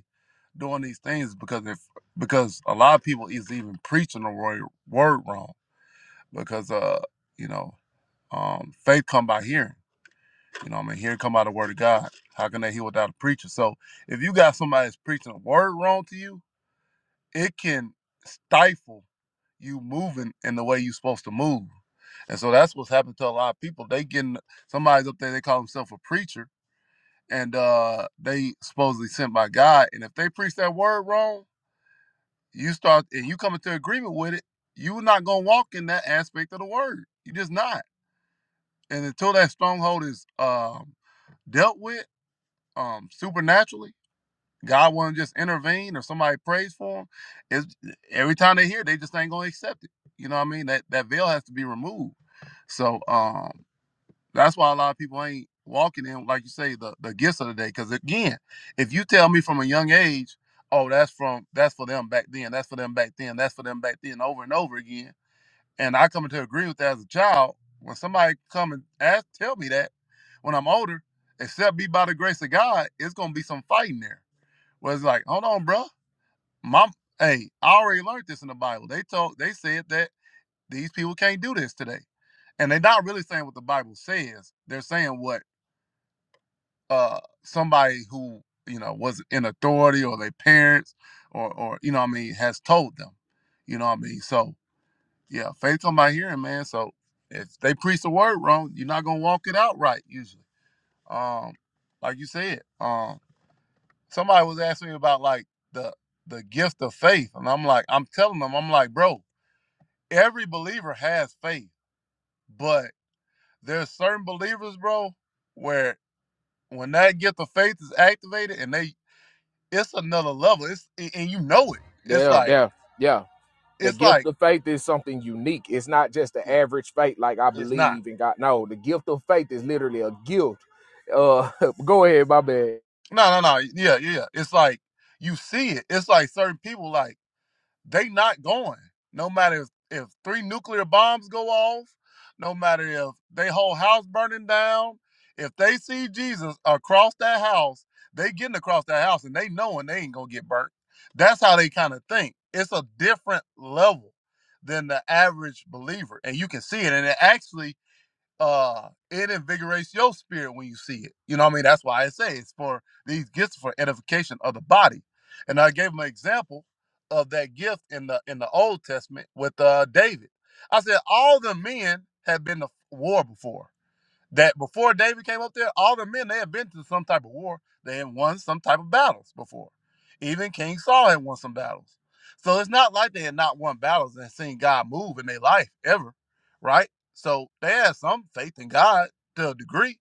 Speaker 10: doing these things because if because a lot of people is even preaching the word, word wrong because uh you know um faith come by hearing you know what I mean hearing come by the word of God how can they hear without a preacher so if you got somebody that's preaching a word wrong to you it can stifle you moving in the way you're supposed to move and so that's what's happened to a lot of people they getting somebody's up there they call themselves a preacher and uh they supposedly sent by God and if they preach that word wrong you start and you come into agreement with it, you're not gonna walk in that aspect of the word. You just not. And until that stronghold is um, dealt with um, supernaturally, God won't just intervene or somebody prays for them. It's, every time they hear, it, they just ain't gonna accept it. You know what I mean? That that veil has to be removed. So um, that's why a lot of people ain't walking in, like you say, the, the gifts of the day. Because again, if you tell me from a young age, oh, that's from that's for them back then, that's for them back then, that's for them back then, over and over again, and I come into agree with that as a child, when somebody come and ask, tell me that, when I'm older, except be by the grace of God, it's gonna be some fighting there. Where it's like, hold on, bro, mom, hey, I already learned this in the Bible. They told, they said that these people can't do this today and they're not really saying what the Bible says. They're saying what uh somebody who you know was in authority or their parents or or you know what I mean has told them. You know what I mean? So yeah, faith come by hearing, man. So if they preach the word wrong, you're not gonna walk it out right usually. Um, like you said, um, somebody was asking me about like the the gift of faith, and I'm like, I'm telling them, I'm like, bro, every believer has faith, but there's certain believers, bro, where when that gift of faith is activated and they it's another level. It's and and you know it. It's
Speaker 6: yeah,
Speaker 10: like
Speaker 6: yeah, yeah. The
Speaker 10: it's
Speaker 6: gift
Speaker 10: like
Speaker 6: of faith is something unique. It's not just the
Speaker 10: yeah,
Speaker 6: average faith, like I
Speaker 10: it's not.
Speaker 6: believe in God. No, the gift of faith is literally a gift. Uh, go ahead, my man.
Speaker 10: No, no, no. Yeah, yeah. yeah. It's like you see it. It's like certain people like they not going. No matter if, if three nuclear bombs go off, no matter if they whole house burning down, if they see Jesus across that house, they getting across that house and they knowing they ain't gonna get burnt. That's how they kind of think. It's a different level than the average believer, and you can see it. And it actually uh it invigorates your spirit when you see it. You know what I mean? That's why I say it's for these gifts for edification of the body. And I gave him an example of that gift in the in the Old Testament with uh David. I said all the men have been to war before that before David came up there, all the men they had been to some type of war. They had won some type of battles before. Even King Saul had won some battles. So it's not like they had not won battles and seen God move in their life ever, right? So they had some faith in God to a degree.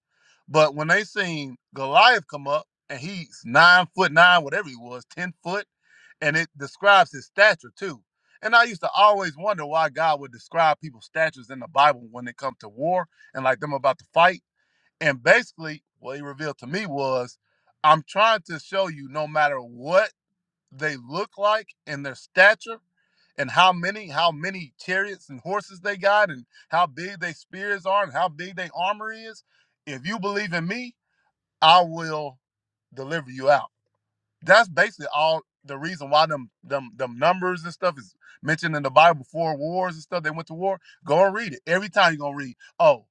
Speaker 10: But when they seen Goliath come up and he's nine foot nine, whatever he was, ten foot, and it describes his stature too. And I used to always wonder why God would describe people's statures in the Bible when it comes to war and like them about to fight and basically, what he revealed to me was I'm trying to show you no matter what they look like and their stature and how many how many chariots and horses they got and how big their spears are and how big their armor is if you believe in me i will deliver you out that's basically all the reason why them them them numbers and stuff is mentioned in the Bible before wars and stuff. They went to war. Go and read it. Every time you're gonna read, oh,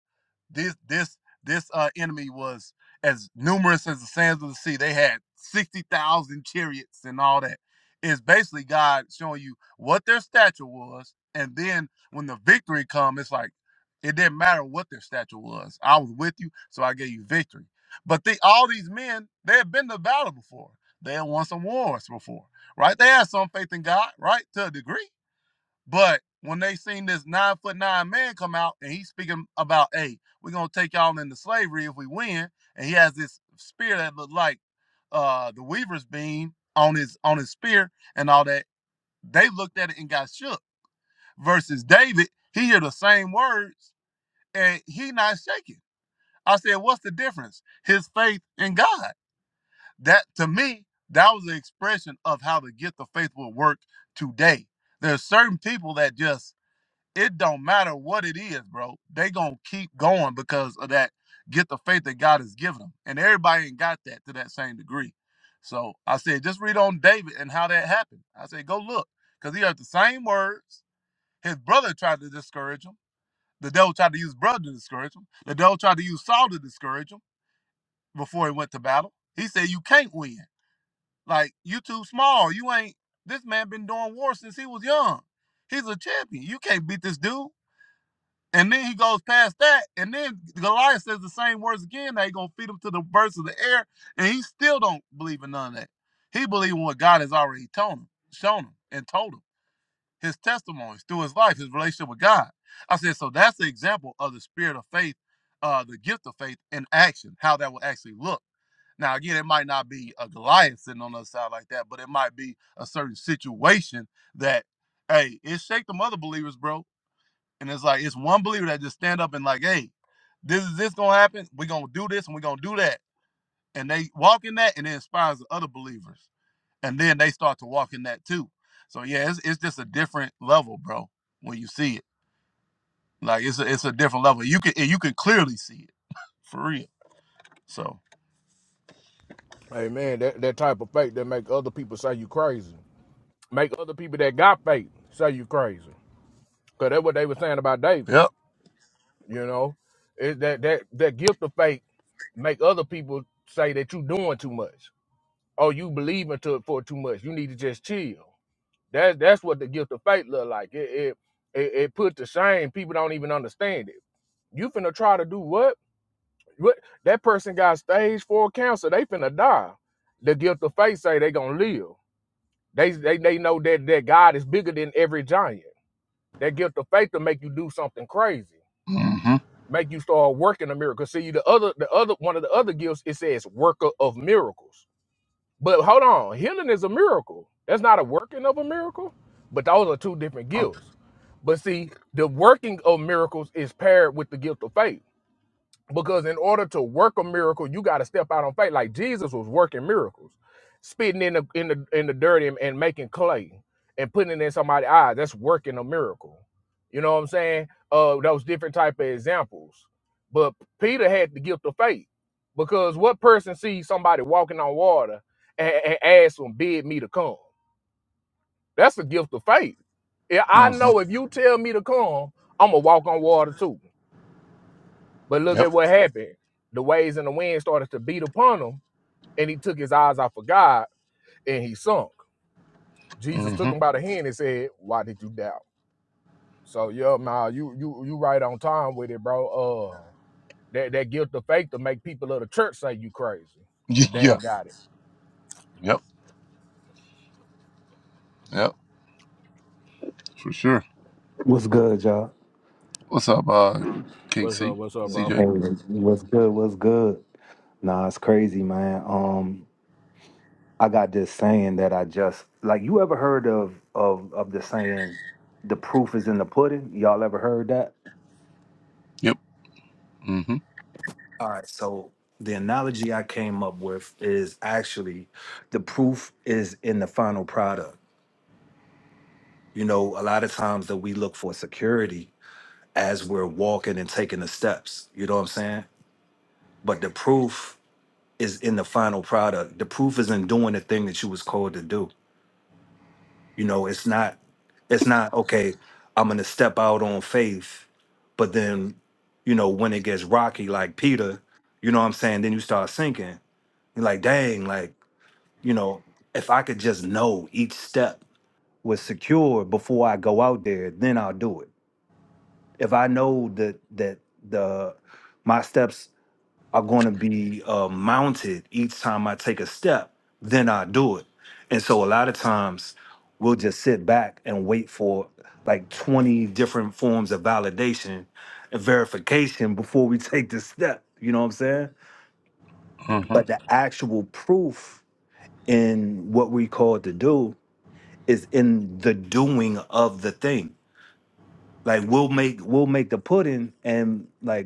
Speaker 10: this this this uh, enemy was as numerous as the sands of the sea. They had sixty thousand chariots and all that. It's basically God showing you what their stature was, and then when the victory come, it's like it didn't matter what their stature was. I was with you, so I gave you victory. But they, all these men, they had been to battle before they have won some wars before, right? They had some faith in God, right, to a degree. But when they seen this nine foot nine man come out and he's speaking about, hey, we're gonna take y'all into slavery if we win, and he has this spear that looked like uh the weaver's beam on his on his spear and all that, they looked at it and got shook. Versus David, he hear the same words and he not shaking. I said, what's the difference? His faith in God that to me that was an expression of how the gift of faith will work today there's certain people that just it don't matter what it is bro they gonna keep going because of that gift of faith that god has given them and everybody ain't got that to that same degree so i said just read on david and how that happened i said go look because he had the same words his brother tried to discourage him the devil tried to use brother to discourage him the devil tried to use saul to discourage him before he went to battle he said you can't win like you too small. You ain't this man been doing war since he was young. He's a champion. You can't beat this dude. And then he goes past that. And then Goliath says the same words again. They gonna feed him to the birds of the air. And he still don't believe in none of that. He believe in what God has already told him, shown him, and told him. His testimonies through his life, his relationship with God. I said, so that's the example of the spirit of faith, uh, the gift of faith in action, how that will actually look. Now, again, it might not be a Goliath sitting on the other side like that, but it might be a certain situation that, hey, it shake them other believers, bro. And it's like it's one believer that just stand up and like, hey, this is this gonna happen. We're gonna do this and we're gonna do that. And they walk in that and it inspires the other believers. And then they start to walk in that too. So yeah, it's, it's just a different level, bro, when you see it. Like it's a it's a different level. You can you can clearly see it for real. So
Speaker 6: Hey man, that, that type of faith that make other people say you crazy. Make other people that got faith say you crazy. Cause that's what they were saying about David.
Speaker 10: Yep.
Speaker 6: You know, it, that that that gift of faith make other people say that you doing too much, or you believing to it for too much. You need to just chill. That that's what the gift of faith look like. It it it, it put to shame. People don't even understand it. You finna try to do what? What that person got stage four cancer. They finna die. The gift of faith say they gonna live. They they they know that that God is bigger than every giant. That gift of faith to make you do something crazy.
Speaker 10: Mm-hmm.
Speaker 6: make you start working a miracle. See the other the other one of the other gifts it says worker of miracles. But hold on, healing is a miracle. That's not a working of a miracle, but those are two different
Speaker 10: Uh,
Speaker 6: gifts. But see, the working of miracles is paired with the gift of faith because in order to work a miracle, you got to step out on faith. Like Jesus was working miracles, spitting in the in the in the dirt and, and making clay and putting it in somebody's eye. That's working a miracle. You know what I'm saying? Uh, those different type of examples. But Peter had the gift of faith because what person sees somebody walking on water and, and asks them, "Bid me to come"? That's the gift of faith. Yeah, I
Speaker 10: Mm-hmm.
Speaker 6: know if you tell me to come, I'm gonna walk on water too. But look
Speaker 10: Yep.
Speaker 6: at what happened. The waves and the wind started to beat upon him, and he took his eyes off of God and he sunk. Jesus
Speaker 10: Mm-hmm.
Speaker 6: took him by the hand and said, Why did you doubt? So yeah, nah, you you you right on time with it, bro. Uh that, that guilt of faith to make people of the church say you crazy
Speaker 10: Y-
Speaker 6: if they
Speaker 10: Yeah.
Speaker 6: ain't got it.
Speaker 10: Yep. Yep. For sure.
Speaker 11: What's good, y'all?
Speaker 10: What's up, uh, King
Speaker 6: What's
Speaker 10: C?
Speaker 6: up? What's up,
Speaker 10: C J.
Speaker 6: bro?
Speaker 11: Hey, what's good? What's good? Nah, it's crazy, man. Um, I got this saying that I just like. You ever heard of of of the saying, "The proof is in the pudding"? Y'all ever heard that?
Speaker 10: Yep. Mm-hmm.
Speaker 11: All right. So the analogy I came up with is actually the proof is in the final product. You know, a lot of times that we look for security as we're walking and taking the steps. You know what I'm saying? But the proof is in the final product. The proof is in doing the thing that you was called to do. You know, it's not it's not okay, I'm gonna step out on faith, but then, you know, when it gets rocky like Peter, you know what I'm saying, then you start sinking. You're like, dang, like, you know, if I could just know each step was secure before I go out there, then I'll do it. If I know that that the my steps are going to be uh, mounted each time I take a step, then I do it. And so a lot of times we'll just sit back and wait for like 20 different forms of validation and verification before we take the step. You know what I'm saying? But
Speaker 10: Mm-hmm.
Speaker 11: the actual proof in what we call to do is in the doing of the thing. Like we'll make we'll make the pudding and like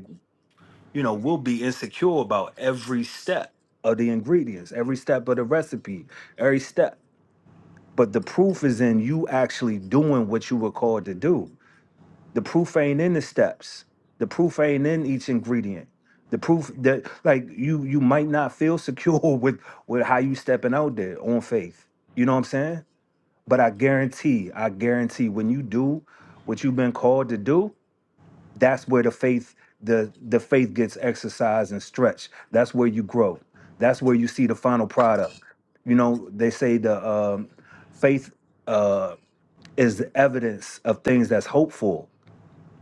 Speaker 11: you know, we'll be insecure about every step of the ingredients, every step of the recipe, every step. But the proof is in you actually doing what you were called to do. The proof ain't in the steps. The proof ain't in each ingredient. The proof that like you you might not feel secure with with how you stepping out there on faith. You know what I'm saying? But I guarantee, I guarantee when you do what you've been called to do, that's where the faith the the faith gets exercised and stretched that's where you grow that's where you see the final product you know they say the um, faith uh, is the evidence of things that's hopeful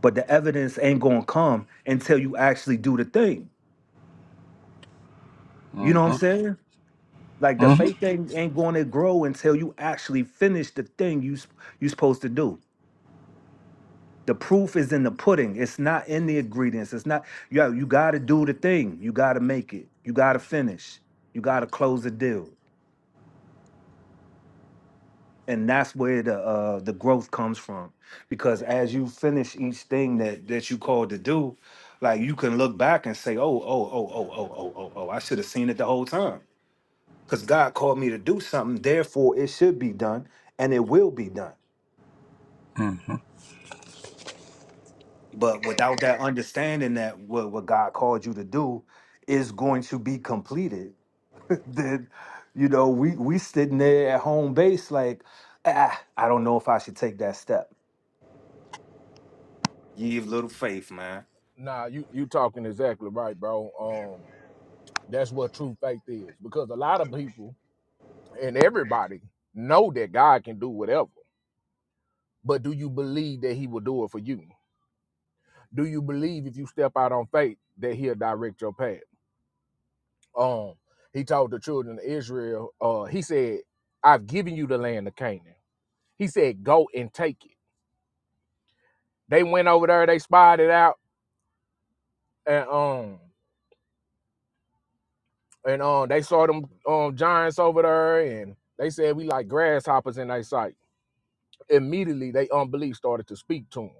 Speaker 11: but the evidence ain't gonna come until you actually do the thing you know what
Speaker 10: Mm-hmm.
Speaker 11: i'm saying like the
Speaker 10: Mm-hmm.
Speaker 11: faith thing ain't gonna grow until you actually finish the thing you s- you supposed to do The proof is in the pudding. It's not in the ingredients. It's not yo, you gotta do the thing. You gotta make it. You gotta finish. You gotta close the deal. And that's where the uh the growth comes from. Because as you finish each thing that that you called to do, like you can look back and say, Oh, oh, oh, oh, oh, oh, oh, oh, oh, I should have seen it the whole time. Because God called me to do something, therefore it should be done and it will be done.
Speaker 10: Mm-hmm.
Speaker 11: But without that understanding that what, what God called you to do is going to be completed, then you know we we sitting there at home base like, ah, I don't know if I should take that step. Ye of little faith, man.
Speaker 6: Nah, you you talking exactly right, bro. Um that's what true faith is. Because a lot of people and everybody know that God can do whatever. But do you believe that he will do it for you? do you believe if you step out on faith that he'll direct your path um he told the children of israel uh he said i've given you the land of canaan he said go and take it they went over there they spied it out and um and um they saw them um giants over there and they said we like grasshoppers in their sight immediately they unbelief started to speak to them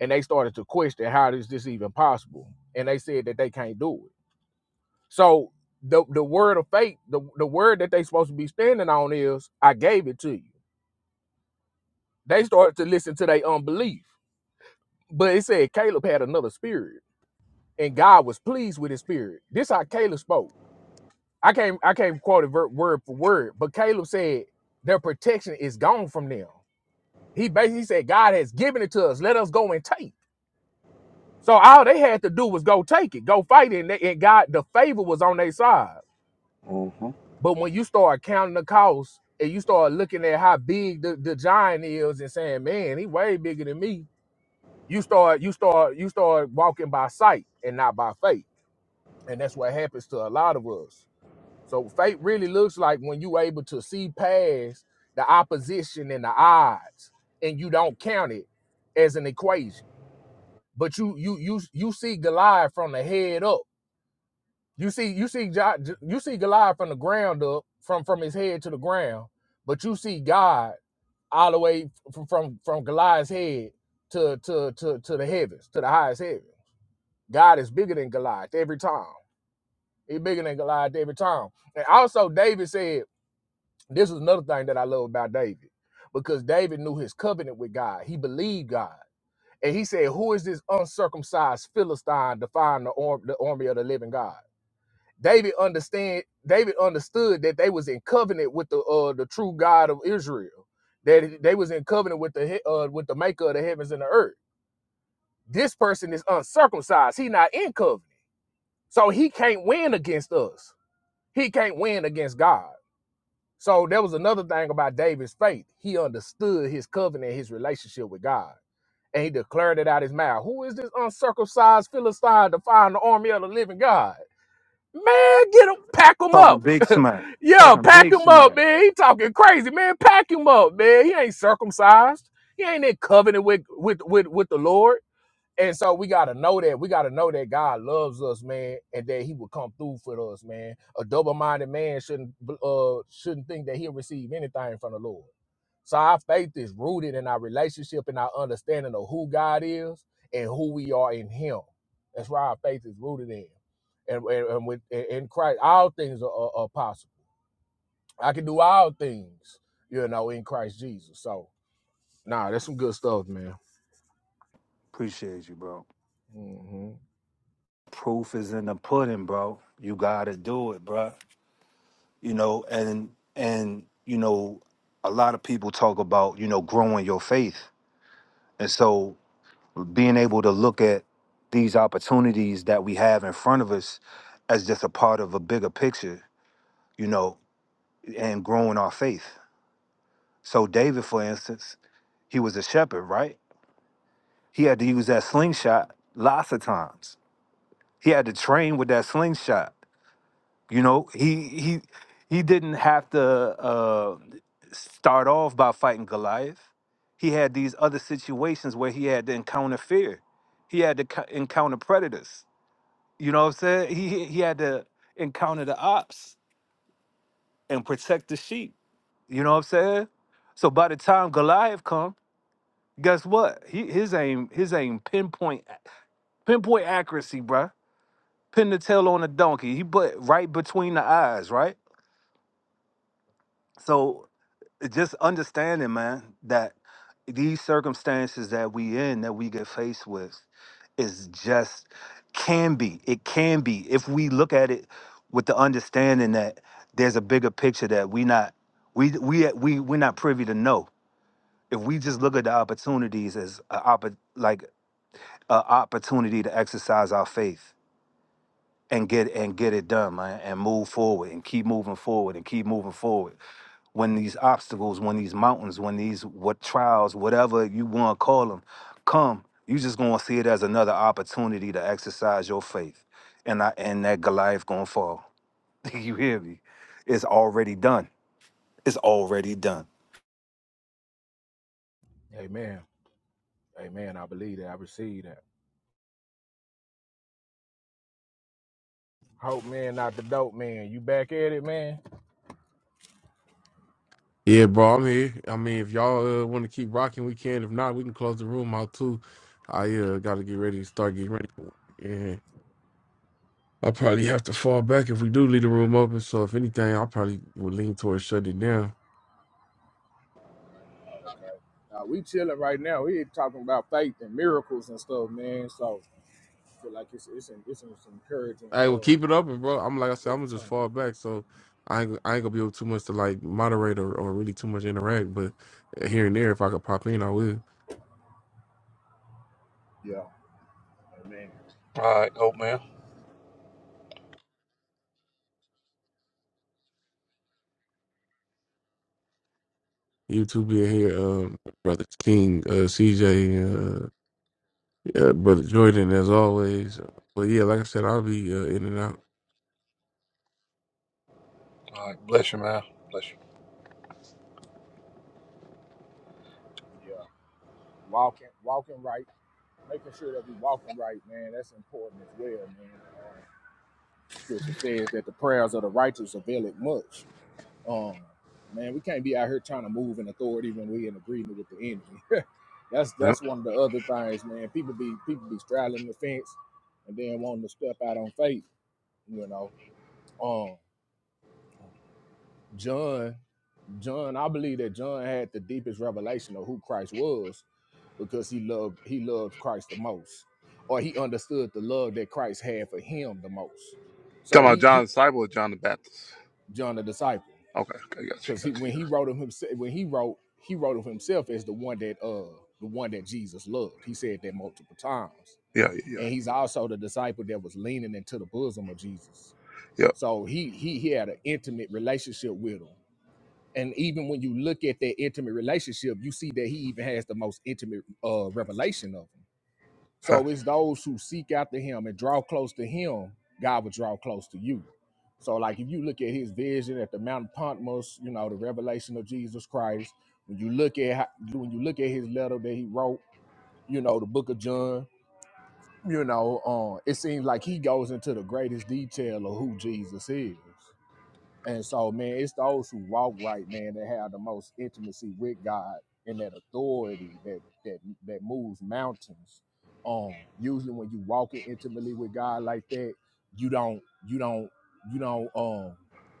Speaker 6: and they started to question how is this even possible and they said that they can't do it So the the word of faith, the, the word that they supposed to be standing on is, I gave it to you. They started to listen to their unbelief. But it said Caleb had another spirit, and God was pleased with his spirit. This how Caleb spoke. I can't I can't quote it ver- word for word, but Caleb said their protection is gone from them. He basically said God has given it to us. Let us go and take. So all they had to do was go take it, go fight it, and, they, and God the favor was on their side.
Speaker 10: Mm-hmm. All
Speaker 6: But when you start counting the cost and you start looking at how big the, the giant is and saying, man, he way bigger than me, you start you start you start walking by sight and not by faith. And that's what happens to a lot of us. So faith really looks like when you able to see past the opposition and the odds and you don't count it as an equation. But you you you you see Goliath from the head up you see, you see, Jo- you see Goliath from the ground up, from from his head to the ground, but you see God all the way from from, from Goliath's head to, to to to the heavens, to the highest heaven. God is bigger than Goliath every time. He's bigger than Goliath every time. And also, David said this is another thing that I love about David because David knew his covenant with God. He believed God, and he said, "Who is this uncircumcised Philistine defying the, arm, the army of the living God?" David understand David understood that they was in covenant with the uh the true God of Israel. That they was in covenant with the uh with the maker of the heavens and the earth. This person is uncircumcised. He not in covenant. So he can't win against us. He can't win against God. So there was another thing about David's faith. He understood his covenant, his relationship with God. And he declared it out his mouth. Who is this uncircumcised Philistine defying the army of the living God? Man, get him, pack him
Speaker 11: Talking
Speaker 6: up.
Speaker 11: big smack.
Speaker 6: Yo,
Speaker 11: Talking
Speaker 6: pack
Speaker 11: big
Speaker 6: him up,
Speaker 11: smack.
Speaker 6: man. He talking crazy, man. Pack him up, man. He ain't circumcised. He ain't in covenant with with with, with the Lord. And so we gotta know that we gotta know that God loves us, man, and that He will come through for us, man. A double-minded man shouldn't uh shouldn't think that he'll receive anything from the Lord. So our faith is rooted in our relationship and our understanding of who God is and who we are in Him. That's where our faith is rooted in, and and, and with in in Christ, all things are, are, are possible. I can do all things, you know, in Christ Jesus. So, nah, that's some good stuff, man.
Speaker 11: Appreciate you, bro.
Speaker 6: hmm
Speaker 11: Proof is in the pudding, bro. You gotta do it, bro. You know, and and you know, a lot of people talk about you know growing your faith, and so being able to look at these opportunities that we have in front of us as just a part of a bigger picture, you know, and growing our faith. So David, for instance, he was a shepherd, right? He had to use that slingshot lots of times. He had to train with that slingshot. You know, he he he didn't have to uh, start off by fighting Goliath. He had these other situations where he had to encounter fear. He had to co- encounter predators You know what I'm saying? He he had to encounter the ops and protect the sheep. You know what I'm saying? So by the time Goliath come, guess what? He, his aim his aim pinpoint pinpoint accuracy, bruh. Pin the tail on a donkey. He put right between the eyes, right? So just understanding, man, that these circumstances that we in that we get faced with is just can be. It can be if we look at it with the understanding that there's a bigger picture that we not we we we we're not privy to know. If we just look at the opportunities as a, oppo- like a opportunity to exercise our faith and get and get it done, man, and move forward and keep moving forward and keep moving forward when these obstacles, when these mountains, when these what trials, whatever you want to call them, come, you just gonna see it as another opportunity to exercise your faith, and I and that Goliath gonna fall. you hear me? It's already done. It's already done.
Speaker 6: Amen. Amen. I believe that. I receive that. Hope man, not the dope man. You back at it, man?
Speaker 1: yeah bro i'm here i mean if y'all uh, want to keep rocking we can if not we can close the room out too i uh, gotta get ready to start getting ready for work. Yeah. i probably have to fall back if we do leave the room open. So if anything, I probably would lean towards shutting it down.
Speaker 6: Okay. Now we chilling right now. We talking about faith and miracles and stuff, man. So I feel like it's it's an, it's, an, encouraging.
Speaker 1: I will
Speaker 6: Uh,
Speaker 1: keep it open, bro. I'm like I said,
Speaker 6: go
Speaker 1: I'm
Speaker 6: for
Speaker 1: gonna just
Speaker 6: time.
Speaker 1: fall back. So I ain't, I ain't gonna be able too much to like moderate or, or really too much interact. But eh, here and there, if I could pop in,
Speaker 6: Yeah.
Speaker 1: I will.
Speaker 6: Yeah. Amen.
Speaker 10: right, old man.
Speaker 1: You two being here, um, brother King, uh, CJ, uh, yeah, brother Jordan, as always. But yeah, like I said, I'll be uh, in and out.
Speaker 10: All right, bless you, man. Bless
Speaker 6: Yeah. Walking walking right, making sure that we walking right, man. That's important as well, man. Uh, scripture says that the prayers of the righteous avail it much. Um, man, we can't be out here trying to move in authority when we in agreement with the enemy. that's
Speaker 10: you. Yep.
Speaker 6: that's one of the other things, man. People be people be straddling the fence and then wanting to step out on faith, you know. Um, John, John, I believe that John had the deepest revelation of who Christ was because he loved he loved Christ the most, or he understood the love that Christ had for him the most. So
Speaker 10: Talking about
Speaker 6: he
Speaker 10: John
Speaker 6: he
Speaker 10: the disciple or John the Baptist?
Speaker 6: John the disciple.
Speaker 10: Okay. Okay. Got you.
Speaker 6: because he
Speaker 10: Got
Speaker 6: when
Speaker 10: you.
Speaker 6: he wrote him himself when he wrote he wrote of himself as the one that uh the one that Jesus loved. He said that multiple times,
Speaker 10: Yeah. Yeah. Yeah.
Speaker 6: and
Speaker 10: yeah.
Speaker 6: he's also the disciple that was leaning into the bosom of Jesus.
Speaker 10: Yep.
Speaker 6: So he he he had an intimate relationship with him. And even when you look at that intimate relationship, you see that he even has the most intimate uh, revelation of him.
Speaker 10: Huh.
Speaker 6: So it's those who seek after him and draw close to him, God will draw close to you. So, like if you look at his vision at the Mount of Patmos, you know, the revelation of Jesus Christ, when you look at how, when you look at his letter that he wrote, you know, the book of John, you know, uh, it seems like he goes into the greatest detail of who Jesus is. And so, man, it's those who walk right, man, that have the most intimacy with God and that authority that that that moves mountains. Um, usually when you walking intimately with God like that, you don't you don't you don't um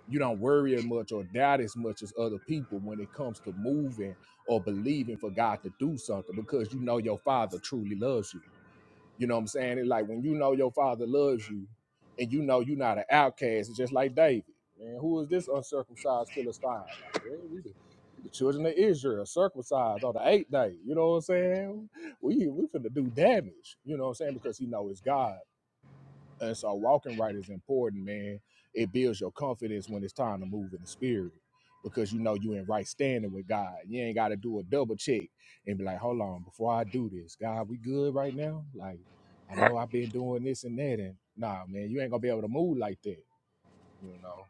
Speaker 6: you don't worry as much or doubt as much as other people when it comes to moving or believing for God to do something because you know your father truly loves you. You know what I'm saying? It's like when you know your father loves you and you know you're not an outcast, it's just like David. Man, who is this uncircumcised Philistine? Like, well, we the, we the children of Israel, circumcised on the eighth day. You know what I'm saying? We we finna do damage. You know what I'm saying? Because he know it's God. And so walking right is important, man. It builds your confidence when it's time to move in the spirit because you know you in right standing with God. You ain't got to do a double check and be like, hold on, before I do this, God, we good right now? Like, I
Speaker 10: All right.
Speaker 6: know I've been doing this and that. And nah, man, you ain't going to be able to move like that, you know?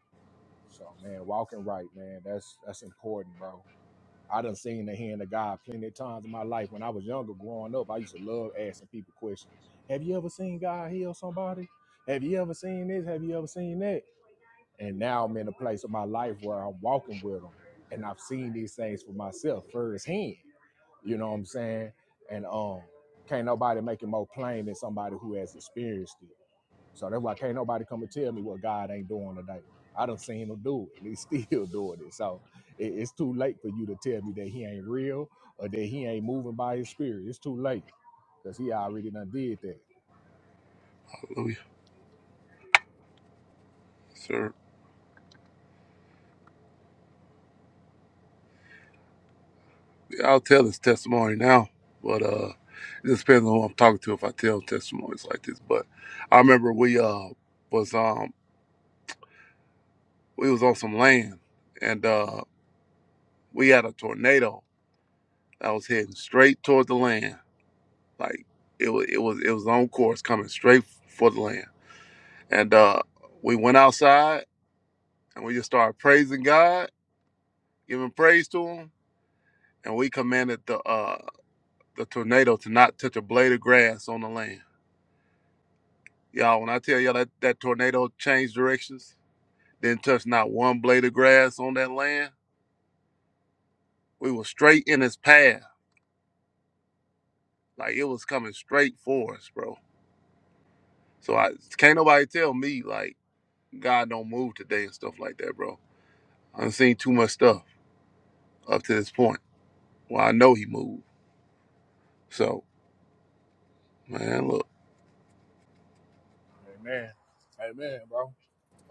Speaker 6: So, man, walking right, man, that's that's important, bro. I done seen the hand of God plenty of times in my life. When I was younger, growing up, I used to love asking people questions. Have you ever seen God heal somebody? Have you ever seen this? Have you ever seen that? And now I'm in a place of my life where I'm walking with them, and I've seen these things for myself firsthand. You know what I'm saying? And um, can't nobody make it more plain than somebody who has experienced it. So that's why can't nobody come and tell me what God ain't doing today. I done seen him do it, and he's still doing it. So it- it's too late for you to tell me that he ain't real or that he ain't moving by his spirit. It's too late because he already done did that.
Speaker 10: Hallelujah. Yes, Sir, Yeah, I'll tell this testimony now, but uh, it just depends on who I'm talking to if I tell testimonies like this. But I remember we uh was um we was on some land and uh we had a tornado that was heading straight towards the land like it was it was it was on course coming straight for the land and uh we went outside and we just started praising god giving praise to him and we commanded the uh the tornado to not touch a blade of grass on the land y'all when i tell y'all that that tornado changed directions didn't touch not one blade of grass on that land we were straight in its path like it was coming straight for us bro So I can't nobody tell me like God don't move today and stuff like that, bro. I've seen too much stuff up to this point. Well, I know He moved. So man, look,
Speaker 6: Amen. Amen, bro.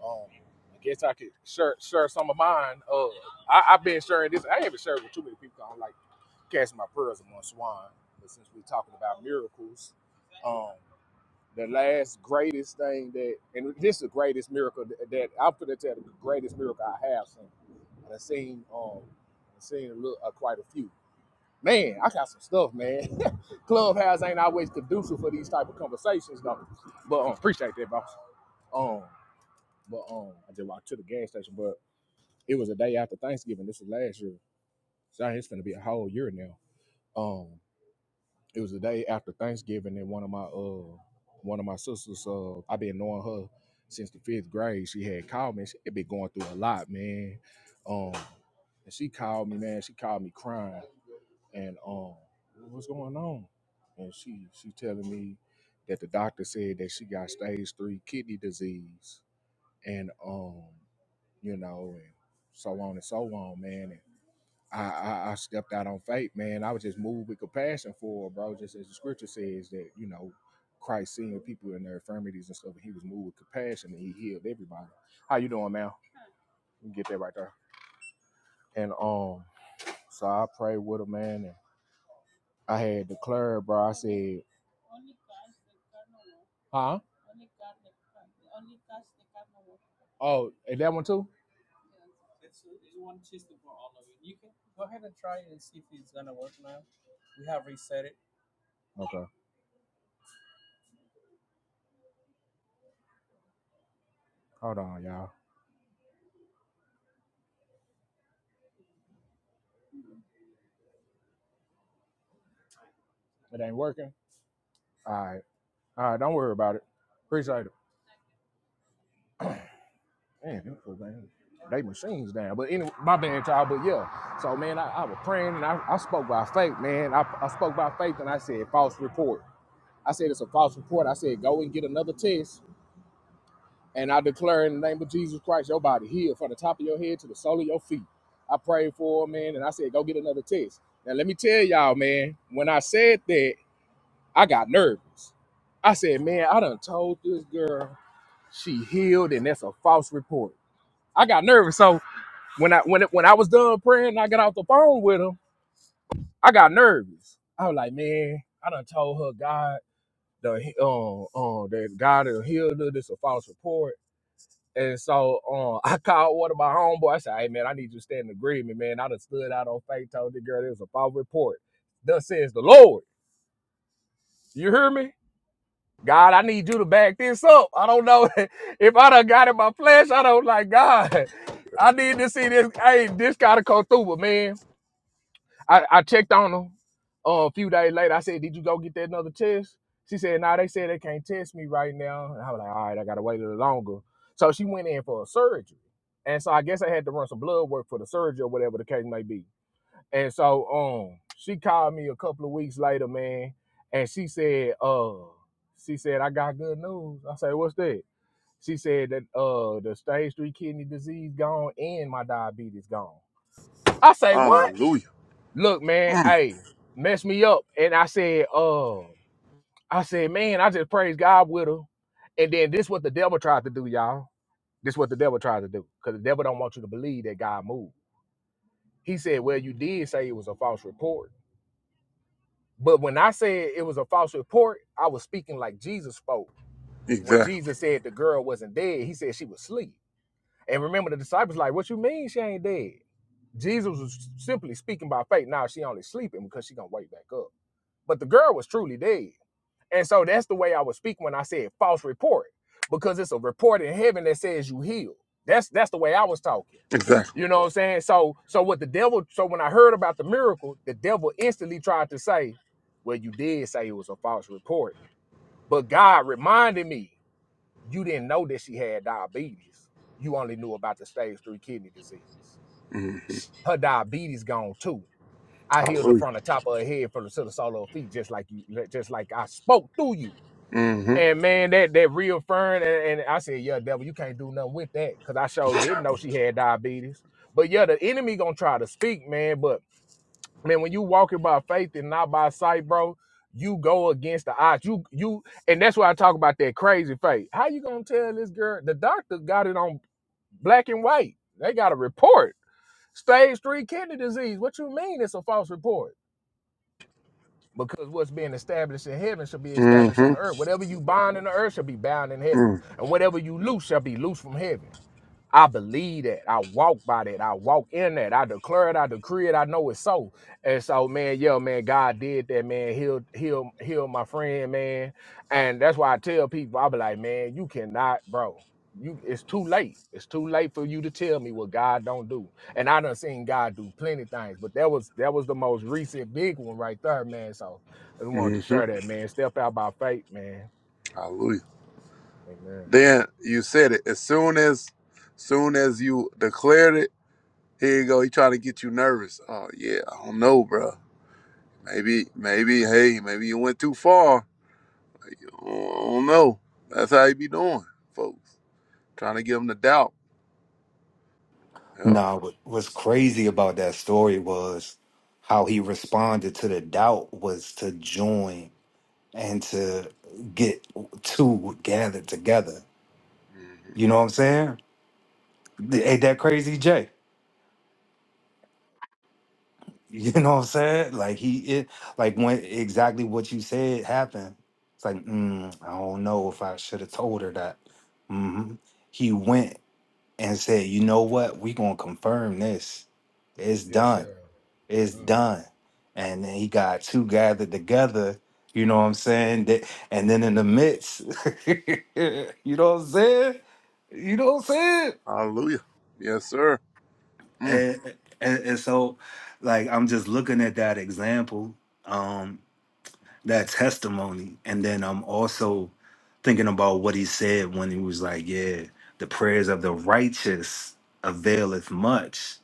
Speaker 6: Um, I guess I could share share some of mine. Uh, I, I've been sharing this. I haven't shared with too many people. I don't like casting my prayers among swine. But since we're talking about miracles, um, the last greatest thing that, and this is the greatest miracle that, that I'm going to tell you, the greatest miracle I have seen. And I've seen, um, I've seen a little, uh, quite a few. Man, I got some stuff, man. Clubhouse ain't always conducive for these type of conversations, though. But um, appreciate that, boss. Um, but um, I just walked to the gas station. But it was a day after Thanksgiving. This was last year. So it's gonna be a whole year now. Um, it was the day after Thanksgiving, and one of my uh, one of my sisters. Uh, I've been knowing her since the fifth grade. She had called me. She had been going through a lot, man. Um, and she called me, man. She called me crying, and um, what's going on? And she she telling me that the doctor said that she got stage three kidney disease and um, you know, and so on and so on, man. And I, I, I stepped out on faith, man. I was just moved with compassion for her, bro, just as the scripture says that, you know, Christ seeing people in their infirmities and stuff, and he was moved with compassion and he healed everybody. How you doing, man? You can get that right there. And um, so I prayed with her, man, and I had declared, bro. I said, huh? Oh, is that one too? Okay. Hold on, y'all. It ain't working. All right. All right, don't worry about it. Appreciate it. Man, them folks, man, they machines down. But anyway, my bad, y'all. But yeah, so man, I, I was praying and I, I spoke by faith, man. I, I spoke by faith and I said false report. I said it's a false report. I said go and get another test, and I declare in the name of Jesus Christ, your body healed from the top of your head to the sole of your feet. I prayed for her, man, and I said go get another test. Now let me tell y'all, man, when I said that, I got nervous. I said, man, I done told this girl she healed, and that's a false report. I got nervous, so when I when it, when I was done praying, and I got off the phone with him. I got nervous. I was like, man, I done told her God the uh, uh, that God will heal her. This a false report. And so uh, I called one of my homeboys. I said, hey man, I need you to stand in agreement, man. I done stood out on faith, told the girl it was a false report. Thus says the Lord. You hear me? God, I need you to back this up. I don't know if I done got in my flesh. I don't like God. I need to see this. Hey, this gotta come through, but man. I, I checked on her uh, a few days later. I said, Did you go get that another test? She said, Nah, they said they can't test me right now. And I was like, All right, I got to wait a little longer. So she went in for a surgery. And so I guess I had to run some blood work for the surgery or whatever the case may be. And so um, she called me a couple of weeks later, man. And she said, uh, She said, I got good news. I said, What's that? She said that uh, the stage three kidney disease gone and my diabetes gone. I say, What?
Speaker 10: Hallelujah.
Speaker 6: look, man,
Speaker 10: Mm,
Speaker 6: hey, mess me up. And I said, uh, I said, man, I just praise God with her. And then this what the devil tried to do, y'all. This what the devil tried to do. Because the devil don't want you to believe that God moved. He said, Well, you did say it was a false report. But when I said it was a false report, I was speaking like Jesus spoke. When
Speaker 10: exactly,
Speaker 6: Jesus said the girl wasn't dead, he said she was asleep. And remember the disciples like, What you mean she ain't dead? Jesus was simply speaking by faith. Now she only sleeping because she gonna wake back up. but the girl was truly dead. And so that's the way I would speak when I said false report, because it's a report in heaven that says you healed. That's that's the way I was talking.
Speaker 10: exactly.
Speaker 6: You know what I'm saying? So so what the devil so when I heard about the miracle, the devil instantly tried to say, Well, you did say it was a false report. But God reminded me, you didn't know that she had diabetes. You only knew about the stage three kidney disease.
Speaker 10: hmm
Speaker 6: Her diabetes gone too. I healed her
Speaker 10: Hallelujah.
Speaker 6: from the top of her head from the to the sole of her feet, just like you, just like I spoke through you.
Speaker 10: hmm hmm
Speaker 6: And man, that that reaffirmed, and, and I said, yeah, devil, you can't do nothing with that, cause I sure didn't know she had diabetes. But yeah, the enemy gonna try to speak, man. But man, when you walking by faith and not by sight, bro, you go against the odds. You you, and that's why I talk about that crazy faith. How you gonna tell this girl? The doctor got it on black and white. They got a report, stage three kidney disease. What you mean? It's a false report Because what's being established in heaven shall be established on
Speaker 10: Mm-hmm.
Speaker 6: the earth. Whatever you bind in the earth shall be bound in heaven. And whatever you loose shall be loose from heaven. I believe that. I walk by that. I walk in that. I declare it. I decree it. I know it's so. And so, man, yeah, man, God did that, man. Heal, heal, heal my friend, man. And that's why I tell people, I be like, man, you cannot, bro. You, it's too late. It's too late for you to tell me what God don't do. And I done seen God do plenty things, but that was that was the most recent big one right there, man. So I just wanted to
Speaker 10: Mm-hmm.
Speaker 6: share that, man. Step out by faith, man.
Speaker 10: Hallelujah.
Speaker 6: Amen.
Speaker 10: Then you said it as soon as, soon as you declared it. Here you go. He trying to get you nervous. Oh yeah, I don't know, bro. Maybe, maybe. Hey, maybe you went too far I don't know. That's how he be doing, folks. Trying to give him the doubt. Yep.
Speaker 11: Nah, what, what's crazy about that story was how he responded to the doubt was to join and to get two gathered together.
Speaker 10: hmm
Speaker 11: You know what I'm saying? Ain't that crazy, Jay? You know what I'm saying? Like he it like when exactly what you said happened. It's like, mm, I don't know if I should have told her that. hmm He went and said, you know what? We gonna confirm this. It's
Speaker 6: Yes,
Speaker 11: done.
Speaker 6: sir.
Speaker 11: It's
Speaker 6: Mm.
Speaker 11: done. And then he got two gathered together. You know what I'm saying? That- And then in the midst, you know what I'm saying? You know what I'm saying?
Speaker 10: Hallelujah. Yes, sir. Mm.
Speaker 11: And, and and so, like, I'm just looking at that example. Um, that testimony and then i'm also thinking about what he said when he was like yeah the prayers of the righteous availeth much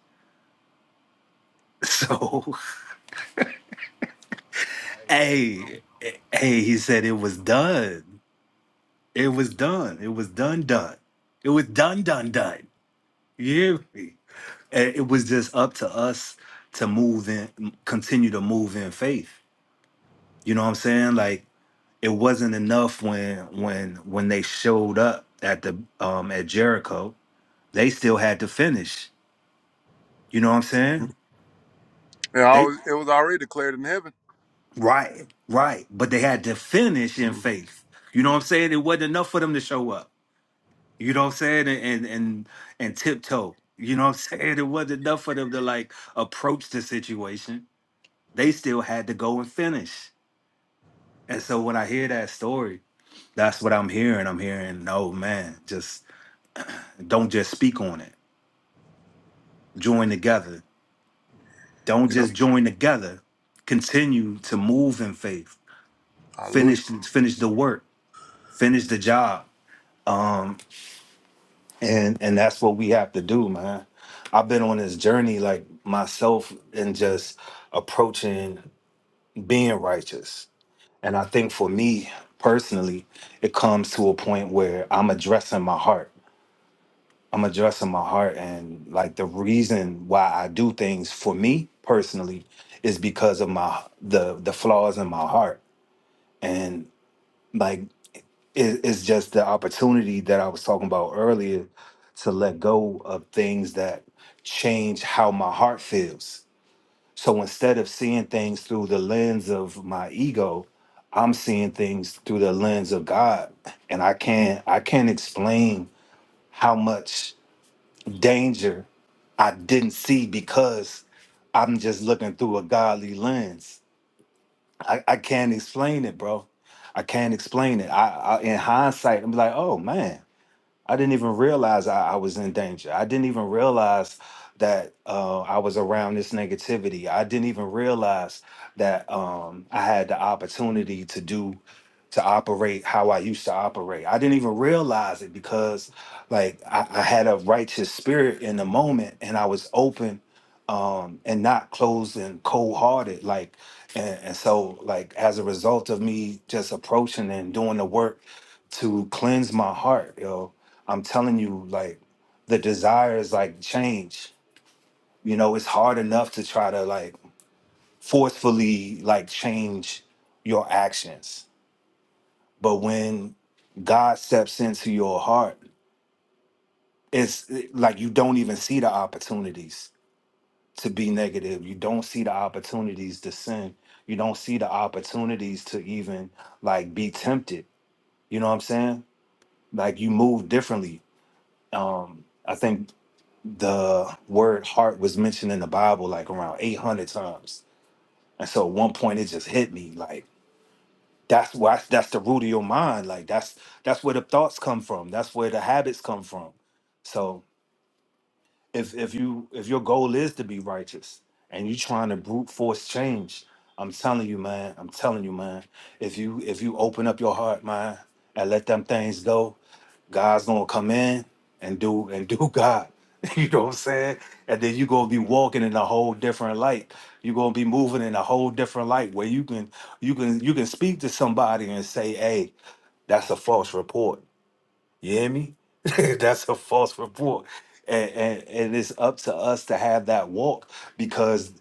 Speaker 11: so
Speaker 6: Amen,
Speaker 11: hey
Speaker 6: bro.
Speaker 11: eh, hey he said it was done it was done it was done done it was done done done you hear me And it was just up to us to move in continue to move in faith you know what i'm saying like it wasn't enough when when when they showed up at the um at Jericho. They still had to finish. You know what I'm saying?
Speaker 10: It,
Speaker 11: They
Speaker 10: always, it was already declared in heaven.
Speaker 11: right, right. But they had to finish in
Speaker 10: hmm
Speaker 11: faith. You know what I'm saying? It wasn't enough for them to show up. You know what I'm saying? And and and, and tiptoe. You know what I'm saying? It wasn't enough for them to like approach the situation. They still had to go and finish. And so when I hear that story, that's what I'm hearing. I'm hearing, oh man, just don't just speak on it join together. Don't
Speaker 10: Yep.
Speaker 11: just join together. Continue to move in faith.
Speaker 10: Hallelujah.
Speaker 11: Finish finish the work. Finish the job. Um, and and that's what we have to do, man. I've been on this journey like myself and just approaching being righteous. And I think for me personally, it comes to a point where I'm addressing my heart. I'm addressing my heart and like the reason why I do things for me personally is because of my the the flaws in my heart and like it, it's just the opportunity that I was talking about earlier to let go of things that change how my heart feels. So instead of seeing things through the lens of my ego, I'm seeing things through the lens of God and I can't I can't explain how much danger I didn't see because I'm just looking through a godly lens. I, I can't explain it, bro. I can't explain it. I, I in hindsight, I'm like, oh man, I didn't even realize I, I was in danger. I didn't even realize that uh, I was around this negativity. I didn't even realize that um, I had the opportunity to do to operate how I used to operate. I didn't even realize it because like I, I had a righteous spirit in the moment and I was open um and not closed and cold hearted. Like and, and so like as a result of me just approaching and doing the work to cleanse my heart, yo, I'm telling you, like the desires like change. You know, it's hard enough to try to like forcefully like change your actions but when God steps into your heart, it's eh, like you don't even see the opportunities to be negative. You don't see the opportunities to sin. You don't see the opportunities to even like be tempted. You know what I'm saying? Like you move differently. Um, I think the word heart was mentioned in the Bible like around 800 times. And so at one point it just hit me like, that's why that's the root of your mind like that's that's where the thoughts come from that's where the habits come from so if if you if your goal is to be righteous and you trying to brute force change i'm telling you man i'm telling you man if you if you open up your heart man and let them things go God's gonna come in and do and do God. You know what I'm saying? And then you're gonna be walking in a whole different light. You're gonna be moving in a whole different light where you can you can you can speak to somebody and say, hey, that's a false report. You hear me? that's a false report. And, and and it's up to us to have that walk because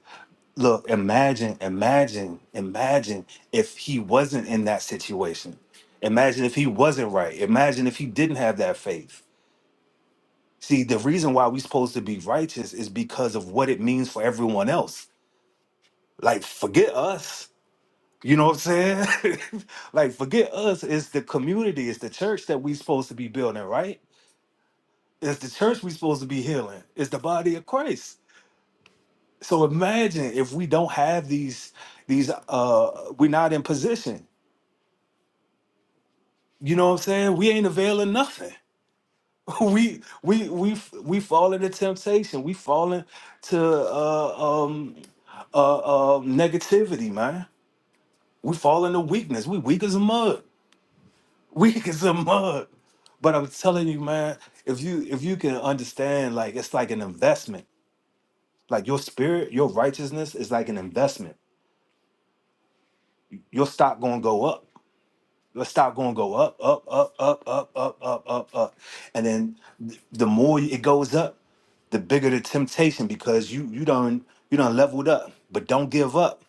Speaker 11: look, imagine, imagine, imagine if he wasn't in that situation. Imagine if he wasn't right. Imagine if he didn't have that faith See, the reason why we're supposed to be righteous is because of what it means for everyone else. Like, forget us. You know what I'm saying? like, forget us. It's the community, it's the church that we're supposed to be building, right? It's the church we're supposed to be healing. It's the body of Christ. So imagine if we don't have these, these uh we're not in position. You know what I'm saying? We ain't availing nothing. We we we we fall into temptation. We fall into uh, um uh, uh, negativity, man. We fall into weakness. We weak as a mug. Weak as a mug. But I'm telling you, man, if you if you can understand, like it's like an investment. Like your spirit, your righteousness is like an investment. Your stock gonna go up. Your stock gonna go up, up, up, up, up, up, up, up, up. And then th- the more it goes up, the bigger the temptation because you you done you done leveled up. But don't give up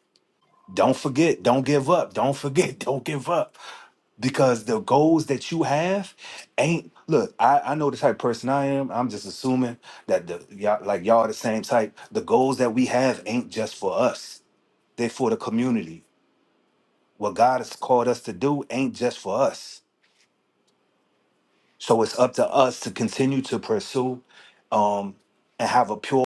Speaker 11: Don't forget, don't give up. Don't forget, don't give up. Because the goals that you have ain't look, I, I know the type of person I am. I'm just assuming that the y'all like y'all the same type. The goals that we have ain't just for us. They're for the community. What God has called us to do ain't just for us. So it's up to us to continue to pursue um and have a pure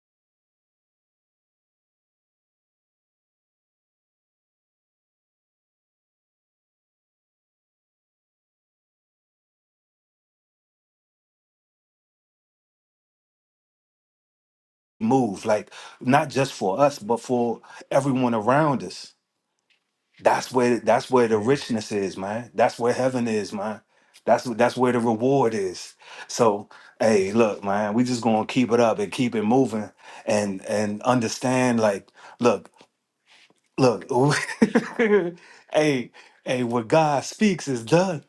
Speaker 11: move, like not just for us, but for everyone around us That's where that's where the
Speaker 6: Amen.
Speaker 11: richness is, man. That's where heaven is, man. That's that's where the reward is. So, hey, look, man, we just gonna keep it up and keep it moving, and and understand, like, look, look, hey, hey, what God speaks is done,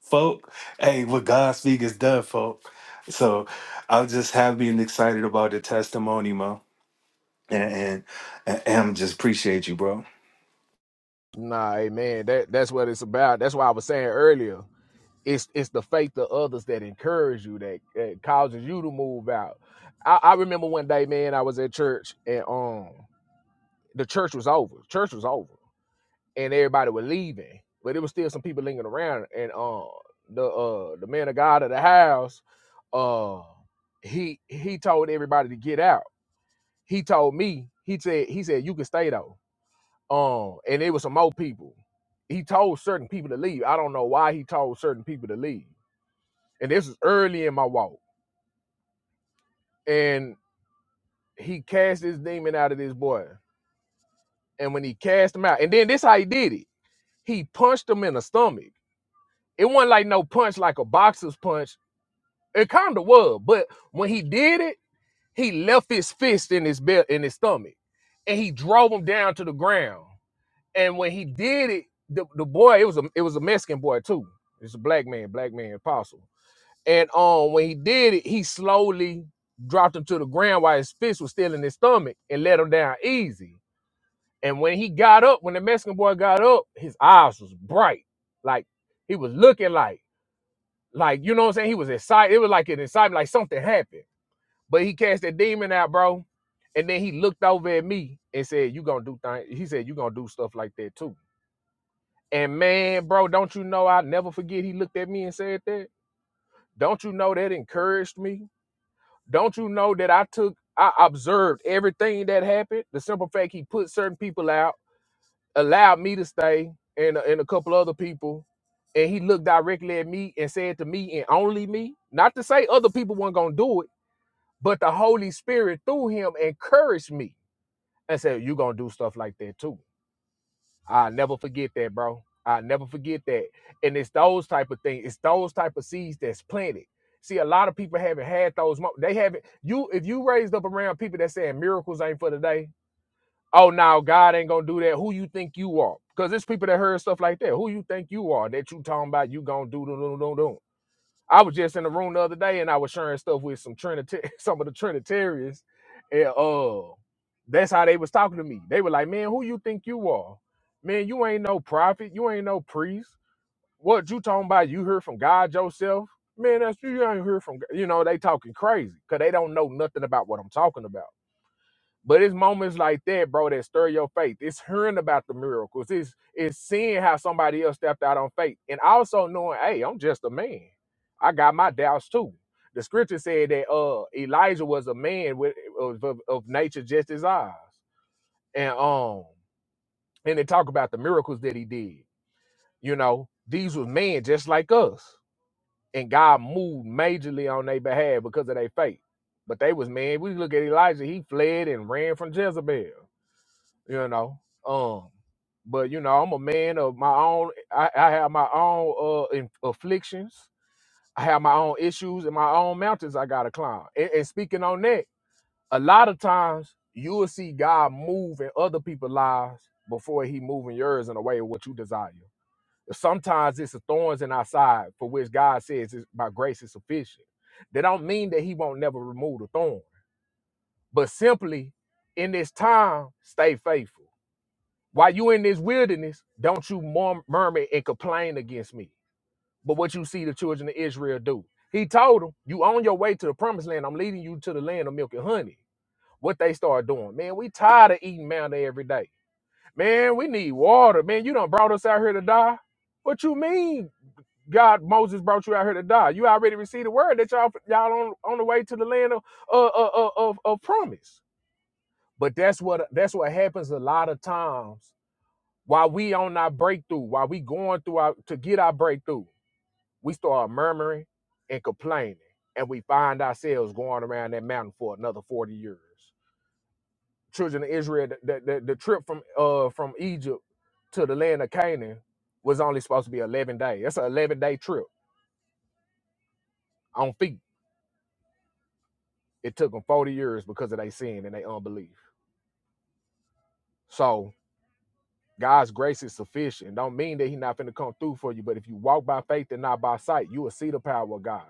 Speaker 11: folk. Hey, what God speaks is done, folk. So, I'm just happy and excited about the testimony, man, and and, and, and just appreciate you, bro.
Speaker 6: Nah, amen. That that's what it's about. That's why I was saying earlier. It's it's the faith of others that encourage you, that, that causes you to move out. I, I remember one day, man, I was at church and um the church was over. Church was over. And everybody was leaving. But there was still some people lingering around and um the uh the man of God of the house, uh he he told everybody to get out. He told me, he said, he said, you can stay though. Um, and it was some more people. He told certain people to leave. I don't know why he told certain people to leave. And this is early in my walk. And he cast this demon out of this boy. And when he cast him out, and then this how he did it. He punched him in the stomach. It wasn't like no punch like a boxer's punch. It kind of was, but when he did it, he left his fist in his belt in his stomach, and he drove him down to the ground. And when he did it, the, the boy, it was a it was a Mexican boy too. It's a black man, black man apostle. And um when he did it, he slowly dropped him to the ground while his fist was still in his stomach and let him down easy. And when he got up, when the Mexican boy got up, his eyes was bright. Like he was looking like, like, you know what I'm saying? He was excited. It was like an excitement, like something happened. But he cast that demon out, bro. And then he looked over at me and said, You gonna do things. He said, You gonna do stuff like that too. And man, bro, don't you know I never forget he looked at me and said that? Don't you know that encouraged me? Don't you know that I took I observed everything that happened? The simple fact he put certain people out, allowed me to stay and and a couple other people. And he looked directly at me and said to me and only me, not to say other people weren't gonna do it, but the Holy Spirit through him encouraged me and said, You're gonna do stuff like that too I'll never forget that, bro. I'll never forget that. And it's those type of things. It's those type of seeds that's planted. See, a lot of people haven't had those. Mo- they haven't. You, if you raised up around people that saying miracles ain't for today. Oh, now God ain't gonna do that. Who you think you are? Because there's people that heard stuff like that. Who you think you are? That you talking about? You gonna do do do do do? I was just in the room the other day and I was sharing stuff with some Trinity, some of the Trinitarians, and uh, that's how they was talking to me. They were like, "Man, who you think you are? Man, you ain't no prophet, you ain't no priest. What you talking about? You heard from God yourself? Man, that's you You ain't heard from. G-" You know, they talking crazy because they don't know nothing about what I'm talking about. But it's moments like that, bro, that stir your faith. It's hearing about the miracles. It's it's seeing how somebody else stepped out on faith. And also knowing, hey, I'm just a man. I got my doubts too. The scripture said that uh Elijah was a man with of, of, of nature just as ours. And um, and they talk about the miracles that he did. You know, these was men just like us. And God moved majorly on their behalf because of their faith. But they was men. We look at Elijah, he fled and ran from Jezebel you know. Um, but you know, I'm a man of my own. I, I have my own uh in, afflictions. I have my own issues and my own mountains I gotta climb. And, and speaking on that, a lot of times you will see God move in other people's lives before He move in yours in a way of what you desire. Sometimes it's the thorns in our side for which God says is by grace is sufficient. That don't mean that He won't never remove the thorn, but simply in this time, stay faithful while you in this wilderness, don't you mur- murmur and complain against me. But what you see the children of Israel do. He told them, You on your way to the promised land. I'm leading you to the land of milk and honey. What they start doing, man, we tired of eating manna every day. Man, we need water. Man, you done brought us out here to die. What you mean, God, Moses brought you out here to die? You already received the word that y'all y'all on, on the way to the land of, uh, uh, uh, of, of promise. But that's what that's what happens a lot of times while we on our breakthrough, while we going through our to get our breakthrough, we start murmuring and complaining, and we find ourselves going around that mountain for another forty years. Children of Israel, the, the, the trip from uh from Egypt to the land of Canaan was only supposed to be eleven days. That's an eleven day trip on feet. It took them forty years because of their sin and their unbelief. So God's grace is sufficient. Don't mean that He's not finna come through for you, but if you walk by faith and not by sight, you will see the power of God.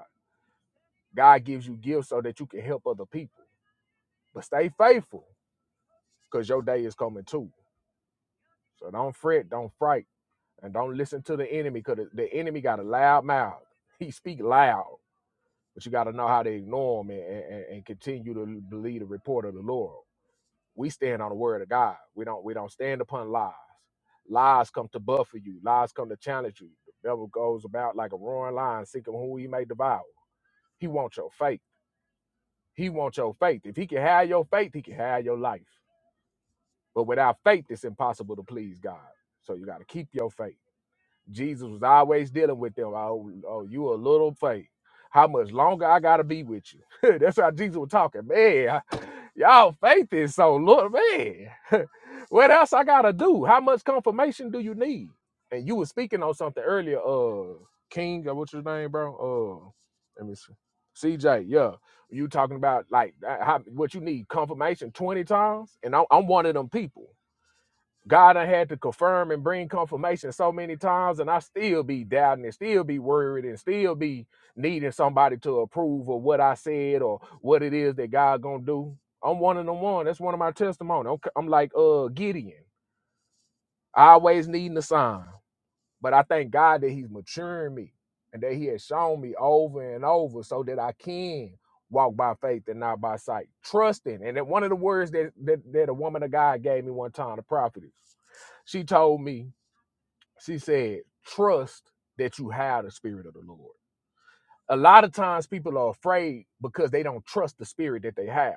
Speaker 6: God gives you gifts so that you can help other people. But stay faithful because your day is coming too. So don't fret, don't fright, and don't listen to the enemy because the enemy got a loud mouth. He speak loud, but you got to know how to ignore him and, and, and continue to believe the report of the Lord. We stand on the word of God. We don't we don't stand upon lies. Lies come to buffer you. Lies come to challenge you. The devil goes about like a roaring lion, seeking who he may devour. He wants your faith. He wants your faith. If he can have your faith, he can have your life. But without faith, it's impossible to please God. So you got to keep your faith. Jesus was always dealing with them. Oh, oh you a little faith. How much longer I gotta be with you? That's how Jesus was talking. Man, I- y'all faith is so little, man. what else I gotta do? How much confirmation do you need? And you were speaking on something earlier, uh King, or what's your name, bro? Uh let me see. CJ, yeah. You talking about like uh, how, what you need confirmation 20 times? And I'm, I'm one of them people. God I had to confirm and bring confirmation so many times, and I still be doubting and still be worried and still be needing somebody to approve of what I said or what it is that God gonna do. I'm one of them one. That's one of my testimony. I'm, c- I'm like uh Gideon, always needing a sign. But I thank God that He's maturing me and that He has shown me over and over so that I can walk by faith and not by sight. Trusting. And that one of the words that, that, that a woman of God gave me one time, the prophetess, she told me, she said, trust that you have the Spirit of the Lord. A lot of times people are afraid because they don't trust the Spirit that they have.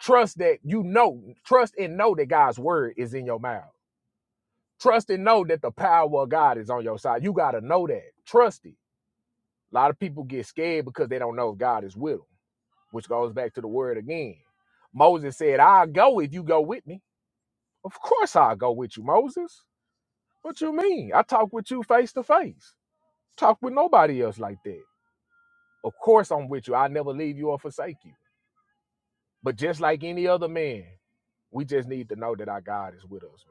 Speaker 6: Trust that you know, trust and know that God's word is in your mouth. Trust and know that the power of God is on your side. You got to know that. Trust it. A lot of people get scared because they don't know if God is with them, which goes back to the word again. Moses said, I'll go if you go with me. Of course I'll go with you, Moses. What you mean? I talk with you face to face. Talk with nobody else like that. Of course I'm with you. I'll never leave you or forsake you. But just like any other man, we just need to know that our God is with us,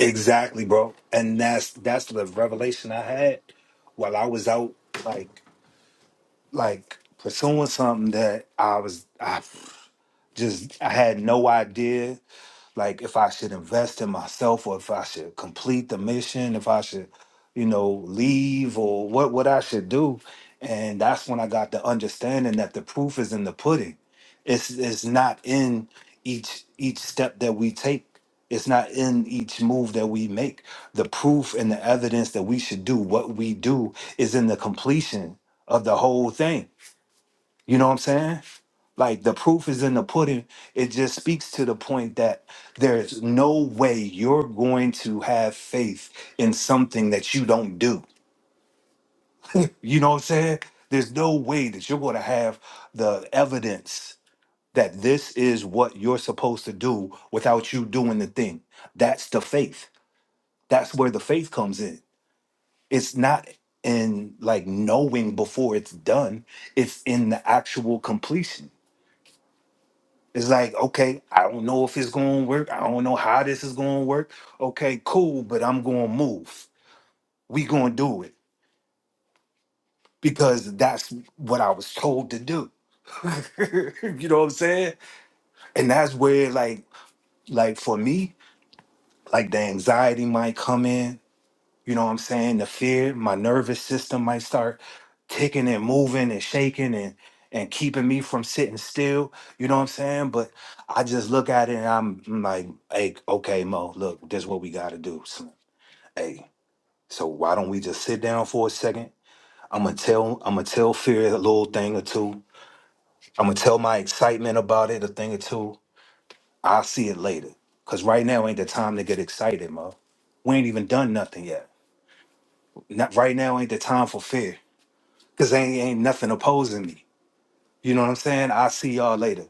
Speaker 11: Exactly, bro. And that's that's the revelation I had while I was out like like pursuing something that I was I just I had no idea like if I should invest in myself or if I should complete the mission, if I should, you know, leave or what what I should do. And that's when I got the understanding that the proof is in the pudding. It's it's not in each each step that we take. It's not in each move that we make. The proof and the evidence that we should do what we do is in the completion of the whole thing you know what I'm saying? Like the proof is in the pudding. It just speaks to the point that there's no way you're going to have faith in something that you don't do. You know what I'm saying? There's no way that you're going to have the evidence that this is what you're supposed to do without you doing the thing. That's the faith. That's where the faith comes in. It's not in like knowing before it's done, it's in the actual completion It's like, okay, I don't know if it's gonna work. I don't know how this is gonna work. Okay, cool, but I'm gonna move. We gonna do it because that's what I was told to do. you know what I'm saying? And that's where like like for me, like the anxiety might come in You know what I'm saying? The fear, my nervous system might start ticking and moving and shaking and and keeping me from sitting still. You know what I'm saying? But I just look at it and I'm I'm like, hey, okay, Mo, look, this is what we gotta do. Slim. Hey, so why don't we just sit down for a second? I'm gonna tell I'm gonna tell fear a little thing or two. I'm gonna tell my excitement about it a thing or two. I'll see it later. Cause right now ain't the time to get excited, Mo. We ain't even done nothing yet. Not right now ain't the time for fear. Cause ain't ain't nothing opposing me. You know what I'm saying? I'll see y'all later.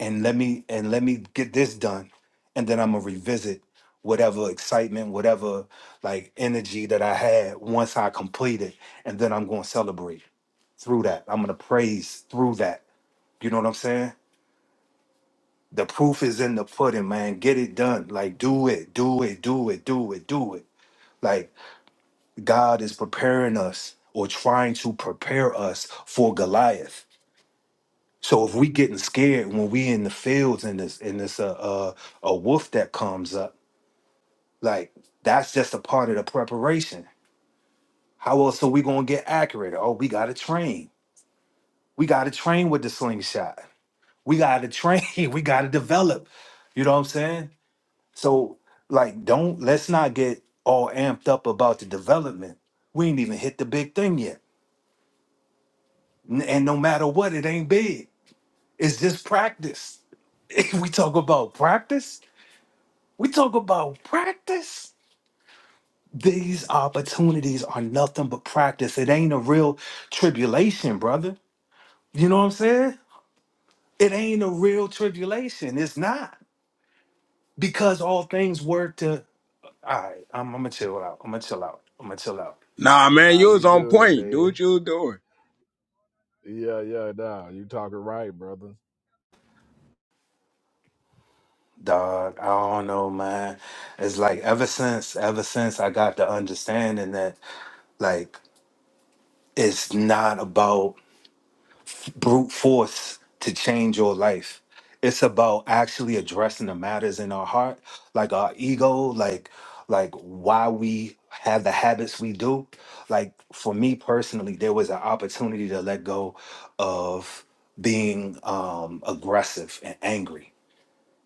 Speaker 11: And let me and let me get this done. And then I'm gonna revisit whatever excitement, whatever like energy that I had once I complete it. And then I'm gonna celebrate through that. I'm gonna praise through that. You know what I'm saying? The proof is in the pudding, man. Get it done. Like do it, do it, do it, do it, do it. Like God is preparing us or trying to prepare us for Goliath So if we getting scared when we in the fields and this and this uh, uh a wolf that comes up, like that's just a part of the preparation. How else are we gonna get accurate? Oh, we gotta train. We gotta train with the slingshot. We gotta train. We gotta develop. You know what I'm saying? So like, don't let's not get all amped up about the development. We ain't even hit the big thing yet. N- And no matter what, it ain't big. It's just practice. we talk about practice We talk about practice. These opportunities are nothing but practice. It ain't a real tribulation, brother. You know what I'm saying? It ain't a real tribulation. It's not. Because all things work to all right. I'm, I'm gonna chill out. I'm gonna chill out. I'm gonna chill out.
Speaker 12: Nah,
Speaker 6: man.
Speaker 12: man,
Speaker 6: Nah,
Speaker 12: you
Speaker 6: you
Speaker 12: was on
Speaker 6: good,
Speaker 12: point. Do
Speaker 6: man.
Speaker 12: what you was doing.
Speaker 6: Yeah, yeah, nah. You talking right, brother.
Speaker 11: Dog, I don't know, man. It's like ever since, ever since I got the understanding that like it's not about f- brute force to change your life. It's about actually addressing the matters in our heart, like our ego, like like why we have the habits we do. Like for me personally, there was an opportunity to let go of being um aggressive and angry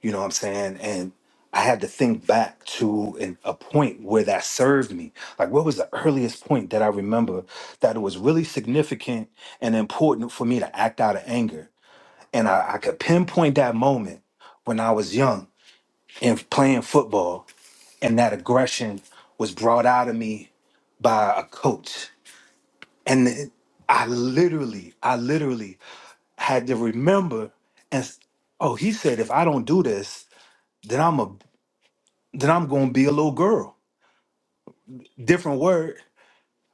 Speaker 11: you know what I'm saying? And I had to think back to an, a point where that served me. Like, what was the earliest point that I remember that it was really significant and important for me to act out of anger? And I, I could pinpoint that moment when I was young and playing football, and that aggression was brought out of me by a coach. And it- I literally, I literally had to remember and, s- oh, he said, if I don't do this, then I'm a then I'm going to be a little girl. Different word.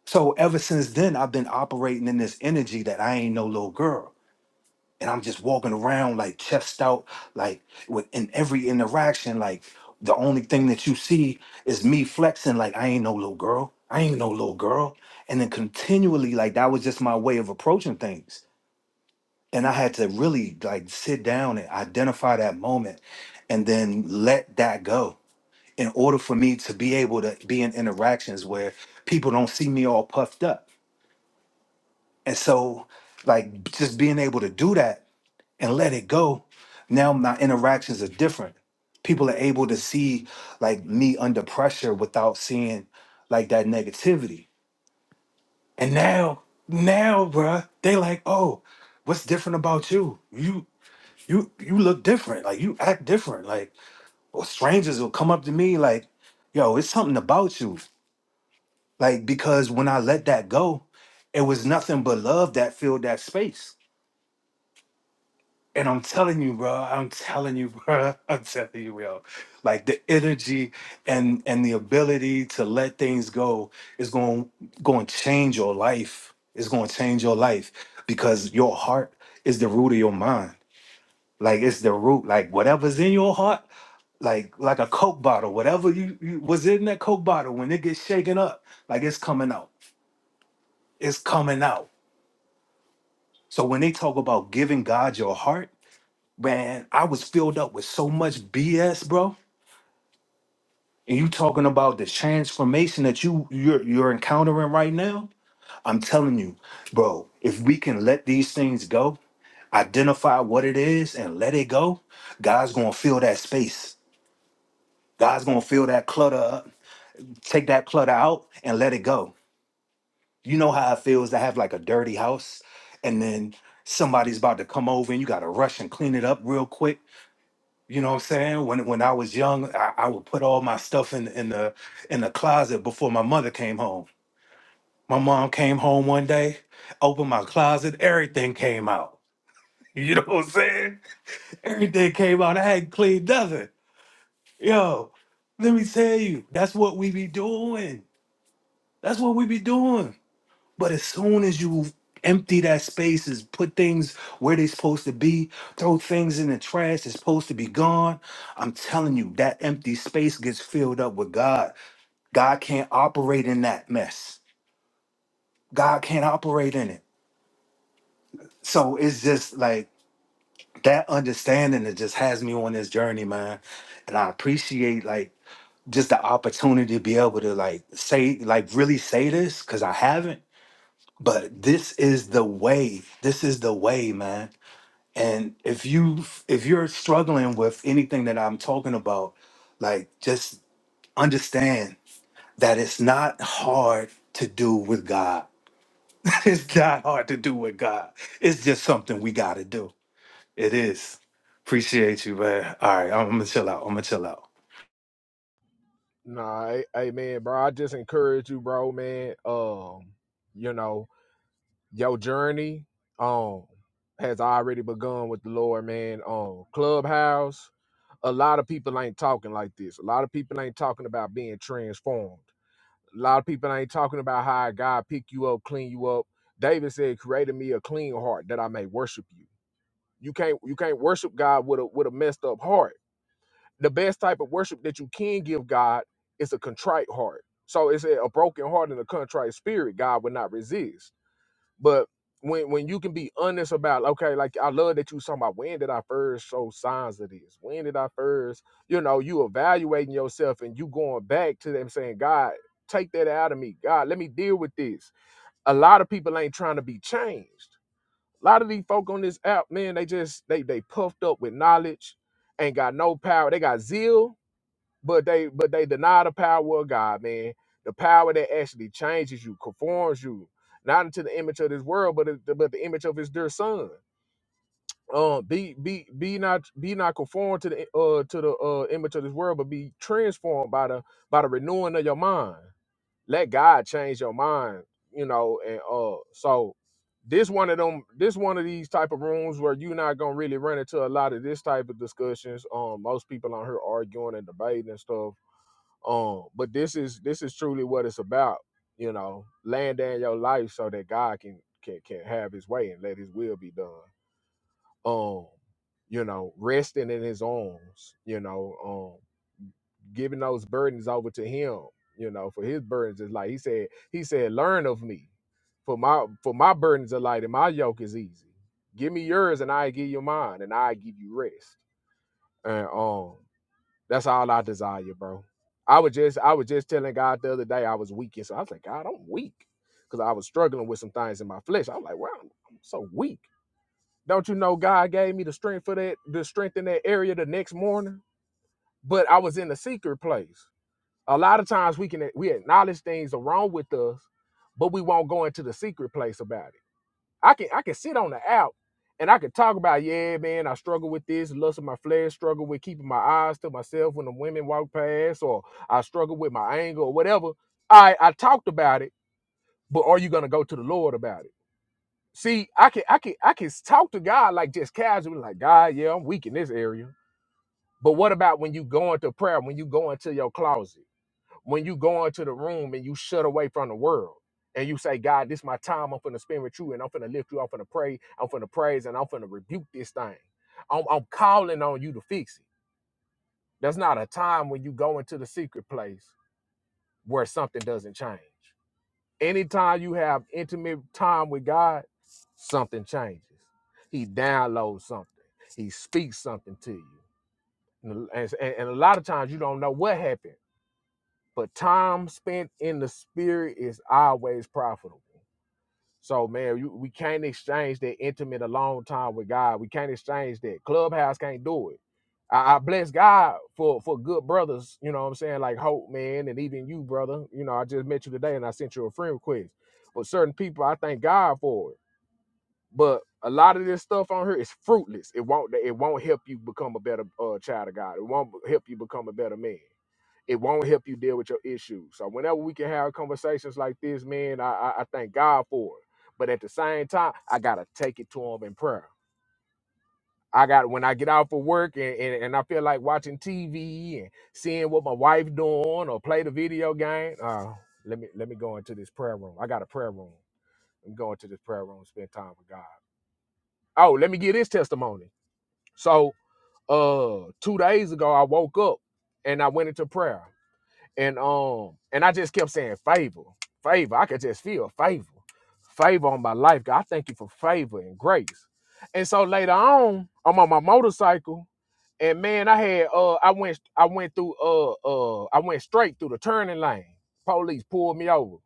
Speaker 11: So ever since then, I've been operating in this energy that I ain't no little girl. And I'm just walking around like chest out, like with in every interaction, like the only thing that you see is me flexing, like I ain't no little girl. I ain't no little girl. And then continually, like that was just my way of approaching things. And I had to really like sit down and identify that moment and then let that go in order for me to be able to be in interactions where people don't see me all puffed up. And so, like, just being able to do that and let it go, now my interactions are different. People are able to see, like, me under pressure without seeing, like, that negativity. And now, now, bruh, they like, oh, what's different about you? You, you, you look different. Like, you act different. Like, or strangers will come up to me, like, yo, it's something about you. Like, because when I let that go, it was nothing but love that filled that space. And I'm telling you, bro, I'm telling you, bro, I'm telling you, bro. Like the energy and and the ability to let things go is going going to change your life. It's going to change your life because your heart is the root of your mind. Like it's the root. Like whatever's in your heart, like like a coke bottle, whatever you, you was in that coke bottle when it gets shaken up, like it's coming out. It's coming out So when they talk about giving God your heart, man, I was filled up with so much BS, bro. And you talking about the transformation that you you're you're encountering right now? I'm telling you, bro, if we can let these things go, identify what it is and let it go, God's going to fill that space. God's going to fill that clutter up, take that clutter out and let it go. You know how it feels to have like a dirty house and then somebody's about to come over and you got to rush and clean it up real quick You know what I'm saying? When when I was young, I, I would put all my stuff in in the in the closet before my mother came home. My mom came home one day, opened my closet, everything came out. You know what I'm saying? Everything came out. I hadn't cleaned nothing. Yo, let me tell you, that's what we be doing. That's what we be doing. But as soon as you empty that space, is put things where they're supposed to be, throw things in the trash, it's supposed to be gone. I'm telling you, that empty space gets filled up with God. God can't operate in that mess. God can't operate in it. So it's just like that understanding that just has me on this journey, man. And I appreciate like just the opportunity to be able to like say, like really say this, because I haven't. But this is the way. This is the way, man and if you if you're struggling with anything that i'm talking about like just understand that it's not hard to do with god it's not hard to do with god it's just something we gotta do it is appreciate you man all right i'm gonna chill out i'm gonna chill out
Speaker 6: Nah, hey hey, man, bro. I just encourage you, bro, man. Um, you know, your journey um has already begun with the Lord, man. Um, Clubhouse. A lot of people ain't talking like this. A lot of people ain't talking about being transformed. A lot of people ain't talking about how God pick you up, clean you up. David said, "Created me a clean heart that I may worship you." You can't you can't worship God with a with a messed up heart the best type of worship that you can give God is a contrite heart. So it's a, a broken heart and a contrite spirit God would not resist. But when when you can be honest about okay, like I love that you was talking about when did I first show signs of this? When did I first, you know, you evaluating yourself and you going back to them saying, God, take that out of me. God, let me deal with this. A lot of people ain't trying to be changed. A lot of these folk on this app, man, they just they they puffed up with knowledge, ain't got no power. They got zeal, but they but they deny the power of God, man. The power that actually changes you, conforms you, not into the image of this world, but the, but the image of His dear Son. Um, be be be not be not conformed to the uh to the uh image of this world, but be transformed by the by the renewing of your mind. Let God change your mind, you know. And uh, so this one of them, this one of these type of rooms where you're not gonna really run into a lot of this type of discussions. Um, most people on here arguing and debating and stuff um, but this is this is truly what it's about, you know, laying down your life so that God can can can have his way and let his will be done. Um, you know, resting in his arms, you know, um, giving those burdens over to him, you know, for his burdens is like he said, he said, Learn of me. For my for my burdens are light and my yoke is easy. Give me yours and I give you mine and I give you rest. And um. That's all I desire, bro. I was just I was just telling God the other day I was weak. And so I was like, God, I'm weak. Because I was struggling with some things in my flesh. I was like, wow, I'm, I'm so weak. Don't you know God gave me the strength for that, the strength in that area the next morning? But I was in a secret place. A lot of times we can we acknowledge things are wrong with us, but we won't go into the secret place about it. I can I can sit on the app and I can talk about, yeah, man, I struggle with this, lust of my flesh, struggle with keeping my eyes to myself when the women walk past, or I struggle with my anger or whatever. I I talked about it, but are you gonna go to the Lord about it? See, I can I can I can talk to God like just casually, like God, yeah, I'm weak in this area. But what about when you go into prayer, when you go into your closet? when you go into the room and you shut away from the world and you say, God, this is my time. I'm finna spend with you and I'm finna lift you. I'm finna pray. I'm finna praise and I'm finna rebuke this thing. I'm, I'm calling on you to fix it. That's not a time when you go into the secret place where something doesn't change. Anytime you have intimate time with God, something changes. He downloads something. He speaks something to you. And, and, and a lot of times you don't know what happened but time spent in the spirit is always profitable. So man, you, we can't exchange that intimate alone time with God. We can't exchange that. Clubhouse can't do it. I, I bless God for for good brothers. You know what I'm saying? Like Hope, man, and even you, brother. You know, I just met you today, and I sent you a friend request. But certain people, I thank God for it. But a lot of this stuff on here is fruitless. It won't. It won't help you become a better uh, child of God. It won't help you become a better man it won't help you deal with your issues. So whenever we can have conversations like this, man, I, I, I thank God for it. But at the same time, I gotta take it to him in prayer. I got when I get out for work and, and, and I feel like watching TV and seeing what my wife doing or play the video game. Uh, let me let me go into this prayer room. I got a prayer room. I'm going to this prayer room, spend time with God. Oh, let me get this testimony. So uh two days ago I woke up and I went into prayer. and um and I just kept saying favor, favor. I could just feel favor, favor on my life. God, I thank you for favor and grace. And so later on, I'm on my motorcycle, and man, I had uh I went I went through uh uh I went straight through the turning lane. Police pulled me over,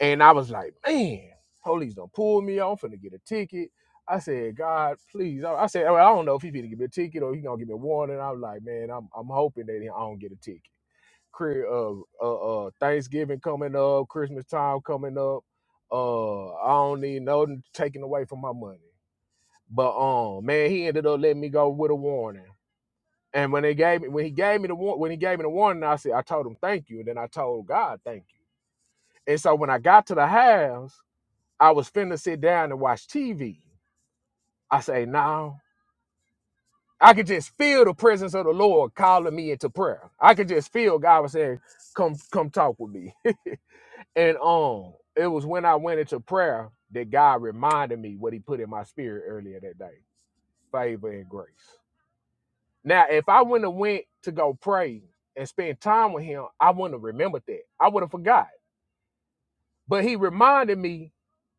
Speaker 6: and I was like, man, police don't pull me. I'm finna get a ticket. I said, God, please. I I said, I don't know if he's gonna give me a ticket or he's gonna give me a warning. I was like, man, I'm I'm hoping that I don't get a ticket. Chri- uh, uh, uh, Thanksgiving coming up, Christmas time coming up. Uh, I don't need no taken away from my money. But um, man, he ended up letting me go with a warning. And when they gave me, when he gave me the war, when he gave me the warning, I said, I told him thank you, and then I told God thank you. And so when I got to the house, I was finna sit down and watch TV. I say, no, I could just feel the presence of the Lord calling me into prayer. I could just feel God was saying, "Come, come, talk with me." And um, it was when I went into prayer that God reminded me what He put in my spirit earlier that day: favor and grace. Now, if I wouldn't have went to go pray and spend time with Him, I wouldn't have remembered that. I would have forgot. But He reminded me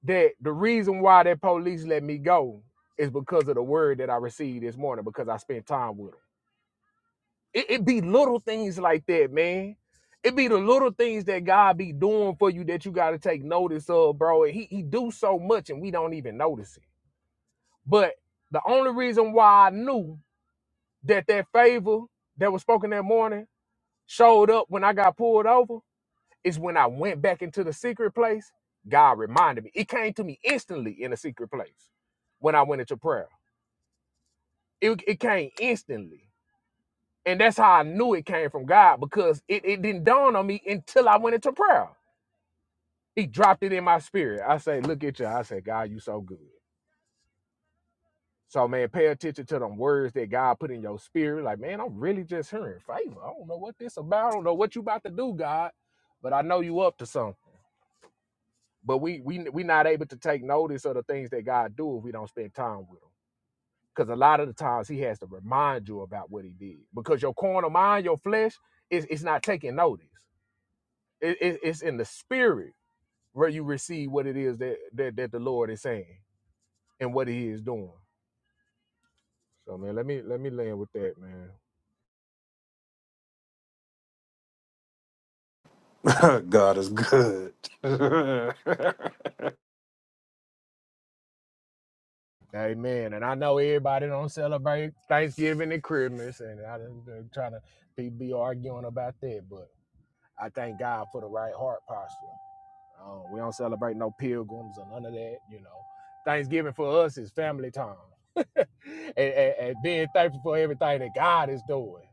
Speaker 6: that the reason why that police let me go is because of the word that I received this morning because I spent time with Him. It, it be little things like that, man. It be the little things that God be doing for you that you gotta take notice of, bro. And he, he do so much and we don't even notice it. But the only reason why I knew that that favor that was spoken that morning showed up when I got pulled over is when I went back into the secret place. God reminded me. It came to me instantly in the secret place when I went into prayer. It, it came instantly. And that's how I knew it came from God because it, it didn't dawn on me until I went into prayer. He dropped it in my spirit. I say, look at you. I say, God, you so good. So man, pay attention to them words that God put in your spirit. Like, man, I'm really just hearing favor. I don't know what this about. I don't know what you about to do, God, but I know you up to something. But we we we not able to take notice of the things that God do if we don't spend time with him. Because a lot of the times he has to remind you about what he did. Because your corner mind, your flesh, is it's not taking notice. It, it, it's in the spirit where you receive what it is that, that that the Lord is saying and what He is doing. So man, let me let me land with that, man.
Speaker 11: god is good
Speaker 6: Amen. And I know everybody don't celebrate Thanksgiving and Christmas, and I done trying to be, be arguing about that, but I thank God for the right heart posture. Uh, we don't celebrate no pilgrims or none of that. You know, Thanksgiving for us is family time, and, and, and being thankful for everything that God is doing.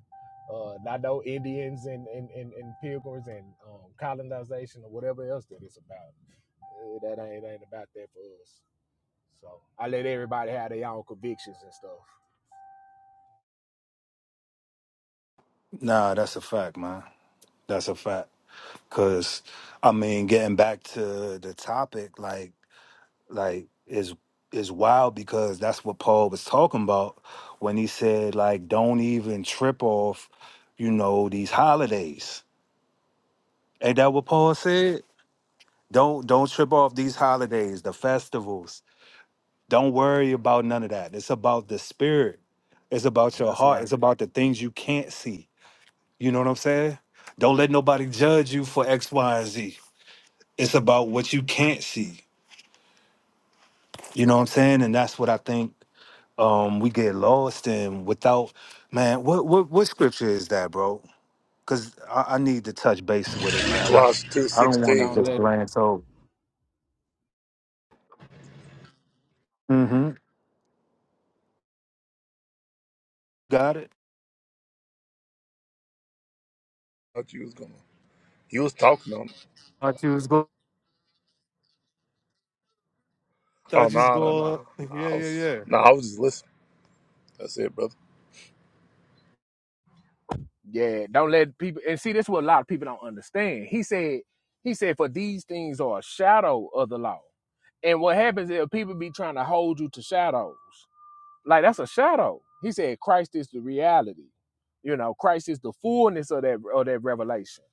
Speaker 6: Uh, not no Indians and and, and, and pilgrims and um, colonization or whatever else that it's about. Uh, That ain't ain't about that for us. So I let everybody have their own convictions and stuff.
Speaker 11: nah that's a fact man that's a fact because i mean getting back to the topic like like is is wild because that's what Paul was talking about when he said like don't even trip off, you know, these holidays. Ain't that what Paul said? Don't don't trip off these holidays, the festivals. Don't worry about none of that. It's about the spirit. It's about your
Speaker 6: That's
Speaker 11: heart.
Speaker 6: right.
Speaker 11: It's about the things you can't see. You know what I'm saying? Don't let nobody judge you for X, Y, and Z. It's about what you can't see. You know what I'm saying? And that's what I think um we get lost and without man what what what scripture is that bro because I, I need to touch base with it
Speaker 6: Yeah.
Speaker 11: man i,
Speaker 10: Colossians two
Speaker 11: I don't want to
Speaker 10: sixteen.
Speaker 6: Don't
Speaker 11: just
Speaker 6: let
Speaker 11: glance over mm-hmm got it
Speaker 10: Thought you was gonna. You was talking on.
Speaker 11: Thought you was going. Thought
Speaker 10: Oh
Speaker 11: you was
Speaker 10: no no no.
Speaker 11: going. Yeah,
Speaker 10: I
Speaker 11: yeah,
Speaker 10: was
Speaker 11: yeah.
Speaker 10: no. I was just listening. That's it, brother.
Speaker 6: Yeah, don't let people and see this is what a lot of people don't understand. He said, he said, for these things are a shadow of the law. And what happens is people be trying to hold you to shadows. Like that's a shadow. He said Christ is the reality. You know, Christ is the fullness of that of that revelation.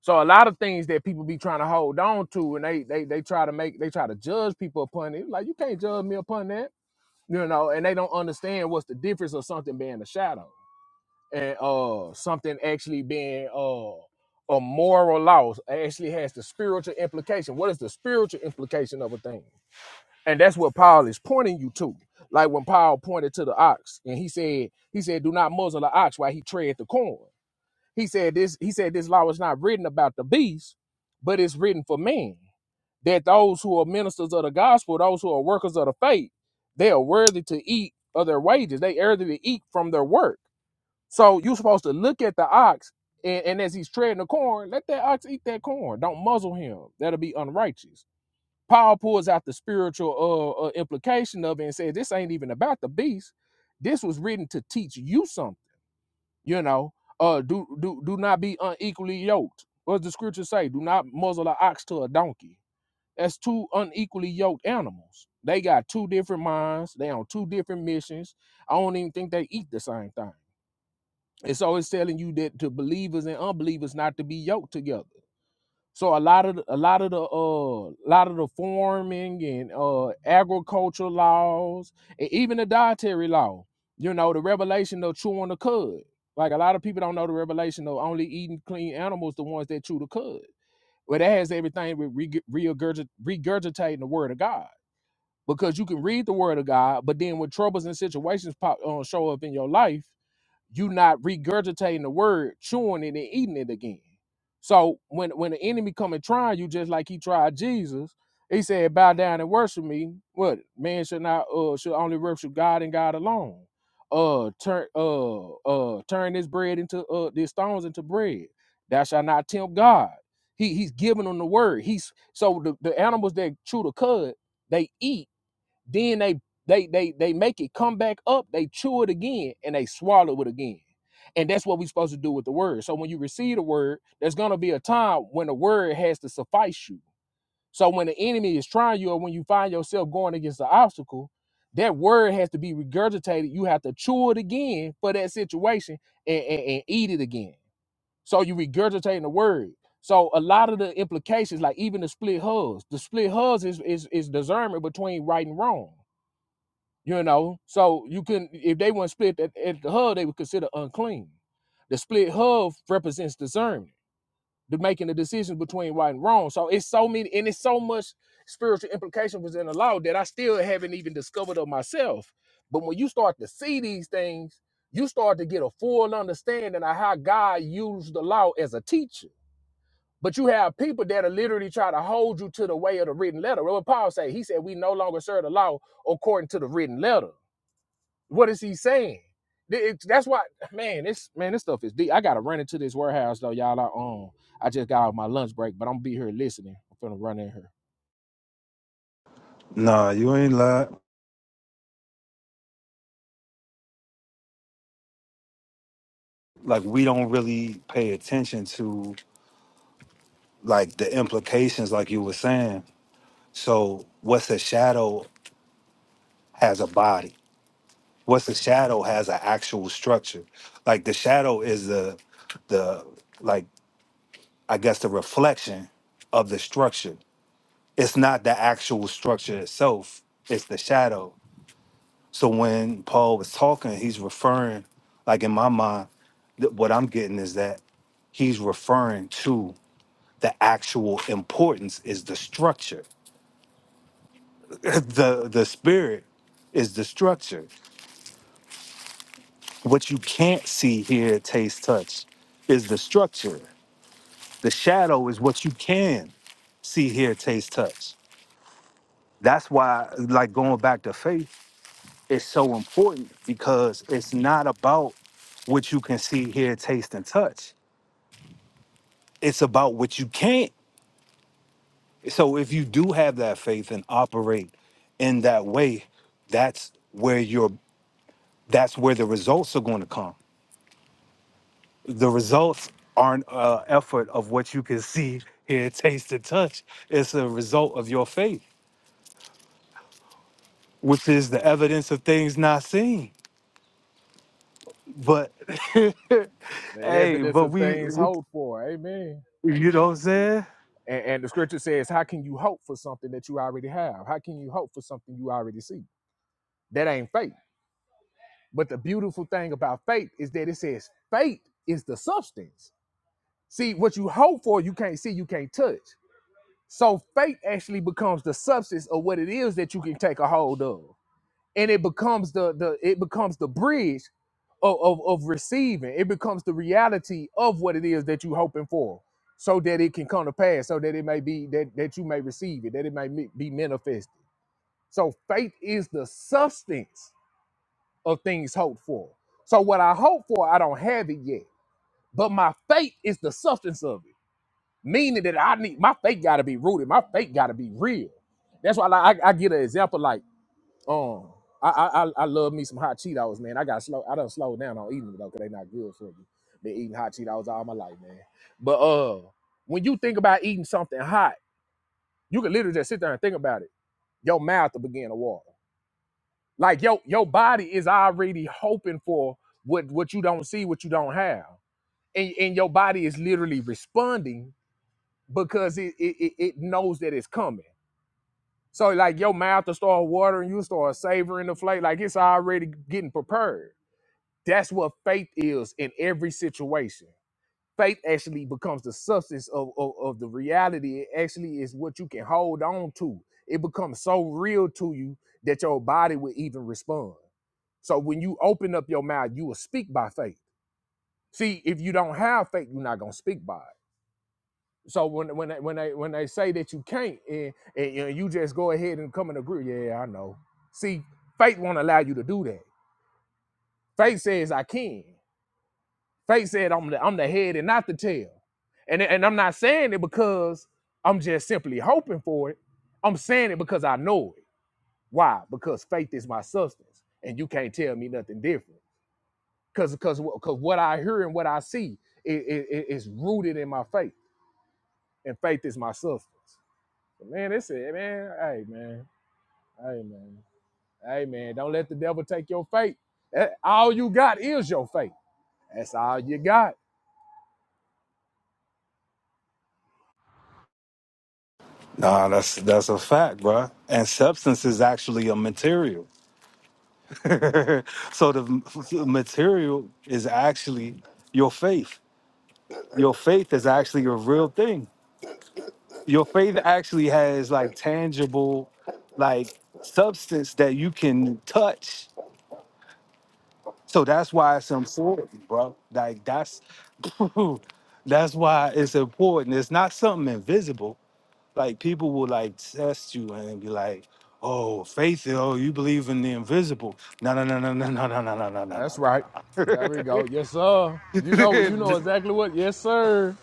Speaker 6: So a lot of things that people be trying to hold on to and they they they try to make they try to judge people upon it. Like you can't judge me upon that. You know, and they don't understand what's the difference of something being a shadow and uh something actually being uh a moral law actually has the spiritual implication. What is the spiritual implication of a thing? And that's what Paul is pointing you to. Like when Paul pointed to the ox and he said, he said, do not muzzle the ox while he tread the corn. He said this, he said this law is not written about the beast, but it's written for men. That those who are ministers of the gospel, those who are workers of the faith, they are worthy to eat of their wages. They are worthy to eat from their work so you're supposed to look at the ox, and, and as he's treading the corn, let that ox eat that corn. Don't muzzle him. That'll be unrighteous. Paul pulls out the spiritual uh, uh, implication of it and says, "This ain't even about the beast. This was written to teach you something. You know, uh, do do do not be unequally yoked. What does the scripture say? Do not muzzle an ox to a donkey. That's two unequally yoked animals. They got two different minds. They on two different missions. I don't even think they eat the same thing. It's always telling you that to believers and unbelievers not to be yoked together. So a lot of the- a lot of the uh lot of the farming and uh agricultural laws and even the dietary law, you know, the revelation of chewing the cud. Like a lot of people don't know the revelation of only eating clean animals, the ones that chew the cud. Well, that has everything with reg- regurgit- regurgitating the word of God because you can read the word of God, but then when troubles and situations pop uh, show up in your life you not regurgitating the word, chewing it and eating it again. So when when the enemy come and try you, just like he tried Jesus, he said, "Bow down and worship me." What man should not uh should only worship God and God alone. Uh, turn uh uh turn this bread into uh these stones into bread. Thou shalt not tempt God. He he's giving them the word. He's so the, the animals that chew the cud, they eat then they they they they make it come back up, they chew it again, and they swallow it again. And that's what we're supposed to do with the word. So when you receive the word, there's gonna be a time when the word has to suffice you. So when the enemy is trying you, or when you find yourself going against the obstacle, that word has to be regurgitated. You have to chew it again for that situation and, and, and eat it again. So you regurgitating the word. So a lot of the implications, like even the split hugs, the split hugs is is, is discernment between right and wrong. You know, so you couldn't if they weren't split at, at the hub, they would consider unclean. The split hub represents discernment, the making the decisions between right and wrong. So it's so many and it's so much spiritual implication was in the law that I still haven't even discovered of myself. But when you start to see these things, you start to get a full understanding of how God used the law as a teacher. But you have people that are literally try to hold you to the way of the written letter. What Paul said He said, "We no longer serve the law according to the written letter." What is he saying? it- that's why, man. This man, this stuff is deep. I gotta run into this warehouse though, y'all. I um, I just got out my lunch break, but I'm gonna be here listening. I'm finna run in here.
Speaker 11: nah you ain't lie like we don't really pay attention to like the implications like you were saying so what's a shadow has a body what's a shadow has an actual structure like the shadow is the the like I guess, the reflection of the structure. It's not the actual structure itself, it's the shadow. So when Paul was talking, he's referring, like in my mind, th- what I'm getting is that he's referring to the actual importance is the structure. the the spirit is the structure. What you can't see, hear, taste, touch is the structure. The shadow is what you can see, hear, taste, touch. That's why, like going back to faith is so important because it's not about what you can see, hear, taste, and touch. It's about what you can't. So if you do have that faith and operate in that way, that's where your that's where the results are going to come. The results aren't an effort of what you can see, hear, taste, and touch. It's a result of your faith, which is the evidence of things not seen. But
Speaker 6: The
Speaker 11: hey,
Speaker 6: evidence
Speaker 11: but
Speaker 6: of
Speaker 11: we,
Speaker 6: things
Speaker 11: we
Speaker 6: hoped for, amen.
Speaker 11: you know what I'm saying?
Speaker 6: And, and the scripture says, "How can you hope for something that you already have? How can you hope for something you already see? That ain't faith." But the beautiful thing about faith is that it says faith is the substance. See, what you hope for, you can't see, you can't touch. So faith actually becomes the substance of what it is that you can take a hold of. And it becomes the the it becomes the bridge of, of, of receiving. It becomes the reality of what it is that you're hoping for so that it can come to pass, so that it may be that, that you may receive it, that it may me- be manifested. So faith is the substance of things hoped for. So what I hope for, I don't have it yet, but my faith is the substance of it meaning that I need my faith got to be rooted. My faith got to be real. That's why like, I, I get an example like um I, I I I love me some hot Cheetos, man. I got slow. I done slowed down on eating them though, cause they not good for me. Been eating hot Cheetos all my life, man. But uh, when you think about eating something hot, you can literally just sit there and think about it. Your mouth will begin to water. Like your your body is already hoping for what what you don't see, what you don't have, and and your body is literally responding because it, it it it knows that it's coming. So like your mouth will start watering, you start savoring the flavor, like it's already getting prepared. That's what faith is in every situation. Faith actually becomes the substance of, of, of the reality. It actually is what you can hold on to. It becomes so real to you that your body will even respond. So when you open up your mouth, you will speak by faith. See, if you don't have faith, you're not gonna speak by it. So when when I, when I when they say that you can't and, and you, you just go ahead and come and agree, yeah, I know. See, faith won't allow you to do that. Faith says I can. Faith said I'm the I'm the head and not the tail. And and I'm not saying it because I'm just simply hoping for it. I'm saying it because I know it. Why? Because faith is my substance, and you can't tell me nothing different. Because because because what I hear and what I see is, is is rooted in my faith, and faith is my substance. But man, they said, man, hey, man, hey, man, hey, man, don't let the devil take your faith. That- all you got is your faith. That's all you got.
Speaker 11: Nah, that's that's a fact, bruh. And substance is actually a material. so the m- f- material is actually your faith. Your faith is actually a real thing. Your faith actually has like tangible, like substance that you can touch. So that's why it's important, bro. Like that's that's why it's important. It's not something invisible. like people will like test you and be like, "Oh, faith, oh, you believe in the invisible." No, no, no, no, no, no, no, no, no, no, no.
Speaker 6: That's
Speaker 11: no.
Speaker 6: right. There we go. Yes, sir. You know, you know exactly what. Yes, sir.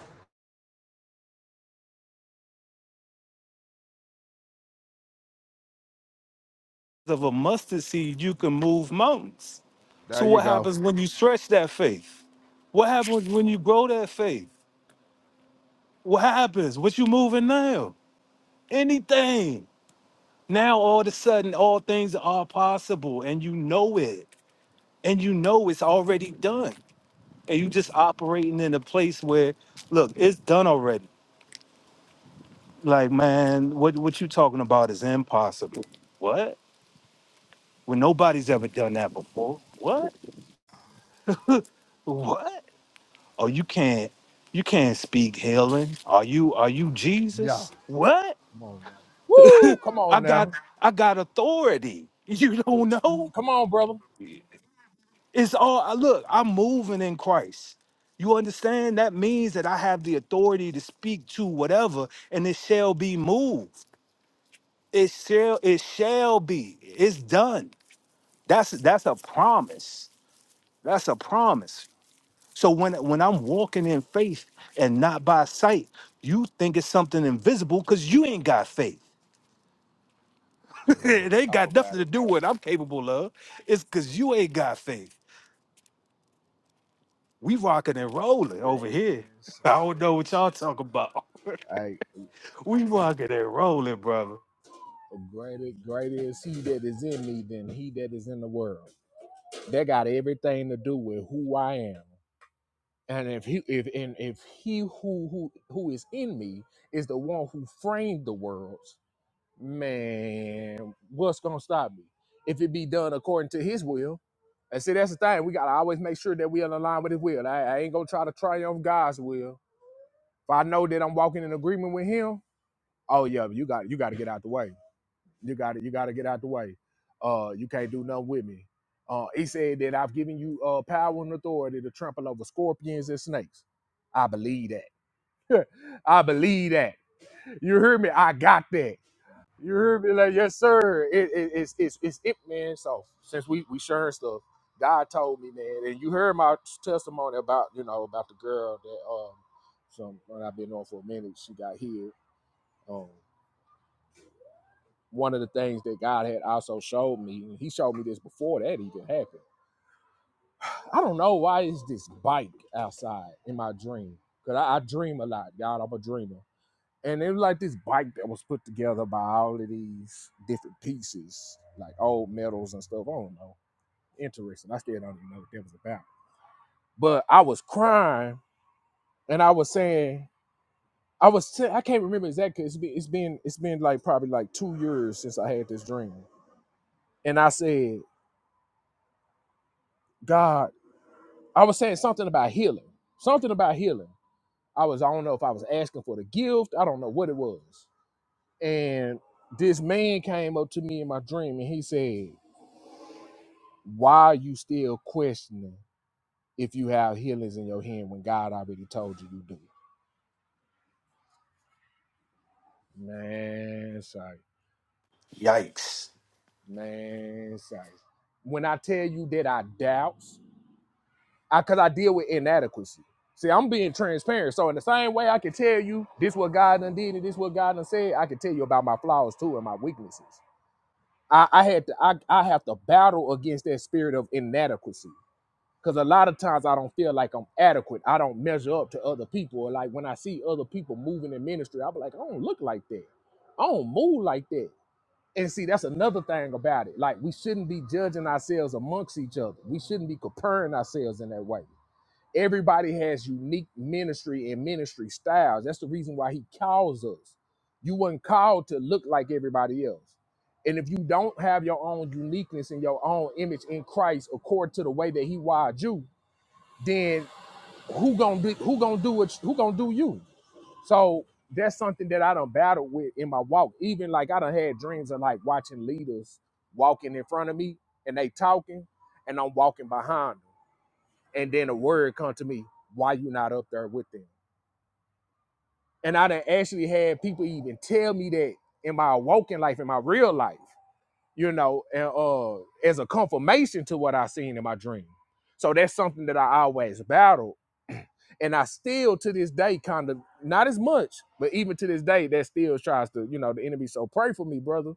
Speaker 11: Of a mustard seed, you can move mountains.
Speaker 6: There
Speaker 11: So
Speaker 6: you
Speaker 11: what
Speaker 6: go.
Speaker 11: happens when you stretch that faith? What happens when you grow that faith? What happens? What you moving now? Anything. Now all of a sudden, all things are possible, and you know it, and you know it's already done, and you just operating in a place where, look, it's done already Like, man, what what you talking about is impossible. What? When nobody's ever done that before. What? What? Oh, you can't you can't speak healing. Are you are you
Speaker 6: Yeah.
Speaker 11: Jesus? What?
Speaker 6: Come on now. Woo! Come
Speaker 11: I
Speaker 6: on
Speaker 11: got
Speaker 6: now.
Speaker 11: I got authority. You don't know?
Speaker 6: Come on, brother.
Speaker 11: It's all I look, I'm moving in Christ. You understand? That means that I have the authority to speak to whatever and it shall be moved. It shall it shall be. It's done. That's that's a promise That's a promise. So when when I'm walking in faith and not by sight, you think it's something invisible because you ain't got faith.
Speaker 6: Yeah, you better
Speaker 11: it ain't
Speaker 6: talk
Speaker 11: got nothing
Speaker 6: about
Speaker 11: to
Speaker 6: it,
Speaker 11: do
Speaker 6: brother.
Speaker 11: with what I'm capable of. It's because you ain't got faith. We rocking and rolling over here.
Speaker 6: Man, son.
Speaker 11: I don't know what y'all talking about.
Speaker 6: Hey,
Speaker 11: we rocking and rolling, brother.
Speaker 6: greater, greater is he that is in me than he that is in the world. That got everything to do with who I am. And if he if and if he who who who is in me is the one who framed the worlds, man, what's gonna stop me? If it be done according to his will. And see, that's the thing. We gotta always make sure that we are aligned with his will. I, I ain't gonna try to triumph God's will. If I know that I'm walking in agreement with him, oh yeah, you got you gotta get out the way. You got to You got to get out the way. Uh, you can't do nothing with me. Uh, he said that I've given you uh, power and authority to trample over scorpions and snakes. I believe that. I believe that. You hear me? I got that. You hear me? Like yes, sir. It, it, it's it's it's it, man. So since we we sharing stuff, God told me, man, and you heard my testimony about you know about the girl that um some when I've been on for a minute, she got healed. Um, one of the things that God had also showed me, and He showed me this before that even happened. I don't know why is this bike outside in my dream because I, I dream a lot, God. I'm a dreamer, and it was like this bike that was put together by all of these different pieces, like old metals and stuff. I don't know. Interesting. I still don't even know what that was about. But I was crying, and I was saying. I was sa- I can't remember exactly. It's been it's been it's been like probably like two years since I had this dream, and I said, God, I was saying something about healing. Something about healing. I was, I don't know if I was asking for the gift. I don't know what it was. And this man came up to me in my dream and he said, Why are you still questioning if you have healings in your hand when God already told you you do? Man, sorry.
Speaker 11: Yikes.
Speaker 6: Man, sorry. When I tell you that I doubt, I because I deal with inadequacy. See, I'm being transparent. So in the same way I can tell you this what God done did and this what God done said, I can tell you about my flaws too and my weaknesses. I, I had to I, I have to battle against that spirit of inadequacy. Cause a lot of times I don't feel like I'm adequate. I don't measure up to other people. Or like when I see other people moving in ministry, I'll be like, I don't look like that. I don't move like that. And see, that's another thing about it. Like we shouldn't be judging ourselves amongst each other. We shouldn't be comparing ourselves in that way Everybody has unique ministry and ministry styles. That's the reason why he calls us. You weren't called to look like everybody else. And if you don't have your own uniqueness and your own image in Christ according to the way that he wired you, then who gonna do who gonna do what who gonna do you? So that's something that I done battled with in my walk. Even like I done had dreams of like watching leaders walking in front of me and they talking and I'm walking behind them and then a word come to me, why you not up there with them? And I done actually had people even tell me that in my walking life, in my real life, you know, and uh as a confirmation to what I seen in my dream. So that's something that I always battled. And I still to this day kind of not as much, but even to this day that still tries to, you know, the enemy. So pray for me, brother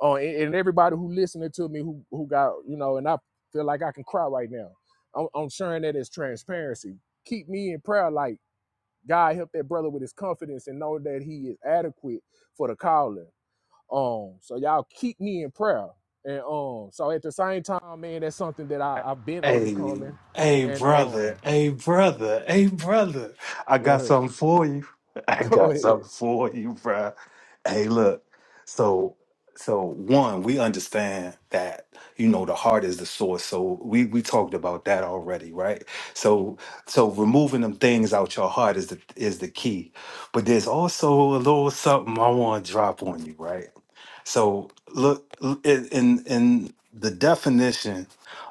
Speaker 6: Oh, and, and everybody who listening to me who who got you know, and I feel like I can cry right now. I'm, I'm sharing that as transparency. Keep me in prayer, like God help that brother with his confidence and know that he is adequate for the calling. Um, so y'all keep me in prayer, and um, so at the same time, man, that's something that I, I've been
Speaker 11: Hey,
Speaker 6: overcoming,
Speaker 11: hey,
Speaker 6: and um,
Speaker 11: brother, hey, brother, hey, brother. I
Speaker 6: go
Speaker 11: got
Speaker 6: ahead,
Speaker 11: something for you. I
Speaker 6: go
Speaker 11: got
Speaker 6: ahead.
Speaker 11: something for you, bruh. Hey, look. So, so one, we understand that you know the heart is the source. So we we talked about that already, right? So, so removing them things out your heart is the is the key. But there's also a little something I want to drop on you, right? So look in in in the definition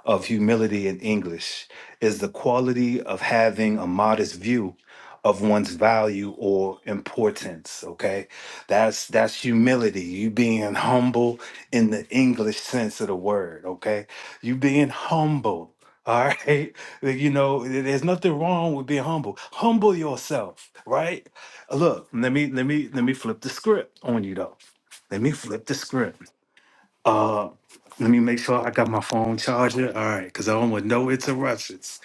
Speaker 11: of humility in English is the quality of having a modest view of one's value or importance, okay? That's that's humility, you being humble in the English sense of the word, okay? You being humble. All right. You know, there's nothing wrong with being humble. Humble yourself, right? Look, let me let me let me flip the script on you though let me flip the script. Uh, let me make sure I got my phone charger. All right, because I don't want no interruptions.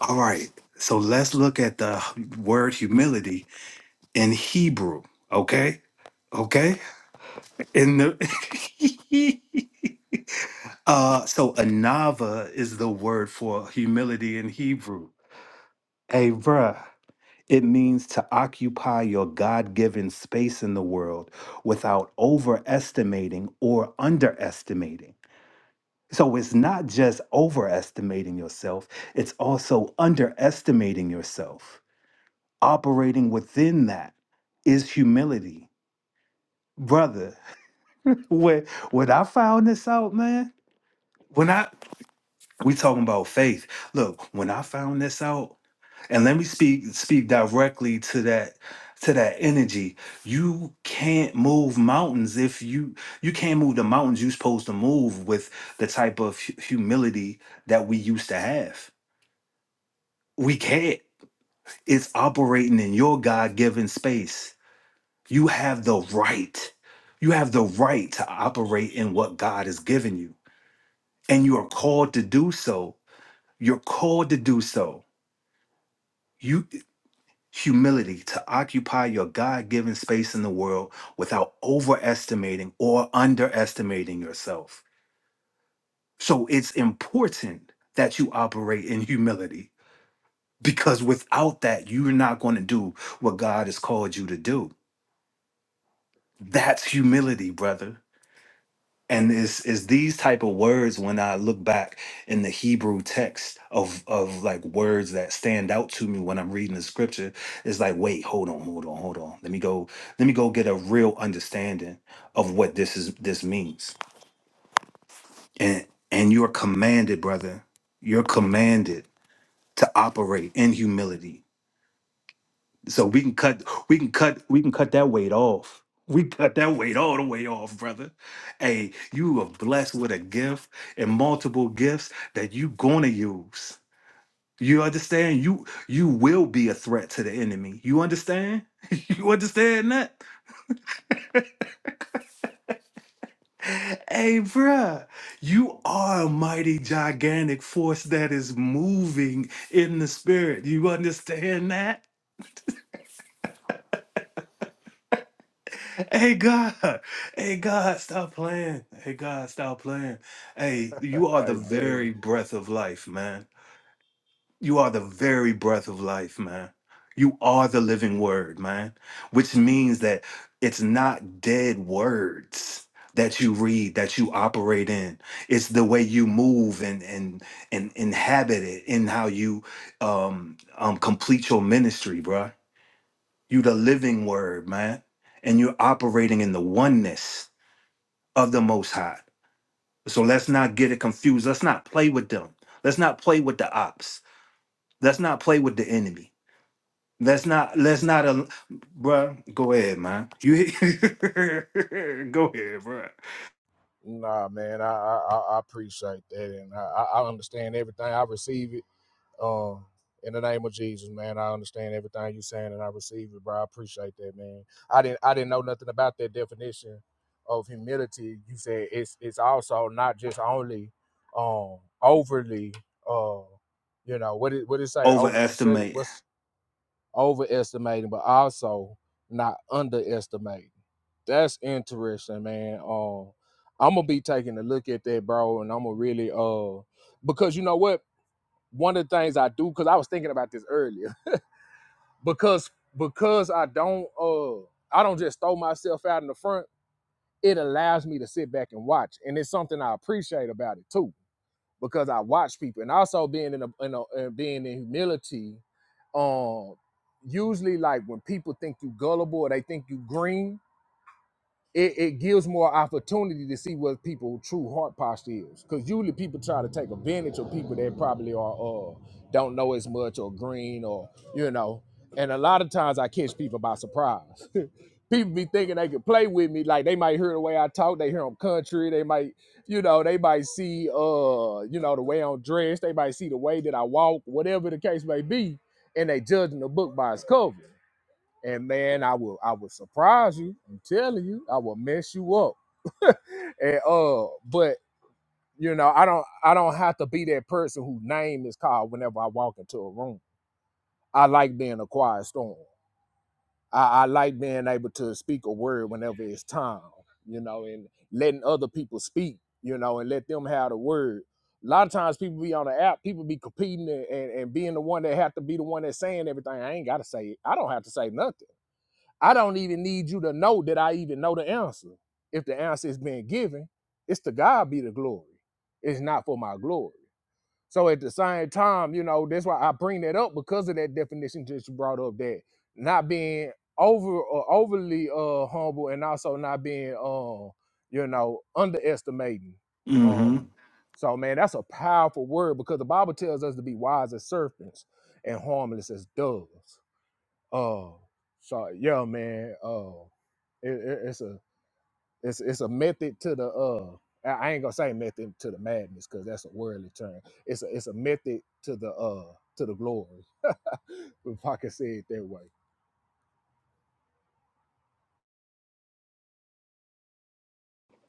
Speaker 11: All right, so let's look at the word humility in Hebrew. Okay, okay. In the uh, so anava is the word for humility in Hebrew. Hey, bruh. It means to occupy your God given space in the world without overestimating or underestimating. So it's not just overestimating yourself, it's also underestimating yourself. Operating within that is humility. Brother, when when I found this out, man, when I we talking about faith. Look, when I found this out, and let me speak speak directly to that to that energy. You can't move mountains if you you can't move the mountains you're supposed to move with the type of hu- humility that we used to have We can't. It's operating in your God given space. You have the right. You have the right to operate in what God has given you. And you are called to do so. You're called to do so. You humility to occupy your God given space in the world without overestimating or underestimating yourself. So it's important that you operate in humility because without that, you're not going to do what God has called you to do That's humility, brother. And it's, it's these type of words when I look back in the Hebrew text of of like words that stand out to me when I'm reading the scripture. It's like, wait, hold on, hold on, hold on. Let me go, let me go get a real understanding of what this is this means. And and you're commanded, brother. You're commanded to operate in humility So we can cut, we can cut, we can cut that weight off. We cut that weight all the way off, brother. Hey, you are blessed with a gift and multiple gifts that you gonna use. You understand? You you will be a threat to the enemy. You understand? You understand that? Hey, bruh, you are a mighty gigantic force that is moving in the spirit. You understand that? Hey God, hey God, stop playing. Hey God, stop playing. Hey, you are the
Speaker 6: Hey man,
Speaker 11: very breath of life, man. You are the very breath of life, man. You are the living word, man, which means that it's not dead words that you read, that you operate in. It's the way you move and and and inhabit it in how you um um complete your ministry, bruh. You the living word, man. And you're operating in the oneness of the Most High. So let's not get it confused. Let's not play with them. Let's not play with the ops. Let's not play with the enemy. Let's not. Let's not. al- bruh, go ahead, man. You go ahead, bruh.
Speaker 6: nah man, I I, I I appreciate that, and I, I I understand everything. I receive it Um, in the name of Jesus, man, I understand everything you're saying and I receive it, bro. I appreciate that, man. I didn't I didn't know nothing about that definition of humility. You said it's it's also not just only um overly uh you know, what did what did it say over said it-
Speaker 11: Overestimate.
Speaker 6: what's overestimating, but also not underestimating. That's interesting, man. Um I'm gonna be taking a look at that, bro, and I'm gonna really uh because you know what? one of the things I do because I was thinking about this earlier because because I don't uh I don't just throw myself out in the front. It allows me to sit back and watch, and it's something I appreciate about it too because I watch people and also being in a, in a uh, being in humility. Um, usually like when people think you gullible or they think you green, it, it gives more opportunity to see what people true heart posture is. Because usually people try to take advantage of people that probably are uh don't know as much or green or you know. And a lot of times I catch people by surprise. people be thinking they can play with me, like they might hear the way I talk, they hear I'm country, they might, you know, they might see uh, you know, the way I'm dressed, they might see the way that I walk, whatever the case may be, and they judging the book by its cover and man, I will I will surprise you. I'm telling you, I will mess you up. and uh, but you know, I don't I don't have to be that person whose name is called whenever I walk into a room. I like being a quiet storm. I, I like being able to speak a word whenever it's time, you know, and letting other people speak, you know, and let them have the word. A lot of times people be on the app, people be competing and, and, and being the one that have to be the one that's saying everything. I ain't gotta say it. I don't have to say nothing I don't even need you to know that I even know the answer. If the answer is being given, it's to God be the glory. It's not for my glory. So at the same time, you know, that's why I bring that up because of that definition that you brought up that not being over or overly uh humble and also not being um, you know, underestimating.
Speaker 11: Mm-hmm.
Speaker 6: Um so man, that's a powerful word because the Bible tells us to be wise as serpents and harmless as doves. Oh, so yeah, man. Oh, it, it, it's a it's it's a method to the uh. I I ain't gonna say method to the madness because that's a worldly term. It's a it's a method to the uh to the glory. if I can say it that way.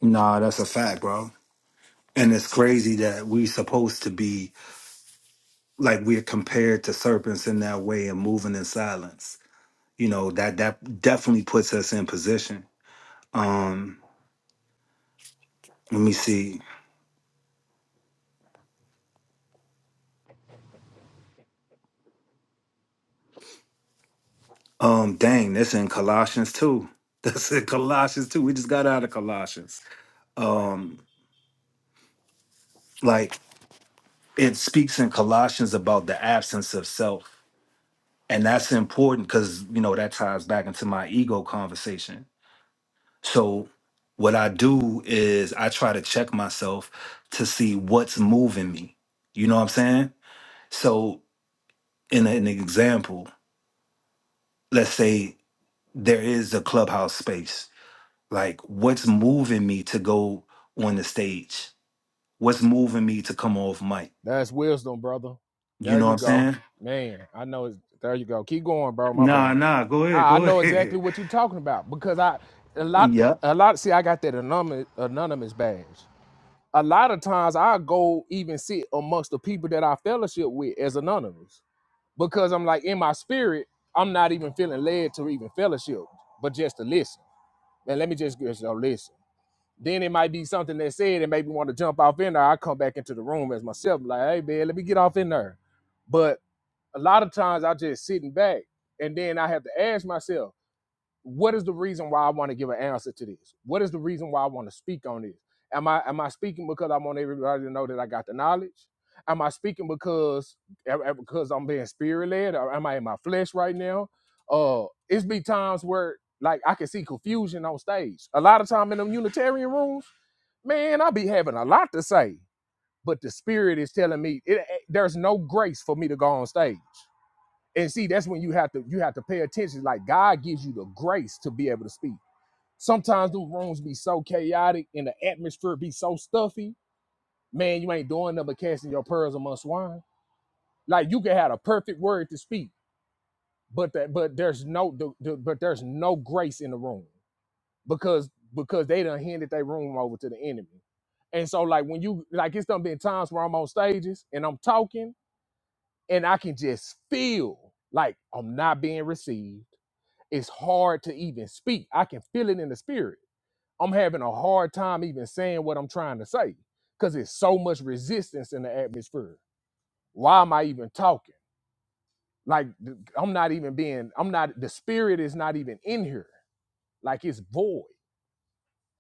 Speaker 11: Nah, that's a fact, bro. And it's crazy that we supposed to be like we're compared to serpents in that way and moving in silence. You know that that definitely puts us in position. Um, let me see. Um, dang, that's in Colossians too. That's in Colossians too. We just got out of Colossians. Um, like it speaks in Colossians about the absence of self, and that's important because you know that ties back into my ego conversation. So, what I do is I try to check myself to see what's moving me. You know what I'm saying? So, in an example, let's say there is a clubhouse space like what's moving me to go on the stage what's moving me to come off mic
Speaker 6: That's wisdom, brother.
Speaker 11: you
Speaker 6: There
Speaker 11: know what
Speaker 6: you
Speaker 11: i'm
Speaker 6: go,
Speaker 11: saying
Speaker 6: man. I know. It's, there you go. Keep going, bro. My
Speaker 11: Nah,
Speaker 6: bad.
Speaker 11: nah, go ahead,
Speaker 6: I I
Speaker 11: go
Speaker 6: know exactly
Speaker 11: ahead.
Speaker 6: what you're talking about because I a lot
Speaker 11: yep
Speaker 6: a lot. See, I got that anonymous anonymous badge. a lot of times I go even sit amongst the people that I fellowship with as anonymous because I'm like in my spirit, I'm not even feeling led to even fellowship, but just to listen. And let me just just go listen. Then it might be something that said and made me want to jump off in there. I come back into the room as myself, like, hey man, let me get off in there. But a lot of times I just sitting back and then I have to ask myself, what is the reason why I want to give an answer to this? What is the reason why I want to speak on this? Am I am I speaking because I want everybody to know that I got the knowledge? Am I speaking because eh, eh, because I'm being spirit led, or am I in my flesh right now? Uh, it's be times where like I can see confusion on stage. A lot of time in them Unitarian rooms, man, I be having a lot to say, but the spirit is telling me it, eh, there's no grace for me to go on stage and see that's when you have to you have to pay attention like god gives you the grace to be able to speak sometimes the rooms be so chaotic and the atmosphere be so stuffy man you ain't doing nothing but casting your pearls among swine like you can have a perfect word to speak but that but there's no the, the, but there's no grace in the room because because they done handed their room over to the enemy and so like when you like it's done been times where i'm on stages and i'm talking and i can just feel like i'm not being received it's hard to even speak. I can feel it in the spirit. I'm having a hard time even saying what I'm trying to say because it's so much resistance in the atmosphere. Why am I even talking? Like th- I'm not even being, I'm not, the spirit is not even in here. Like it's void.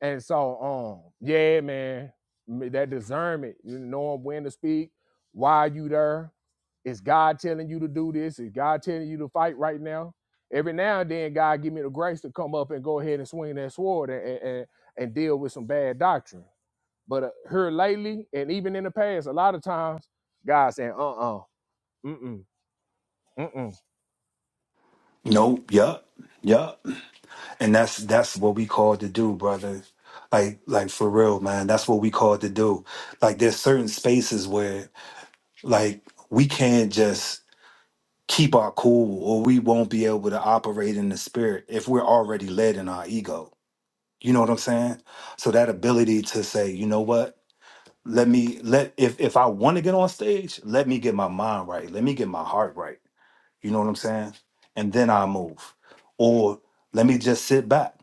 Speaker 6: And so, um, yeah, man, m- that discernment, you knowing when to speak, why are you there? Is God telling you to do this? Is God telling you to fight right now? Every now and then, God give me the grace to come up and go ahead and swing that sword and and, and, and deal with some bad doctrine. But uh, here lately, and even in the past, a lot of times, God saying, "Uh, uh-uh, mm, mm, mm, mm,
Speaker 11: nope yep yep and that's that's what we called to do brother like like for real man that's what we called to do like there's certain spaces where like we can't just keep our cool or we won't be able to operate in the spirit if we're already led in our ego you know what i'm saying so that ability to say you know what let me let if if I want to get on stage, let me get my mind right. Let me get my heart right. You know what I'm saying? And then I move. Or let me just sit back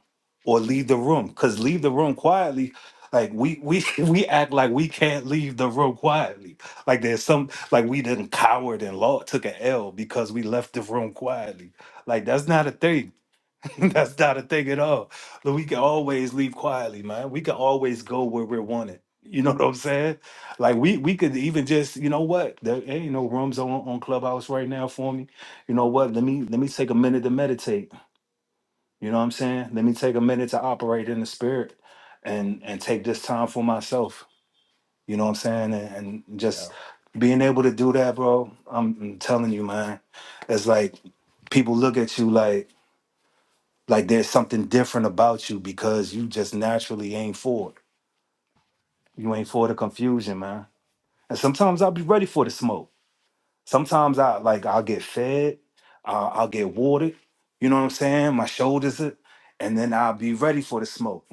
Speaker 11: or leave the room. Cause leave the room quietly. Like we we we act like we can't leave the room quietly. Like there's some like we didn't coward and law took an L because we left the room quietly. Like that's not a thing. That's not a thing at all. Look, We can always leave quietly, man. We can always go where we're wanted. You know what I'm saying? Like we we could even just, you know what? There ain't no rooms on, on Clubhouse right now for me. You know what? Let me let me take a minute to meditate. You know what I'm saying? Let me take a minute to operate in the spirit and and take this time for myself. You know what I'm saying? And, and
Speaker 6: yeah,
Speaker 11: just being able to do that, bro. I'm, I'm telling you, man. It's like people look at you like like there's something different about you because you just naturally ain't for it. You ain't for the confusion, man. And sometimes I'll be ready for the smoke. Sometimes I like I'll get fed, I'll, I'll get watered. You know what I'm saying? My shoulders it, and then I'll be ready for the smoke.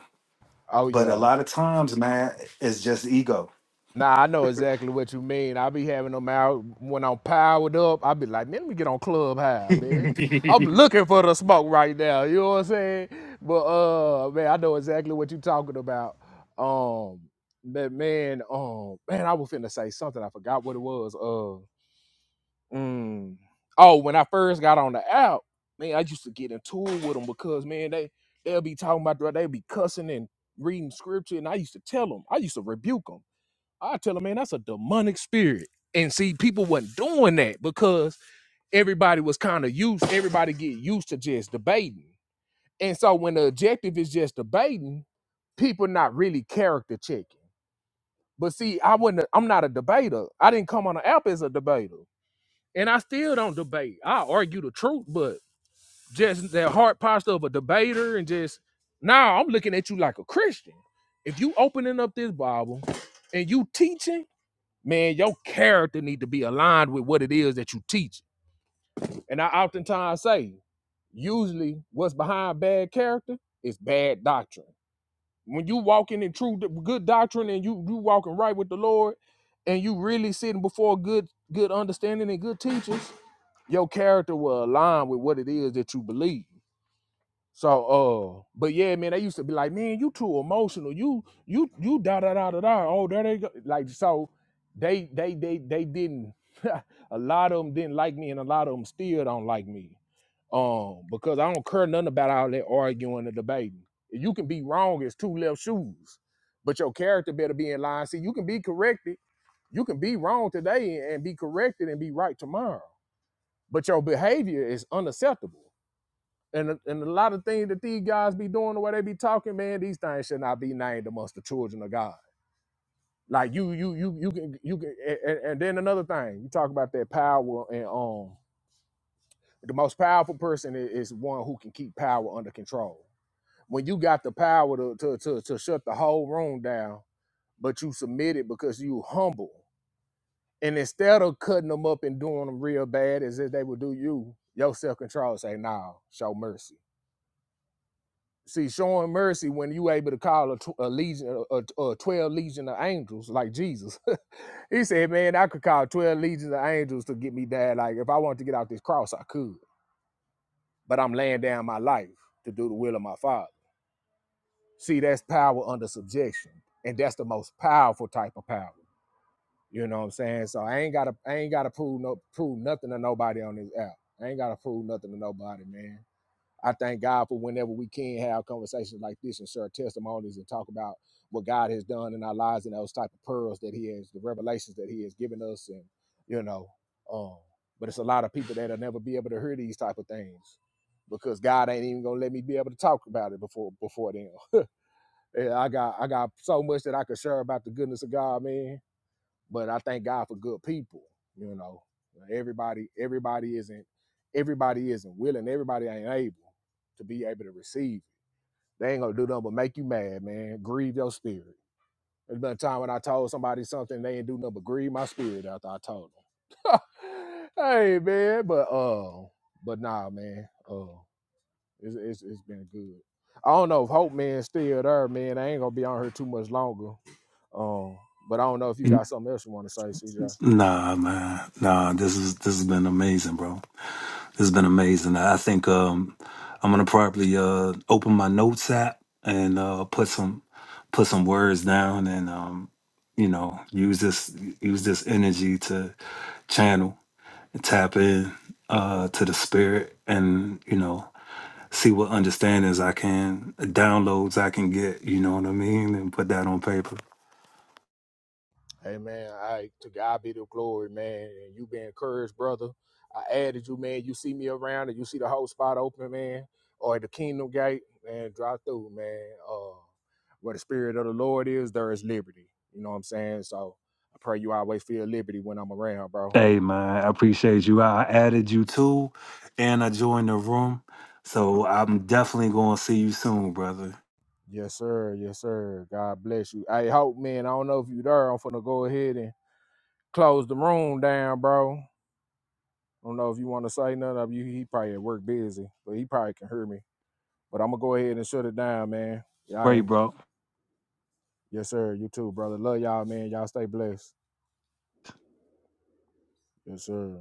Speaker 6: oh
Speaker 11: But a
Speaker 6: yeah."
Speaker 11: lot of times, man, it's just ego.
Speaker 6: Nah, I know exactly what you mean. I be having them out when I'm powered up. I be like, man, let me get on club high, man. I'm looking for the smoke right now. You know what I'm saying? But uh, man, I know exactly what you're talking about. Um, but man, um, man, I was finna say something. I forgot what it was. Uh, mm, oh, when I first got on the app, man, I used to get into it with them because man, they they'll be talking about they be cussing and reading scripture, and I used to tell them, I used to rebuke them. I tell them, man, that's a demonic spirit. And see, people wasn't doing that because everybody was kind of used, everybody get used to just debating. And so when the objective is just debating, people not really character checking. But see, I wouldn't. I'm not a debater. I didn't come on the app as a debater, and I still don't debate. I argue the truth, but just that heart posture of a debater and just now I'm looking at you like a Christian. If you opening up this Bible and you teaching man, your character need to be aligned with what it is that you teach. And I oftentimes say, usually what's behind bad character is bad doctrine. When you walking in true good doctrine and you you walking right with the Lord and you really sitting before good good understanding and good teachers, your character will align with what it is that you believe. So uh, but yeah, man, they used to be like, man, you too emotional. You you you da da da da da. Oh, there they go. Like so, they they they they didn't. a lot of them didn't like me, and a lot of them still don't like me. Um, because I don't care nothing about all that arguing and debating. You can be wrong as two left shoes, but your character better be in line. See, you can be corrected. You can be wrong today and be corrected and be right tomorrow. But your behavior is unacceptable and and a lot of things that these guys be doing the way they be talking, man, these things should not be named amongst the children of God. Like you, you, you, you can, you can, and, and then another thing, you talk about that power and um, the most powerful person i- is one who can keep power under control. When you got the power to to to, to shut the whole room down, but you submit it because you humble, and instead of cutting them up and doing them real bad as if they would do you, your self control say, "Nah, show mercy." See, showing mercy when you able to call a, tw- a legion, a, a, a twelve legion of angels like Jesus. he said, "Man, I could call twelve legions of angels to get me there. Like if I wanted to get out this cross, I could. But I'm laying down my life to do the will of my Father. See, that's power under subjection, and that's the most powerful type of power. You know what I'm saying? So I ain't gotta, I ain't gotta prove no, prove nothing to nobody on this app. I ain't gotta prove nothing to nobody, man. I thank God for whenever we can have conversations like this and share testimonies and talk about what God has done in our lives and those type of pearls that He has, the revelations that He has given us, and you know, um, but it's a lot of people that'll never be able to hear these type of things because God ain't even gonna let me be able to talk about it before before them. Yeah, I got I got so much that I could share about the goodness of God, man but I thank God for good people. You know, everybody everybody isn't everybody isn't willing. Everybody ain't able to be able to receive. it. They ain't gonna do nothing but make you mad, man. Grieve your spirit. There's been a time when I told somebody something they ain't do nothing but grieve my spirit after I told them. hey man, but uh, but nah, man, uh, it's, it's it's been good. I don't know if Hope Man still there, man. I ain't gonna be on here too much longer. Um, but I don't know if you got something else you want to say, CJ.
Speaker 11: Nah, man. Nah, this is this has been amazing, bro. This has been amazing. I I think um I'm gonna probably uh open my notes app and uh put some put some words down and um you know use this use this energy to channel and tap in uh to the spirit and you know see what understandings I can downloads I can get, you know what I mean, and put that on paper.
Speaker 6: Hey man, I to God be the glory, man. And you be encouraged, brother. I added you, man. You see me around and you see the whole spot open, man, or the kingdom gate, man, drive through, man. Uh where the spirit of the Lord is, there is liberty. You know what I'm saying? So I pray you always feel liberty when I'm around, bro.
Speaker 11: Hey man, I appreciate you. I added you too, and I joined the room, so I'm definitely gonna see you soon, brother.
Speaker 6: Yes, sir. Yes, sir. God bless you. Hey, hope, man. I don't know if you there. I'm finna go ahead and close the room down, bro. I don't know if you want to say nothing of you. He probably at work busy, but he probably can hear me. But I'm gonna go ahead and shut it down, man. Yeah, I
Speaker 11: Great,
Speaker 6: am.
Speaker 11: bro.
Speaker 6: Yes, sir. You too, brother. Love y'all, man. Y'all stay blessed. Yes, sir.